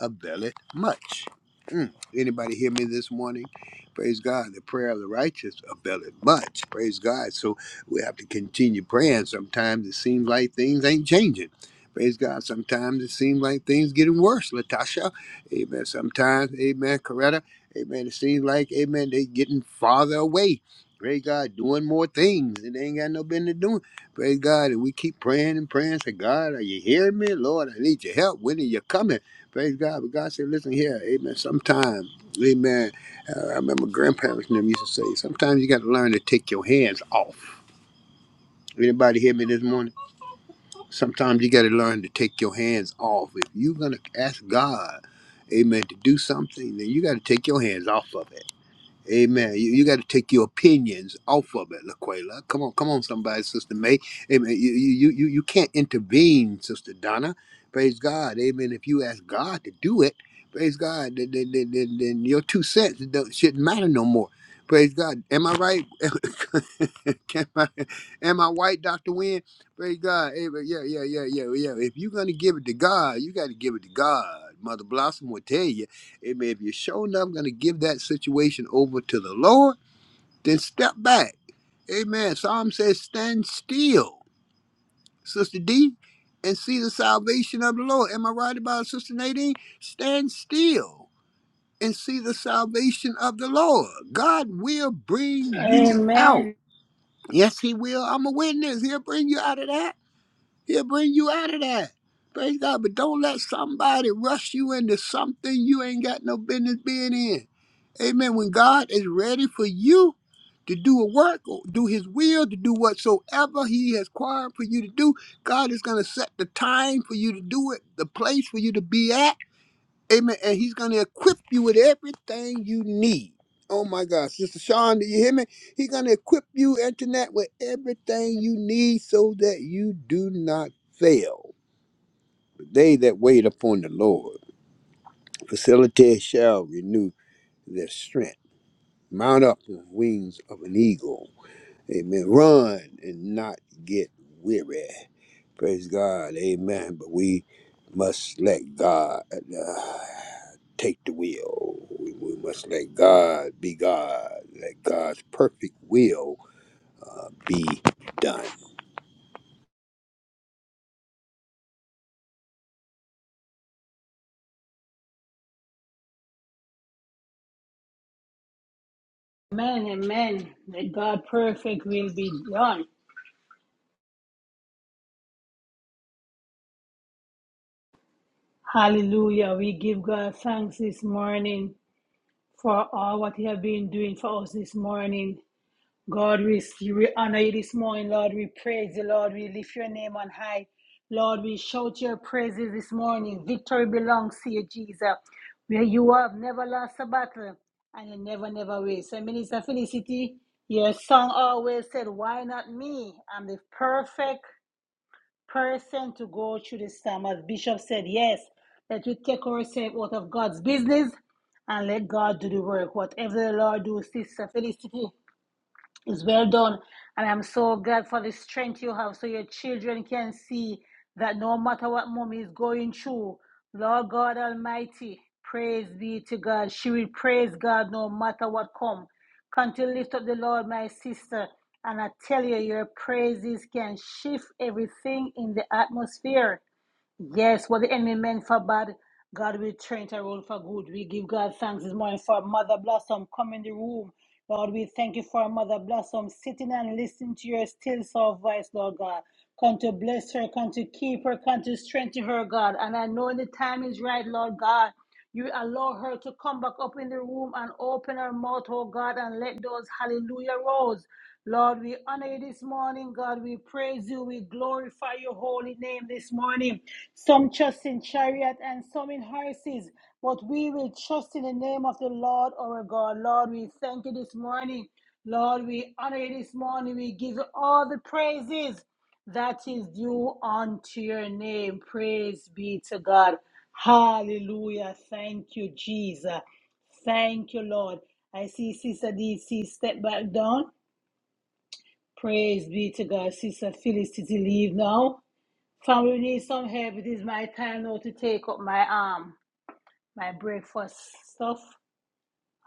[SPEAKER 8] availeth much. Mm. Anybody hear me this morning? Praise God. The prayer of the righteous availeth much. Praise God. So we have to continue praying. Sometimes it seems like things ain't changing. Praise God. Sometimes it seems like things getting worse, Latasha. Amen. Sometimes, amen, Coretta, amen, it seems like, amen, they getting farther away. Praise God, doing more things. And they ain't got no business doing. Praise God. And we keep praying and praying. Say, God, are you hearing me? Lord, I need your help. When are you coming? Praise God. But God said, listen here, amen, sometime, amen. Uh, I remember grandparents and them used to say, sometimes you got to learn to take your hands off. Anybody hear me this morning? Sometimes you got to learn to take your hands off. If you're going to ask God, amen, to do something, then you got to take your hands off of it. Amen. You, you got to take your opinions off of it, Laquela. Come on, come on, somebody, Sister May. Amen. You, you, you, you can't intervene, Sister Donna. Praise God. Amen. If you ask God to do it, praise God, then, then, then, then, then your two cents don't- shouldn't matter no more. Praise God. Am I right? Am I, am I white, Dr. Wynn? Praise God. Amen. Yeah, yeah, yeah, yeah, yeah. If you're going to give it to God, you got to give it to God. Mother Blossom will tell you. Amen. If you're sure enough going to give that situation over to the Lord, then step back. Amen. Psalm says, stand still, Sister D, and see the salvation of the Lord. Am I right about it, Sister Nadine? Stand still and see the salvation of the Lord. God will bring you out.
[SPEAKER 3] Amen.
[SPEAKER 8] Yes, He will. I'm a witness. He'll bring you out of that. He'll bring you out of that. Praise God. But don't let somebody rush you into something you ain't got no business being in. Amen. When God is ready for you to do a work, or do his will, to do whatsoever he has required for you to do, God is going to set the time for you to do it, the place for you to be at. Amen. And he's going to equip you with everything you need. Oh my God. Sister Sean, do you hear me? He's going to equip you, internet, with everything you need so that you do not fail. They that wait upon the Lord, facility shall renew their strength. Mount up with wings of an eagle. Amen. Run and not get weary. Praise God. Amen. But we must let God. uh, take the will. We, we must let God be God. Let God's perfect will be done.
[SPEAKER 3] Amen. Amen. That God perfect will be done. Hallelujah. We give God thanks this morning for all what He has been doing for us this morning. God, we, we honor you this morning, Lord. We praise you, Lord. We lift your name on high. Lord, we shout your praises this morning. Victory belongs to you, Jesus. Where you have never lost a battle and you never, never will. So, Minister Felicity, your song always said, Why not me? I'm the perfect person to go through the storm. As Bishop said, Yes, that we take ourselves out of God's business and let God do the work. Whatever the Lord do, Sister Felicity, it's well done. And I'm so glad for the strength you have so your children can see that no matter what mommy is going through, Lord God Almighty, praise be to God. She will praise God no matter what come. Come to lift up the Lord, my sister. And I tell you, your praises can shift everything in the atmosphere. Yes, what the enemy meant for bad, God will turn it around for good. We give God thanks this morning for Mother Blossom. Come in the room. Lord, we thank you for Mother Blossom sitting and listening to your still soft voice, Lord God. Come to bless her, come to keep her, come to strengthen her, God. And I know the time is right, Lord God. You allow her to come back up in the room and open her mouth, oh God, and let those hallelujah rose. Lord, we honor you this morning, God. We praise you. We glorify your holy name this morning. Some trust in chariot and some in horses, but we will trust in the name of the Lord our God. Lord, we thank you this morning. Lord, we honor you this morning. We give you all the praises that is due unto your name. Praise be to God. Hallelujah. Thank you, Jesus. Thank you, Lord. I see Sister DC step back down. Praise be to God. Sister Phyllis to leave now. Family we need some help. It is my time now to take up my um my breakfast stuff.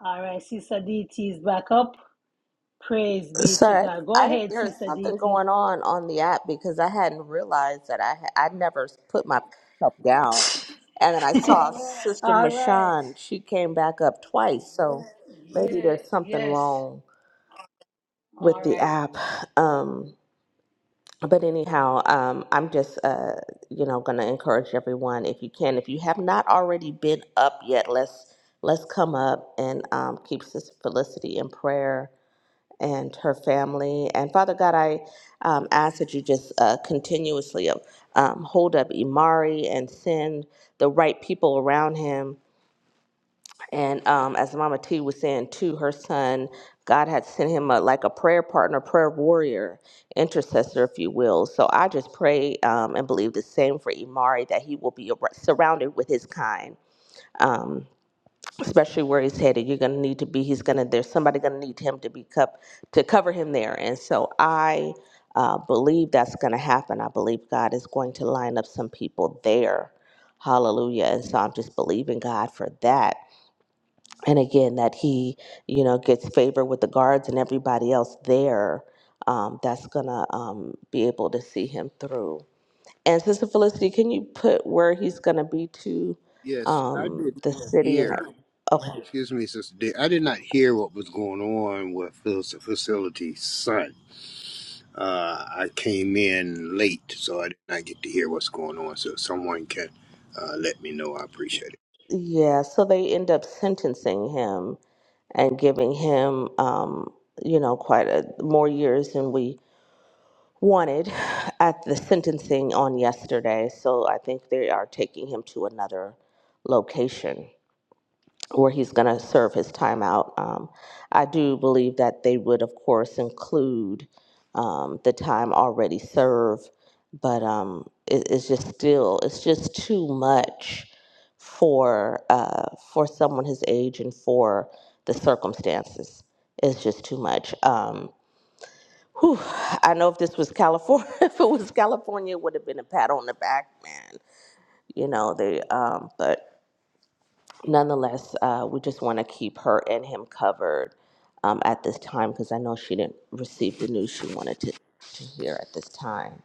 [SPEAKER 3] All right, Sister DT is back up. Praise be to
[SPEAKER 12] sorry,
[SPEAKER 3] God. Go
[SPEAKER 12] I didn't,
[SPEAKER 3] ahead,
[SPEAKER 12] there's
[SPEAKER 3] Sister
[SPEAKER 12] something
[SPEAKER 3] DT.
[SPEAKER 12] going on on the app because I hadn't realized that I had I never put myself down, and then I saw Sister
[SPEAKER 3] All right.
[SPEAKER 12] Mashawn; She came back up twice, so maybe
[SPEAKER 3] Yeah,
[SPEAKER 12] there's something
[SPEAKER 3] yes.
[SPEAKER 12] wrong with
[SPEAKER 3] All
[SPEAKER 12] the
[SPEAKER 3] right.
[SPEAKER 12] app. Um, but anyhow, um, I'm just uh, you know going to encourage everyone if you can, if you have not already been up yet, let's let's come up and um, keep Sister Felicity in prayer and her family. And Father God, I um, ask that you just uh, continuously um, hold up Imari and send the right people around him. And um, as Mama T was saying too, her son, God had sent him a, like a prayer partner, prayer warrior, intercessor, if you will. So I just pray um, and believe the same for Imari that he will be ar- surrounded with his kind. Um, especially where he's headed. You're going to need to be. He's going to. There's somebody going to need him to be cup to cover him there. And so I uh, believe that's going to happen. I believe God is going to line up some people there. Hallelujah. And so I'm just believing God for that. And again, that he, you know, gets favor with the guards and everybody else there. Um, that's going to um, be able to see him through. And Sister Felicity, can you put where he's going to be to
[SPEAKER 8] Yes, I did
[SPEAKER 12] um,
[SPEAKER 8] not
[SPEAKER 12] the city and that?
[SPEAKER 8] hear.
[SPEAKER 12] Okay.
[SPEAKER 8] Excuse me, Sister D. I did not hear what was going on with Phil's facility son. Uh, I came in late, so I did not get to hear what's going on. So if someone can uh, let me know. I appreciate it.
[SPEAKER 12] Yeah, so they end up sentencing him and giving him, um, you know, quite a more years than we wanted at the sentencing on yesterday. So I think they are taking him to another location where he's going to serve his time out. Um, I do believe that they would, of course, include um, the time already served, but um, it, it's just still it's just too much for uh, for someone his age and for the circumstances. It's just too much. Um, whew, I know if this was California, if it was California, it would have been a pat on the back, man. You know they, um, but nonetheless, uh, we just want to keep her and him covered um, at this time because I know she didn't receive the news she wanted to, to hear at this time.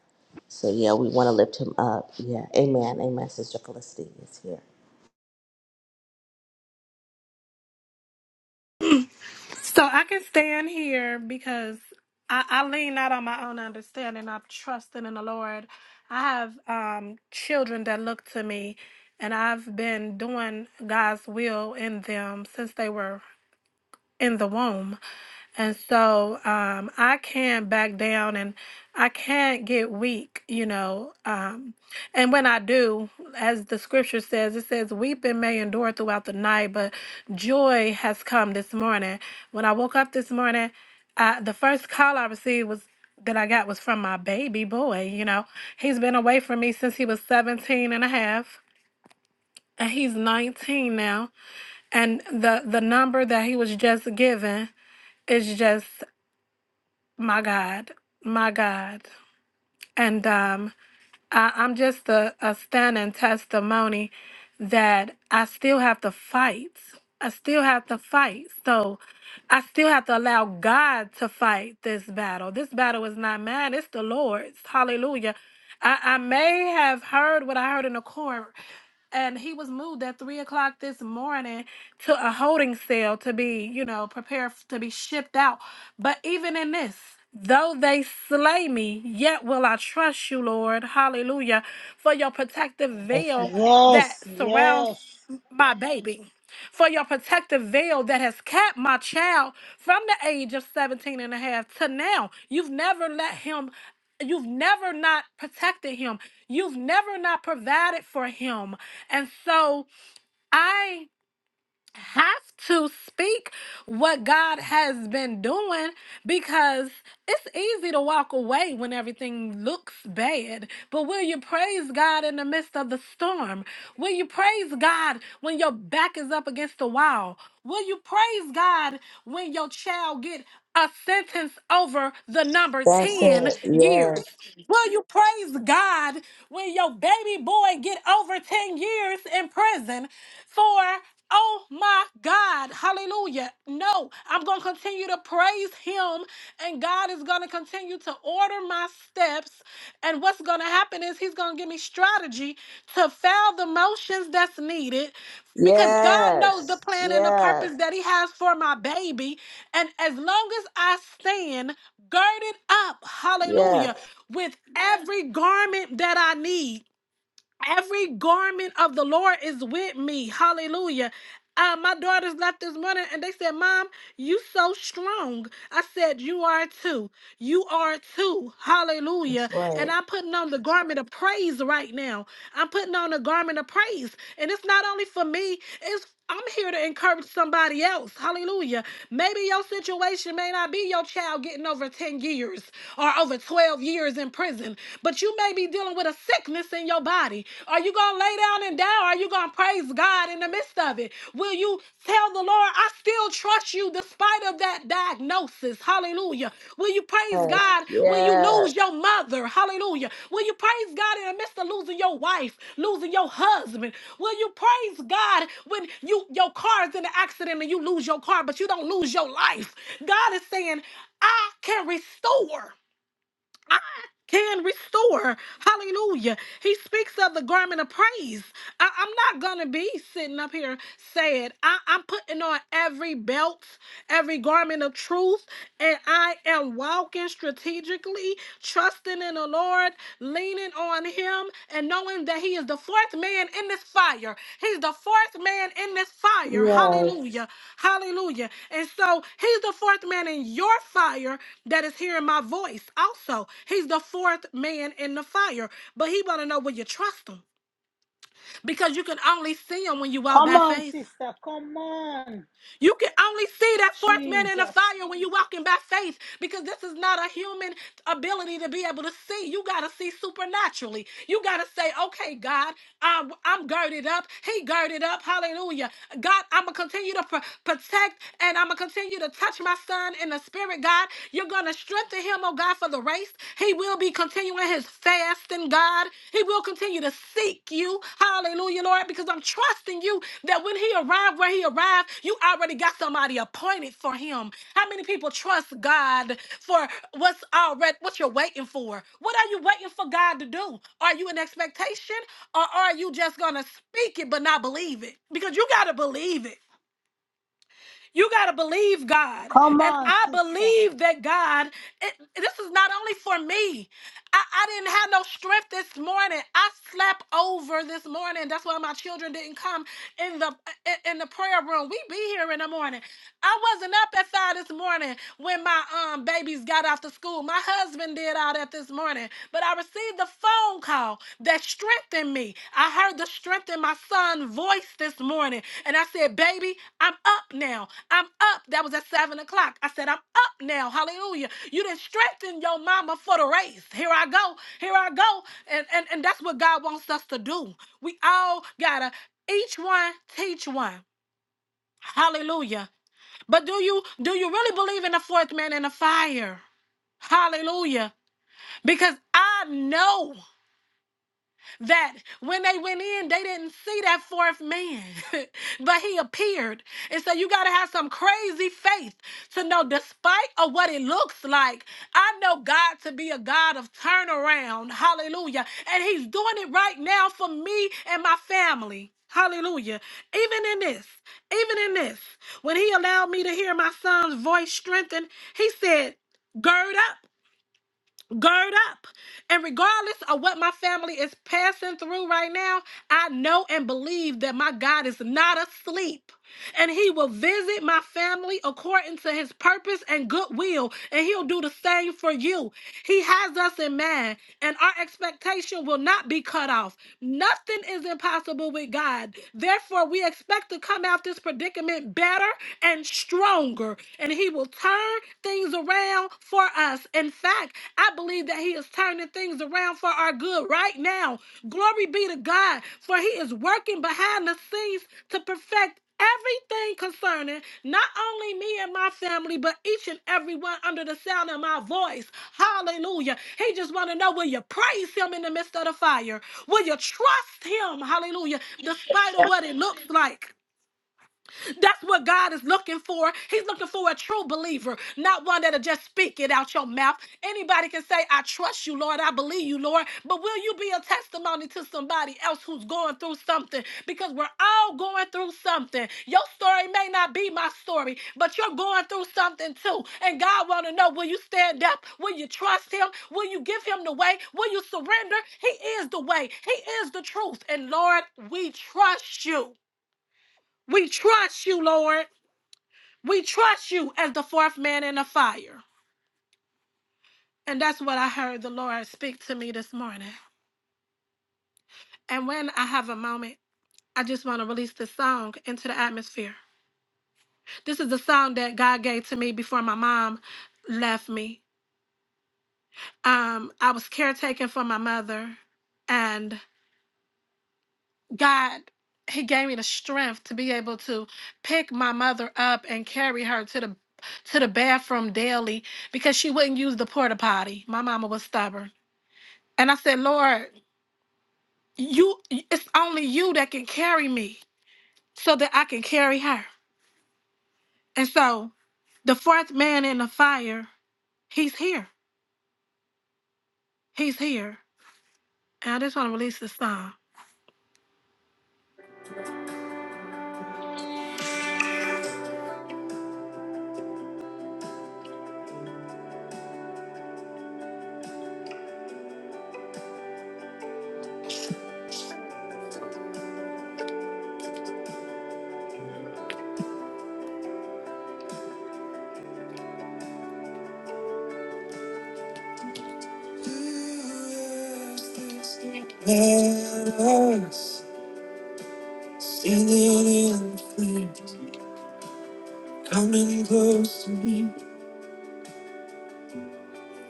[SPEAKER 12] So, yeah, we want to lift him up. Yeah. Amen. Amen. Sister Felicity is here.
[SPEAKER 10] So I can stand here because I, I lean not on my own understanding. I'm trusting in the Lord. I have um, children that look to me, and I've been doing God's will in them since they were in the womb. And so um, I can back down and I can't get weak, you know. Um, and when I do, as the scripture says, it says, Weeping may endure throughout the night, but joy has come this morning. When I woke up this morning, I, the first call I received was that I got was from my baby boy, you know. He's been away from me since he was 17 and a half, and he's 19 now. And the, the number that he was just given is just my God, my God. And um, I, I'm just a, a standing testimony that I still have to fight. I still have to fight. So I still have to allow God to fight this battle. This battle is not mine, it's the Lord's. Hallelujah. I, I may have heard what I heard in the court, and he was moved at three o'clock this morning to a holding cell to be, you know, prepared f- to be shipped out. But even in this, though they slay me, yet will I trust you, Lord. Hallelujah. For your protective veil that
[SPEAKER 3] Yes,
[SPEAKER 10] surrounds
[SPEAKER 3] yes.
[SPEAKER 10] my baby, for your protective veil that has kept my child from the age of 17 and a half to now. You've never let him, you've never not protected him, you've never not provided for him. And so I have to speak what God has been doing because it's easy to walk away when everything looks bad. But will you praise God in the midst of the storm? Will you praise God when your back is up against the wall? Will you praise God when your child get a sentence over the number
[SPEAKER 12] That's
[SPEAKER 10] 10
[SPEAKER 12] it.
[SPEAKER 10] years?
[SPEAKER 12] Yes.
[SPEAKER 10] Will you praise God when your baby boy get over 10 years in prison for oh my God, hallelujah. No, I'm going to continue to praise him and God is going to continue to order my steps and what's going to happen is he's going to give me strategy to foul the motions that's needed because God knows the
[SPEAKER 12] Yes.
[SPEAKER 10] plan and the purpose
[SPEAKER 12] Yes.
[SPEAKER 10] that He has for my baby. And as long as I stand girded up, hallelujah,
[SPEAKER 12] Yes.
[SPEAKER 10] with every garment that I need. Every garment of the Lord is with me. Hallelujah. Uh, my daughters left this morning and they said, Mom, you so strong. I said, You are too. You are too.
[SPEAKER 12] That's
[SPEAKER 10] Hallelujah. And
[SPEAKER 12] right.
[SPEAKER 10] I'm putting on the garment of praise right now. I'm putting on a garment of praise. And it's not only for me, It's I'm here to encourage somebody else. Hallelujah. Maybe your situation may not be your child getting over 10 years or over 12 years in prison, but you may be dealing with a sickness in your body. Are you going to lay down and die? Or are you going to praise God in the midst of it? Will you tell the Lord, I still trust you despite of that diagnosis. Hallelujah. Will you praise
[SPEAKER 12] Yes.
[SPEAKER 10] God when you
[SPEAKER 12] Yes.
[SPEAKER 10] lose your mother? Hallelujah. Will you praise God in the midst of losing your wife, losing your husband? Will you praise God when you your car's in an accident and you lose your car, but you don't lose your life? God is saying, I can restore. I can restore. Hallelujah. He speaks of the garment of praise. I, I'm not going to be sitting up here saying, I, I'm putting on every belt, every garment of truth, and I am walking strategically, trusting in the Lord, leaning on on him and knowing that he is the fourth man in this fire. He's the fourth man in this fire.
[SPEAKER 12] Yes.
[SPEAKER 10] Hallelujah. Hallelujah. And so he's the fourth man in your fire that is hearing my voice. Also, he's the fourth man in the fire. But he wanna know will you trust him? Because you can only see him when you walk
[SPEAKER 3] Come
[SPEAKER 10] by
[SPEAKER 3] on,
[SPEAKER 10] faith.
[SPEAKER 3] sister. Come on.
[SPEAKER 10] You can only see that fourth man in the fire
[SPEAKER 3] Jesus.
[SPEAKER 10] when you're walking by faith because this is not a human ability to be able to see. You got to see supernaturally. You got to say, okay, God, I'm, I'm girded up. He girded up. Hallelujah. God, I'm going to continue to pro- protect and I'm going to continue to touch my son in the spirit, God. You're going to strengthen him, oh God, for the race. He will be continuing in his fasting, God. He will continue to seek you. Hallelujah, Lord, because I'm trusting you that when he arrived where he arrived, you already got somebody appointed for him. How many people trust God for what's already what you're waiting for? What are you waiting for God to do? Are you in expectation or are you just gonna speak it but not believe it? Because you gotta believe it. You got to believe God.
[SPEAKER 3] Come
[SPEAKER 10] And
[SPEAKER 3] on,
[SPEAKER 10] I
[SPEAKER 3] sister.
[SPEAKER 10] believe that God, it, this is not only for me. I, I didn't have no strength this morning. I slept over this morning. That's why my children didn't come in the in in the prayer room. We be here in the morning. I wasn't up at five this morning when my um babies got off to school. My husband did all that this morning, but I received a phone call that strengthened me. I heard the strength in my son's voice this morning, and I said, "Baby, I'm up now. I'm up." That was at seven o'clock. I said, "I'm up now. Hallelujah! You didn't strengthen your mama for the race. Here I go. Here I go." And and and that's what God wants us to do. We all gotta each one teach one. Hallelujah. But do you do you really believe in the fourth man in the fire? Hallelujah. Because I know that when they went in, they didn't see that fourth man, but he appeared. And so you got to have some crazy faith to know, despite of what it looks like, I know God to be a God of turnaround. Hallelujah. And he's doing it right now for me and my family. Hallelujah. Even in this, even in this, when he allowed me to hear my son's voice strengthen, he said, Gird up gird up. And regardless of what my family is passing through right now, I know and believe that my God is not asleep. And he will visit my family according to his purpose and goodwill. And he'll do the same for you. He has us in mind, and our expectation will not be cut off. Nothing is impossible with God. Therefore, we expect to come out this predicament better and stronger. And he he will turn things around for us. In fact, I believe that he is turning things around for our good right now. Glory be to God, for he is working behind the scenes to perfect everything concerning not only me and my family, but each and every one under the sound of my voice. Hallelujah. He just want to know will you praise him in the midst of the fire? Will you trust him? Hallelujah. Despite of what it looks like. That's what God is looking for. He's looking for a true believer, not one that'll just speak it out your mouth. Anybody can say, I trust you, Lord. I believe you, Lord. But will you be a testimony to somebody else who's going through something? Because we're all going through something. Your story may not be my story, but you're going through something too. And God want to know, will you stand up? Will you trust him? Will you give him the way? Will you surrender? He is the way. He is the truth. And Lord, we trust you. We trust you, Lord. We trust you as the fourth man in the fire. And that's what I heard the Lord speak to me this morning. And when I have a moment, I just want to release this song into the atmosphere. This is the song that God gave to me before my mom left me. Um, I was caretaking for my mother, and God, He gave me the strength to be able to pick my mother up and carry her to the to the bathroom daily because she wouldn't use the porta potty. My mama was stubborn. And I said, Lord, you it's only you that can carry me so that I can carry her. And so the fourth man in the fire, he's here. He's here. And I just want to release this song. Yes, singing in flames, coming close to me.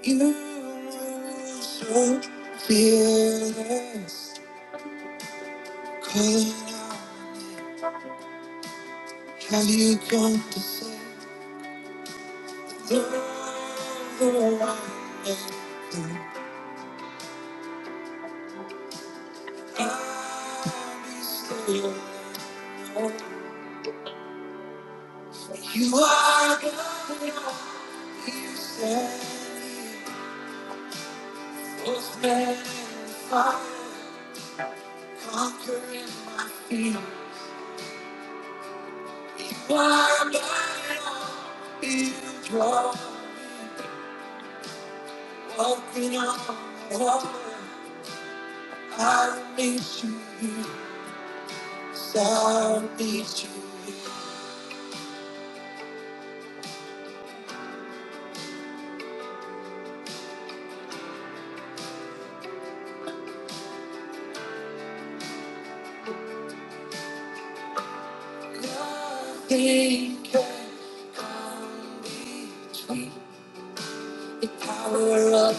[SPEAKER 10] You were so fearless, calling out. Have you come to say? You are the one who said it was meant for conquering my fear. You are the one who draw me, walking on water. I need you, here. so I need you. here. Nothing can come between the power of your love,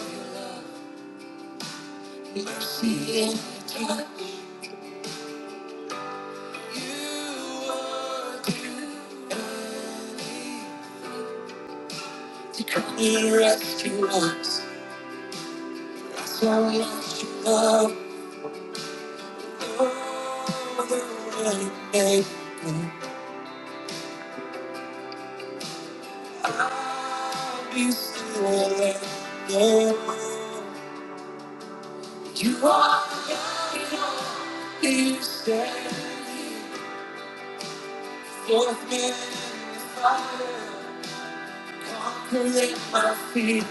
[SPEAKER 10] mercy, and your touch. You are too good to come and rescue us. That's how much you love. No other way to make I'll be still and know you are. God. He standing forth me in the fire, conquering my fears.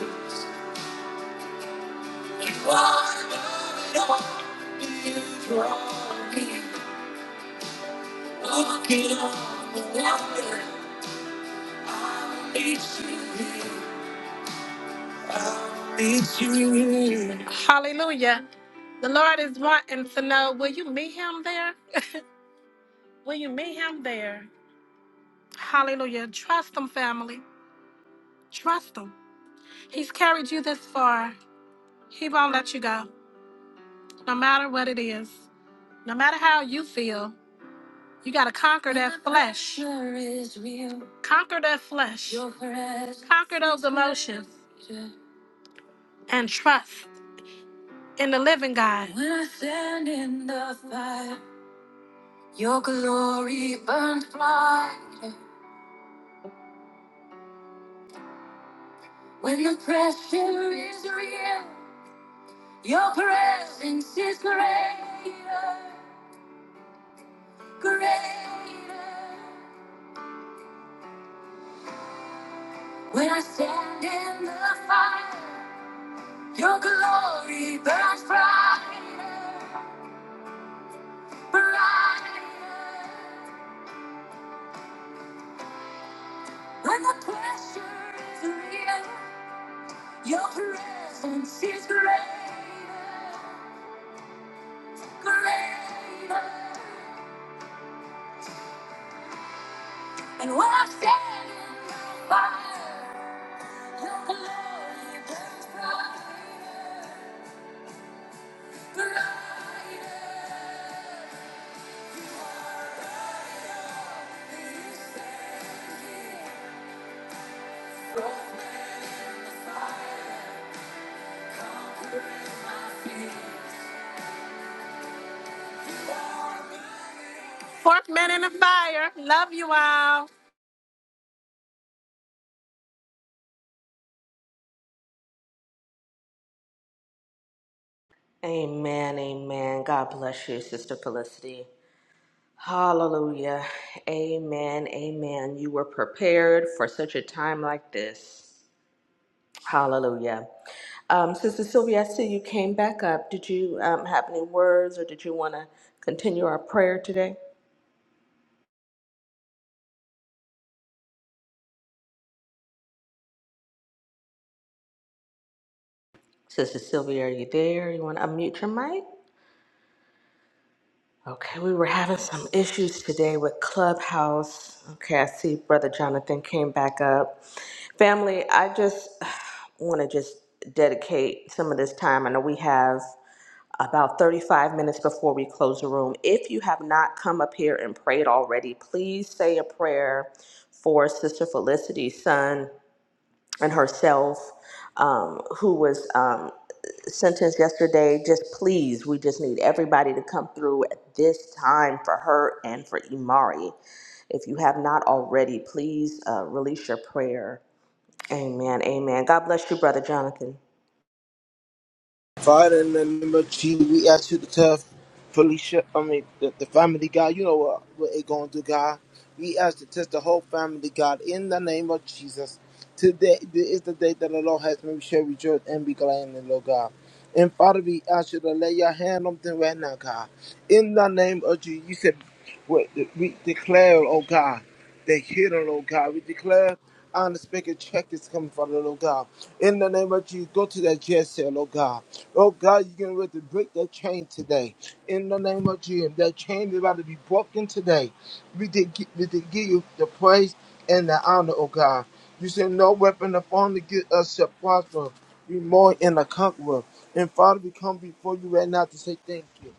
[SPEAKER 10] You are my all, you draw me, walking on the water. I need you here. I need Hallelujah. The Lord is wanting to know, will you meet him there? will you meet him there? Hallelujah. Trust him, family. Trust him. He's carried you this far. He won't let you go, no matter what it is, no matter how you feel. You gotta conquer that flesh. Conquer that flesh. Conquer those emotions. And trust in the living God. When I stand in the fire, your glory burns brighter. When the pressure is is real, your presence is greater. Greater. When I stand in the fire, your glory burns brighter, brighter. When the pressure is real, your presence is greater, greater. And when I stand in the fire, your glory burns brighter, brighter.
[SPEAKER 12] Amen. Amen. God bless you, Sister Felicity. Hallelujah. Amen. Amen. You were prepared for such a time like this. Hallelujah. Um, Sister Sylvia, I see you came back up. Did you um, have any words or did you want to continue our prayer today? Sister Sylvia, are you there? You want to unmute your mic? Okay, we were having some issues today with Clubhouse. Okay, I see Brother Jonathan came back up. Family, I just want to just dedicate some of this time. I know we have. about 35 minutes before we close the room. If you have not come up here and prayed already, please say a prayer for Sister Felicity's son and herself, um, who was um, sentenced yesterday. Just please, we just need everybody to come through at this time for her and for Imari. If you have not already, please uh, release your prayer. Amen. Amen. God bless you, Brother Jonathan.
[SPEAKER 2] Father, in the name of Jesus, we ask you to tell Felicia, I mean, the, the family, guy. you know what, what it going to do, God. We ask to test the whole family, God, in the name of Jesus. Today is the day that the Lord has made. We shall rejoice and be glad in the Lord, God. And Father, we ask you to lay your hand on them right now, God. In the name of Jesus, you said, we we declare, oh God, they hear the Lord God. We declare, unexpected check is coming from the Lord God. In the name of Jesus, go to that jail cell, oh God. Oh God, you're getting ready to break that chain today. In the name of Jesus, that chain is about to be broken today. We did, gi- we did give you the praise and the honor, oh God. You said no weapon upon to get us shall prosper. We more in a conqueror. And Father, we come before you right now to say thank you.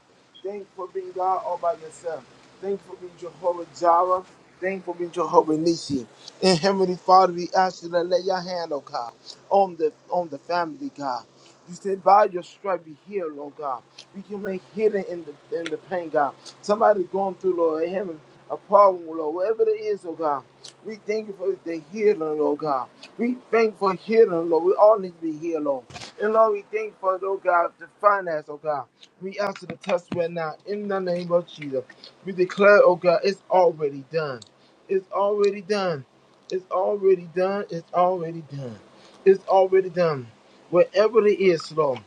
[SPEAKER 2] Thank you for being God all by yourself. Thank you for being Jehovah Jireh. Thank you for being Jehovah Nisi. And Heavenly Father, we ask you to lay your hand, oh God, on the on the family, God. You said by your stripe be healed, oh God. We can make healing in the in the pain, God. Somebody going through, Lord, and having a problem, Lord, whatever it is, oh God. We thank you for the healing, Lord God. We thank you for healing, Lord. We all need to be healed, Lord. And Lord, we thank you for, oh God, the finance, oh God. We answer the test right now in the name of Jesus. We declare, oh God, it's already done. It's already done. It's already done. It's already done. It's already done. Wherever it is, Lord,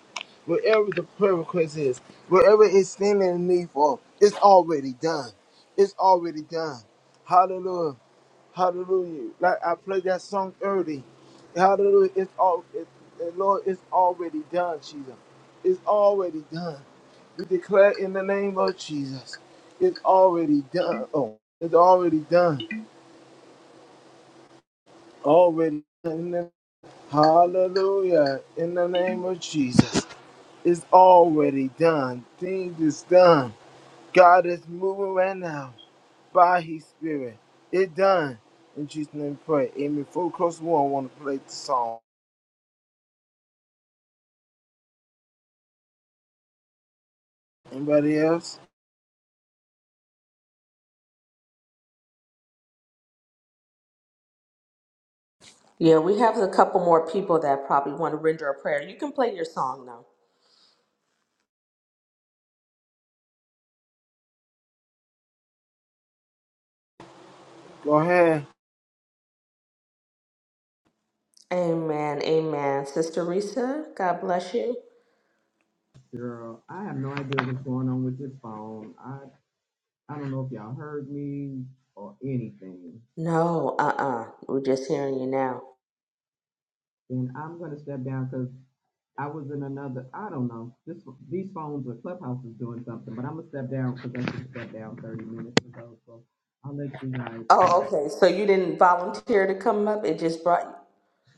[SPEAKER 2] wherever the prayer request is, wherever it's standing in need for, it's already done. It's already done. Hallelujah. Hallelujah. Like I played that song early. Hallelujah. It's all it, the Lord, it's already done, Jesus. It's already done. We declare in the name of Jesus. It's already done. Oh, it's already done. Already done. In the- Hallelujah. In the name of Jesus. It's already done. Things is done. God is moving right now by his spirit. It done. In Jesus' name we pray. Amen. Full close one. I want to play the song. Anybody else?
[SPEAKER 12] Yeah, we have a couple more people that probably want to render a prayer. You can play your song now.
[SPEAKER 2] Go ahead.
[SPEAKER 12] Amen. Amen. Sister Risa, God bless you.
[SPEAKER 7] Girl, I have no idea what's going on with this phone. I I don't know if y'all heard me or anything.
[SPEAKER 12] No, uh uh we are just hearing you now.
[SPEAKER 7] Then I'm gonna step down because I was in another. I don't know. This these phones or Clubhouse is doing something, but I'm gonna step down because I should step down 30 minutes ago. So I'll let you guys.
[SPEAKER 12] Oh, okay. So you didn't volunteer to come up, it just brought you.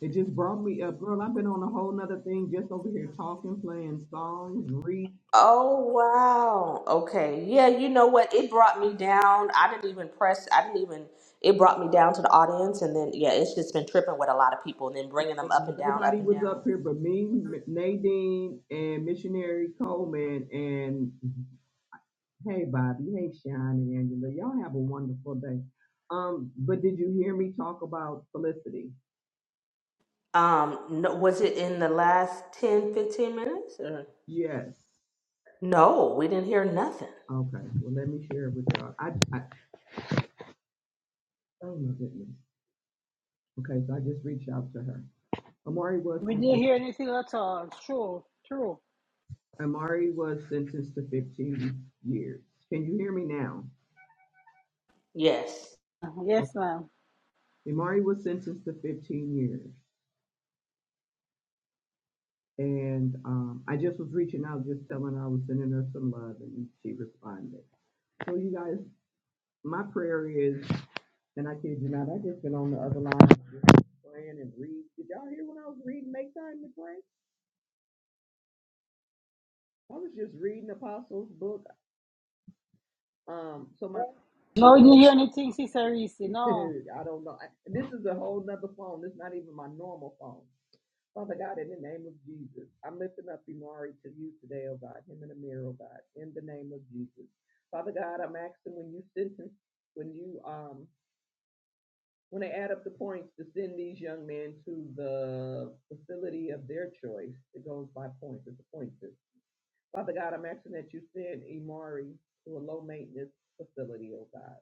[SPEAKER 7] It just brought me up, girl. I've been on a whole nother thing, just over here talking, playing songs, reading.
[SPEAKER 12] Oh, wow. Okay. Yeah, you know what? It brought me down. I didn't even press, I didn't even, it brought me down to the audience. And then, yeah, it's just been tripping with a lot of people and then bringing them up
[SPEAKER 7] And
[SPEAKER 12] and down, up
[SPEAKER 7] Nobody
[SPEAKER 12] and
[SPEAKER 7] was
[SPEAKER 12] down.
[SPEAKER 7] up here but me, M- Nadine, and Missionary Coleman, and hey Bobby, hey Sean and Angela, y'all have a wonderful day. Um, but did you hear me talk about Felicity?
[SPEAKER 12] Um, no, was it in the last 10, 15 minutes? Or?
[SPEAKER 7] Yes.
[SPEAKER 12] No, we didn't hear nothing.
[SPEAKER 7] Okay. Well, let me share it with y'all. I, I oh my goodness. Okay, so I just reached out to her. Amari was
[SPEAKER 3] We didn't
[SPEAKER 7] sentenced.
[SPEAKER 3] hear anything at all. True, true.
[SPEAKER 7] Amari was sentenced to 15 years. Can you hear me now?
[SPEAKER 12] Yes.
[SPEAKER 3] Yes,
[SPEAKER 7] Okay.
[SPEAKER 3] ma'am.
[SPEAKER 7] Amari was sentenced to 15 years. And um, I just was reaching out, just telling her I was sending her some love, and she responded. So, you guys, my prayer is, and I kid you not, I just been on the other line just praying and read. Did y'all hear when I was reading Make Time to Pray? I was just reading Apostles' book. Um, so my,
[SPEAKER 3] No, we didn't hear anything, Sister Reese. No.
[SPEAKER 7] I don't know. I, this is a whole nother phone. This is not even my normal phone. Father God, in the name of Jesus, I'm lifting up Imari to you today, oh God, him and Amir, oh God, in the name of Jesus. Father God, I'm asking when you sentence, when you um when they add up the points to send these young men to the facility of their choice, it goes by points, it's a point system. Father God, I'm asking that you send Imari to a low maintenance facility, oh God.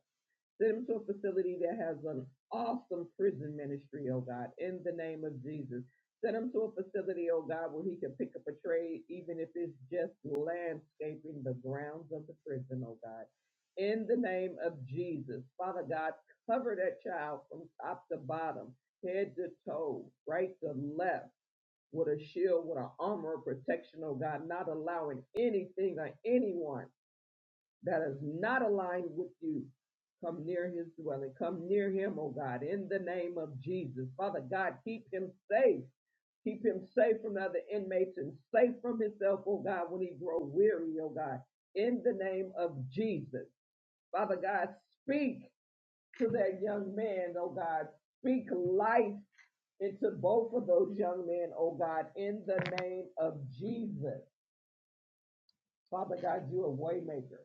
[SPEAKER 7] Send them to a facility that has an awesome prison ministry, oh God, in the name of Jesus. Send him to a facility, oh God, where he can pick up a trade, even if it's just landscaping the grounds of the prison, oh God. In the name of Jesus, Father God, cover that child from top to bottom, head to toe, right to left, with a shield, with an armor of protection, oh God, not allowing anything or anyone that is not aligned with you. Come near his dwelling. Come near him, oh God, in the name of Jesus. Father God, keep him safe. Keep him safe from other inmates and safe from himself, oh God, when he grow weary, oh God, in the name of Jesus. Father God, speak to that young man, oh God. Speak life into both of those young men, oh God, in the name of Jesus. Father God, you're a waymaker.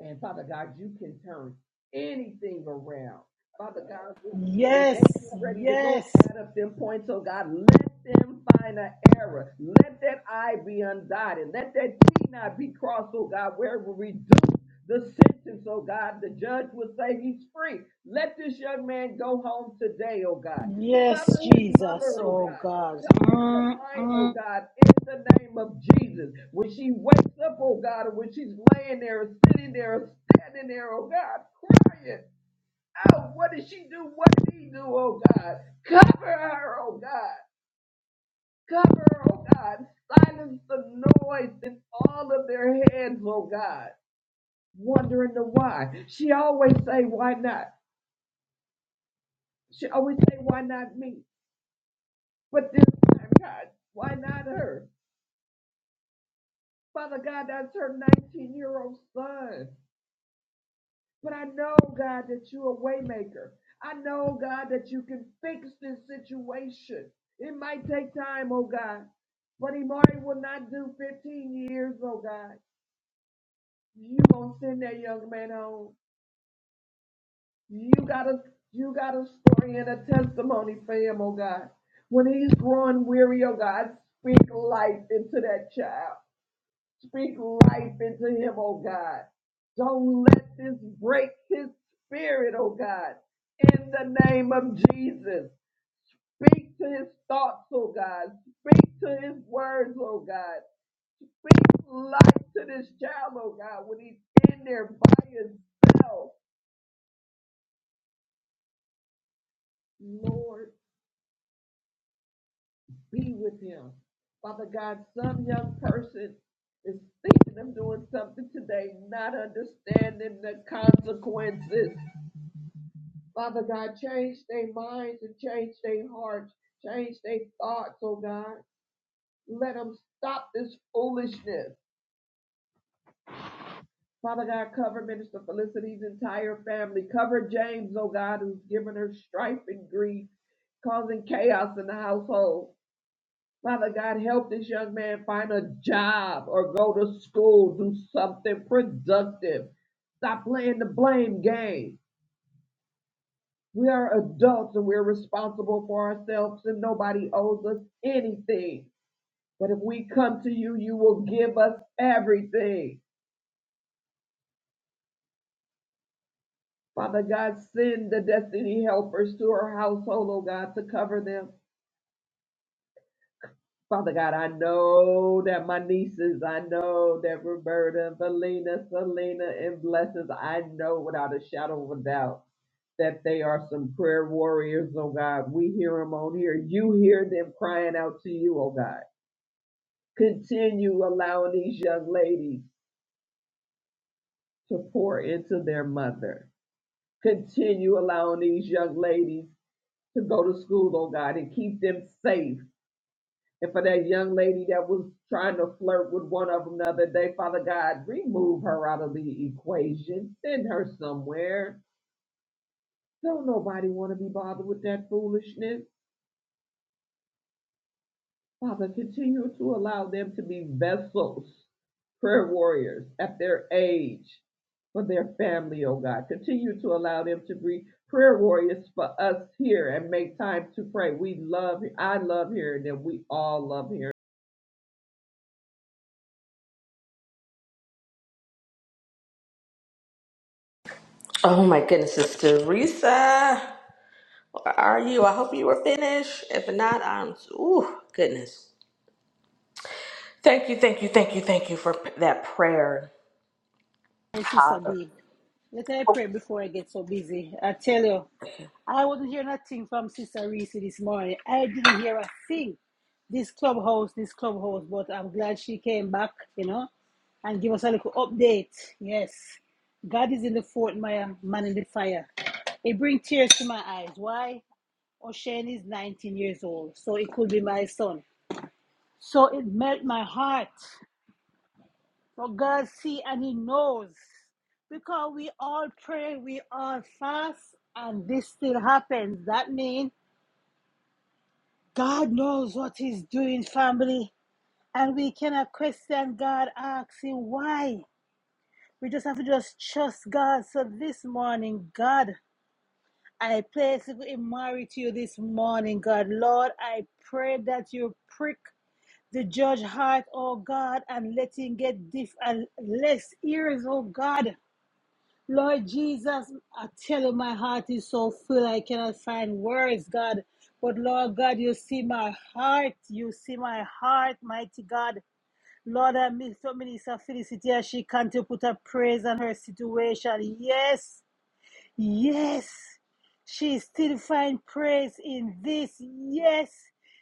[SPEAKER 7] And Father God, you can turn anything around. Father God, when they
[SPEAKER 3] Yes,
[SPEAKER 7] get ready to go
[SPEAKER 3] yes,
[SPEAKER 7] out of them points, oh God, let them find an error. Let that I be undotted. Let that T not be crossed, oh God, where it will reduce the sentence, oh God. The judge will say he's free. Let this young man go home today, oh God.
[SPEAKER 3] yes,
[SPEAKER 7] Cover his
[SPEAKER 3] Jesus.
[SPEAKER 7] mother, oh
[SPEAKER 3] Oh,
[SPEAKER 7] God.
[SPEAKER 3] God.
[SPEAKER 7] Cover her mind,
[SPEAKER 3] Mm-mm.
[SPEAKER 7] oh God, in the name of Jesus. When she wakes up, oh God, and when she's laying there, or sitting there, or standing there, oh God, crying out, what did she do? What did he do, oh God? Cover her, oh God. Cover her, oh God. Silence the noise in all of their heads, oh God. Wondering the why. She always say, why not? She always say, why not me? But this time, God, why not her? Father God, that's her 19 year old son. But I know, God, that you're a waymaker. I know, God, that you can fix this situation. It might take time, oh God. But Imari will not do 15 years, oh God. You gonna send that young man home. You got a you got a story and a testimony for him, oh God. When he's growing weary, oh God, speak life into that child. Speak life into him, oh God. Don't let this break his spirit, oh God. In the name of Jesus. Speak to his thoughts, oh God. Speak to his words, oh God. Speak life to this child, oh God, when he's in there by himself. Lord, be with him. Father God, some young person is thinking of doing something today, not understanding the consequences. Father God, change their minds and change their hearts, change their thoughts, oh God. Let them stop this foolishness. Father God, cover Minister Felicity's entire family. Cover James, oh God, who's given her strife and grief, causing chaos in the household. Father God, help this young man find a job or go to school, do something productive. Stop playing the blame game. We are adults and we're responsible for ourselves, and nobody owes us anything. But if we come to you, you will give us everything. Father God, send the destiny helpers to our household, oh God, to cover them. Father God, I know that my nieces, I know that Roberta, Valina, Selena, and Blessings, I know without a shadow of a doubt that they are some prayer warriors, oh God. We hear them on here. You hear them crying out to you, oh God. Continue allowing these young ladies to pour into their mother. Continue allowing these young ladies to go to school, oh God, and keep them safe. And for that young lady that was trying to flirt with one of them the other day, Father God, remove her out of the equation. Send her somewhere. Don't nobody want to be bothered with that foolishness. Father, continue to allow them to be vessels, prayer warriors at their age for their family, oh God. Continue to allow them to be prayer warriors for us here and make time to pray. We love, I love hearing them. We all love hearing.
[SPEAKER 12] Oh my goodness, it's Teresa. Where are you? I hope you were finished. If not, I'm. Ooh, goodness. Thank you, thank you, thank you for p- that prayer.
[SPEAKER 3] Sister
[SPEAKER 12] Hallelujah.
[SPEAKER 3] D. Let I pray before I get so busy. I tell you, I wasn't hearing nothing from Sister Reese this morning. I didn't hear a thing. This clubhouse, this clubhouse, but I'm glad she came back, you know, and give us a little update. Yes. God is in the fort, my man in the fire. It brings tears to my eyes. Why? O'Shane is 19 years old, so it could be my son. So it melt my heart for God see and He knows. Because we all pray, we all fast, and this still happens. That means God knows what He's doing, family. And we cannot question God, asking why. We just have to just trust God. So this morning, God, I place it in Mary to you this morning, God. Lord, I pray that you prick the judge heart, oh God, and let him get deaf and less ears, oh God. Lord Jesus, I tell you, my heart is so full, I cannot find words, God. But Lord God, you see my heart. You see my heart, mighty God. Lord, I miss so Minister Felicity as she can to put her praise on her situation. Yes, yes, she still find praise in this. Yes,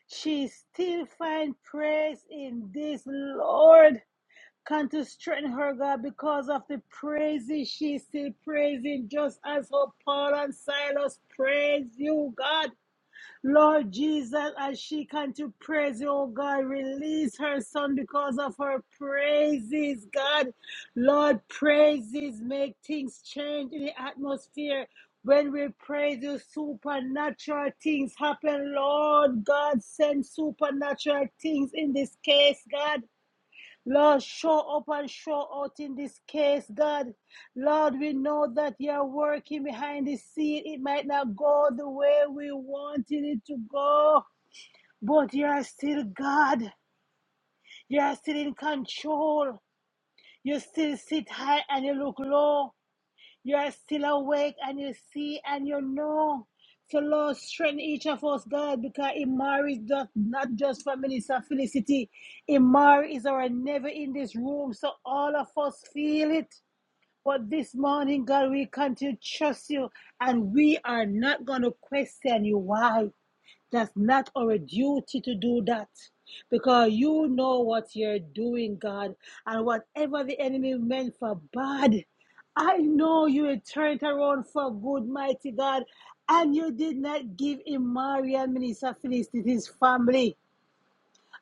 [SPEAKER 3] she still find praise in this, Lord. Come to strengthen her, God, because of the praises she's still praising, just as how Paul and Silas praise you, God. Lord Jesus, as she can to praise you, oh God, release her son because of her praises, God. Lord, praises make things change in the atmosphere. When we praise you, supernatural things happen. Lord God, send supernatural things in this case, God. Lord, show up and show out in this case, God. Lord, we know that you are working behind the scene. It might not go the way we wanted it to go, but you are still God. You are still in control. You still sit high and you look low. You are still awake and you see and you know. So, Lord, strengthen each of us, God, because Imari is not, not just for Minister Felicity. Imari is our never in this room, so all of us feel it. But this morning, God, we continue to trust you and we are not going to question you why. That's not our duty to do that because you know what you're doing, God. And whatever the enemy meant for bad, I know you will turn it around for good, mighty God. And you did not give Imari and Minister Phyllis to his family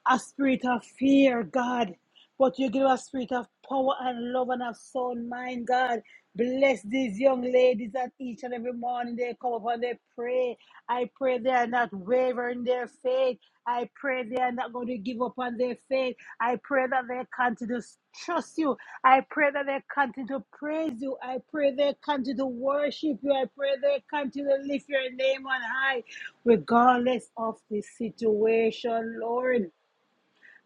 [SPEAKER 3] a spirit of fear, God. But you give us a spirit of power and love and of sound mind, God. Bless these young ladies that each and every morning they come up and they pray. I pray they are not wavering their faith. I pray they are not going to give up on their faith. I pray that they continue to trust you. I pray that they continue to praise you. I pray they continue to worship you. I pray they continue to lift your name on high, regardless of the situation, Lord.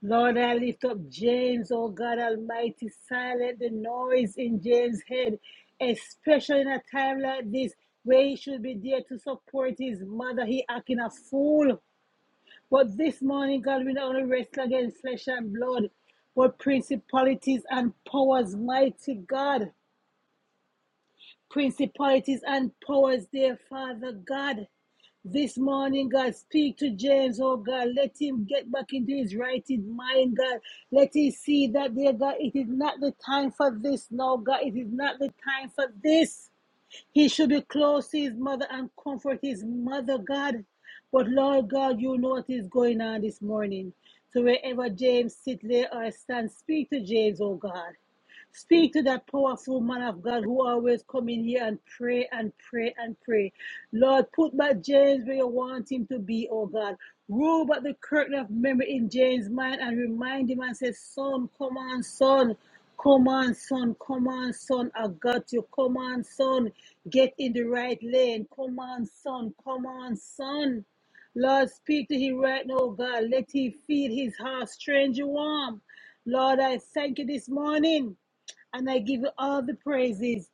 [SPEAKER 3] Lord, I lift up James, oh God Almighty, silent the noise in James' head, especially in a time like this where he should be there to support his mother. He acting a fool. But this morning, God, we not only wrestle against flesh and blood, but principalities and powers, mighty God. Principalities and powers, dear Father God. This morning, God, speak to James, oh God. Let him get back into his righted mind, God. Let him see that, dear God, it is not the time for this. No, God, it is not the time for this. He should be close to his mother and comfort his mother, God. But Lord God, you know what is going on this morning. So wherever James sit there or stand, speak to James, oh God. Speak to that powerful man of God who always come in here and pray and pray and pray. Lord, put back James where you want him to be, oh God. Roll back the curtain of memory in James' mind and remind him and say, Son, come on, son. Come on, son. Come on, son. I got you. Come on, son. Get in the right lane. Come on, son. Come on, son. Lord, speak to him right now, God. Let him feel his heart strange warm. Lord, I thank you this morning. And I give you all the praises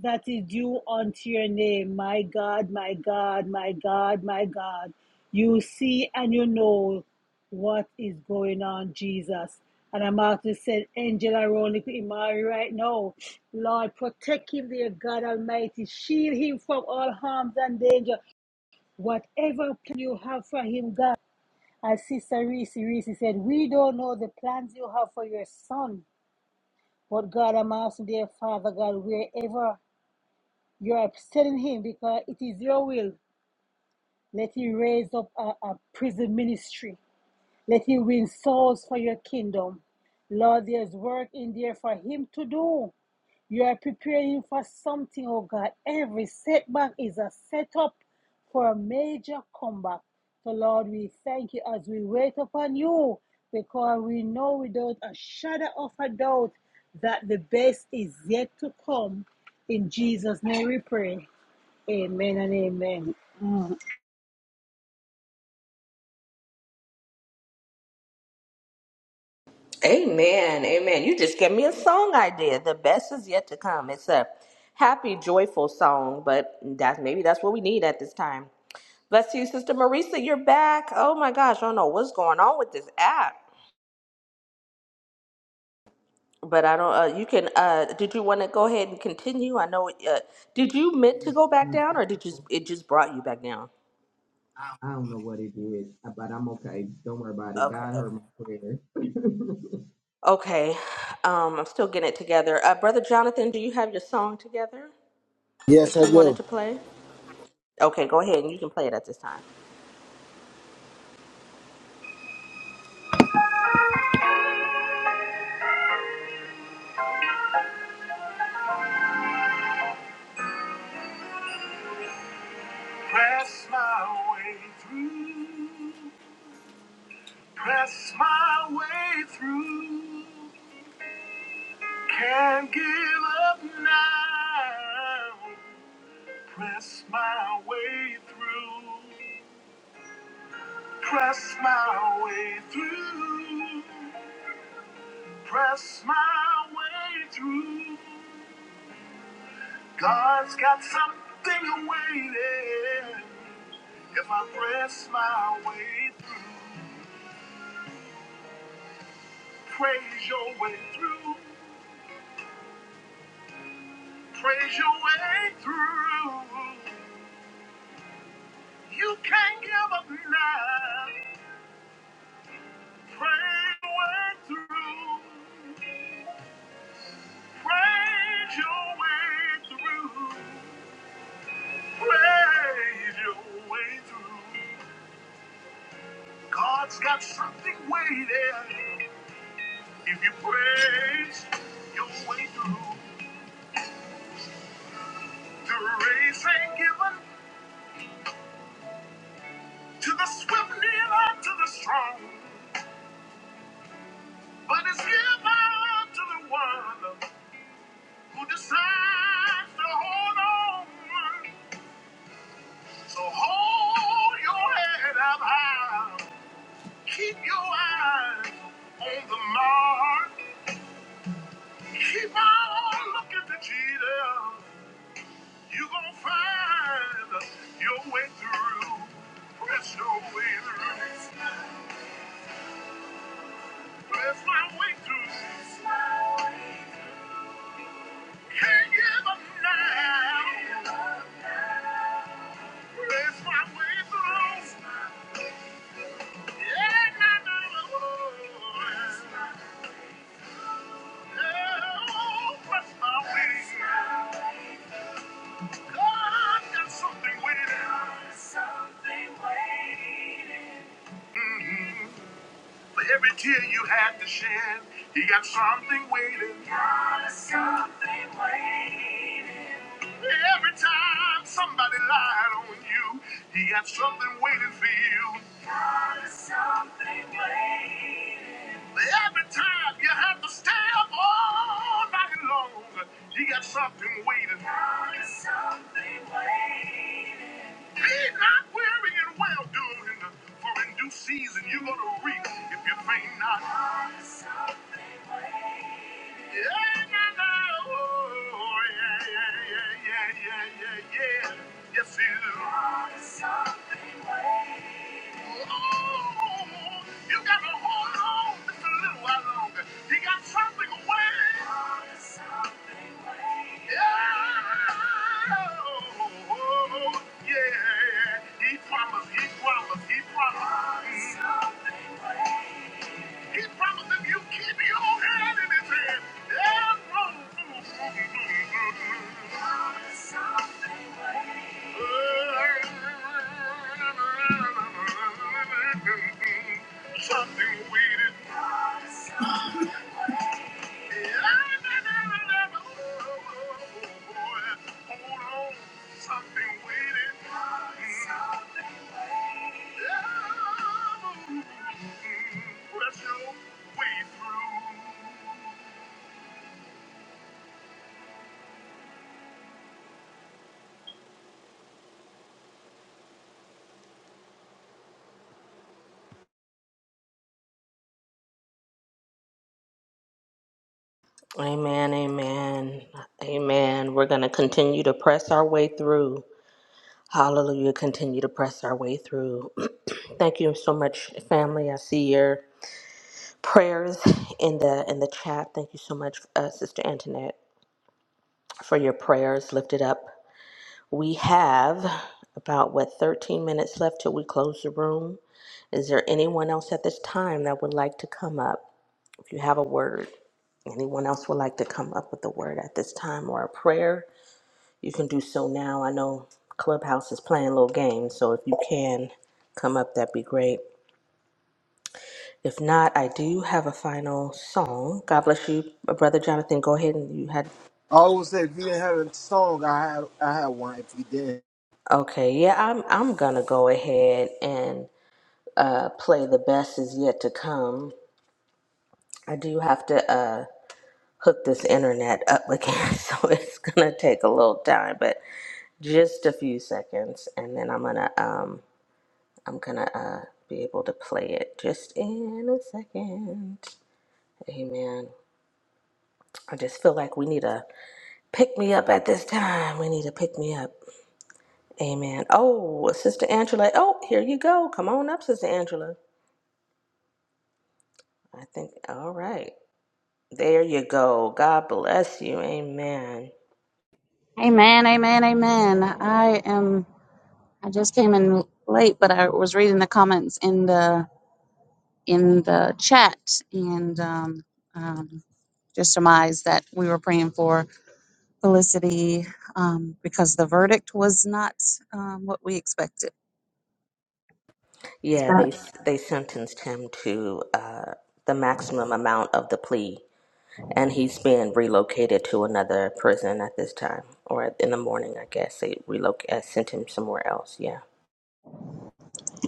[SPEAKER 3] that is due unto your name. My God, my God, my God, my God. You see and you know what is going on, Jesus. And I'm about to send angel around with Imari right now. Lord, protect him, dear God Almighty. Shield him from all harms and danger. Whatever plan you have for him, God. As Sister Reese Reese said, we don't know the plans you have for your son but God, I'm asking, dear Father God, wherever you're sending him, because it is your will, let him raise up a, a prison ministry. Let him win souls for your kingdom. Lord, there's work in there for him to do. You are preparing him for something, oh God. Every setback is a setup for a major comeback. So, Lord, we thank you as we wait upon you because we know without a shadow of a doubt that the best is yet to come. In Jesus' name we pray. Amen and amen.
[SPEAKER 12] Amen, amen. You just gave me a song idea. The best is yet to come. It's a happy, joyful song, but that's maybe that's what we need at this time. Bless you, Sister Marisa. You're back. Oh my gosh, I don't know what's going on with this app. But I don't, uh, you can, uh, did you want to go ahead and continue? I know, uh, did you meant to go back
[SPEAKER 7] them.
[SPEAKER 12] down or did you, it just brought you back down?
[SPEAKER 7] I don't know what it is, but I'm okay. Don't worry about it.
[SPEAKER 12] Okay,
[SPEAKER 7] God
[SPEAKER 12] okay.
[SPEAKER 7] heard my prayer.
[SPEAKER 12] Okay, um, I'm still getting it together. Uh, Brother Jonathan, do you have your song together that
[SPEAKER 2] Yes, I
[SPEAKER 12] you wanted
[SPEAKER 2] do.
[SPEAKER 12] to play? Okay, go ahead and you can play it at this time.
[SPEAKER 2] Press my way through. Press my way through. Can't give up now. Press my way through. Press my way through. Press my way through. God's got something waiting if I press my way through. Praise your way through. Praise your way through. You can't give up now. Praise your way through. Praise your way through. Praise your way through. God's got something waiting. If you praise your way through, the race ain't given to the swift, neither to the strong. But it's given to the one who decides to hold on. So hold your head up high. Keep your eyes on the mark. Keep on looking to Jesus. You're going to find your way through. Press your way through. Press my way through. Can't give up now. Press my way through. Something waiting. Hmm. For every tear you had to shed, he got something waiting. Got something waiting. Every time somebody lied on you, he got something waiting for you. Got something waiting. Every time you had to stay up all night long, he got something waiting. Got something waiting. Be not weary and well doing, for in due season you're going to reap if you faint not. He promised, he promised, he promised. He promised if you keep your hand in his hand, there's no something waiting. Something waiting. Hold on, something waiting. Press your way through.
[SPEAKER 12] Amen, amen, amen. We're going to continue to press our way through. Hallelujah, continue to press our way through. Thank you so much, family. I see you prayers in the in the chat. Thank you so much, uh, Sister Antoinette, for your prayers lifted up. We have about what 13 minutes left till we close the room. Is there anyone else at this time that would like to come up? If you have a word, anyone else would like to come up with a word at this time or a prayer, you can do so now. I know Clubhouse is playing little games, so if you can come up, that'd be great. If not, I do have a final song. God bless you, uh, brother Jonathan. Go ahead and you had.
[SPEAKER 2] I always say if you didn't have a song, I had I had one. If you didn't.
[SPEAKER 12] Okay, yeah, I'm I'm gonna go ahead and uh, play the best is yet to come. I do have to uh, hook this internet up again, so it's gonna take a little time, but just a few seconds, and then I'm gonna um I'm gonna uh, be able to play it just in a second. Amen. I just feel like we need a pick me up at this time. We need to pick me up. Amen. Oh, Sister Angela. Oh, here you go. Come on up, Sister Angela. I think, all right. There you go. God bless you. Amen.
[SPEAKER 13] Amen, amen, amen. I am I just came in late, but I was reading the comments in the in the chat and um, um, just surmised that we were praying for Felicity um, because the verdict was not um, what we expected.
[SPEAKER 12] Yeah, they they sentenced him to uh, the maximum amount of the plea, and he's being relocated to another prison at this time, or in the morning, I guess. They relocate, uh, sent him somewhere else. Yeah.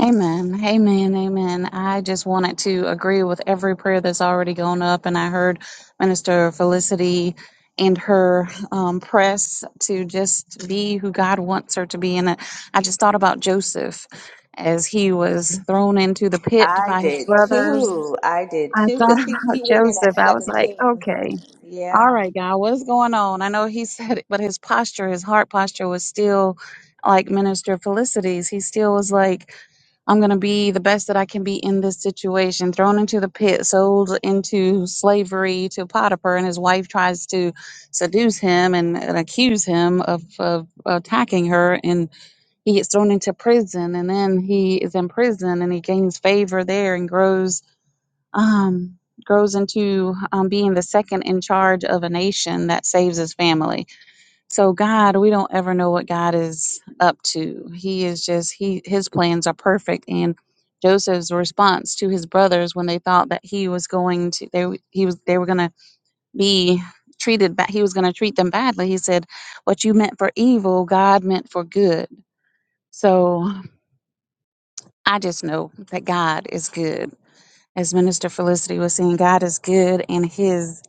[SPEAKER 13] Amen. Amen. Amen. I just wanted to agree with every prayer that's already gone up. And I heard Minister Felicity and her um, press to just be who God wants her to be. And I just thought about Joseph as he was thrown into the pit
[SPEAKER 12] I
[SPEAKER 13] by his
[SPEAKER 12] did
[SPEAKER 13] brothers.
[SPEAKER 12] too. I did
[SPEAKER 13] I
[SPEAKER 12] too,
[SPEAKER 13] thought
[SPEAKER 12] because he,
[SPEAKER 13] about
[SPEAKER 12] he went in
[SPEAKER 13] Joseph.
[SPEAKER 12] at
[SPEAKER 13] I was like,
[SPEAKER 12] 17.
[SPEAKER 13] okay. All
[SPEAKER 12] Yeah.
[SPEAKER 13] right, God, what's going on? I know he said it, but his posture, his heart posture was still like Minister Felicity's. He still was like, I'm going to be the best that I can be in this situation, thrown into the pit, sold into slavery to Potiphar, and his wife tries to seduce him and, and accuse him of, of attacking her, and he gets thrown into prison, and then he is in prison and he gains favor there and grows um, grows into um, being the second in charge of a nation that saves his family. So God, we don't ever know what God is up to. He is just he his plans are perfect and Joseph's response to his brothers when they thought that he was going to they w- he was they were going to be treated ba- he was going to treat them badly. He said, "What you meant for evil, God meant for good." So I just know that God is good. As Minister Felicity was saying, God is good and his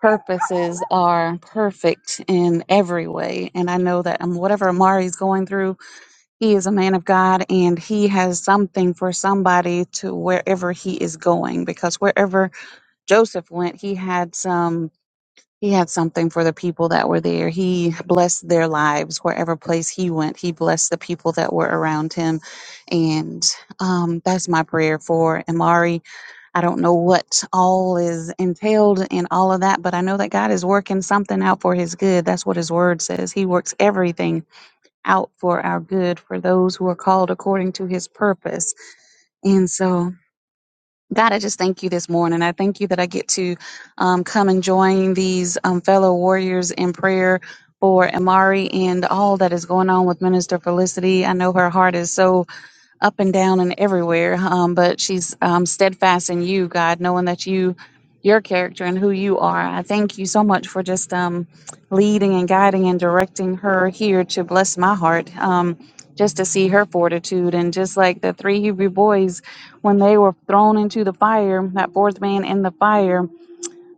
[SPEAKER 13] purposes are perfect in every way. And I know that um, whatever Amari's going through, he is a man of God and he has something for somebody to wherever he is going. Because wherever Joseph went, he had some. He had something for the people that were there. He blessed their lives wherever place he went. He blessed the people that were around him, and um, that's my prayer for Amari I don't know what all is entailed in all of that, but I know that God is working something out for his good. That's what his word says. He works everything out for our good for those who are called according to his purpose. And so, God, I just thank you this morning. I thank you that I get to um, come and join these um, fellow warriors in prayer for Amari and all that is going on with Minister Felicity. I know her heart is so up and down and everywhere. Um, but she's um, steadfast in you, God, knowing that you, your character and who you are. I thank you so much for just um, leading and guiding and directing her here to bless my heart. Um, just to see her fortitude and just like the three Hebrew boys when they were thrown into the fire, that fourth man in the fire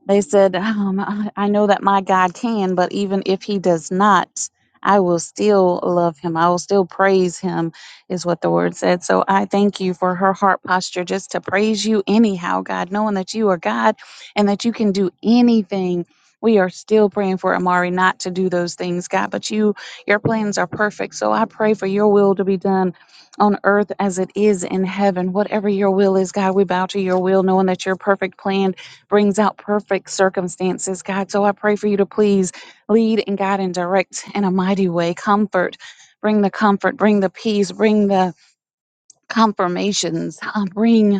[SPEAKER 13] they said, um, I I know that my God can, but even if he does not, I will still love him. I will still praise him, is what the word said. So I thank you for her heart posture just to praise you anyhow, God, knowing that you are God and that you can do anything. We are still praying for Amari not to do those things, God, but you, your plans are perfect. So I pray for your will to be done on earth as it is in heaven. Whatever your will is, God, we bow to your will, knowing that your perfect plan brings out perfect circumstances, God. So I pray for you to please lead and guide and direct in a mighty way. Comfort, bring the comfort, bring the peace, bring the confirmations, uh, bring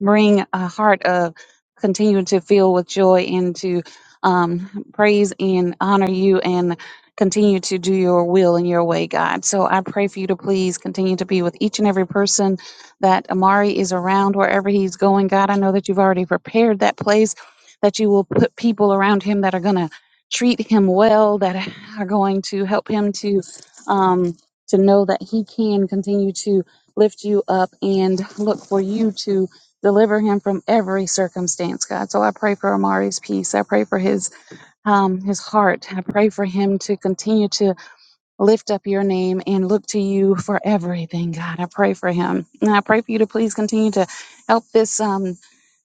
[SPEAKER 13] bring a heart of continuing to fill with joy and to um, praise and honor you and continue to do your will and your way, God. So I pray for you to please continue to be with each and every person that Amari is around wherever he's going. God, I know that you've already prepared that place, that you will put people around him that are going to treat him well, that are going to help him to. Um, to know that he can continue to lift you up and look for you to deliver him from every circumstance, God. So I pray for Amari's peace. I pray for his um, his heart. I pray for him to continue to lift up your name and look to you for everything, God. I pray for him, and I pray for you to please continue to help this um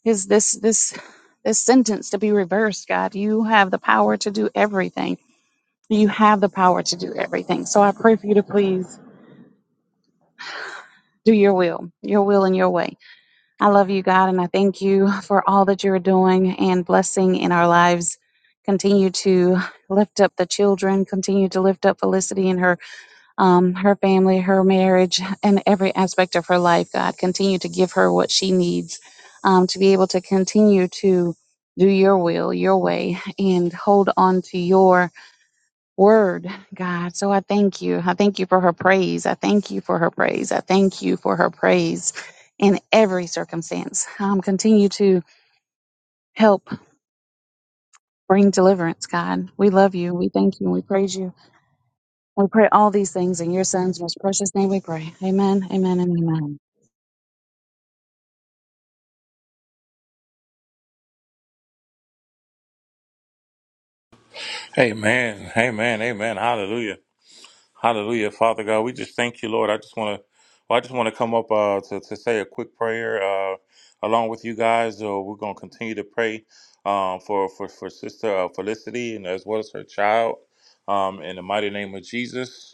[SPEAKER 13] his this this this sentence to be reversed, God. You have the power to do everything. You have the power to do everything. So I pray for you to please do your will, your will and your way. I love you, God, and I thank you for all that you're doing and blessing in our lives. Continue to lift up the children. Continue to lift up Felicity and her, um, her family, her marriage, and every aspect of her life. God, continue to give her what she needs um, to be able to continue to do Your will, Your way, and hold on to Your word, God. So I thank you. I thank you for her praise. I thank you for her praise. I thank you for her praise in every circumstance. Um, continue to help bring deliverance, God. We love you. We thank you. We praise you. We pray all these things in your son's most precious name we pray. Amen, amen, and amen.
[SPEAKER 14] Amen. Amen. Amen. Hallelujah. Hallelujah. Father God, we just thank you, Lord. I just want to, well, I just want to come up uh, to, to say a quick prayer uh, along with you guys. Uh, we're going to continue to pray um, for, for, for Sister uh, Felicity and as well as her child um, in the mighty name of Jesus.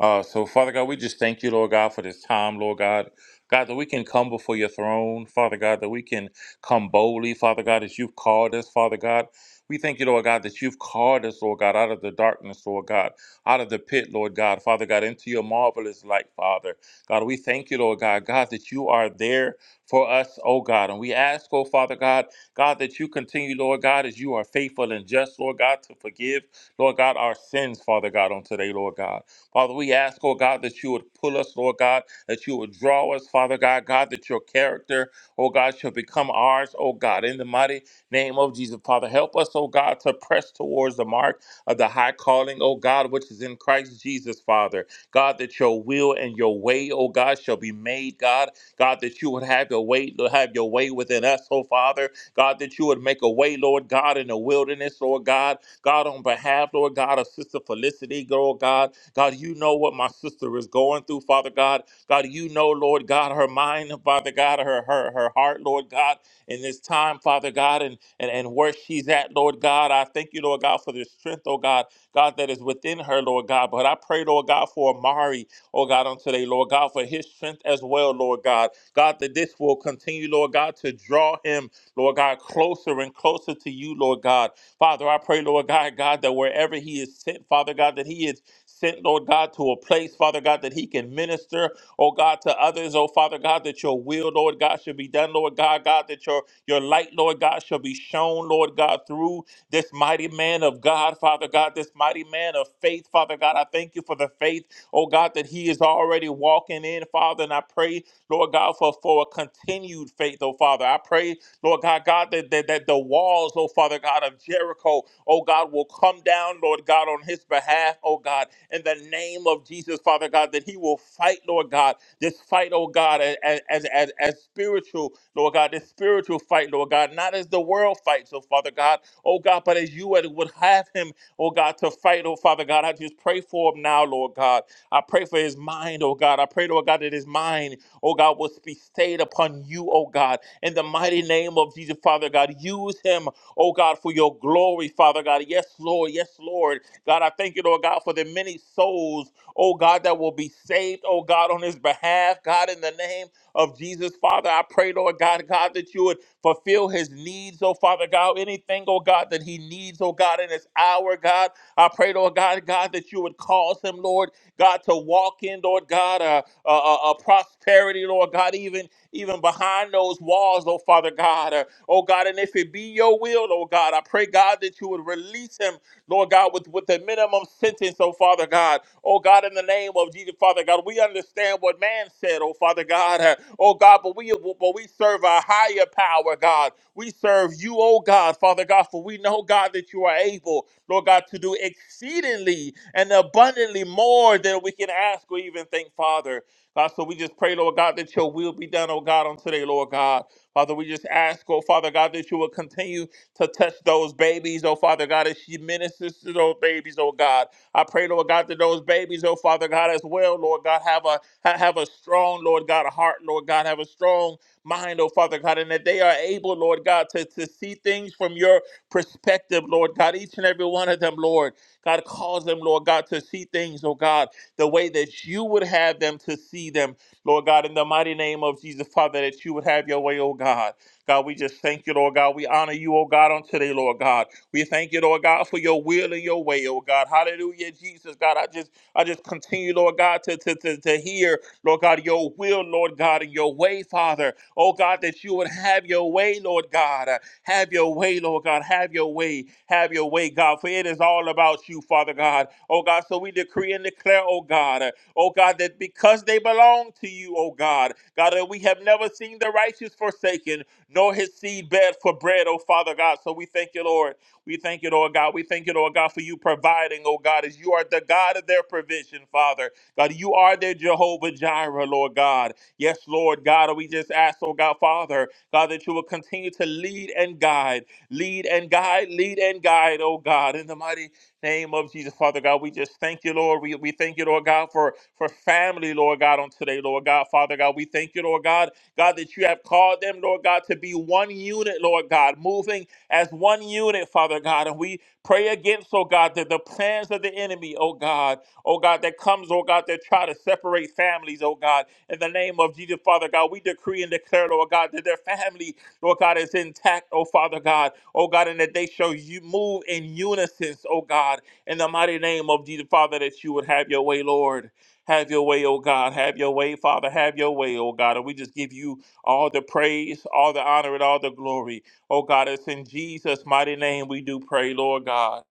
[SPEAKER 14] Uh, so, Father God, we just thank you, Lord God, for this time, Lord God. God, that we can come before your throne, Father God, that we can come boldly, Father God, as you've called us, Father God. We thank you, Lord God, that you've called us, Lord God, out of the darkness, Lord God, out of the pit, Lord God, Father God, into your marvelous light, Father. God, we thank you, Lord God, God, that you are there for us, oh God. And we ask, oh Father God, God, that you continue, Lord God, as you are faithful and just, Lord God, to forgive, Lord God, our sins, Father God, on today, Lord God. Father, we ask, oh God, that you would pull us, Lord God, that you would draw us, Father God, God, that your character, oh God, shall become ours, oh God, in the mighty name of Jesus. Father, help us, oh God, to press towards the mark of the high calling, oh God, which is in Christ Jesus, Father. God, that your will and your way, oh God, shall be made, God. God, that you would have your way, have your way within us, oh Father. God, that you would make a way, Lord God, in the wilderness, Lord God. God, on behalf, Lord God, of Sister Felicity, Lord God. God, you know what my sister is going through, Father God. God, you know, Lord God, her mind, Father God, her her her heart, Lord God, in this time, Father God, and and, and where she's at, Lord God. I thank you, Lord God, for the strength, oh God, God, that is within her, Lord God. But I pray, Lord God, for Amari, oh God, on today, Lord God, for his strength as well, Lord God. God, that this will continue, Lord God, to draw him, Lord God, closer and closer to you, Lord God. Father, I pray, Lord God, God, that wherever he is sent, Father God, that he is sent, Lord God, to a place, Father God, that he can minister, oh God, to others, oh Father God, that your will, Lord God, should be done, Lord God, God, that your, your light, Lord God, shall be shown, Lord God, through this mighty man of God, Father God, this mighty man of faith, Father God. I thank you for the faith, oh God, that he is already walking in, Father, and I pray, Lord God, for, for a continued faith, oh Father. I pray, Lord God, God, that, that, that the walls, oh Father God, of Jericho, oh God, will come down, Lord God, on his behalf, oh God, in the name of Jesus, Father God, that he will fight, Lord God, this fight, oh God, as, as, as, as spiritual, Lord God, this spiritual fight, Lord God, not as the world fights, oh Father God, oh God, but as you would would have him, oh God, to fight, oh Father God. I just pray for him now, Lord God. I pray for his mind, oh God. I pray, Lord God, that his mind, oh God, will be stayed upon you, oh God. In the mighty name of Jesus, Father God, use him, oh God, for your glory, Father God. Yes, Lord. Yes, Lord. God, I thank you, Lord God, for the many souls, oh God, that will be saved, oh God, on his behalf. God, in the name of Jesus, Father, I pray, Lord God, God, that you would fulfill his needs, oh Father God, anything, oh God, that he needs, oh God, in this hour, God. I pray, Lord God, God, that you would cause him, Lord. God, to walk in, Lord God, a, a, a prosperity, Lord God, even even behind those walls, oh Father God. Uh, oh God, and if it be your will, oh God, I pray, God, that you would release him Lord God, with, with the minimum sentence, oh Father God. Oh God, in the name of Jesus, Father God, we understand what man said, oh Father God. Uh, Oh God, but we but we serve a higher power, God. We serve you, oh God, Father God, for we know, God, that you are able, Lord God, to do exceedingly and abundantly more than we can ask or even think, Father. God, so we just pray, Lord God, that your will be done, oh God, on today, Lord God. Father, we just ask, oh Father God, that you will continue to touch those babies, oh Father God, as she ministers to those babies, oh God. I pray, Lord God, that those babies, oh Father God, as well, Lord God, have a ha- have a strong, Lord God, heart, Lord God, have a strong mind, oh Father God, and that they are able, Lord God, to, to see things from your perspective, Lord God. Each and every one of them, Lord. God, cause them, Lord God, to see things, oh God, the way that you would have them to see them, Lord God, in the mighty name of Jesus, Father, that you would have your way, oh God. God, we just thank you, Lord God. We honor you, oh God, on today, Lord God. We thank you, Lord God, for your will and your way, oh God. Hallelujah, Jesus, God. I just I just continue, Lord God, to, to, to, to hear, Lord God, your will, Lord God, and your way, Father. Oh God, that you would have your way, Lord God. Uh, Have your way, Lord God. Have your way. Have your way, God. For it is all about you, Father God. Oh God, so we decree and declare, oh God, uh, oh God, that because they belong to you, oh God, God, that we have never seen the righteous forsaken, nor his seedbed for bread, oh Father God. So we thank you, Lord. We thank you, Lord God. We thank you, Lord God, for you providing, oh God, as you are the God of their provision, Father. God, you are their Jehovah Jireh, Lord God. Yes, Lord God, and we just ask, oh God, Father, God, that you will continue to lead and guide, lead and guide, lead and guide, oh God, in the mighty name of Jesus, Father God. We just thank you, Lord. We, we thank you, Lord God, for, for family, Lord God, on today, Lord God, Father God. We thank you, Lord God God, that you have called them, Lord God, to be one unit, Lord God, moving as one unit, Father God. And we pray against, oh God, that the plans of the enemy, oh God, oh God, that comes, oh God, that try to separate families, oh God. In the name of Jesus, Father God, we decree and declare, Lord God, that their family, Lord God, is intact, oh Father God, oh God, and that they shall you move in unison, oh God, in the mighty name of Jesus, Father, that you would have your way, Lord. Have your way, oh God. Have your way, Father. Have your way, oh God. And we just give you all the praise, all the honor, and all the glory. Oh God, it's in Jesus' mighty name we do pray, Lord God.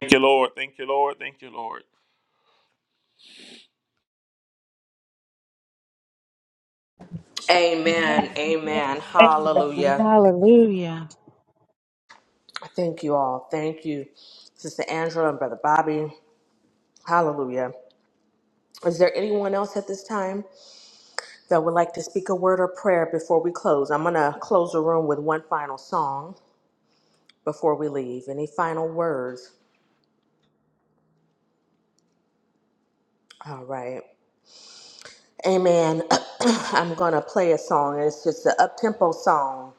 [SPEAKER 14] Thank you, Lord. Thank you, Lord. Thank you, Lord.
[SPEAKER 12] Amen. Amen.
[SPEAKER 13] Amen. Amen.
[SPEAKER 12] Hallelujah.
[SPEAKER 13] Hallelujah.
[SPEAKER 12] Thank you all. Thank you, Sister Angela and Brother Bobby. Hallelujah. Is there anyone else at this time that would like to speak a word or prayer before we close? I'm going to close the room with one final song before we leave. Any final words? All right. Amen. I'm going to play a song. It's just an up tempo song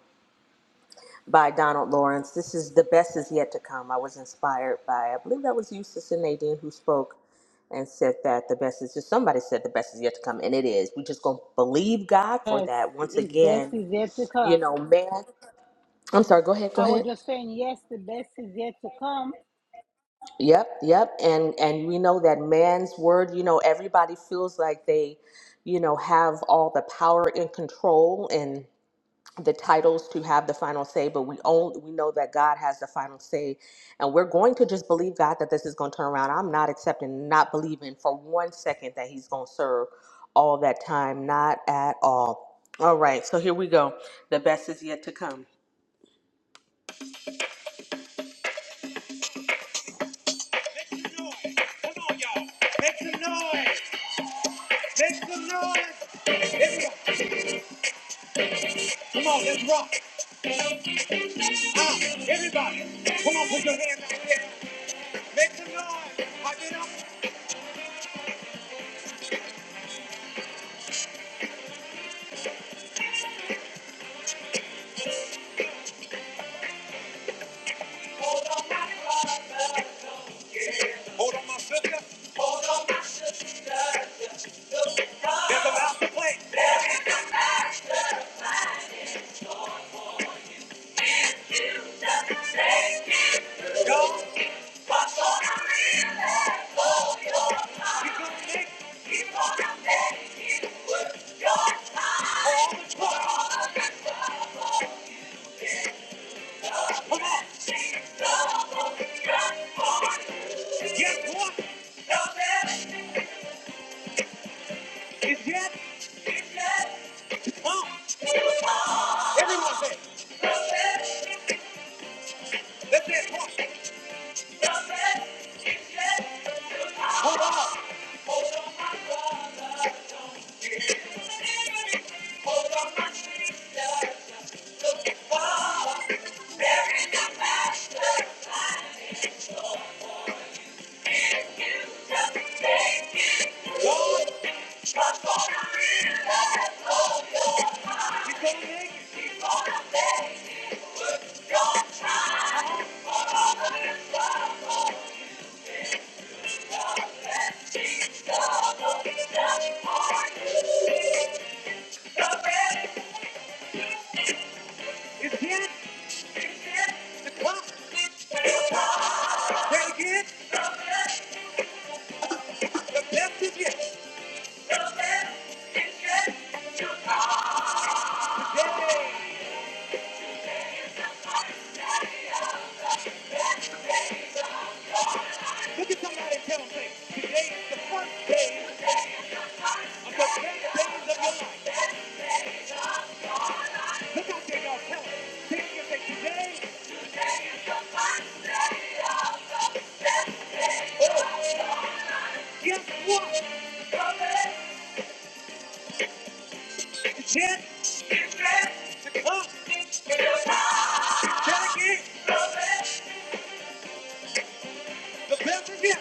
[SPEAKER 12] by Donald Lawrence. This is The Best Is Yet to Come. I was inspired by, I believe that was Eustace and Nadine who spoke and said that the best is just somebody said the best is yet to come and it is we just gonna believe god for
[SPEAKER 3] Yes,
[SPEAKER 12] that once
[SPEAKER 3] his best
[SPEAKER 12] again
[SPEAKER 3] is yet to come.
[SPEAKER 12] you know man i'm sorry go ahead go
[SPEAKER 3] I was
[SPEAKER 12] ahead
[SPEAKER 3] just saying, yes, the best is yet to come.
[SPEAKER 12] yep yep and and we know that man's word you know everybody feels like they you know have all the power and control and. the titles to have the final say, but we only we know that God has the final say, and we're going to just believe God that this is going to turn around. I'm not accepting, not believing for one second that He's going to serve all that time, not at all. All right, so here we go. The best is yet to come. Make some noise. Come on, y'all. Make some noise. Make some noise. Everybody. Come on, let's rock. Ah, everybody. Come on, put your hands out there. Make some noise. Hot it up. Hold on, my sister. It's about to play. Go, Nick. Keep on out Keep it with Come on. She's double transformed. Guess what? No It's yet. It's Come on. Everyone say it. No Let's say it. Come on. No better. It's yet. It's Come on. Say it again. The best is yet. Yeah. Look at somebody and tell them, say, today is the first day of the best days of your life. Look out there, y'all. Tell them. Tell them, say, today, oh, guess what? The chance is to come. Tell it again. The best is yet.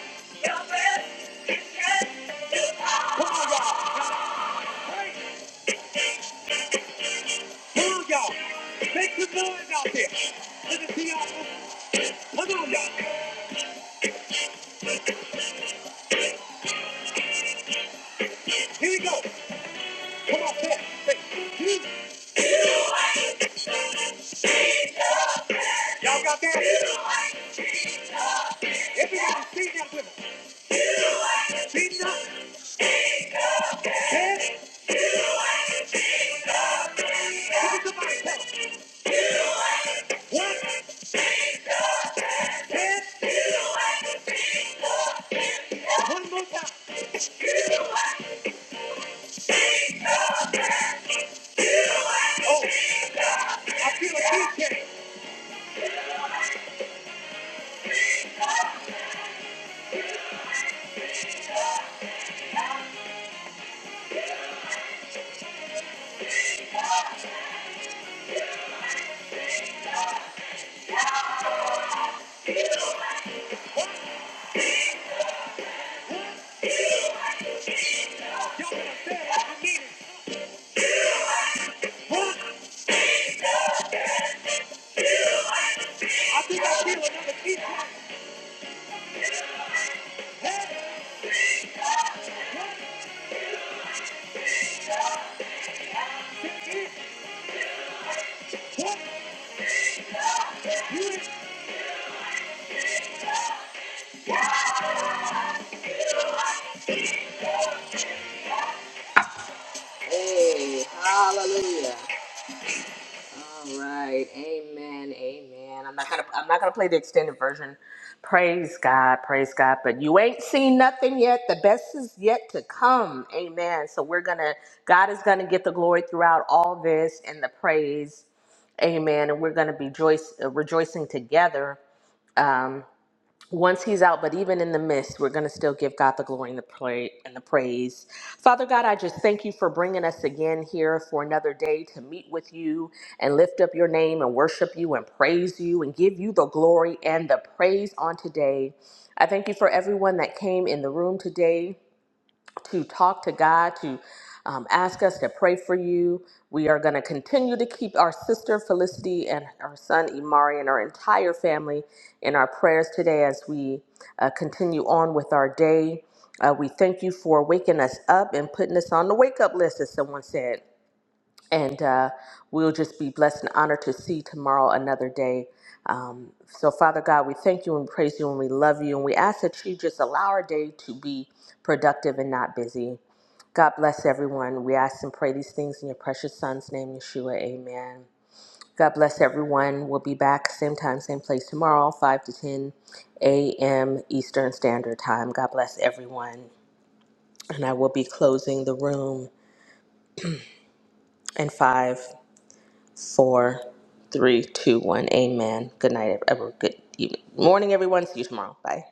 [SPEAKER 12] Come on, y'all. Y'all praise. Come on, y'all. Make some noise out there. Let us see y'all. Come on, y'all. Here we go. Come on, say it. Say, Jesus. Y'all got that? Everybody sing that with us. Jesus, head. Look at somebody tell them. One, head. One more time. Oh, I feel a key change. Y'all better say it like I mean it. I think I feel another key change. Head. One. Hallelujah. All right. Amen. Amen. I'm not gonna I'm not gonna play the extended version. Praise God, praise God. But you ain't seen nothing yet. The best is yet to come. Amen. So we're gonna God is gonna get the glory throughout all this and the praise. Amen. And we're gonna be joyce, uh, rejoicing together. Um, once he's out, but even in the midst, we're going to still give God the glory and the, pra- and the praise. Father God, I just thank you for bringing us again here for another day to meet with you and lift up your name and worship you and praise you and give you the glory and the praise on today. I thank you for everyone that came in the room today to talk to God, to um, ask us to pray for you. We are going to continue to keep our sister Felicity and our son Imari and our entire family in our prayers today as we uh, continue on with our day. Uh, we thank you for waking us up and putting us on the wake up list, as someone said and uh, we'll just be blessed and honored to see tomorrow another day. Um, so, Father God, we thank you and praise you and we love you. And we ask that you just allow our day to be productive and not busy. God bless everyone. We ask and pray these things in your precious Son's name, Yeshua. Amen. God bless everyone. We'll be back same time, same place tomorrow, 5 to 10 a.m. Eastern Standard Time. God bless everyone. And I will be closing the room in five. four, three, two, one. Amen. Good night, everyone. Good evening. morning, everyone. See you tomorrow. Bye.